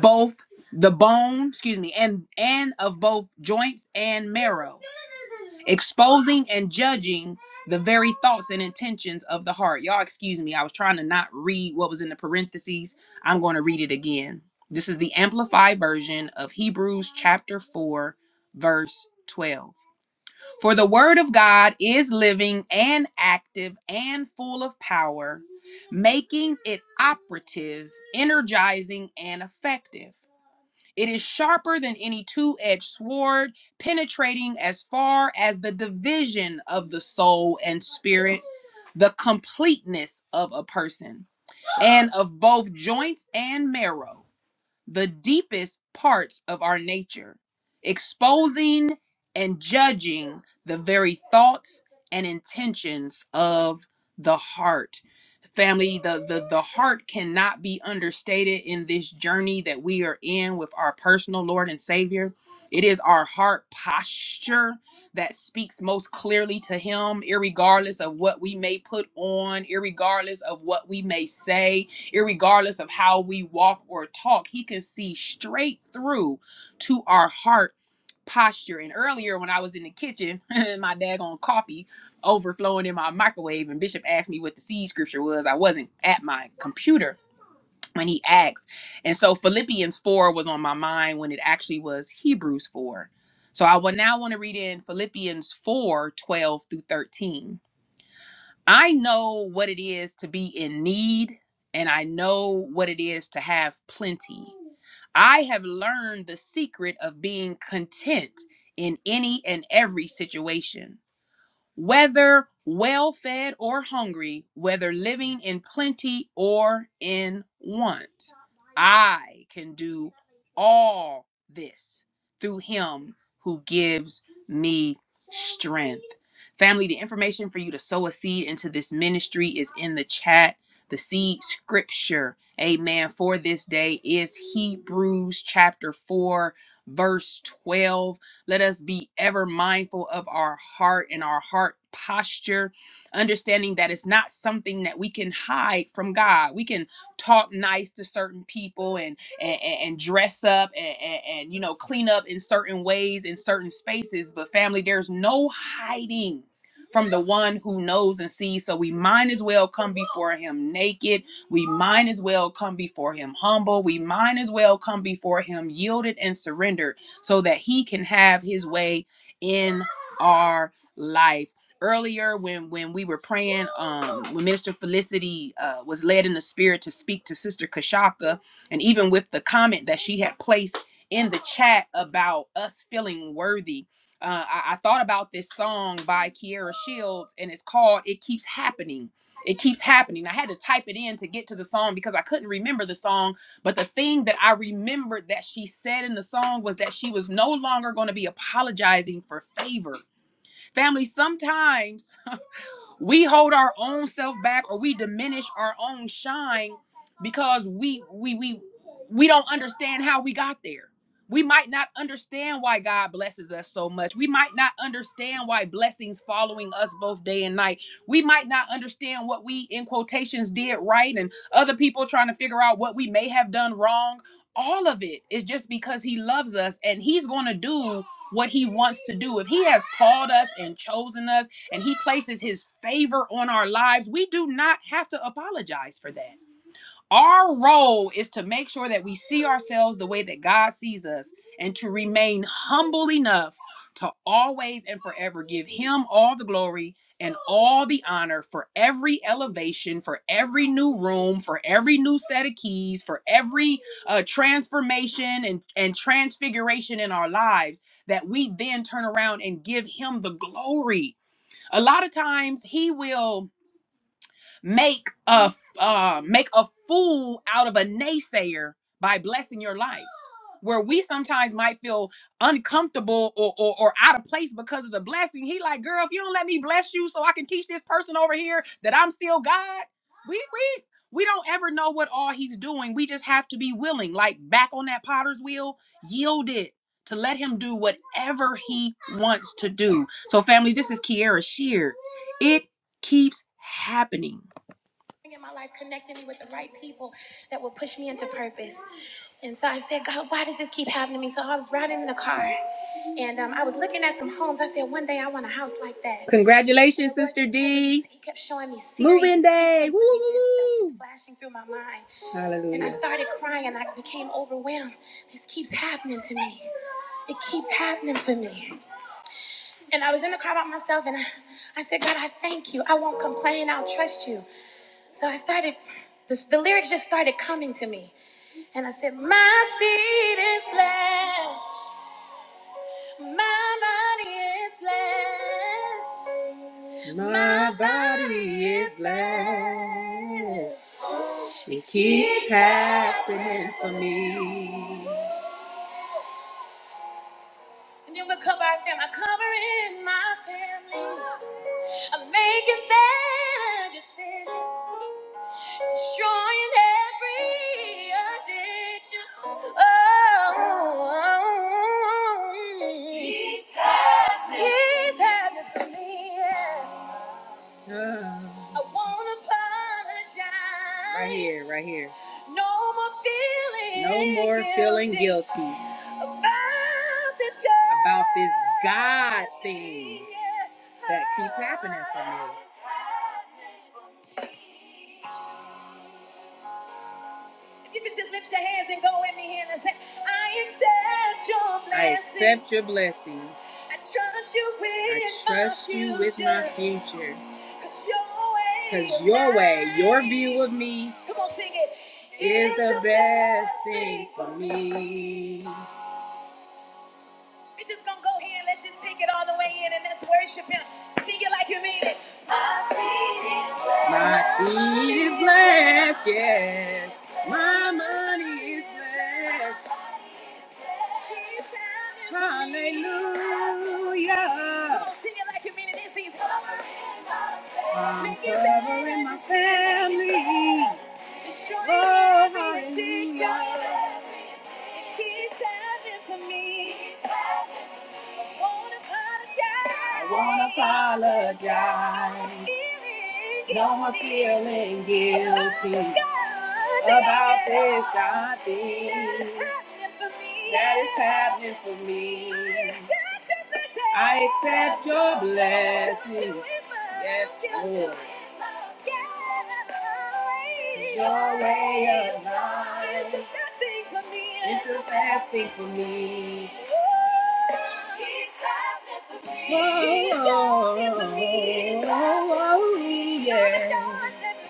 both the bone, excuse me, and, and of both joints and marrow, exposing and judging the very thoughts and intentions of the heart. Y'all, excuse me, I was trying to not read what was in the parentheses. I'm going to read it again. This is the amplified version of Hebrews chapter 4, verse 12. For the word of God is living and active and full of power, making it operative, energizing, and effective. It is sharper than any two edged sword, penetrating as far as the division of the soul and spirit, the completeness of a person, and of both joints and marrow the deepest parts of our nature, exposing and judging the very thoughts and intentions of the heart. Family, the, the, the heart cannot be understated in this journey that we are in with our personal Lord and Savior. It is our heart posture that speaks most clearly to Him, irregardless of what we may put on, irregardless of what we may say, irregardless of how we walk or talk. He can see straight through to our heart posture. And earlier, when I was in the kitchen, and my daggone coffee overflowing in my microwave, and Bishop asked me what the seed scripture was, I wasn't at my computer when he asked. And so Philippians 4 was on my mind when it actually was Hebrews 4. So I will now want to read in Philippians 4 12 through 13. I know what it is to be in need, and I know what it is to have plenty. I have learned the secret of being content in any and every situation whether well fed or hungry, whether living in plenty or in want. I can do all this through him who gives me strength. Family, the information for you to sow a seed into this ministry is in the chat. The seed scripture, amen, for this day is Hebrews chapter 4, verse 12 let us be ever mindful of our heart and our heart posture, understanding that it's not something that we can hide from God. We can talk nice to certain people and and, and- and dress up and, and, and you know clean up in certain ways in certain spaces, but family, there's no hiding from the one who knows and sees. So we might as well come before him naked. We might as well come before him humble. We might as well come before him yielded and surrendered so that he can have his way in our life earlier when when we were praying um when minister felicity uh was led in the spirit to speak to sister kashaka and even with the comment that she had placed in the chat about us feeling worthy uh, I, I thought about this song by Kiara Shields, and it's called "It Keeps Happening." It keeps happening. I had to type it in to get to the song because I couldn't remember the song but the thing that I remembered that she said in the song was that she was no longer going to be apologizing for favor. Family, sometimes we hold our own self back or we diminish our own shine because we we we we don't understand how we got there we might not understand why god blesses us so much we might not understand why blessings following us both day and night we might not understand what we in quotations did right and other people trying to figure out what we may have done wrong all of it is just because he loves us and he's going to do what he wants to do if he has called us and chosen us and he places his favor on our lives, we do not have to apologize for that. Our role is to make sure that we see ourselves the way that God sees us and to remain humble enough to always and forever give him all the glory and all the honor for every elevation, for every new room, for every new set of keys, for every uh, transformation and, and transfiguration in our lives that we then turn around and give him the glory a lot of times he will make a uh, make a fool out of a naysayer by blessing your life where we sometimes might feel uncomfortable or, or or out of place because of the blessing he like girl if you don't let me bless you so i can teach this person over here that i'm still god we we we don't ever know what all he's doing we just have to be willing like back on that potter's wheel yielded to let him do whatever he wants to do so family this is kiera shear it keeps happening in my life connecting me with the right people that would push me into purpose. And so I said, God, why does this keep happening to me? So I was riding in the car and um, I was looking at some homes. I said, one day I want a house like that. Congratulations, And Sister D. He kept showing me series Moving day. Woo Woo, woo, that were just woo. flashing through my mind. Hallelujah. And I started crying and I became overwhelmed. This keeps happening to me. It keeps happening for me. And I was in the car by myself and I, I said, God, I thank you. I won't complain. I'll trust you. So I started, this, the lyrics just started coming to me. And I said, My seed is blessed. My body is blessed. My body is blessed. Keeps happening. And then we cover our family. I'm covering my family. I'm making better decisions. destroying every addiction. Oh, he's having, he's having for me. Yeah. I wanna apologize. Right here, right here. No more feeling. No more feeling guilty. guilty About this God. About this God thing that keeps happening for me. If you could just lift your hands and go with me here and say, I accept your blessings. I blessing. accept your blessings. I trust you with I trust my trust you with my future. future. Cause your way, Cause your, your way your view of me, come on, sing it, is, is the the best best thing thing for for me. me. We're just gonna go here and let's just take it all the way in and let's worship him. Sing it like you mean it. My seed is blessed. My seed is blessed, yes. My money is blessed. Hallelujah. Come on, sing it like you mean it. This is I'm covering my family. Oh, hallelujah. It keeps happening for me. I won't apologize. No more feeling guilty about this God thing that is happening for me. I accept your blessing. Yes, Lord. It's your way of life. It's the best thing for me. He's happening for me. He's happening for me. He's happening for me. He's happening for me.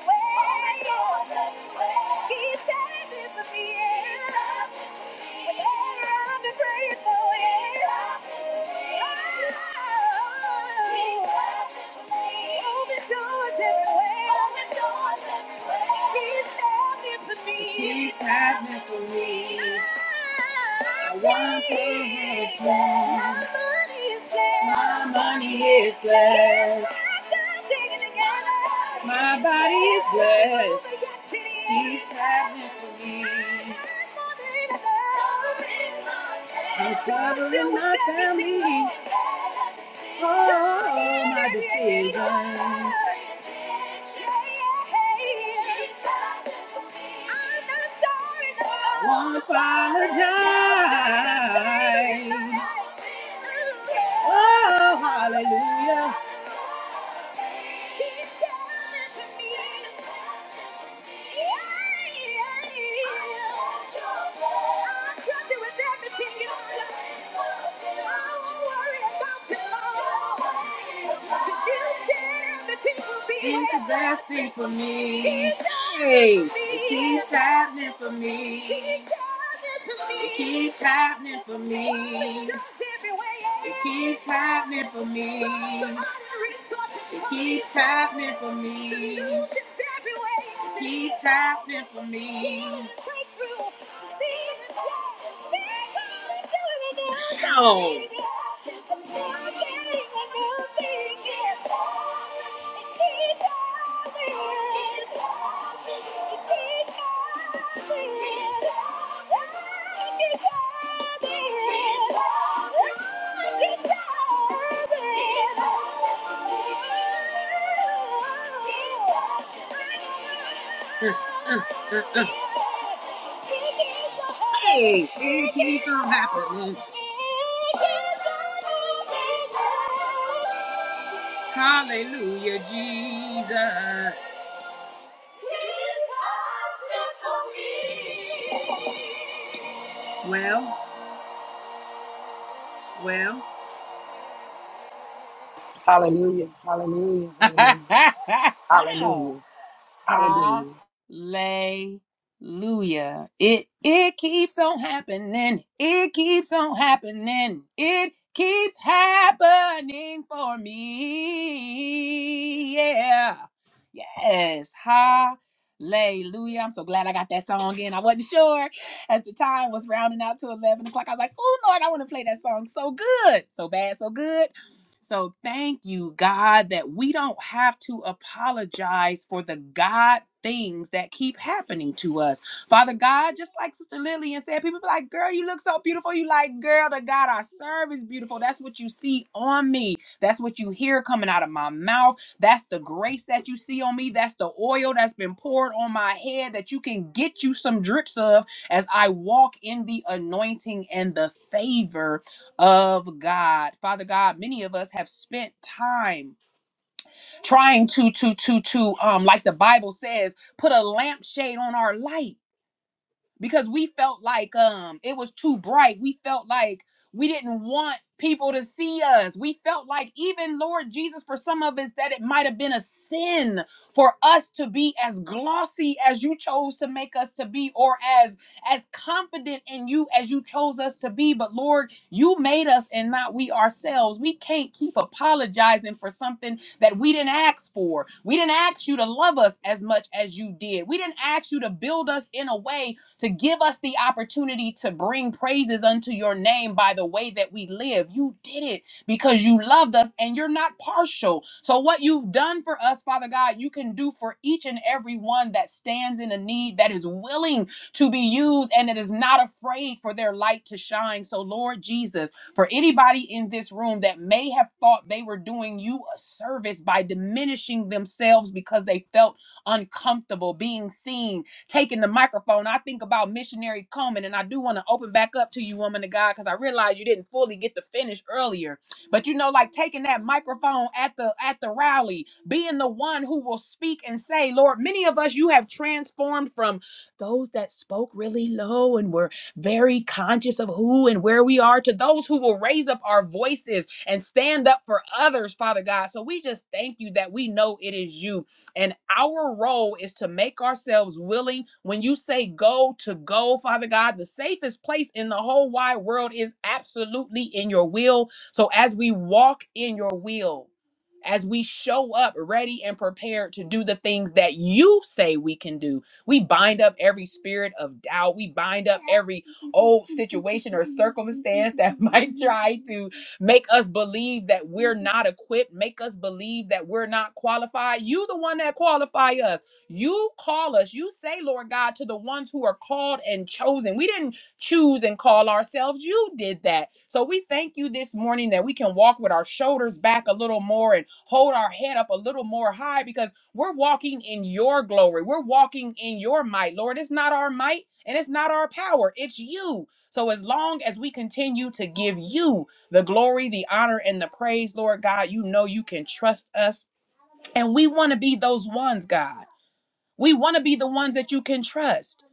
He's happening for me. He's happening for me. He's happening for me. I once is less. My money is less. My body is blessed. He's happening for me. And trouble will not found me. Oh, my decisions. Once don't apologize. Oh, hallelujah. He's the best thing for me. Hey keeps happening for me. Keeps happening for me. It keeps happening for me. It keeps happening for me. It keeps happening for me. It keeps happening for me. Healing, Ow. It keeps on giving. It keeps on giving. It keeps on giving. It keeps on giving. It keeps on giving. It keeps on giving. Uh. Hey, hey, can you something happen, man? Hallelujah, Jesus. Well,
Hallelujah. Hallelujah. Hallelujah.
well.
Hallelujah.
Hallelujah.
Hallelujah.
It it keeps on happening. It keeps on happening. It keeps happening for me. Yeah. Yes. Hallelujah. I'm so glad I got that song in. I wasn't sure as the time was rounding out to 11 o'clock. I was like, oh, Lord, I want to play that song so good. So bad, so good. So thank you, God, that we don't have to apologize for the God things that keep happening to us. Father God, just like Sister Lillian said, people be like, girl, you look so beautiful. You like, girl, the God I serve is beautiful. That's what you see on me. That's what you hear coming out of my mouth. That's the grace that you see on me. That's the oil that's been poured on my head that you can get you some drips of as I walk in the anointing and the favor of God. Father God, many of us have spent time trying to to to to um like the Bible says, put a lampshade on our light because we felt like um it was too bright. We felt like we didn't want people to see us. We felt like even Lord Jesus for some of us that it might have been a sin for us to be as glossy as you chose to make us to be or as as confident in you as you chose us to be, but Lord, you made us and not we ourselves. We can't keep apologizing for something that we didn't ask for. We didn't ask you to love us as much as you did. We didn't ask you to build us in a way to give us the opportunity to bring praises unto your name by the way that we live. You did it because you loved us and you're not partial. So, what you've done for us, Father God, you can do for each and every one that stands in a need, that is willing to be used, and that is not afraid for their light to shine. So, Lord Jesus, for anybody in this room that may have thought they were doing you a service by diminishing themselves because they felt uncomfortable being seen, taking the microphone, I think about missionary Coleman, and I do want to open back up to you, woman of God, because I realize you didn't fully get to finish earlier. But you know, like taking that microphone at the at the rally, being the one who will speak and say, Lord, many of us you have transformed from those that spoke really low and were very conscious of who and where we are to those who will raise up our voices and stand up for others, Father God. So we just thank you that we know it is you and our role is to make ourselves willing. When you say go to go, Father God, the safest place in the whole wide world is absolutely in your will. So as we walk in your will, as we show up ready and prepared to do the things that you say we can do, we bind up every spirit of doubt. We bind up every old situation or circumstance that might try to make us believe that we're not equipped, make us believe that we're not qualified. You the one that qualify us. You call us. You say, Lord God, to the ones who are called and chosen. We didn't choose and call ourselves. You did that. So we thank you this morning that we can walk with our shoulders back a little more and hold our head up a little more high because we're walking in your glory. We're walking in your might, Lord. It's not our might and it's not our power. It's you. So as long as we continue to give you the glory, the honor, and the praise, Lord God. You know you can trust us. And we want to be those ones, God. We want to be the ones that you can trust.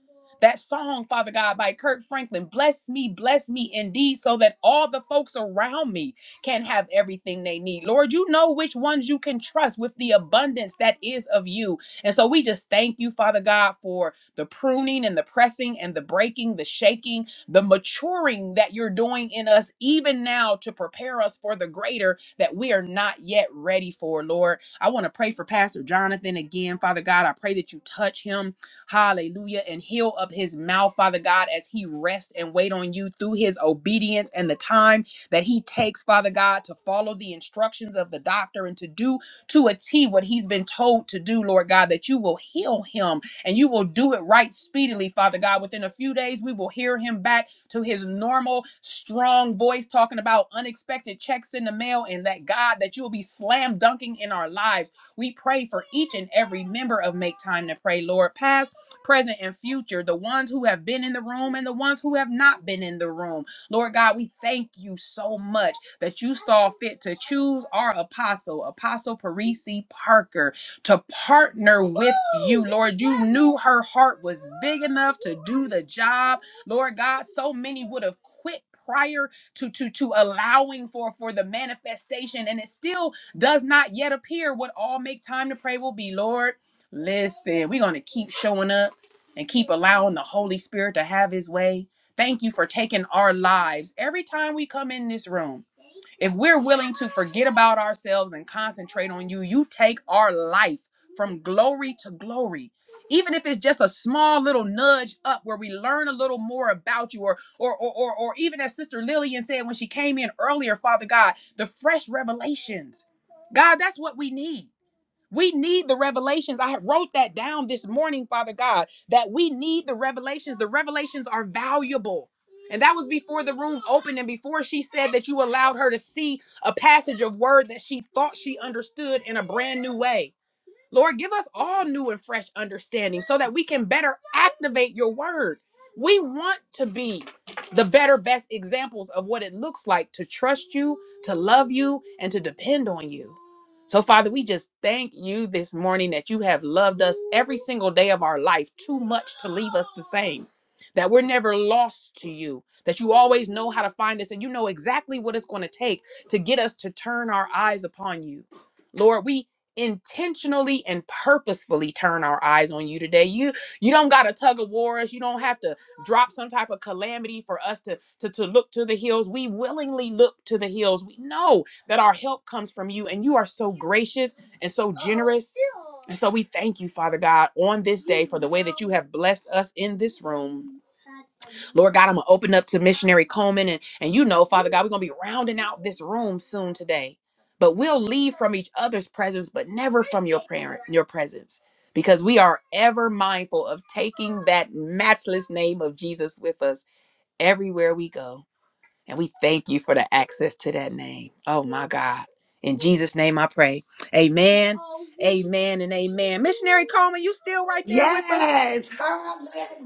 That song, Father God, by Kirk Franklin, bless me, bless me indeed, so that all the folks around me can have everything they need. Lord, you know which ones you can trust with the abundance that is of you. And so we just thank you, Father God, for the pruning and the pressing and the breaking, the shaking, the maturing that you're doing in us, even now to prepare us for the greater that we are not yet ready for, Lord. I want to pray for Pastor Jonathan again, Father God. I pray that you touch him, hallelujah, and heal up his mouth, Father God, as he rests and wait on you through his obedience and the time that he takes, Father God, to follow the instructions of the doctor and to do to a T what he's been told to do, Lord God, that you will heal him and you will do it right speedily, Father God. Within a few days, we will hear him back to his normal strong voice talking about unexpected checks in the mail and that God that you will be slam dunking in our lives. We pray for each and every member of Make Time to Pray, Lord, past, present, and future, the ones who have been in the room and the ones who have not been in the room. Lord God, we thank you so much that you saw fit to choose our apostle, Apostle Parisi Parker, to partner with you. Lord, you knew her heart was big enough to do the job Lord God, so many would have quit prior to to to allowing for for the manifestation and it still does not yet appear what all make time to pray will be lord listen we're going to keep showing up and keep allowing the holy spirit to have his way thank you for taking our lives every time we come in this room if we're willing to forget about ourselves and concentrate on you, you take our life from glory to glory. Even if it's just a small little nudge up where we learn a little more about you, or or or or, or even as Sister Lillian said when she came in earlier, Father God, the fresh revelations. God, that's what we need. We need the revelations. I wrote that down this morning, Father God, that we need the revelations. The revelations are valuable. And that was before the room opened and before she said that you allowed her to see a passage of word that she thought she understood in a brand new way. Lord, give us all new and fresh understanding so that we can better activate your word. We want to be the better, best examples of what it looks like to trust you, to love you, and to depend on you. So, Father, we just thank you this morning that you have loved us every single day of our life too much to leave us the same. That we're never lost to you, that you always know how to find us, and you know exactly what it's going to take to get us to turn our eyes upon you. Lord, we intentionally and purposefully turn our eyes on you today you you don't got to tug of war us you don't have to drop some type of calamity for us to, to to look to the hills we willingly look to the hills we know that our help comes from you and you are so gracious and so generous and so we thank you father god on this day for the way that you have blessed us in this room Lord God, I'm gonna open up to missionary Coleman and and you know, Father God, we're gonna be rounding out this room soon today but we'll leave from each other's presence but never from your parent your presence because we are ever mindful of taking that matchless name of jesus with us everywhere we go and we thank you for the access to that name oh my god in jesus name i pray amen amen and amen missionary coleman you still right there with us
Yes,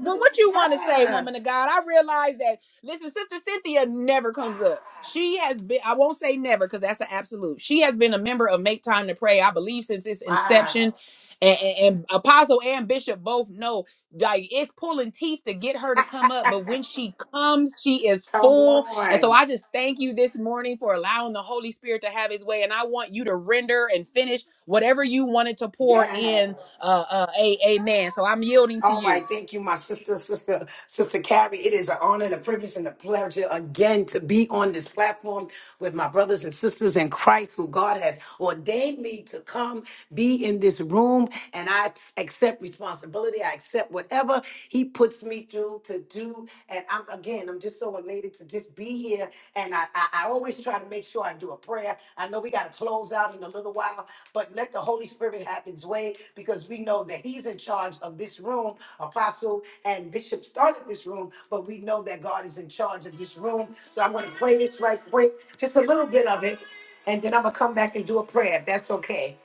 well, what you want to say, woman of God? I realize that. Listen, Sister Cynthia never comes up. She has been, I won't say never because that's an absolute. She has been a member of Make Time to Pray, I believe, since its
Wow,
inception. And, and, and Apostle and Bishop both know, like, it's pulling teeth to get her to come up. But when she comes, she is
come
full. And so
on.
I just thank you this morning for allowing the Holy Spirit to have his way. And I want you to render and finish whatever you wanted to pour in.
Yes.
Uh, uh, a, amen. So I'm yielding to
All
you.
right, thank you, my sister, sister, sister Carrie. It is an honor and a privilege and a pleasure again to be on this platform with my brothers and sisters in Christ, who God has ordained me to come be in this room. And I accept responsibility. I accept whatever He puts me through to do. And I'm again, I'm just so elated to just be here here, and I, I, I always try to make sure I do a prayer. I know we got to close out in a little while, but let the Holy Spirit have His way because we know that He's in charge of this room. Apostle and Bishop started this room, but we know that God is in charge of this room. So I'm going to play this right quick, just a little bit of it, and then I'm going to come back and do a prayer if that's okay.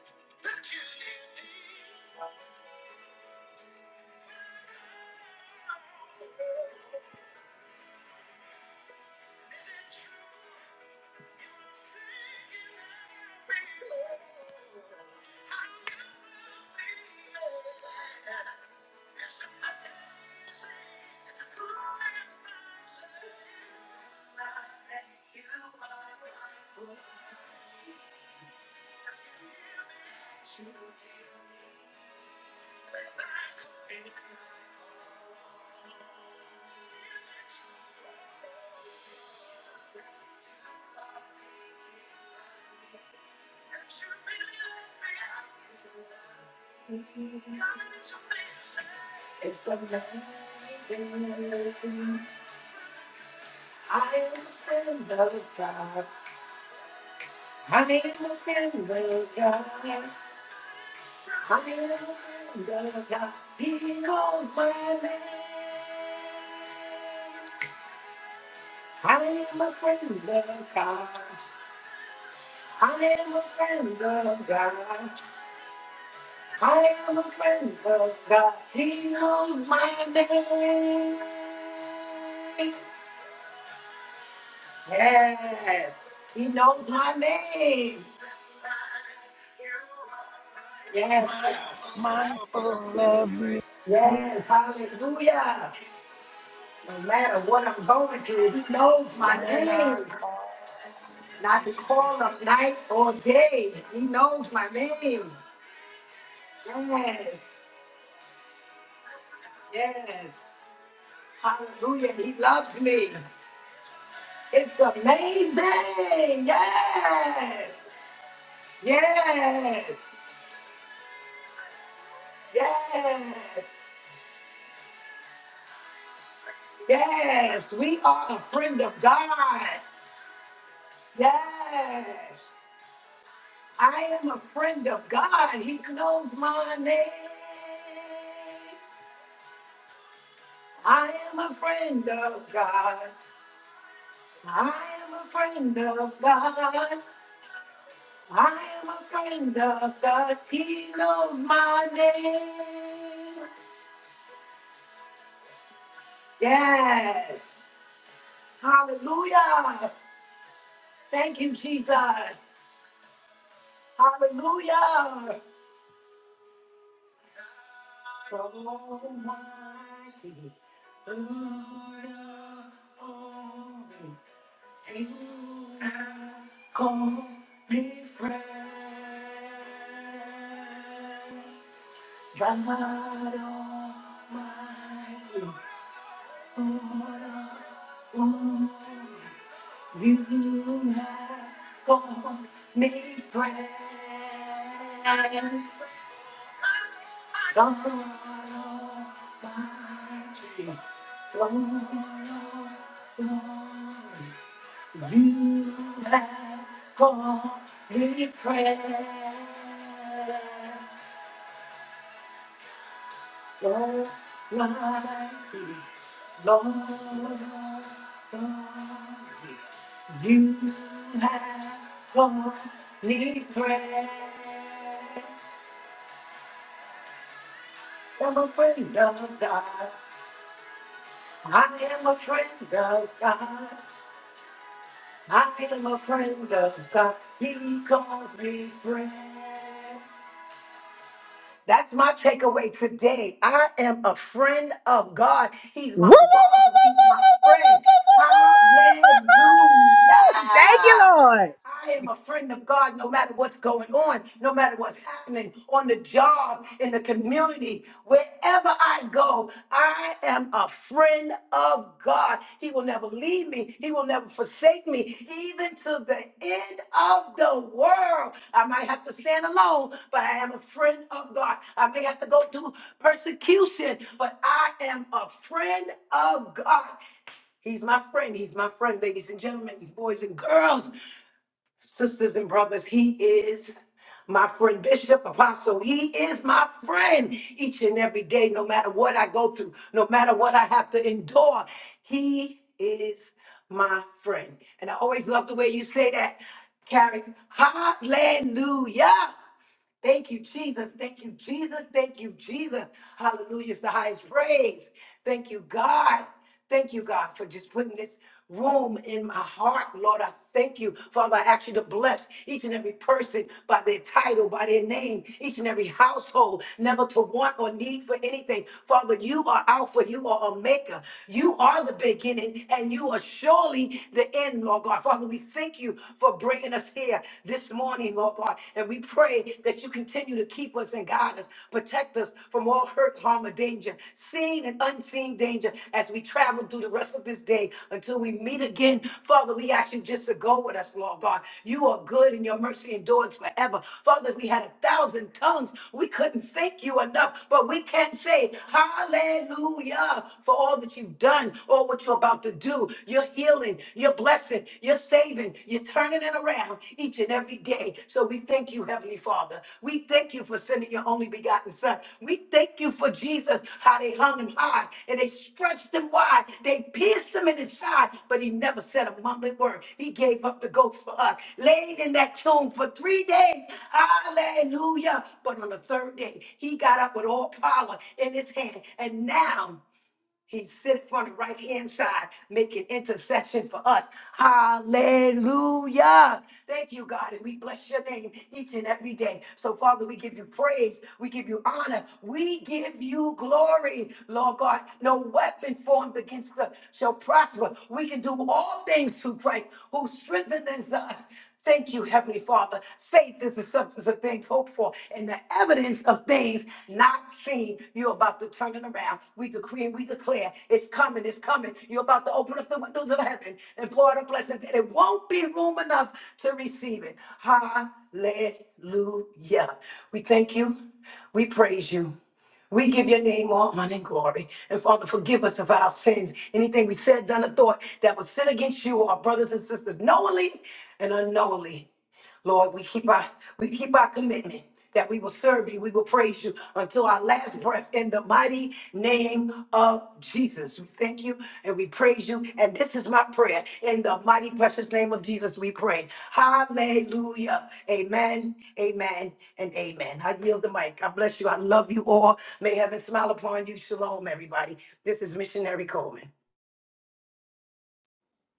But God, He knows my name. Yes, He knows my name. Yes.
Mindful of me
Yes. Hallelujah. No matter what I'm going through, he knows my
when I
name.
call.
Not to call up night or day. He knows my name. Yes. Yes. Hallelujah. He loves me. It's amazing. Yes. Yes. Yes. Yes. We are a friend of God. Yes. I am a friend of God. He knows my name. I am a friend of God. I am a friend of God. I am a friend of God. He knows my name. Yes. Hallelujah. Thank you, Jesus. Hallelujah. Lord, mighty Lord. You have one need friend. I'm a friend of God. I am a friend of God. I am a friend of God. He calls me friend. That's my takeaway today. I am a friend of God. He's
Woo, woo,
my
woo,
father. He's my friend. Hallelujah.
woo, woo, woo, woo, woo, woo, Thank you, Lord.
I am a friend of God no matter what's going on, no matter what's happening on the job, in the community, wherever I go know I am a friend of God. He will never leave me, He will never forsake me, even to the end of the world. I might have to stand alone, but I am a friend of God. I may have to go through persecution, but I am a friend of God. He's my friend. He's my friend, ladies and gentlemen, boys and girls sisters and brothers, he is my friend, Bishop Apostle. He is my friend each and every day, no matter what I go through, no matter what I have to endure. He is my friend. And I always love the way you say that, Carrie. Hallelujah. Thank you, Jesus. Thank you, Jesus. Thank you, Jesus. Hallelujah. It's the highest praise. Thank you, God. Thank you, God, for just putting this room in my heart. Lord, I thank you. Father, I ask you to bless each and every person by their title, by their name, each and every household, never to want or need for anything. Father, you are Alpha, you are Omega. You are the beginning, and you are surely the end, Lord God. Father, we thank you for bringing bringing us here this morning, Lord God. And we pray that you continue to keep us and guide us, protect us from all hurt, harm, or danger, seen and unseen danger as we travel through the rest of this day until we meet again. Father, we ask you just to go with us, Lord God. You are good and your mercy endures forever. Father, if we had a thousand tongues, we couldn't thank you enough, but we can say hallelujah for all that you've done or what you're about to do. You're healing, you're blessing, you're saving, you're turning it around each and every day. So we thank you, Heavenly Father. We thank you for sending your only begotten Son. We thank you for Jesus, how they hung him high and they stretched him wide. They pierced him in his side, but he never said a mumbling word. He gave up the ghost for us, laid in that tomb for three days. Hallelujah. But on the third day, he got up with all power in his hand. And now, he sits on the right hand side, making intercession for us. Hallelujah. Thank you, God. And we bless your name each and every day. So, Father, we give you praise. We give you honor. We give you glory, Lord God. No weapon formed against us shall prosper. We can do all things through Christ who strengthens us. Thank you, Heavenly Father. Faith is the substance of things hoped for and the evidence of things not seen. You're about to turn it around. We decree and we declare it's coming, it's coming. You're about to open up the windows of heaven and pour out a blessing that it won't be room enough to receive it. Hallelujah. We thank you. We praise you. We give your name all honor and glory. And Father, forgive us of our sins. Anything we said, done, or thought that was sin against you, our brothers and sisters, knowingly and unknowingly. Lord, we keep our we keep our commitment that we will serve you, we will praise you until our last breath in the mighty name name of Jesus. We thank you and we praise you. And this is my prayer. In the mighty, precious name of Jesus, we pray. Hallelujah. Amen, amen, and amen. I yield the mic. God bless you. I love you all. May heaven smile upon you. Shalom, everybody. This is Missionary Coleman.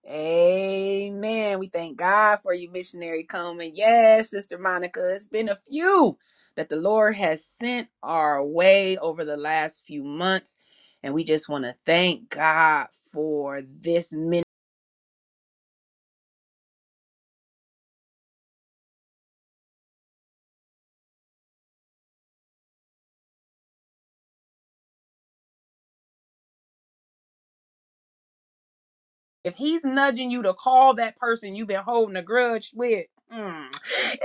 Amen. We thank God for you, missionary Coleman. Yes, Sister Monica, it's been a few that the Lord has sent our way over the last few months. And we just want to thank God for this ministry. If he's nudging you to call that person you've been holding a grudge with mm,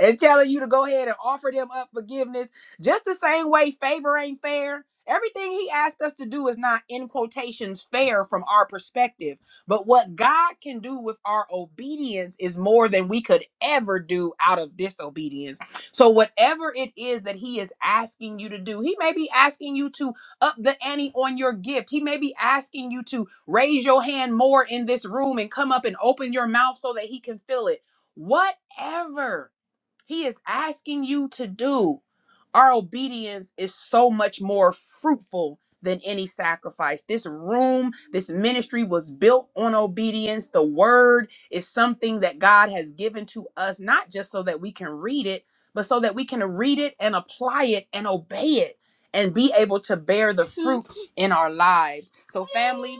and telling you to go ahead and offer them up forgiveness, just the same way favor ain't fair. Everything he asked us to do is not in quotations fair from our perspective. But what God can do with our obedience is more than we could ever do out of disobedience. So, whatever it is that he is asking you to do, he may be asking you to up the ante on your gift. He may be asking you to raise your hand more in this room and come up and open your mouth so that he can feel it. Whatever he is asking you to do. Our obedience is so much more fruitful than any sacrifice. This room, this ministry was built on obedience. The word is something that God has given to us, not just so that we can read it, but so that we can read it and apply it and obey it and be able to bear the fruit in our lives. So, family,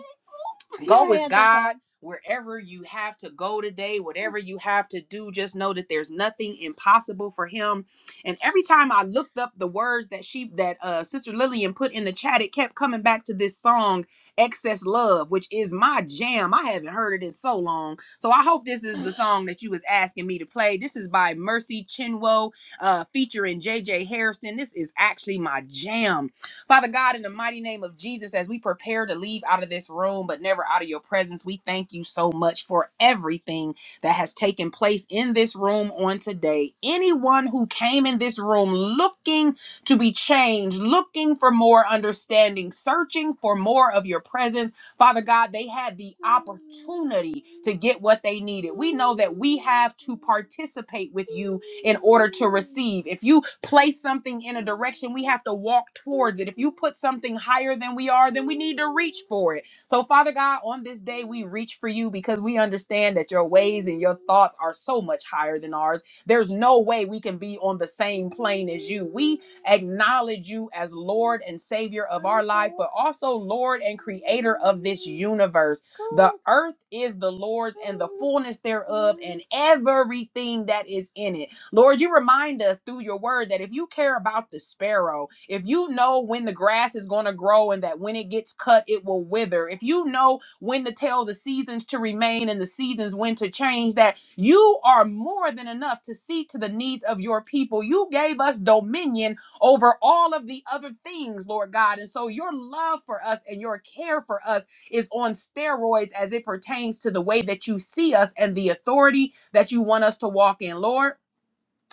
Go Yeah, with yeah, God wherever you have to go today, whatever you have to do. Just know that there's nothing impossible for Him. And every time I looked up the words that she, that uh, Sister Lillian put in the chat, it kept coming back to this song, "Excess Love," which is my jam. I haven't heard it in so long, so I hope this is the song that you was asking me to play. This is by Mercy Chinwo, uh, featuring J J Harrison. This is actually my jam Father God, in the mighty name of Jesus, as we prepare to leave out of this room, but never out of your presence, we thank you so much for everything that has taken place in this room on today. Anyone who came in this room looking to be changed, looking for more understanding, searching for more of your presence, Father God, they had the opportunity to get what they needed. We know that we have to participate with you in order to receive. If you place something in a direction, we have to walk towards it. If you put something higher than we are, then we need to reach for it. So, Father God, on this day, we reach for you because we understand that your ways and your thoughts are so much higher than ours. There's no way we can be on the same plane as you. We acknowledge you as Lord and Savior of our life, but also Lord and Creator of this universe. The earth is the Lord's and the fullness thereof, and everything that is in it. Lord, you remind us through your word that if you care about the sparrow, if you know when the grass is going to grow and that when it gets cut, it will wither, if you know when to tell the seasons to remain and the seasons when to change, that you are more than enough to see to the needs of your people. You gave us dominion over all of the other things, Lord God. And so your love for us and your care for us is on steroids as it pertains to the way that you see us and the authority that you want us to walk in, Lord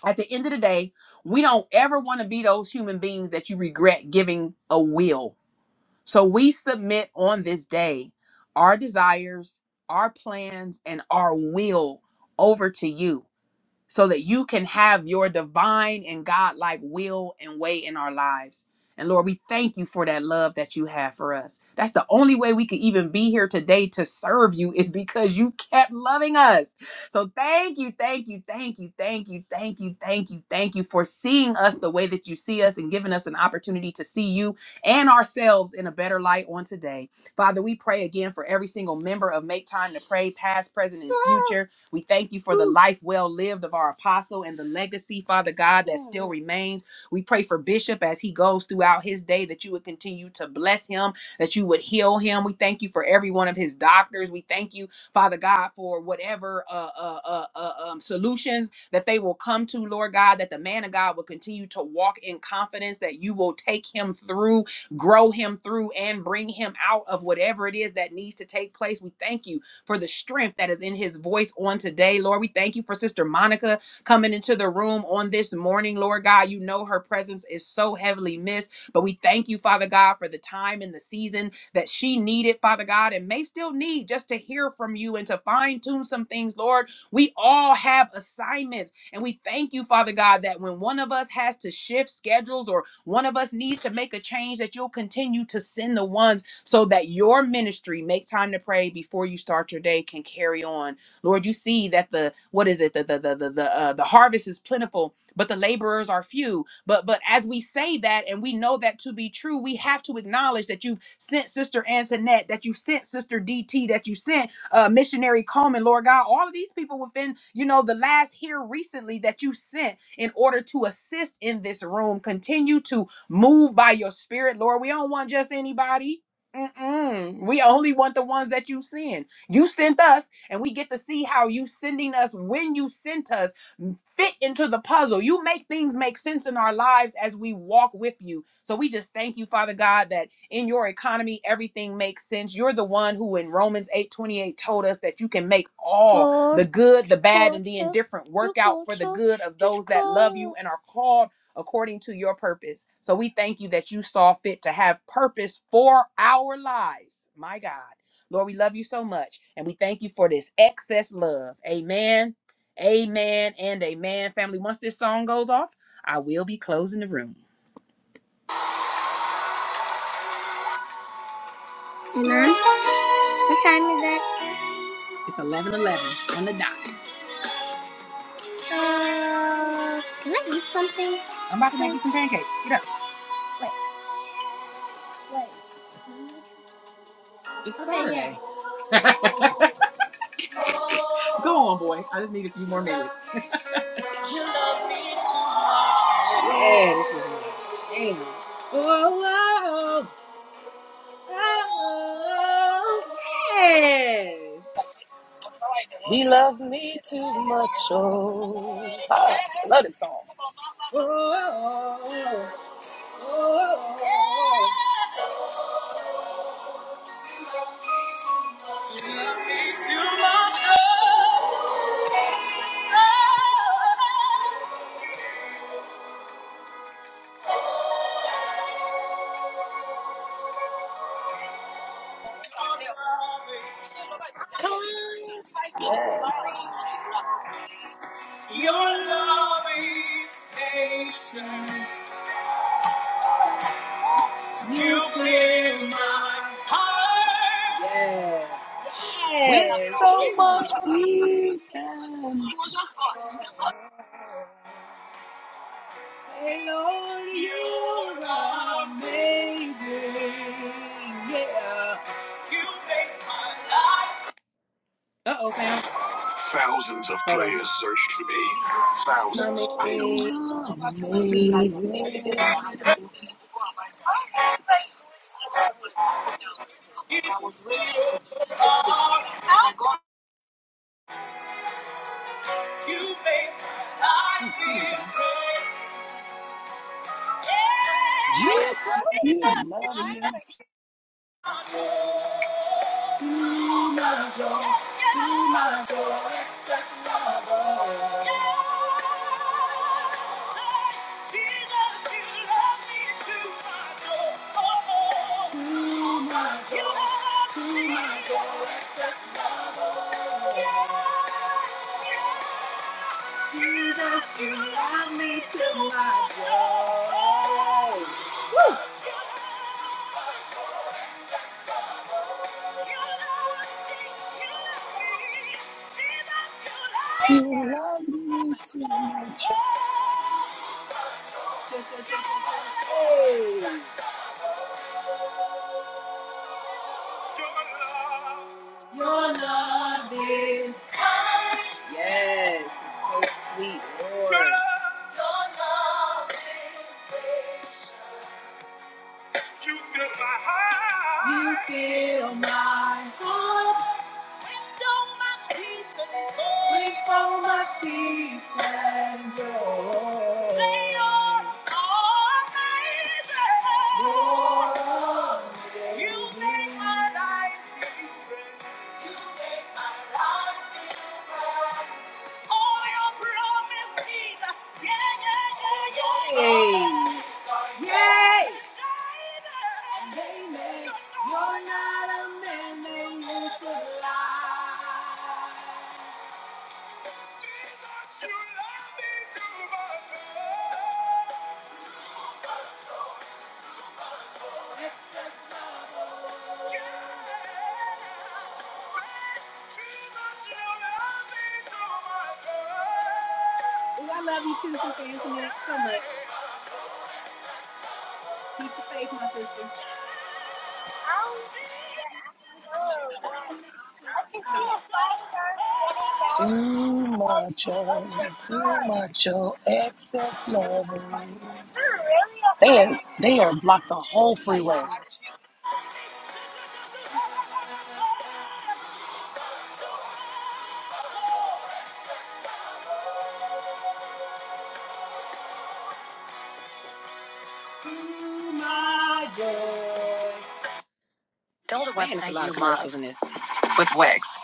at the end of the day, we don't ever want to be those human beings that you regret giving a will. So we submit on this day our desires, our plans, and our will over to you so that you can have your divine and godlike will and way in our lives. And Lord, we thank you for that love that you have for us. That's the only way we could even be here today to serve you is because you kept loving us. So thank you, thank you, thank you, thank you, thank you, thank you, thank you for seeing us the way that you see us and giving us an opportunity to see you and ourselves in a better light on today. Father, we pray again for every single member of Make Time to Pray, past, present, and future. We thank you for the life well lived of our apostle and the legacy, Father God, that still remains. We pray for Bishop as he goes throughout his day that you would continue to bless him, that you would heal him. We thank you for every one of his doctors. We thank you, Father God, for whatever uh, uh, uh, uh, um, solutions that they will come to, Lord God, that the man of God will continue to walk in confidence, that you will take him through, grow him through, and bring him out of whatever it is that needs to take place. We thank you for the strength that is in his voice on today. Lord, we thank you for Sister Monica coming into the room on this morning. Lord God, you know her presence is so heavily missed, but we thank you, Father God, for the time and the season that she needed, Father God, and may still need just to hear from you and to fine tune some things, Lord. We all have assignments, and we thank you, Father God, that when one of us has to shift schedules or one of us needs to make a change, that you'll continue to send the ones so that your ministry, make time to pray before you start your day, can carry on. Lord, you see that the what is it? The the the the the, uh, the harvest is plentiful, but the laborers are few. But but as we say that and we know that to be true, we have to acknowledge that you've sent Sister Antoinette, that you sent Sister DT, that you sent uh, missionary Coleman, Lord God, all of these people within, you know, the last here recently that you sent in order to assist in this room. Continue to move by your spirit, Lord. We don't want just anybody. Mm-mm. We only want the ones that you send. You sent us, and we get to see how you sending us when you sent us mm, fit into the puzzle. You make things make sense in our lives as we walk with you. So we just thank you, Father God, that in your economy everything makes sense. You're the one who in Romans 8:28, told us that you can make all the good, the bad, and the indifferent work out for the good of those that love you and are called according to your purpose. So we thank you that you saw fit to have purpose for our lives. My God. Lord, we love you so much. And we thank you for this excess love. Amen. Amen and amen. Family, once this song goes off, I will be closing the room. Mom, what time is it? It's 11 11 on the dot. Uh, can I eat something? I'm about to make you some pancakes. Get up. Wait, wait. It's Saturday. Go on, boy. I just need a few more minutes. You love me too much. Yeah, this is Shayna. Whoa, whoa, oh, yes.
He loved me too much. Oh, Ah, I love this song.
Whoa, whoa, whoa, whoa, whoa. You love me too much. Oh, oh, oh.
Kind. Yes.
Your love is patient. You fill my heart. Yes.
With so
Yes.
much
Ooh.
peace. and
And Lord, you are amazing. Yeah. You make my life. Uh oh, fam. Thousands of Hold on. players on. searched for me. Thousands failed.
Amazing.
You are-
Jesus,
you make my life feel great. Yeah.
you love
Too much joy, it's just love. Jesus, you love me too much. Oh, too much joy, too much joy, it's just love. Jesus, you love me too much. Your
me
yes, so sweet, Lord. You Life feel bright. You make my life feel bright. Yay! Yay! you're not a man that you could lie. I love you too, Sister Anthony, so much.
too, love me too much, oh, too much, oh, excess
Hold
love. They, they are blocked the whole freeway.
a website you with Wix.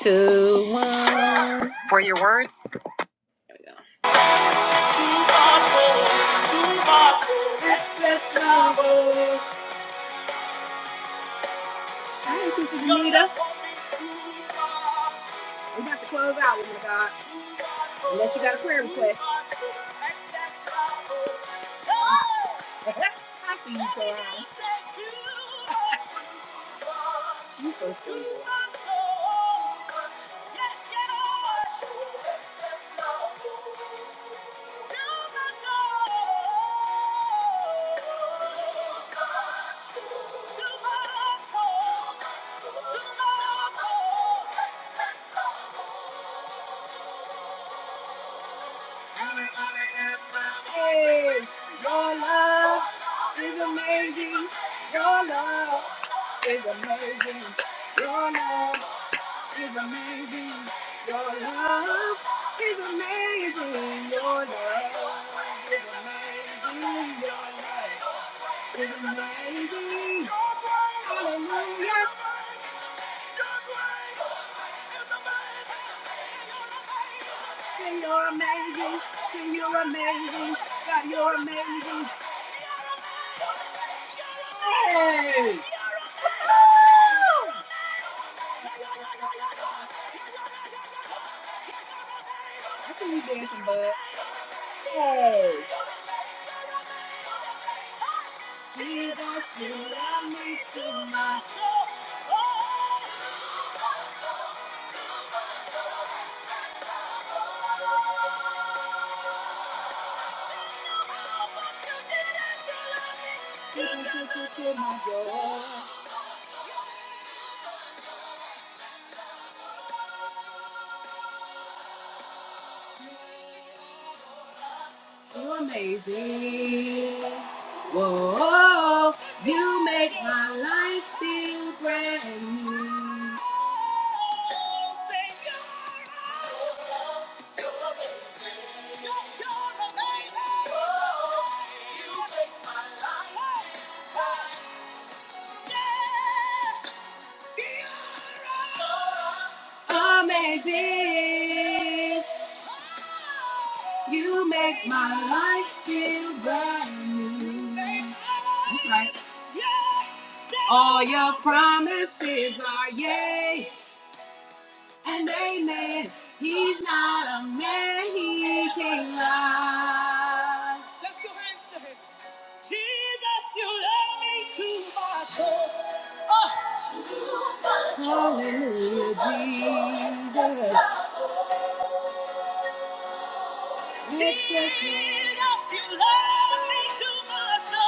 We got the close Unless you got a prayer request. I see you, Cora. You so silly. Hallelujah. Hey! Woo! I see you dancing, bud. Hey! You dancing? You make my life big. You make my life right. Yeah! Amazing. You make my life feel brand new. That's right. All your promises are yay and amen. He's not a man, he can lie. Jesus, you love me too much. Oh. Hallelujah, Jesus. Oh.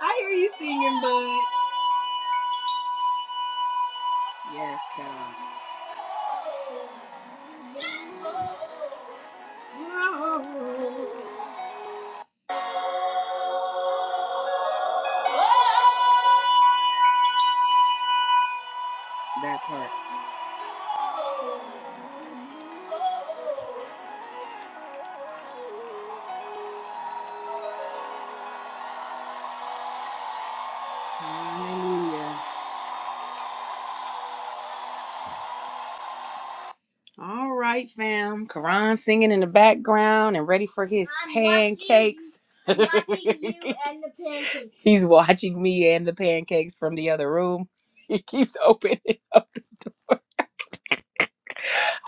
I hear you singing, bud. Yes, God. That part. Hallelujah. All right, fam. Karan singing in the background and ready for his I'm pancakes. watching- I'm watching you and the pancakes. He's watching me and the pancakes from the other room. He keeps opening. up.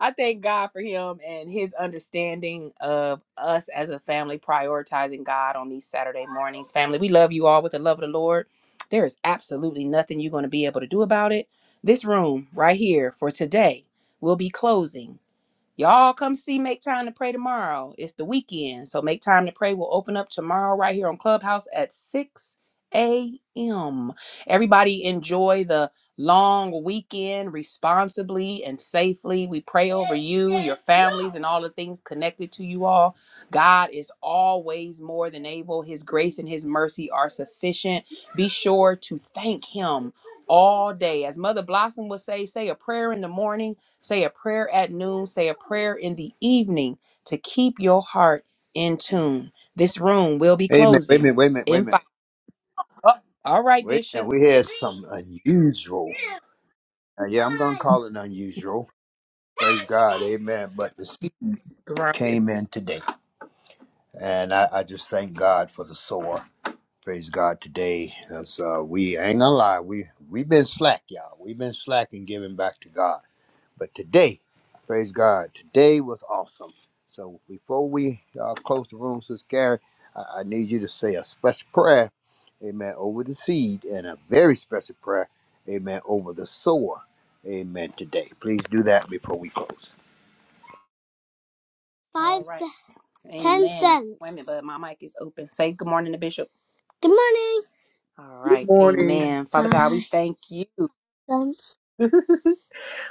I thank God for him and his understanding of us as a family prioritizing God on these Saturday mornings. Family, we love you all with the love of the Lord. There is absolutely nothing you're going to be able to do about it. This room right here for today will be closing. Y'all come see Make Time to Pray tomorrow. It's the weekend. So Make Time to Pray will open up tomorrow right here on Clubhouse at 6 a.m. Everybody enjoy the long weekend responsibly and safely. We pray over you, your families, and all the things connected to you all. God is always more than able. His grace and his mercy are sufficient. Be sure to thank him all day. As Mother Blossom would say, say a prayer in the morning Say a prayer at noon, say a prayer in the evening to keep your heart in tune. This room will be
Amen. Wait a
closing
minute, wait a minute, wait a
in
minute.
five. Oh, all right,
Wait a minute.
Bishop.
We had some
Three,
unusual.
two,
Uh, yeah, I'm gonna
one.
call it unusual. Praise God,
Pancakes.
Amen. But the seed
Right.
came in today, and I, I just thank God for the sower. Praise God today, as uh, we I ain't gonna lie, we we've been slack, y'all. We've been slack in giving back to God. But today, praise God, today was awesome. So before we uh, close the room, Sister Karen, I, I need you to say a special prayer, amen, over the seed and a very special prayer, amen, over the sower, amen, today. Please do that before we close.
Five, All right. ce- ten Amen. cents. Wait a minute, but my mic is open. Say good morning to Bishop. Good morning. All
Good
right.
morning.
Amen. Father God, we Bye. thank you. Thanks.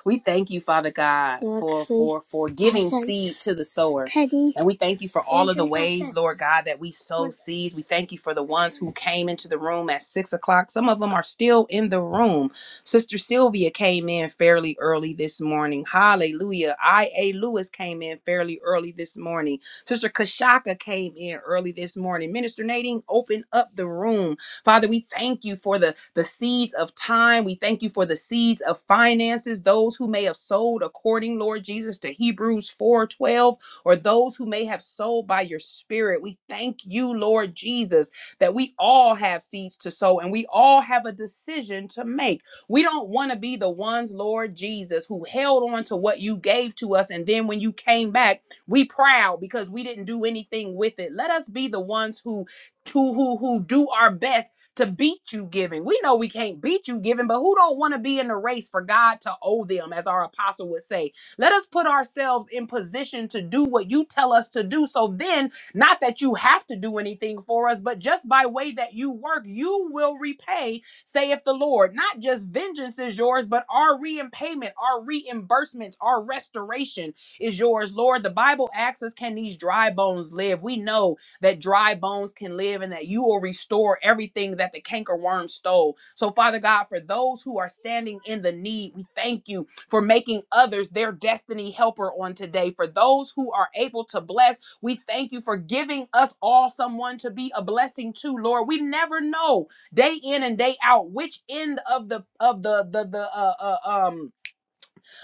We thank you, Father God, for for for giving seed to the sower. And we thank you for all of the ways, Lord God, that we sow seeds. We thank you for the ones who came into the room at six o'clock. Some of them are still in the room. Sister Sylvia came in fairly early this morning. Hallelujah. I.A. Lewis came in fairly early this morning. Sister Kashaka came in early this morning. Minister Nadine open up the room Father, we thank you for the, the seeds of time. We thank you for the seeds of finances, those who may have sold according, Lord Jesus, to Hebrews 4:12, or those who may have sold by your spirit. We thank you, Lord Jesus, that we all have seeds to sow and we all have a decision to make. We don't want to be the ones, Lord Jesus, who held on to what you gave to us. And then when you came back, we proud because we didn't do anything with it. Let us be the ones who who who, who do our best to beat you giving. We know we can't beat you giving, but who don't want to be in the race for God to owe them, as our apostle would say? Let us put ourselves in position to do what you tell us to do. So then, not that you have to do anything for us, but just by way that you work, you will repay, saith the Lord. Not just vengeance is yours, but our reimpayment, our reimbursements, our restoration is yours, Lord. The Bible asks us, can these dry bones live? We know that dry bones can live and that you will restore everything that the cankerworm stole. So, Father God, for those who are standing in the need, we thank you for making others their destiny helper on today. For those who are able to bless, we thank you for giving us all someone to be a blessing to, Lord. We never know day in and day out which end of the of the the the uh, uh um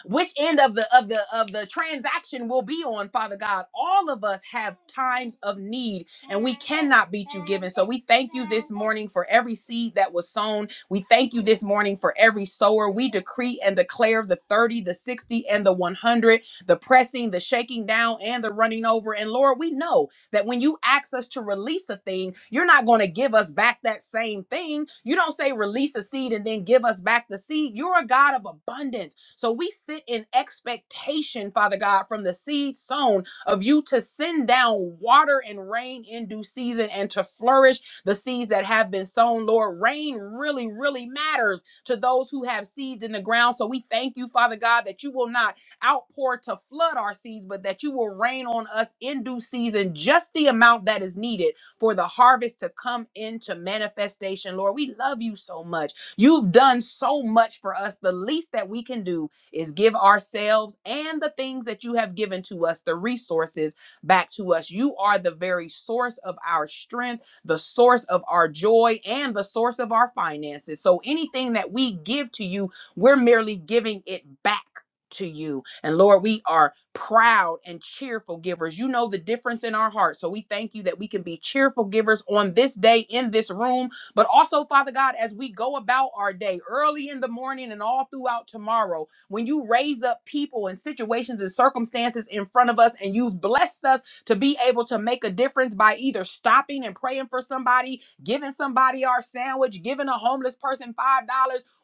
which end of the of the of the transaction will be on father god all of us have times of need and we cannot beat you given so we thank you this morning for every seed that was sown we thank you this morning for every sower we decree and declare the 30 the 60 and the 100 the pressing the shaking down and the running over and lord we know that when you ask us to release a thing, you're not going to give us back that same thing. You don't say release a seed and then give us back the seed. You're a God of abundance. So we sit in expectation, Father God, from the seed sown of you to send down water and rain in due season and to flourish the seeds that have been sown. Lord, rain really, really matters to those who have seeds in the ground. So we thank you, Father God, that you will not outpour to flood our seeds, but that you will rain on us in due season, just the amount that is needed for the harvest to come into manifestation. Lord, we love you so much. You've done so much for us. The least that we can do is give ourselves and the things that you have given to us, the resources back to us. You are the very source of our strength, the source of our joy, and the source of our finances. So anything that we give to you, we're merely giving it back to you. And Lord, we are proud and cheerful givers. You know the difference in our hearts. So we thank you that we can be cheerful givers on this day in this room but also, Father God, as we go about our day early in the morning and all throughout tomorrow, when you raise up people and situations and circumstances in front of us and you've blessed us to be able to make a difference by either stopping and praying for somebody, giving somebody our sandwich, giving a homeless person $5,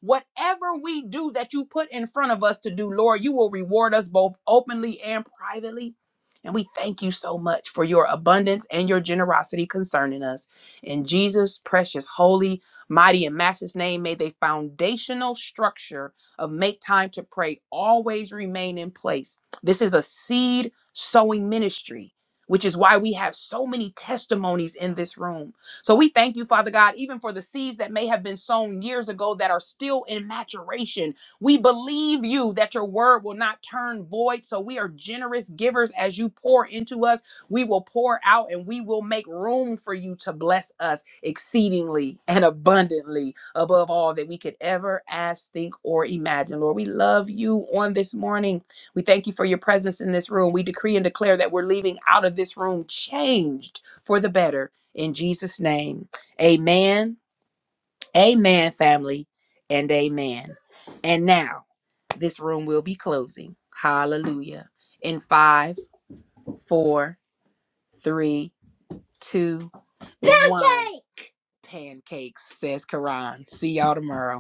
whatever we do that you put in front of us to do, Lord, you will reward us both openly and privately. And we thank you so much for your abundance and your generosity concerning us. In Jesus' precious, holy, mighty, and matchless name, may the foundational structure of make time to pray always remain in place. This is a seed sowing ministry. Which is why we have so many testimonies in this room. So we thank you, Father God, even for the seeds that may have been sown years ago that are still in maturation. We believe you that your word will not turn void. So we are generous givers as you pour into us we will pour out and we will make room for you to bless us exceedingly and abundantly above all that we could ever ask, think, or imagine. Lord, we love you on this morning. We thank you for your presence in this room. We decree and declare that we're leaving out of this room changed for the better. In Jesus' name, amen, amen, family, and amen. And now this room will be closing. Hallelujah. In five, four, three, two, Pancake! one. Pancakes, says Karan. See y'all tomorrow.